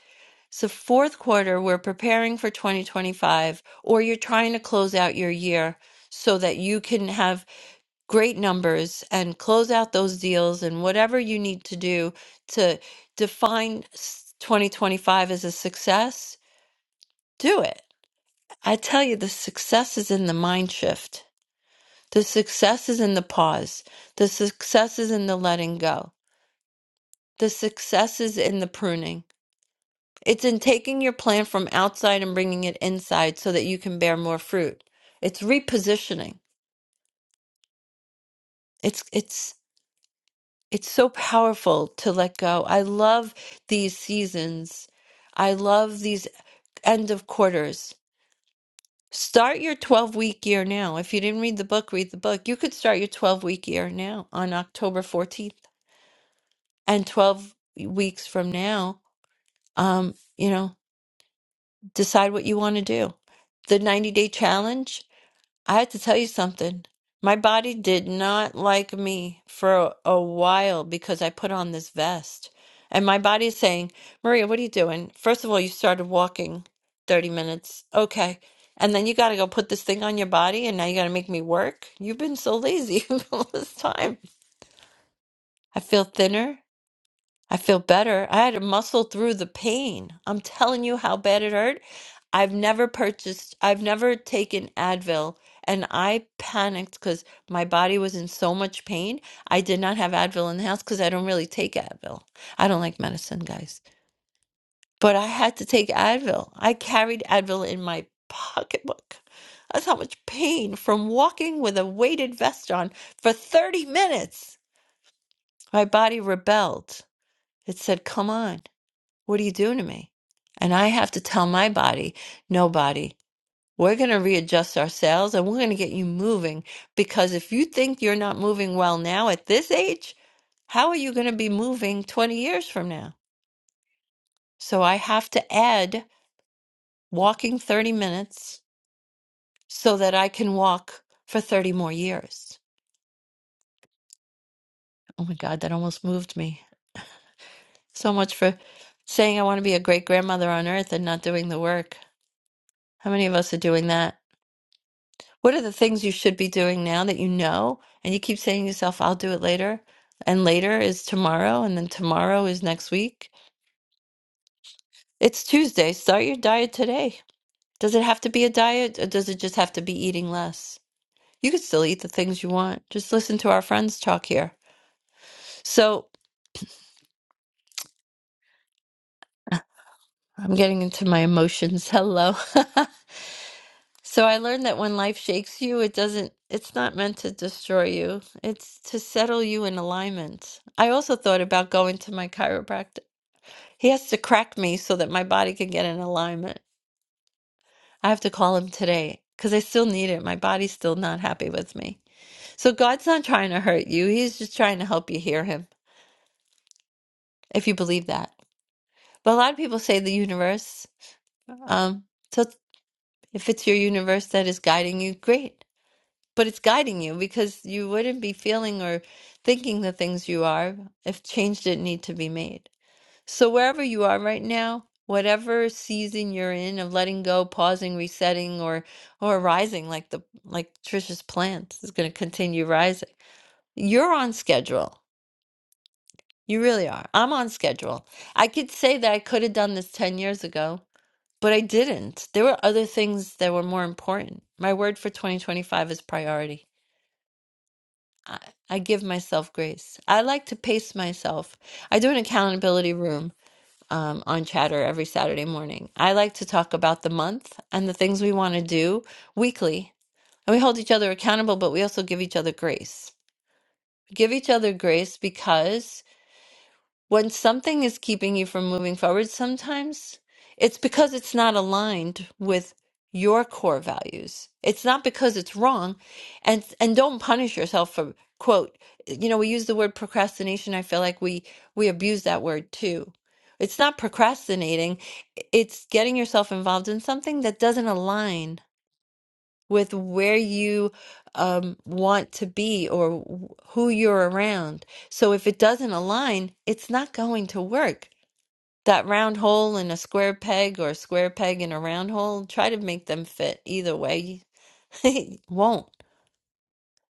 S23: So fourth quarter, we're preparing for 2025, or you're trying to close out your year so that you can have great numbers and close out those deals and whatever you need to do to define s- 2025 as a success, do it. I tell you, the success is in the mind shift. The success is in the pause. The success is in the letting go. The success is in the pruning. It's in taking your plant from outside and bringing it inside so that you can bear more fruit. It's repositioning. It's it's it's so powerful to let go. I love these seasons. I love these end of quarters. Start your 12 week year now. If you didn't read the book, read the book. You could start your 12 week year now on October 14th and 12 weeks from now, um, you know, decide what you want to do the 90 day challenge. I have to tell you something. My body did not like me for a while because I put on this vest. And my body is saying, Maria, what are you doing? First of all, you started walking 30 minutes. Okay. And then you got to go put this thing on your body and now you got to make me work. You've been so lazy all this time. I feel thinner. I feel better. I had to muscle through the pain. I'm telling you how bad it hurt. I've never purchased, I've never taken Advil, and I panicked because my body was in so much pain. I did not have Advil in the house because I don't really take Advil. I don't like medicine, guys. But I had to take Advil. I carried Advil in my pocketbook. That's how much pain from walking with a weighted vest on for 30 minutes. My body rebelled. It said, Come on. What are you doing to me? And I have to tell my body, no body, we're going to readjust ourselves and we're going to get you moving. Because if you think you're not moving well now at this age, how are you going to be moving 20 years from now? So I have to add walking 30 minutes so that I can walk for 30 more years. Oh my God, that almost moved me. So much for saying I want to be a great grandmother on earth and not doing the work. How many of us are doing that? What are the things you should be doing now that you know? And you keep saying to yourself, I'll do it later. And later is tomorrow. And then tomorrow is next week. It's Tuesday. Start your diet today. Does it have to be a diet or does it just have to be eating less? You can still eat the things you want. Just listen to our friends talk here. So I'm getting into my emotions. Hello. so I learned that when life shakes you, it doesn't, it's not meant to destroy you, it's to settle you in alignment. I also thought about going to my chiropractor He has to crack me so that my body can get in alignment. I have to call him today because I still need it. My body's still not happy with me. So God's not trying to hurt you. He's just trying to help you hear him, if you believe that. But a lot of people say the universe. Um, so if it's your universe that is guiding you, great. But it's guiding you because you wouldn't be feeling or thinking the things you are if change didn't need to be made. So, wherever you are right now, whatever season you're in of letting go, pausing, resetting, or or rising, like the like Trisha's plant is going to continue rising. You're on schedule. You really are. I'm on schedule. I could say that I could have done this 10 years ago, but I didn't. There were other things that were more important. My word for 2025 is priority. I, I give myself grace. I like to pace myself. I do an accountability room um, on Chatter every Saturday morning. I like to talk about the month and the things we want to do weekly. And we hold each other accountable, but we also give each other grace. Give each other grace because when something is keeping you from moving forward sometimes it's because it's not aligned with your core values it's not because it's wrong and and don't punish yourself for quote you know we use the word procrastination i feel like we we abuse that word too it's not procrastinating it's getting yourself involved in something that doesn't align with where you um, want to be or wh- who you're around. So if it doesn't align, it's not going to work. That round hole in a square peg or a square peg in a round hole, try to make them fit either way. It won't.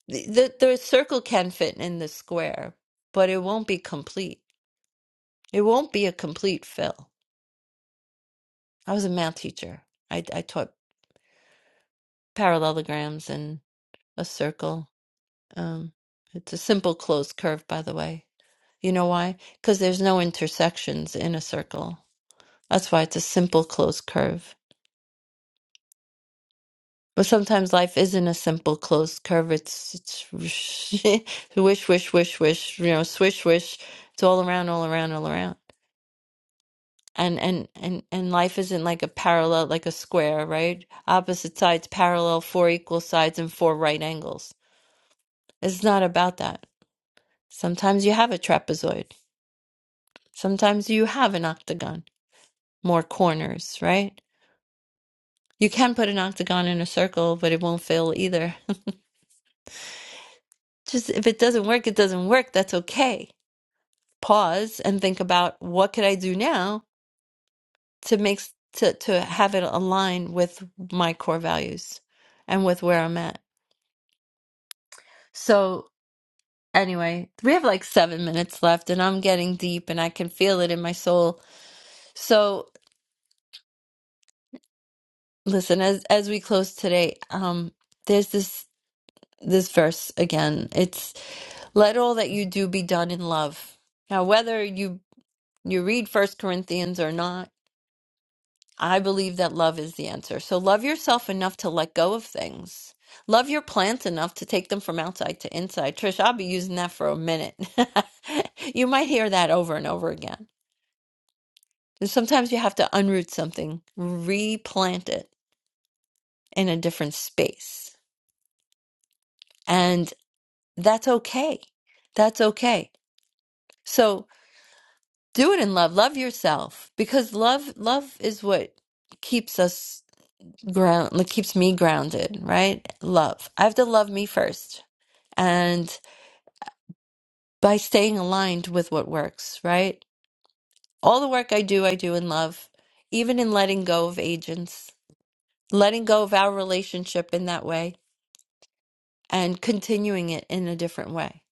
S23: The, the, the circle can fit in the square, but it won't be complete. It won't be a complete fill. I was a math teacher. I, I taught parallelograms and a circle. Um, it's a simple closed curve, by the way You know why? Because there's no intersections in a circle. That's why it's a simple closed curve. But sometimes life isn't a simple closed curve. It's it's wish, wish, wish, wish. You know, swish, wish. It's all around, all around, all around. And and and and life isn't like a parallel, like a square, right? Opposite sides parallel, four equal sides, and four right angles. It's not about that. Sometimes you have a trapezoid. Sometimes you have an octagon, more corners, right? You can put an octagon in a circle, but it won't fill either. Just if it doesn't work, it doesn't work. That's okay. Pause and think about what could I do now to make to to have it align with my core values and with where I'm at. So anyway, we have like seven minutes left, and I'm getting deep, and I can feel it in my soul. So listen, as as we close today, um, there's this this verse again. It's. Let all that you do be done in love. Now, whether you you read First Corinthians or not, I believe that love is the answer. So love yourself enough to let go of things. Love your plants enough to take them from outside to inside. Trish, I'll be using that for a minute. you might hear that over and over again. And sometimes you have to unroot something, replant it in a different space. And that's okay. That's okay. So do it in love love yourself because love love is what keeps us ground like keeps me grounded right love i have to love me first and by staying aligned with what works right all the work i do i do in love even in letting go of agents letting go of our relationship in that way and continuing it in a different way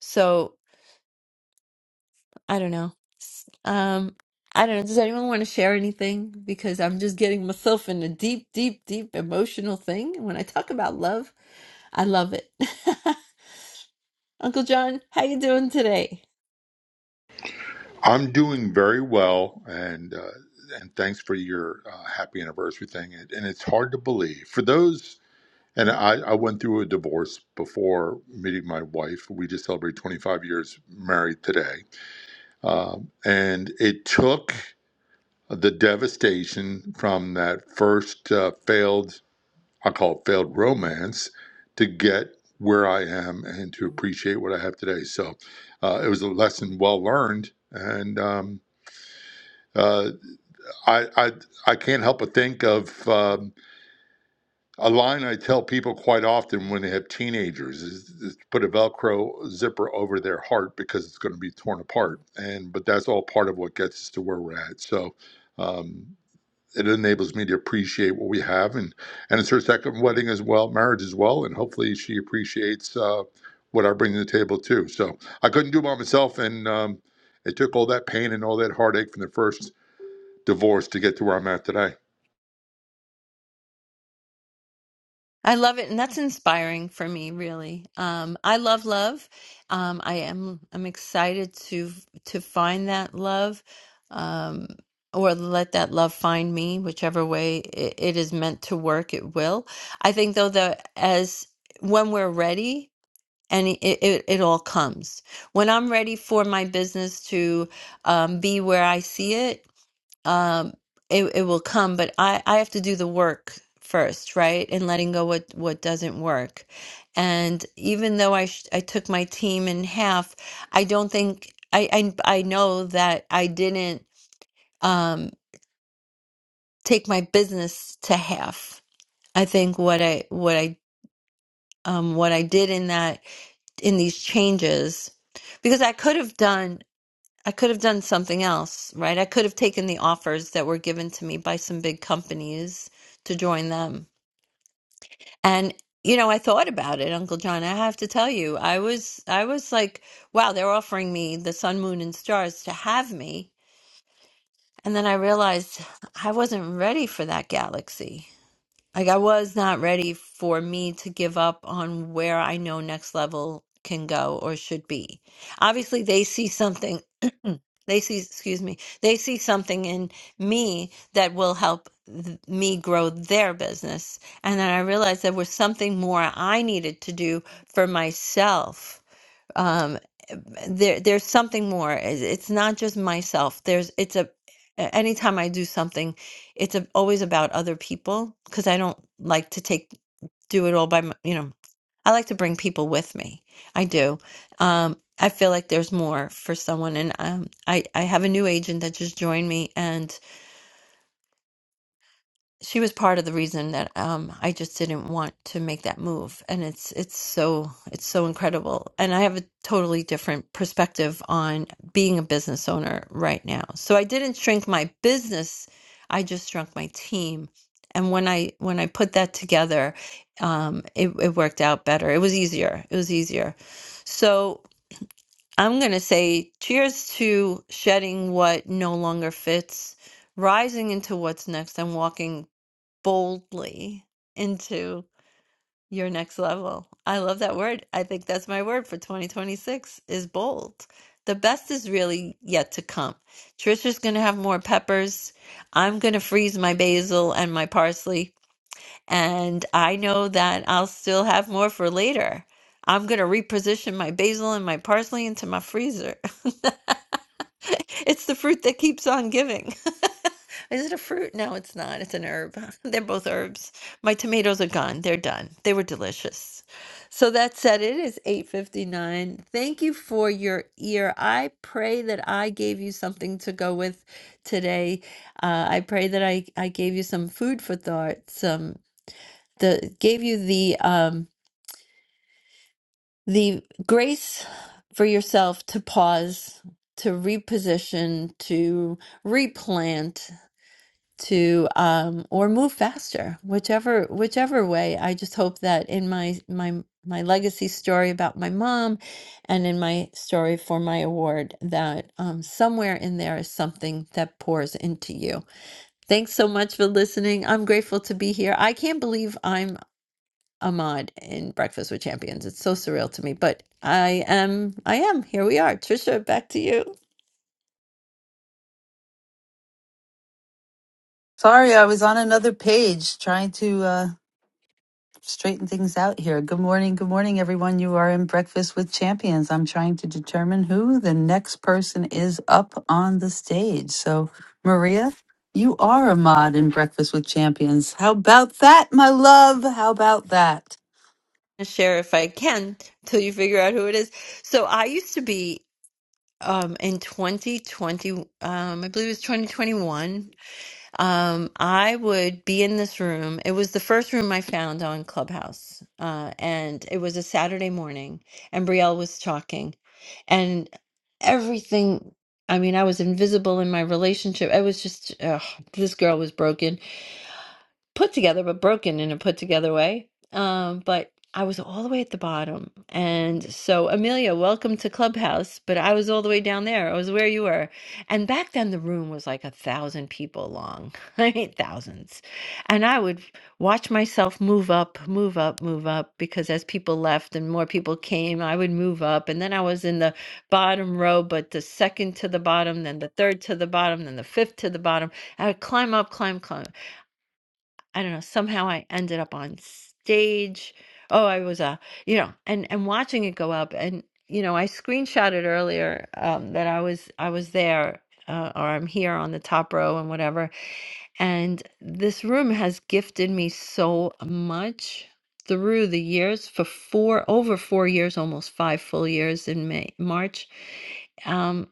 S23: so I don't know. S- Um, I don't know. Does anyone want to share anything? Because I'm just getting myself in a deep, deep, deep emotional thing. When I talk about love, I love it. Uncle John, how you doing today?
S27: I'm doing very well, and uh, and thanks for your uh, happy anniversary thing. And, and it's hard to believe for those. And I, I went through a divorce before meeting my wife. We just celebrated 25 years married today, um, and it took the devastation from that first uh, failed, I call it failed romance, to get where I am and to appreciate what I have today. So uh, it was a lesson well learned, and. Um, uh, I, I I can't help but think of um, a line I tell people quite often when they have teenagers is, is put a Velcro zipper over their heart because it's going to be torn apart. And but that's all part of what gets us to where we're at. So um, it enables me to appreciate what we have, and and it's her second wedding as well, marriage as well, and hopefully she appreciates uh, what I bring to the table too. So I couldn't do it by myself, and um, it took all that pain and all that heartache from the first divorce to get to where I'm at today.
S23: I love it, and that's inspiring for me, really. Um, I love love. Um, I am I'm excited to to find that love, um, or let that love find me, whichever way it, it is meant to work. It will. I think though that as when we're ready, and it, it it all comes. When I'm ready for my business to um, be where I see it, um it it will come but i i have to do the work first right and letting go what what doesn't work and even though i sh- i took my team in half i don't think i i, I know that i didn't um take my business to half i think what i what i um what i did in that in these changes because i could have done I could have done something else, right? I could have taken the offers that were given to me by some big companies to join them. And you know, I thought about it, Uncle John. I have to tell you, I was I was like, wow, they're offering me the sun, moon and stars to have me. And then I realized I wasn't ready for that galaxy. Like I was not ready for me to give up on where I know next level can go or should be. Obviously, they see something They see, excuse me, they see something in me that will help th- me grow their business. And then I realized there was something more I needed to do for myself. Um, there, there's something more. It- It's not just myself. There's, it's a, a- anytime I do something, it's a, always about other people because I don't like to take do it all by my, you know I like to bring people with me. I do. Um, I feel like there's more for someone, and um, I I have a new agent that just joined me, and she was part of the reason that um I just didn't want to make that move and it's it's so it's so incredible and I have a totally different perspective on being a business owner right now. So I didn't shrink my business, I just shrunk my team. And when I when I put that together, um it it worked out better. It was easier. It was easier. So I'm going to say cheers to shedding what no longer fits rising into what's next and walking boldly into your next level. I love that word. I think that's my word for 2026 is bold. The best is really yet to come. Trisha's going to have more peppers. I'm going to freeze my basil and my parsley and I know that I'll still have more for later. I'm going to reposition my basil and my parsley into my freezer. It's the fruit that keeps on giving. Is it a fruit? No, it's not. It's an herb. They're both herbs. My tomatoes are gone. They're done. They were delicious. So that said, it is 8:59. Thank you for your ear. I pray that I gave you something to go with today. Uh, I pray that I I gave you some food for thought, some the gave you the um the grace for yourself to pause, to reposition, to replant, to um, or move faster, whichever whichever way. I just hope that in my my my legacy story about my mom, and in my story for my award, that um, somewhere in there is something that pours into you. Thanks so much for listening. I'm grateful to be here. I can't believe I'm Ahmad in Breakfast with Champions. It's so surreal to me, but I am, I am. Here we are. Trisha, back to you.
S5: Sorry, I was on another page trying to. uh, straighten things out here. Good morning. Good morning, everyone. You are in Breakfast with Champions. I'm trying to determine who the next person is up on the stage. So, Maria, you are a mod in Breakfast with Champions. How about that, my love? How about that?
S23: i Share if I can till you figure out who it is. So I used to be um, in 2020, um, I believe it was 2021. Um, I would be in this room. It was the first room I found on Clubhouse, uh, and it was a Saturday morning, and Brielle was talking. and everything i mean i was invisible in my relationship i was just ugh, this girl was broken put together, but broken in a put together way. Um, but I was all the way at the bottom. And so, Amelia, welcome to Clubhouse. But I was all the way down there. I was where you were. And back then, the room was like a thousand people long. I mean, thousands. And I would watch myself move up, move up, move up, because as people left and more people came, I would move up. And then I was in the bottom row, but the second to the bottom, then the third to the bottom, then the fifth to the bottom. I would climb up, climb, climb. I don't know, somehow I ended up on stage. Oh, I was uh, you know, and and watching it go up and you know, I screenshotted earlier um that I was I was there uh, or I'm here on the top row and whatever. And this room has gifted me so much through the years for four over 4 years, almost 5 full years in May March. Um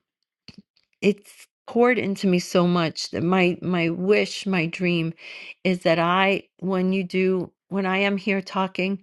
S23: it's poured into me so much that my my wish my dream is that i when you do when i am here talking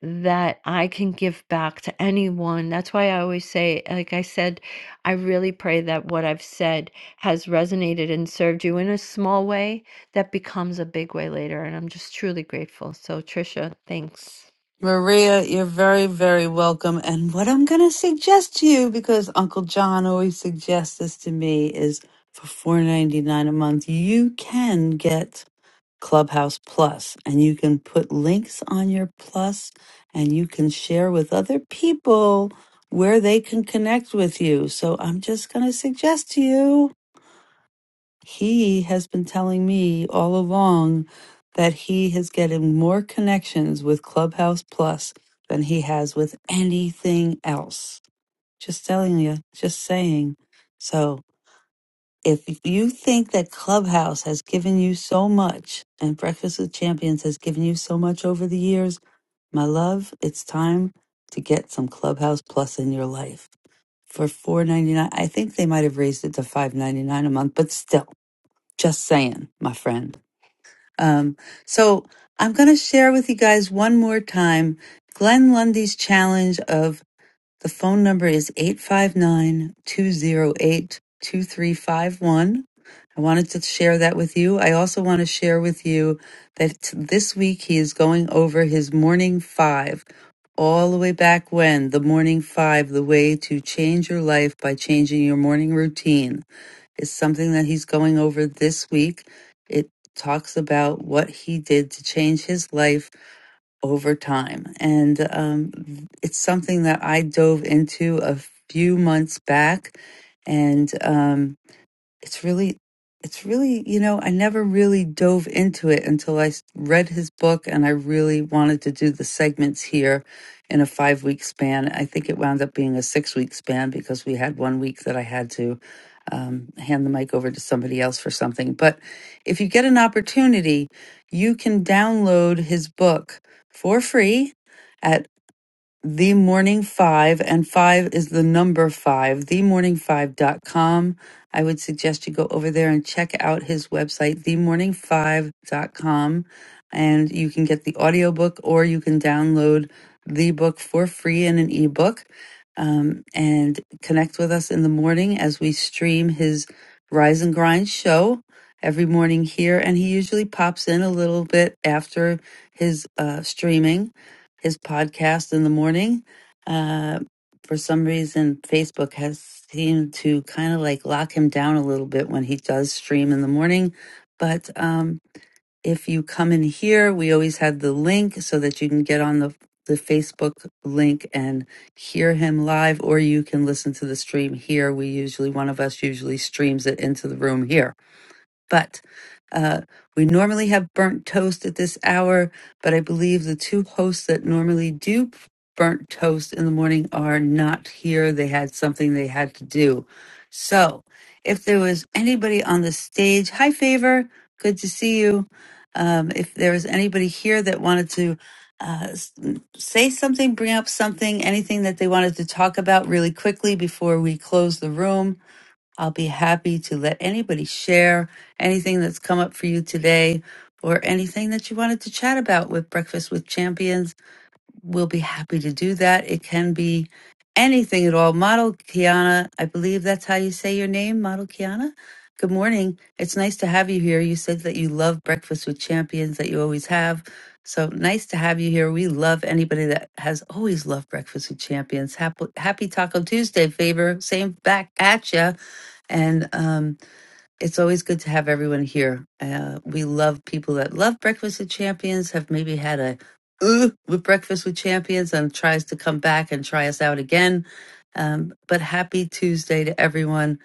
S23: that i can give back to anyone that's why i always say like i said i really pray that what i've said has resonated and served you in a small way that becomes a big way later and i'm just truly grateful so trisha thanks
S5: Maria, you're very, very welcome. And what I'm going to suggest to you, because Uncle John always suggests this to me, is for $4.99 a month, you can get Clubhouse Plus, and you can put links on your Plus and you can share with other people where they can connect with you. So I'm just going to suggest to you, he has been telling me all along that he is getting more connections with Clubhouse Plus than he has with anything else. Just telling you, just saying. So, if you think that Clubhouse has given you so much and Breakfast with Champions has given you so much over the years, my love, it's time to get some Clubhouse Plus in your life for four ninety nine. I think they might have raised it to five ninety nine a month, but still, just saying, my friend. Um, so I'm gonna share with you guys one more time Glenn Lundy's challenge of the phone number is 859 208 2351. I wanted to share that with you. I also want to share with you that this week he is going over his morning five, all the way back when the morning five, the way to change your life by changing your morning routine, is something that he's going over this week. It talks about what he did to change his life over time. And um, it's something that I dove into a few months back. And um, it's really it's really you know i never really dove into it until i s- read his book and i really wanted to do the segments here in a five week span i think it wound up being a six week span because we had one week that i had to um, hand the mic over to somebody else for something but if you get an opportunity you can download his book for free the Morning Five, and five is the number 5 the morning five dot com. I would suggest you go over there and check out his website, the morning five dot com, and you can get the audiobook or you can download the book for free in an ebook um, and connect with us in the morning as we stream his Rise and Grind show every morning here. And he usually pops in a little bit after his uh, streaming his podcast in the morning. Uh, for some reason, Facebook has seemed to kind of like lock him down a little bit when he does stream in the morning. But um, if you come in here, we always have the link so that you can get on the the Facebook link and hear him live, or you can listen to the stream here. We usually, one of us usually streams it into the room here. But uh, we normally have burnt toast at this hour, but I believe the two hosts that normally do burnt toast in the morning are not here. They had something they had to do. So if there was anybody on the stage, hi, Favor, good to see you. Um, if there was anybody here that wanted to uh, s- say something, bring up something, anything that they wanted to talk about really quickly before we close the room, I'll be happy to let anybody share anything that's come up for you today or anything that you wanted to chat about with Breakfast with Champions. We'll be happy to do that. It can be anything at all. Model Kiana, I believe that's how you say your name, Model Kiana. Good morning. It's nice to have you here. You said that you love Breakfast with Champions, that you always have. So nice to have you here. We love anybody that has always loved Breakfast with Champions. Happy, happy Taco Tuesday, Faber. Same back at ya. And um, it's always good to have everyone here. Uh, we love people that love Breakfast with Champions, have maybe had a ooh with Breakfast with Champions and tries to come back and try us out again. Um, but happy Tuesday to everyone.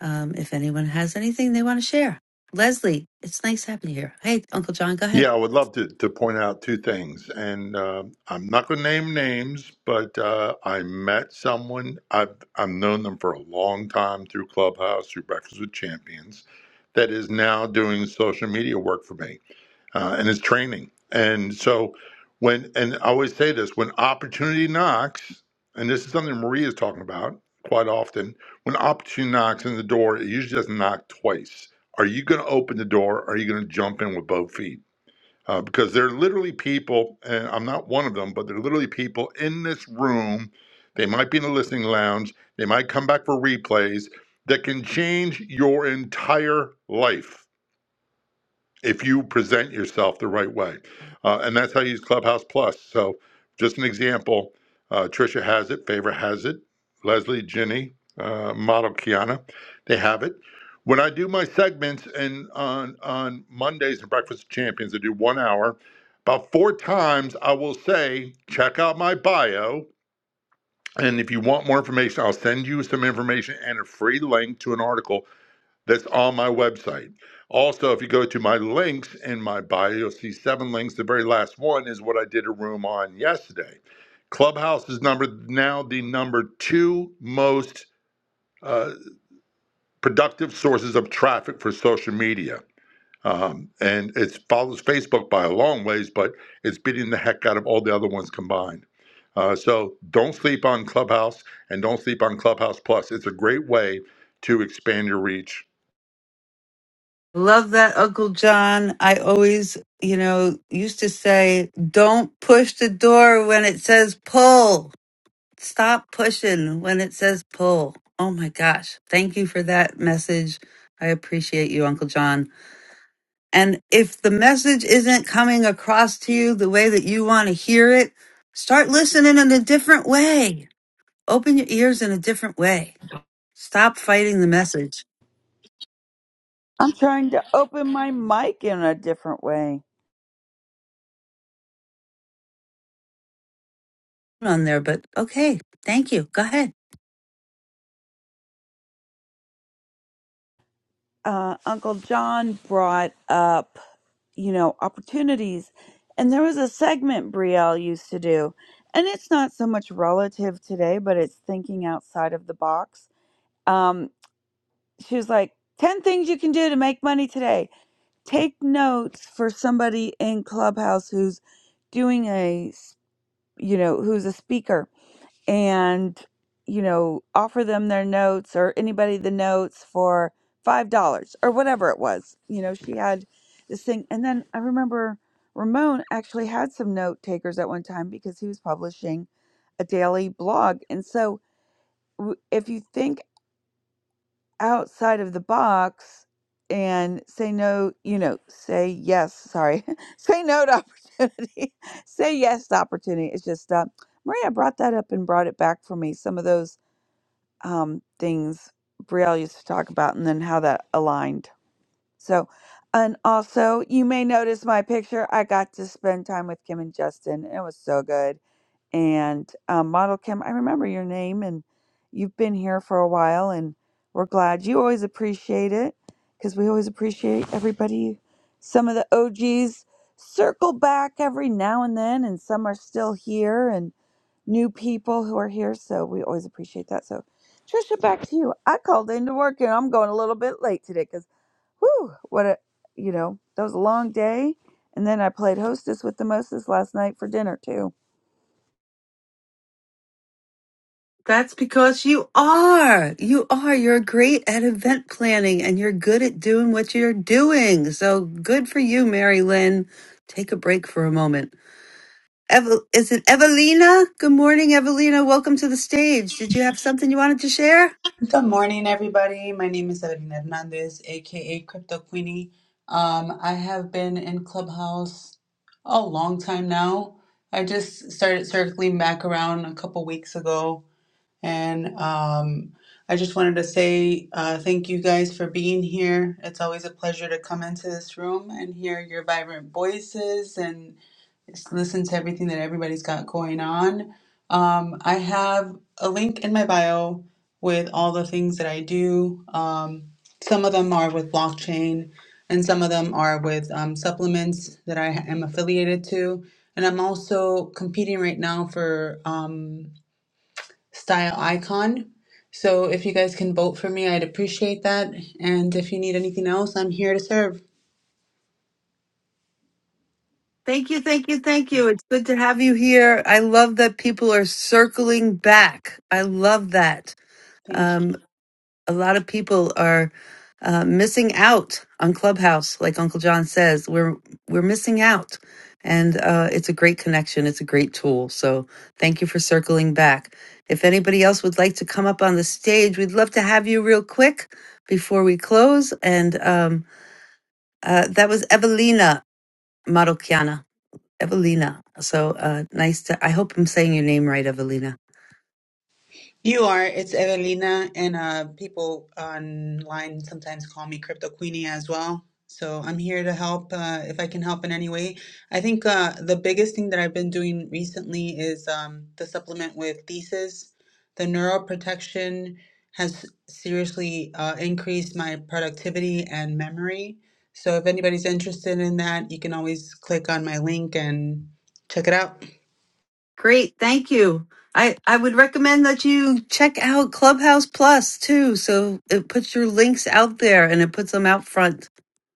S5: Um, if anyone has anything they want to share, Leslie, it's nice having you here. Hey, Uncle John, go ahead.
S27: Yeah, I would love to, to point out two things. And uh, I'm not going to name names, but uh, I met someone, I've, I've known them for a long time through Clubhouse, through Breakfast with Champions, that is now doing social media work for me uh, and is training. And so, when, and I always say this when opportunity knocks, and this is something Maria is talking about quite often, when opportunity knocks in the door, it usually doesn't knock twice. Are you going to open the door? Or are you going to jump in with both feet? uh, because there are literally people, and I'm not one of them, but there are literally people in this room. They might be in the listening lounge, they might come back for replays that can change your entire life if you present yourself the right way. Uh, and that's how you use Clubhouse Plus. So, just an example uh, Trisha has it, Favor has it, Leslie, Ginny, uh, model Kiana, they have it. When I do my segments and on, on Mondays and Breakfast of Champions, I do one hour. About four times, I will say, check out my bio. And if you want more information, I'll send you some information and a free link to an article that's on my website. Also, if you go to my links in my bio, you'll see seven links. The very last one is what I did a room on yesterday. Clubhouse is number now the number two most uh, productive sources of traffic for social media. Um, and it follows Facebook by a long ways, but it's beating the heck out of all the other ones combined. Uh, so don't sleep on Clubhouse and don't sleep on Clubhouse Plus. It's a great way to expand your reach
S5: Love that, Uncle John. I always, you know, used to say, don't push the door when it says pull stop pushing when it says pull. Oh my gosh. Thank you for that message. I appreciate you, Uncle John. And if the message isn't coming across to you the way that you want to hear it, start listening in a different way. Open your ears in a different way. Stop fighting the message
S2: I'm trying to open my mic in a different way.
S5: on there, but okay. Thank you. Go ahead.
S2: Uh, Uncle John brought up, you know, opportunities, and there was a segment Brielle used to do, and it's not so much relative today, but it's thinking outside of the box. Um, she was like, 10 things you can do to make money today take notes for somebody in clubhouse who's doing a s- you know who's a speaker and you know offer them their notes or anybody the notes for five dollars or whatever it was you know she had this thing and then i remember ramon actually had some note takers at one time because he was publishing a daily blog and so w- if you think outside of the box and say no, you know, say yes, sorry, say no to opportunity, say yes to opportunity. It's just, uh, Maria brought that up and brought it back for me. Some of those um, things Brielle used to talk about and then how that aligned. So, and also, you may notice my picture. I got to spend time with Kim and Justin. It was so good and um, Model Kim, I remember your name, and you've been here for a while, and we're glad you always appreciate it because we always appreciate everybody. Some of the OGs circle back every now and then, and some are still here, and new people who are here, so we always appreciate that. So, Trisha, back to you. I called into work, and I'm going a little bit late today because, whoo, what a you know that was a long day, and then I played hostess with the mostest last night for dinner too.
S5: That's because you are. You are. You're great at event planning and you're good at doing what you're doing. So good for you, Mary Lynn. Take a break for a moment. Eve- is it Evelina? Good morning, Evelina. Welcome to the stage. Did you have something you wanted to share?
S28: Good morning, everybody. My name is Sabrina Hernandez, aka Crypto Queenie. Um, I have been in Clubhouse a long time now. I just started circling back around a couple weeks ago, and um, I just wanted to say uh, thank you guys for being here. It's always a pleasure to come into this room and hear your vibrant voices and listen to everything that everybody's got going on. Um, I have a link in my bio with all the things that I do. Um, some of them are with blockchain, and some of them are with um, supplements that I am affiliated to. And I'm also competing right now for um, Style Icon. So if you guys can vote for me, I'd appreciate that. And if you need anything else, I'm here to serve.
S5: Thank you, thank you, thank you. It's good to have you here. I love that people are circling back. I love that.
S28: Thank you.
S5: Um, a lot of people are uh, missing out on Clubhouse, like Uncle John says. We're we're missing out, and uh, it's a great connection. It's a great tool. So thank you for circling back. If anybody else would like to come up on the stage, we'd love to have you real quick before we close. And um, uh, that was Evelina Marocchiana. Evelina. So uh, nice to. I hope I'm saying your name right, Evelina.
S28: You are. It's Evelina, and uh, people online sometimes call me Crypto Queenie as well. So I'm here to help uh, if I can help in any way. I think uh, the biggest thing that I've been doing recently is um, the supplement with Thesis. The neuroprotection has seriously uh, increased my productivity and memory. So if anybody's interested in that, you can always click on my link and check it out.
S5: Great, thank you. I I would recommend that you check out Clubhouse Plus too. So it puts your links out there and it puts them out front.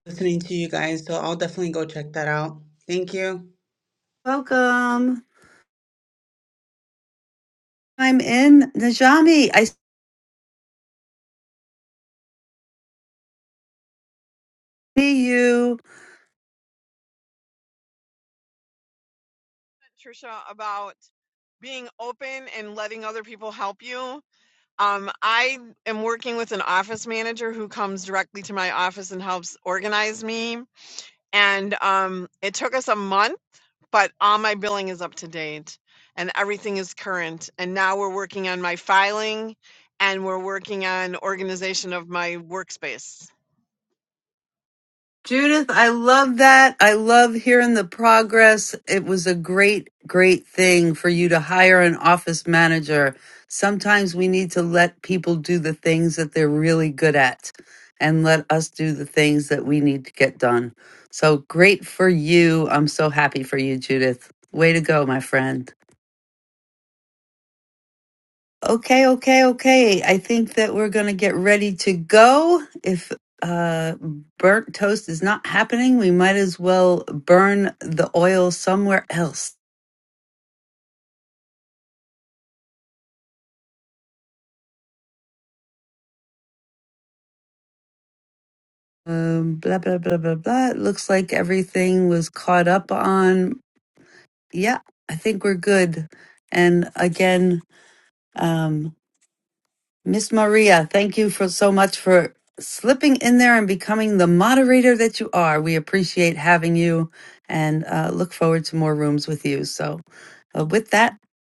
S28: Listening to you guys, so I'll definitely go check that out. Thank you.
S5: Welcome. I'm in Najami. I see you.
S29: Trisha, about being open and letting other people help you. Um, I am working with an office manager who comes directly to my office and helps organize me. And um, it took us a month, but all my billing is up to date and everything is current. And now we're working on my filing and we're working on organization of my workspace.
S5: Judith, I love that. I love hearing the progress. It was a great, great thing for you to hire an office manager. Sometimes we need to let people do the things that they're really good at and let us do the things that we need to get done. So great for you. I'm so happy for you, Judith. Way to go, my friend. Okay, okay, okay. I think that we're going to get ready to go. If uh, burnt toast is not happening, we might as well burn the oil somewhere else. Um, blah, blah, blah, blah, blah. It looks like everything was caught up on. Yeah, I think we're good. And again, um, Miss Maria, thank you for so much for slipping in there and becoming the moderator that you are. We appreciate having you and uh, look forward to more rooms with you. So, uh, with that,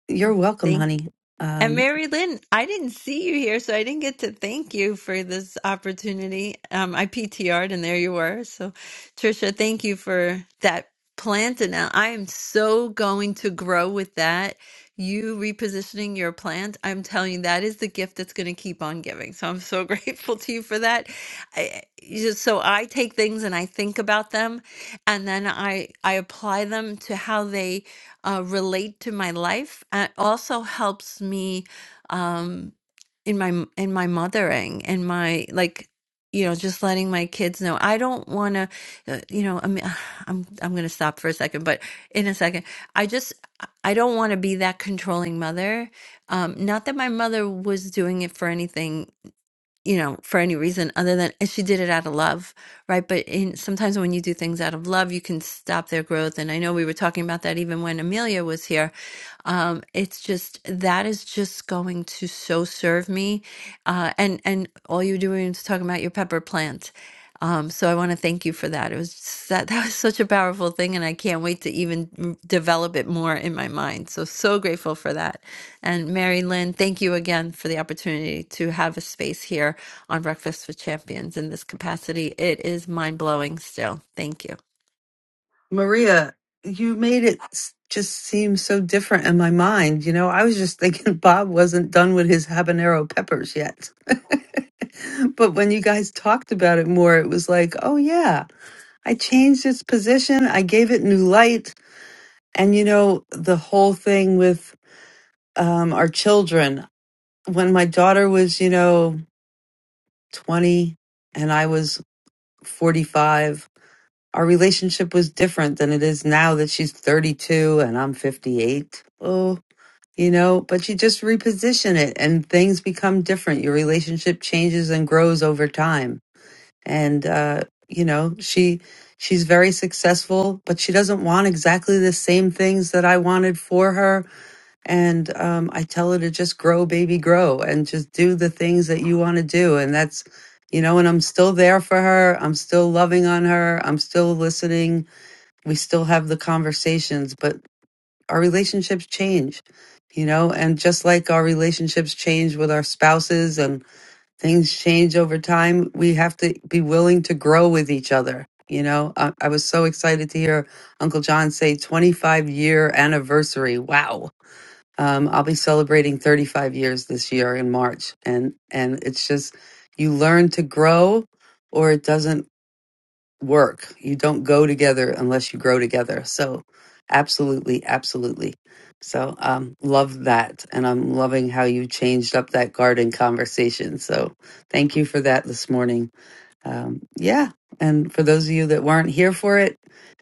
S5: you're welcome,
S23: Thank.
S5: honey.
S23: And
S5: Um,
S23: Mary Lynn, I didn't see you here, so I didn't get to thank you for this opportunity. Um, I PTR'd and there you were. So, Trisha, thank you for that plant. And now I am so going to grow with that. You repositioning your plant, I'm telling you, that is the gift that's going to keep on giving. So, I'm so grateful to you for that. I, you just, so, I take things and I think about them, and then I, I apply them to how they uh, relate to my life. And it also helps me um, in my m- in my mothering and my like you know just letting my kids know i don't want to uh, you know i mean i'm i'm going to stop for a second but in a second i just i don't want to be that controlling mother um not that my mother was doing it for anything you know, for any reason other than and she did it out of love, right? But in sometimes when you do things out of love, you can stop their growth. And I know we were talking about that even when Amelia was here. Um, it's just that is just going to so serve me, uh, and and all you're doing is talking about your pepper plant. Um, so I want to thank you for that for that. It was that that was such a powerful thing, and I can't wait to even develop it more in my mind. So so grateful for that. And Mary Lynn, thank you again for the opportunity to have a space here on Breakfast with Champions in this capacity. It is mind blowing. Still, thank you.
S5: Maria, you made it s- just seem so different in my mind. You know, I was just thinking Bob wasn't done with his habanero peppers yet. but when you guys talked about it more, it was like, oh, yeah, I changed its position, I gave it new light And you know, the whole thing with um, our children, when my daughter was, you know, 20 and I was 45, our relationship was different than it is now that she's 32 and I'm 58. Oh, you know, but you just reposition it and things become different. Your relationship changes and grows over time. And, uh, you know, she she's very successful, but she doesn't want exactly the same things that I wanted for her And um, I tell her to just grow, baby, grow, and just do the things that you want to do. And that's, you know, and I'm still there for her. I'm still loving on her. I'm still listening. We still have the conversations, but our relationships change, you know, and just like our relationships change with our spouses and things change over time, we have to be willing to grow with each other. You know, I, I was so excited to hear Uncle John say 25 year anniversary. Wow um, I'll be celebrating 35 years this year in March, and and it's just you learn to grow, or it doesn't work. You don't go together unless you grow together. So, absolutely, absolutely. So, um, love that, and I'm loving how you changed up that garden conversation. So, thank you for that this morning. Um, yeah, and for those of you that weren't here for it,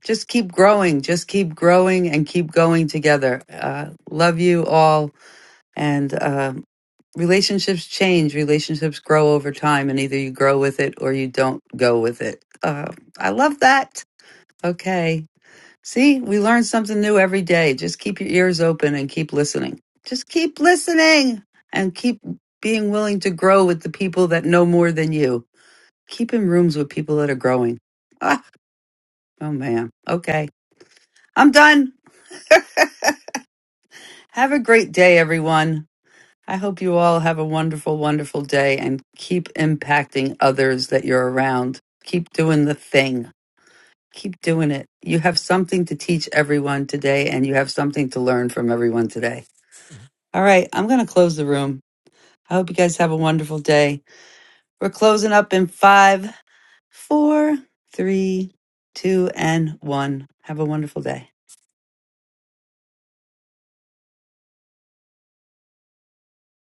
S5: just keep growing, just keep growing, and keep going together. Uh, love you all and uh, relationships change, relationships grow over time, and either you grow with it or you don't go with it. Uh, I love that. Okay. See, we learn something new every day. Just keep your ears open and keep listening. Just keep listening and keep being willing to grow with the people that know more than you. Keep in rooms with people that are growing. Ah, oh, man. Okay. I'm done. Have a great day, everyone. I hope you all have a wonderful, wonderful day and keep impacting others that you're around. Keep doing the thing. Keep doing it. You have something to teach everyone today and you have something to learn from everyone today. All right, I'm going to close the room. I hope you guys have a wonderful day. We're closing up in five, four, three, two, and one. Have a wonderful day.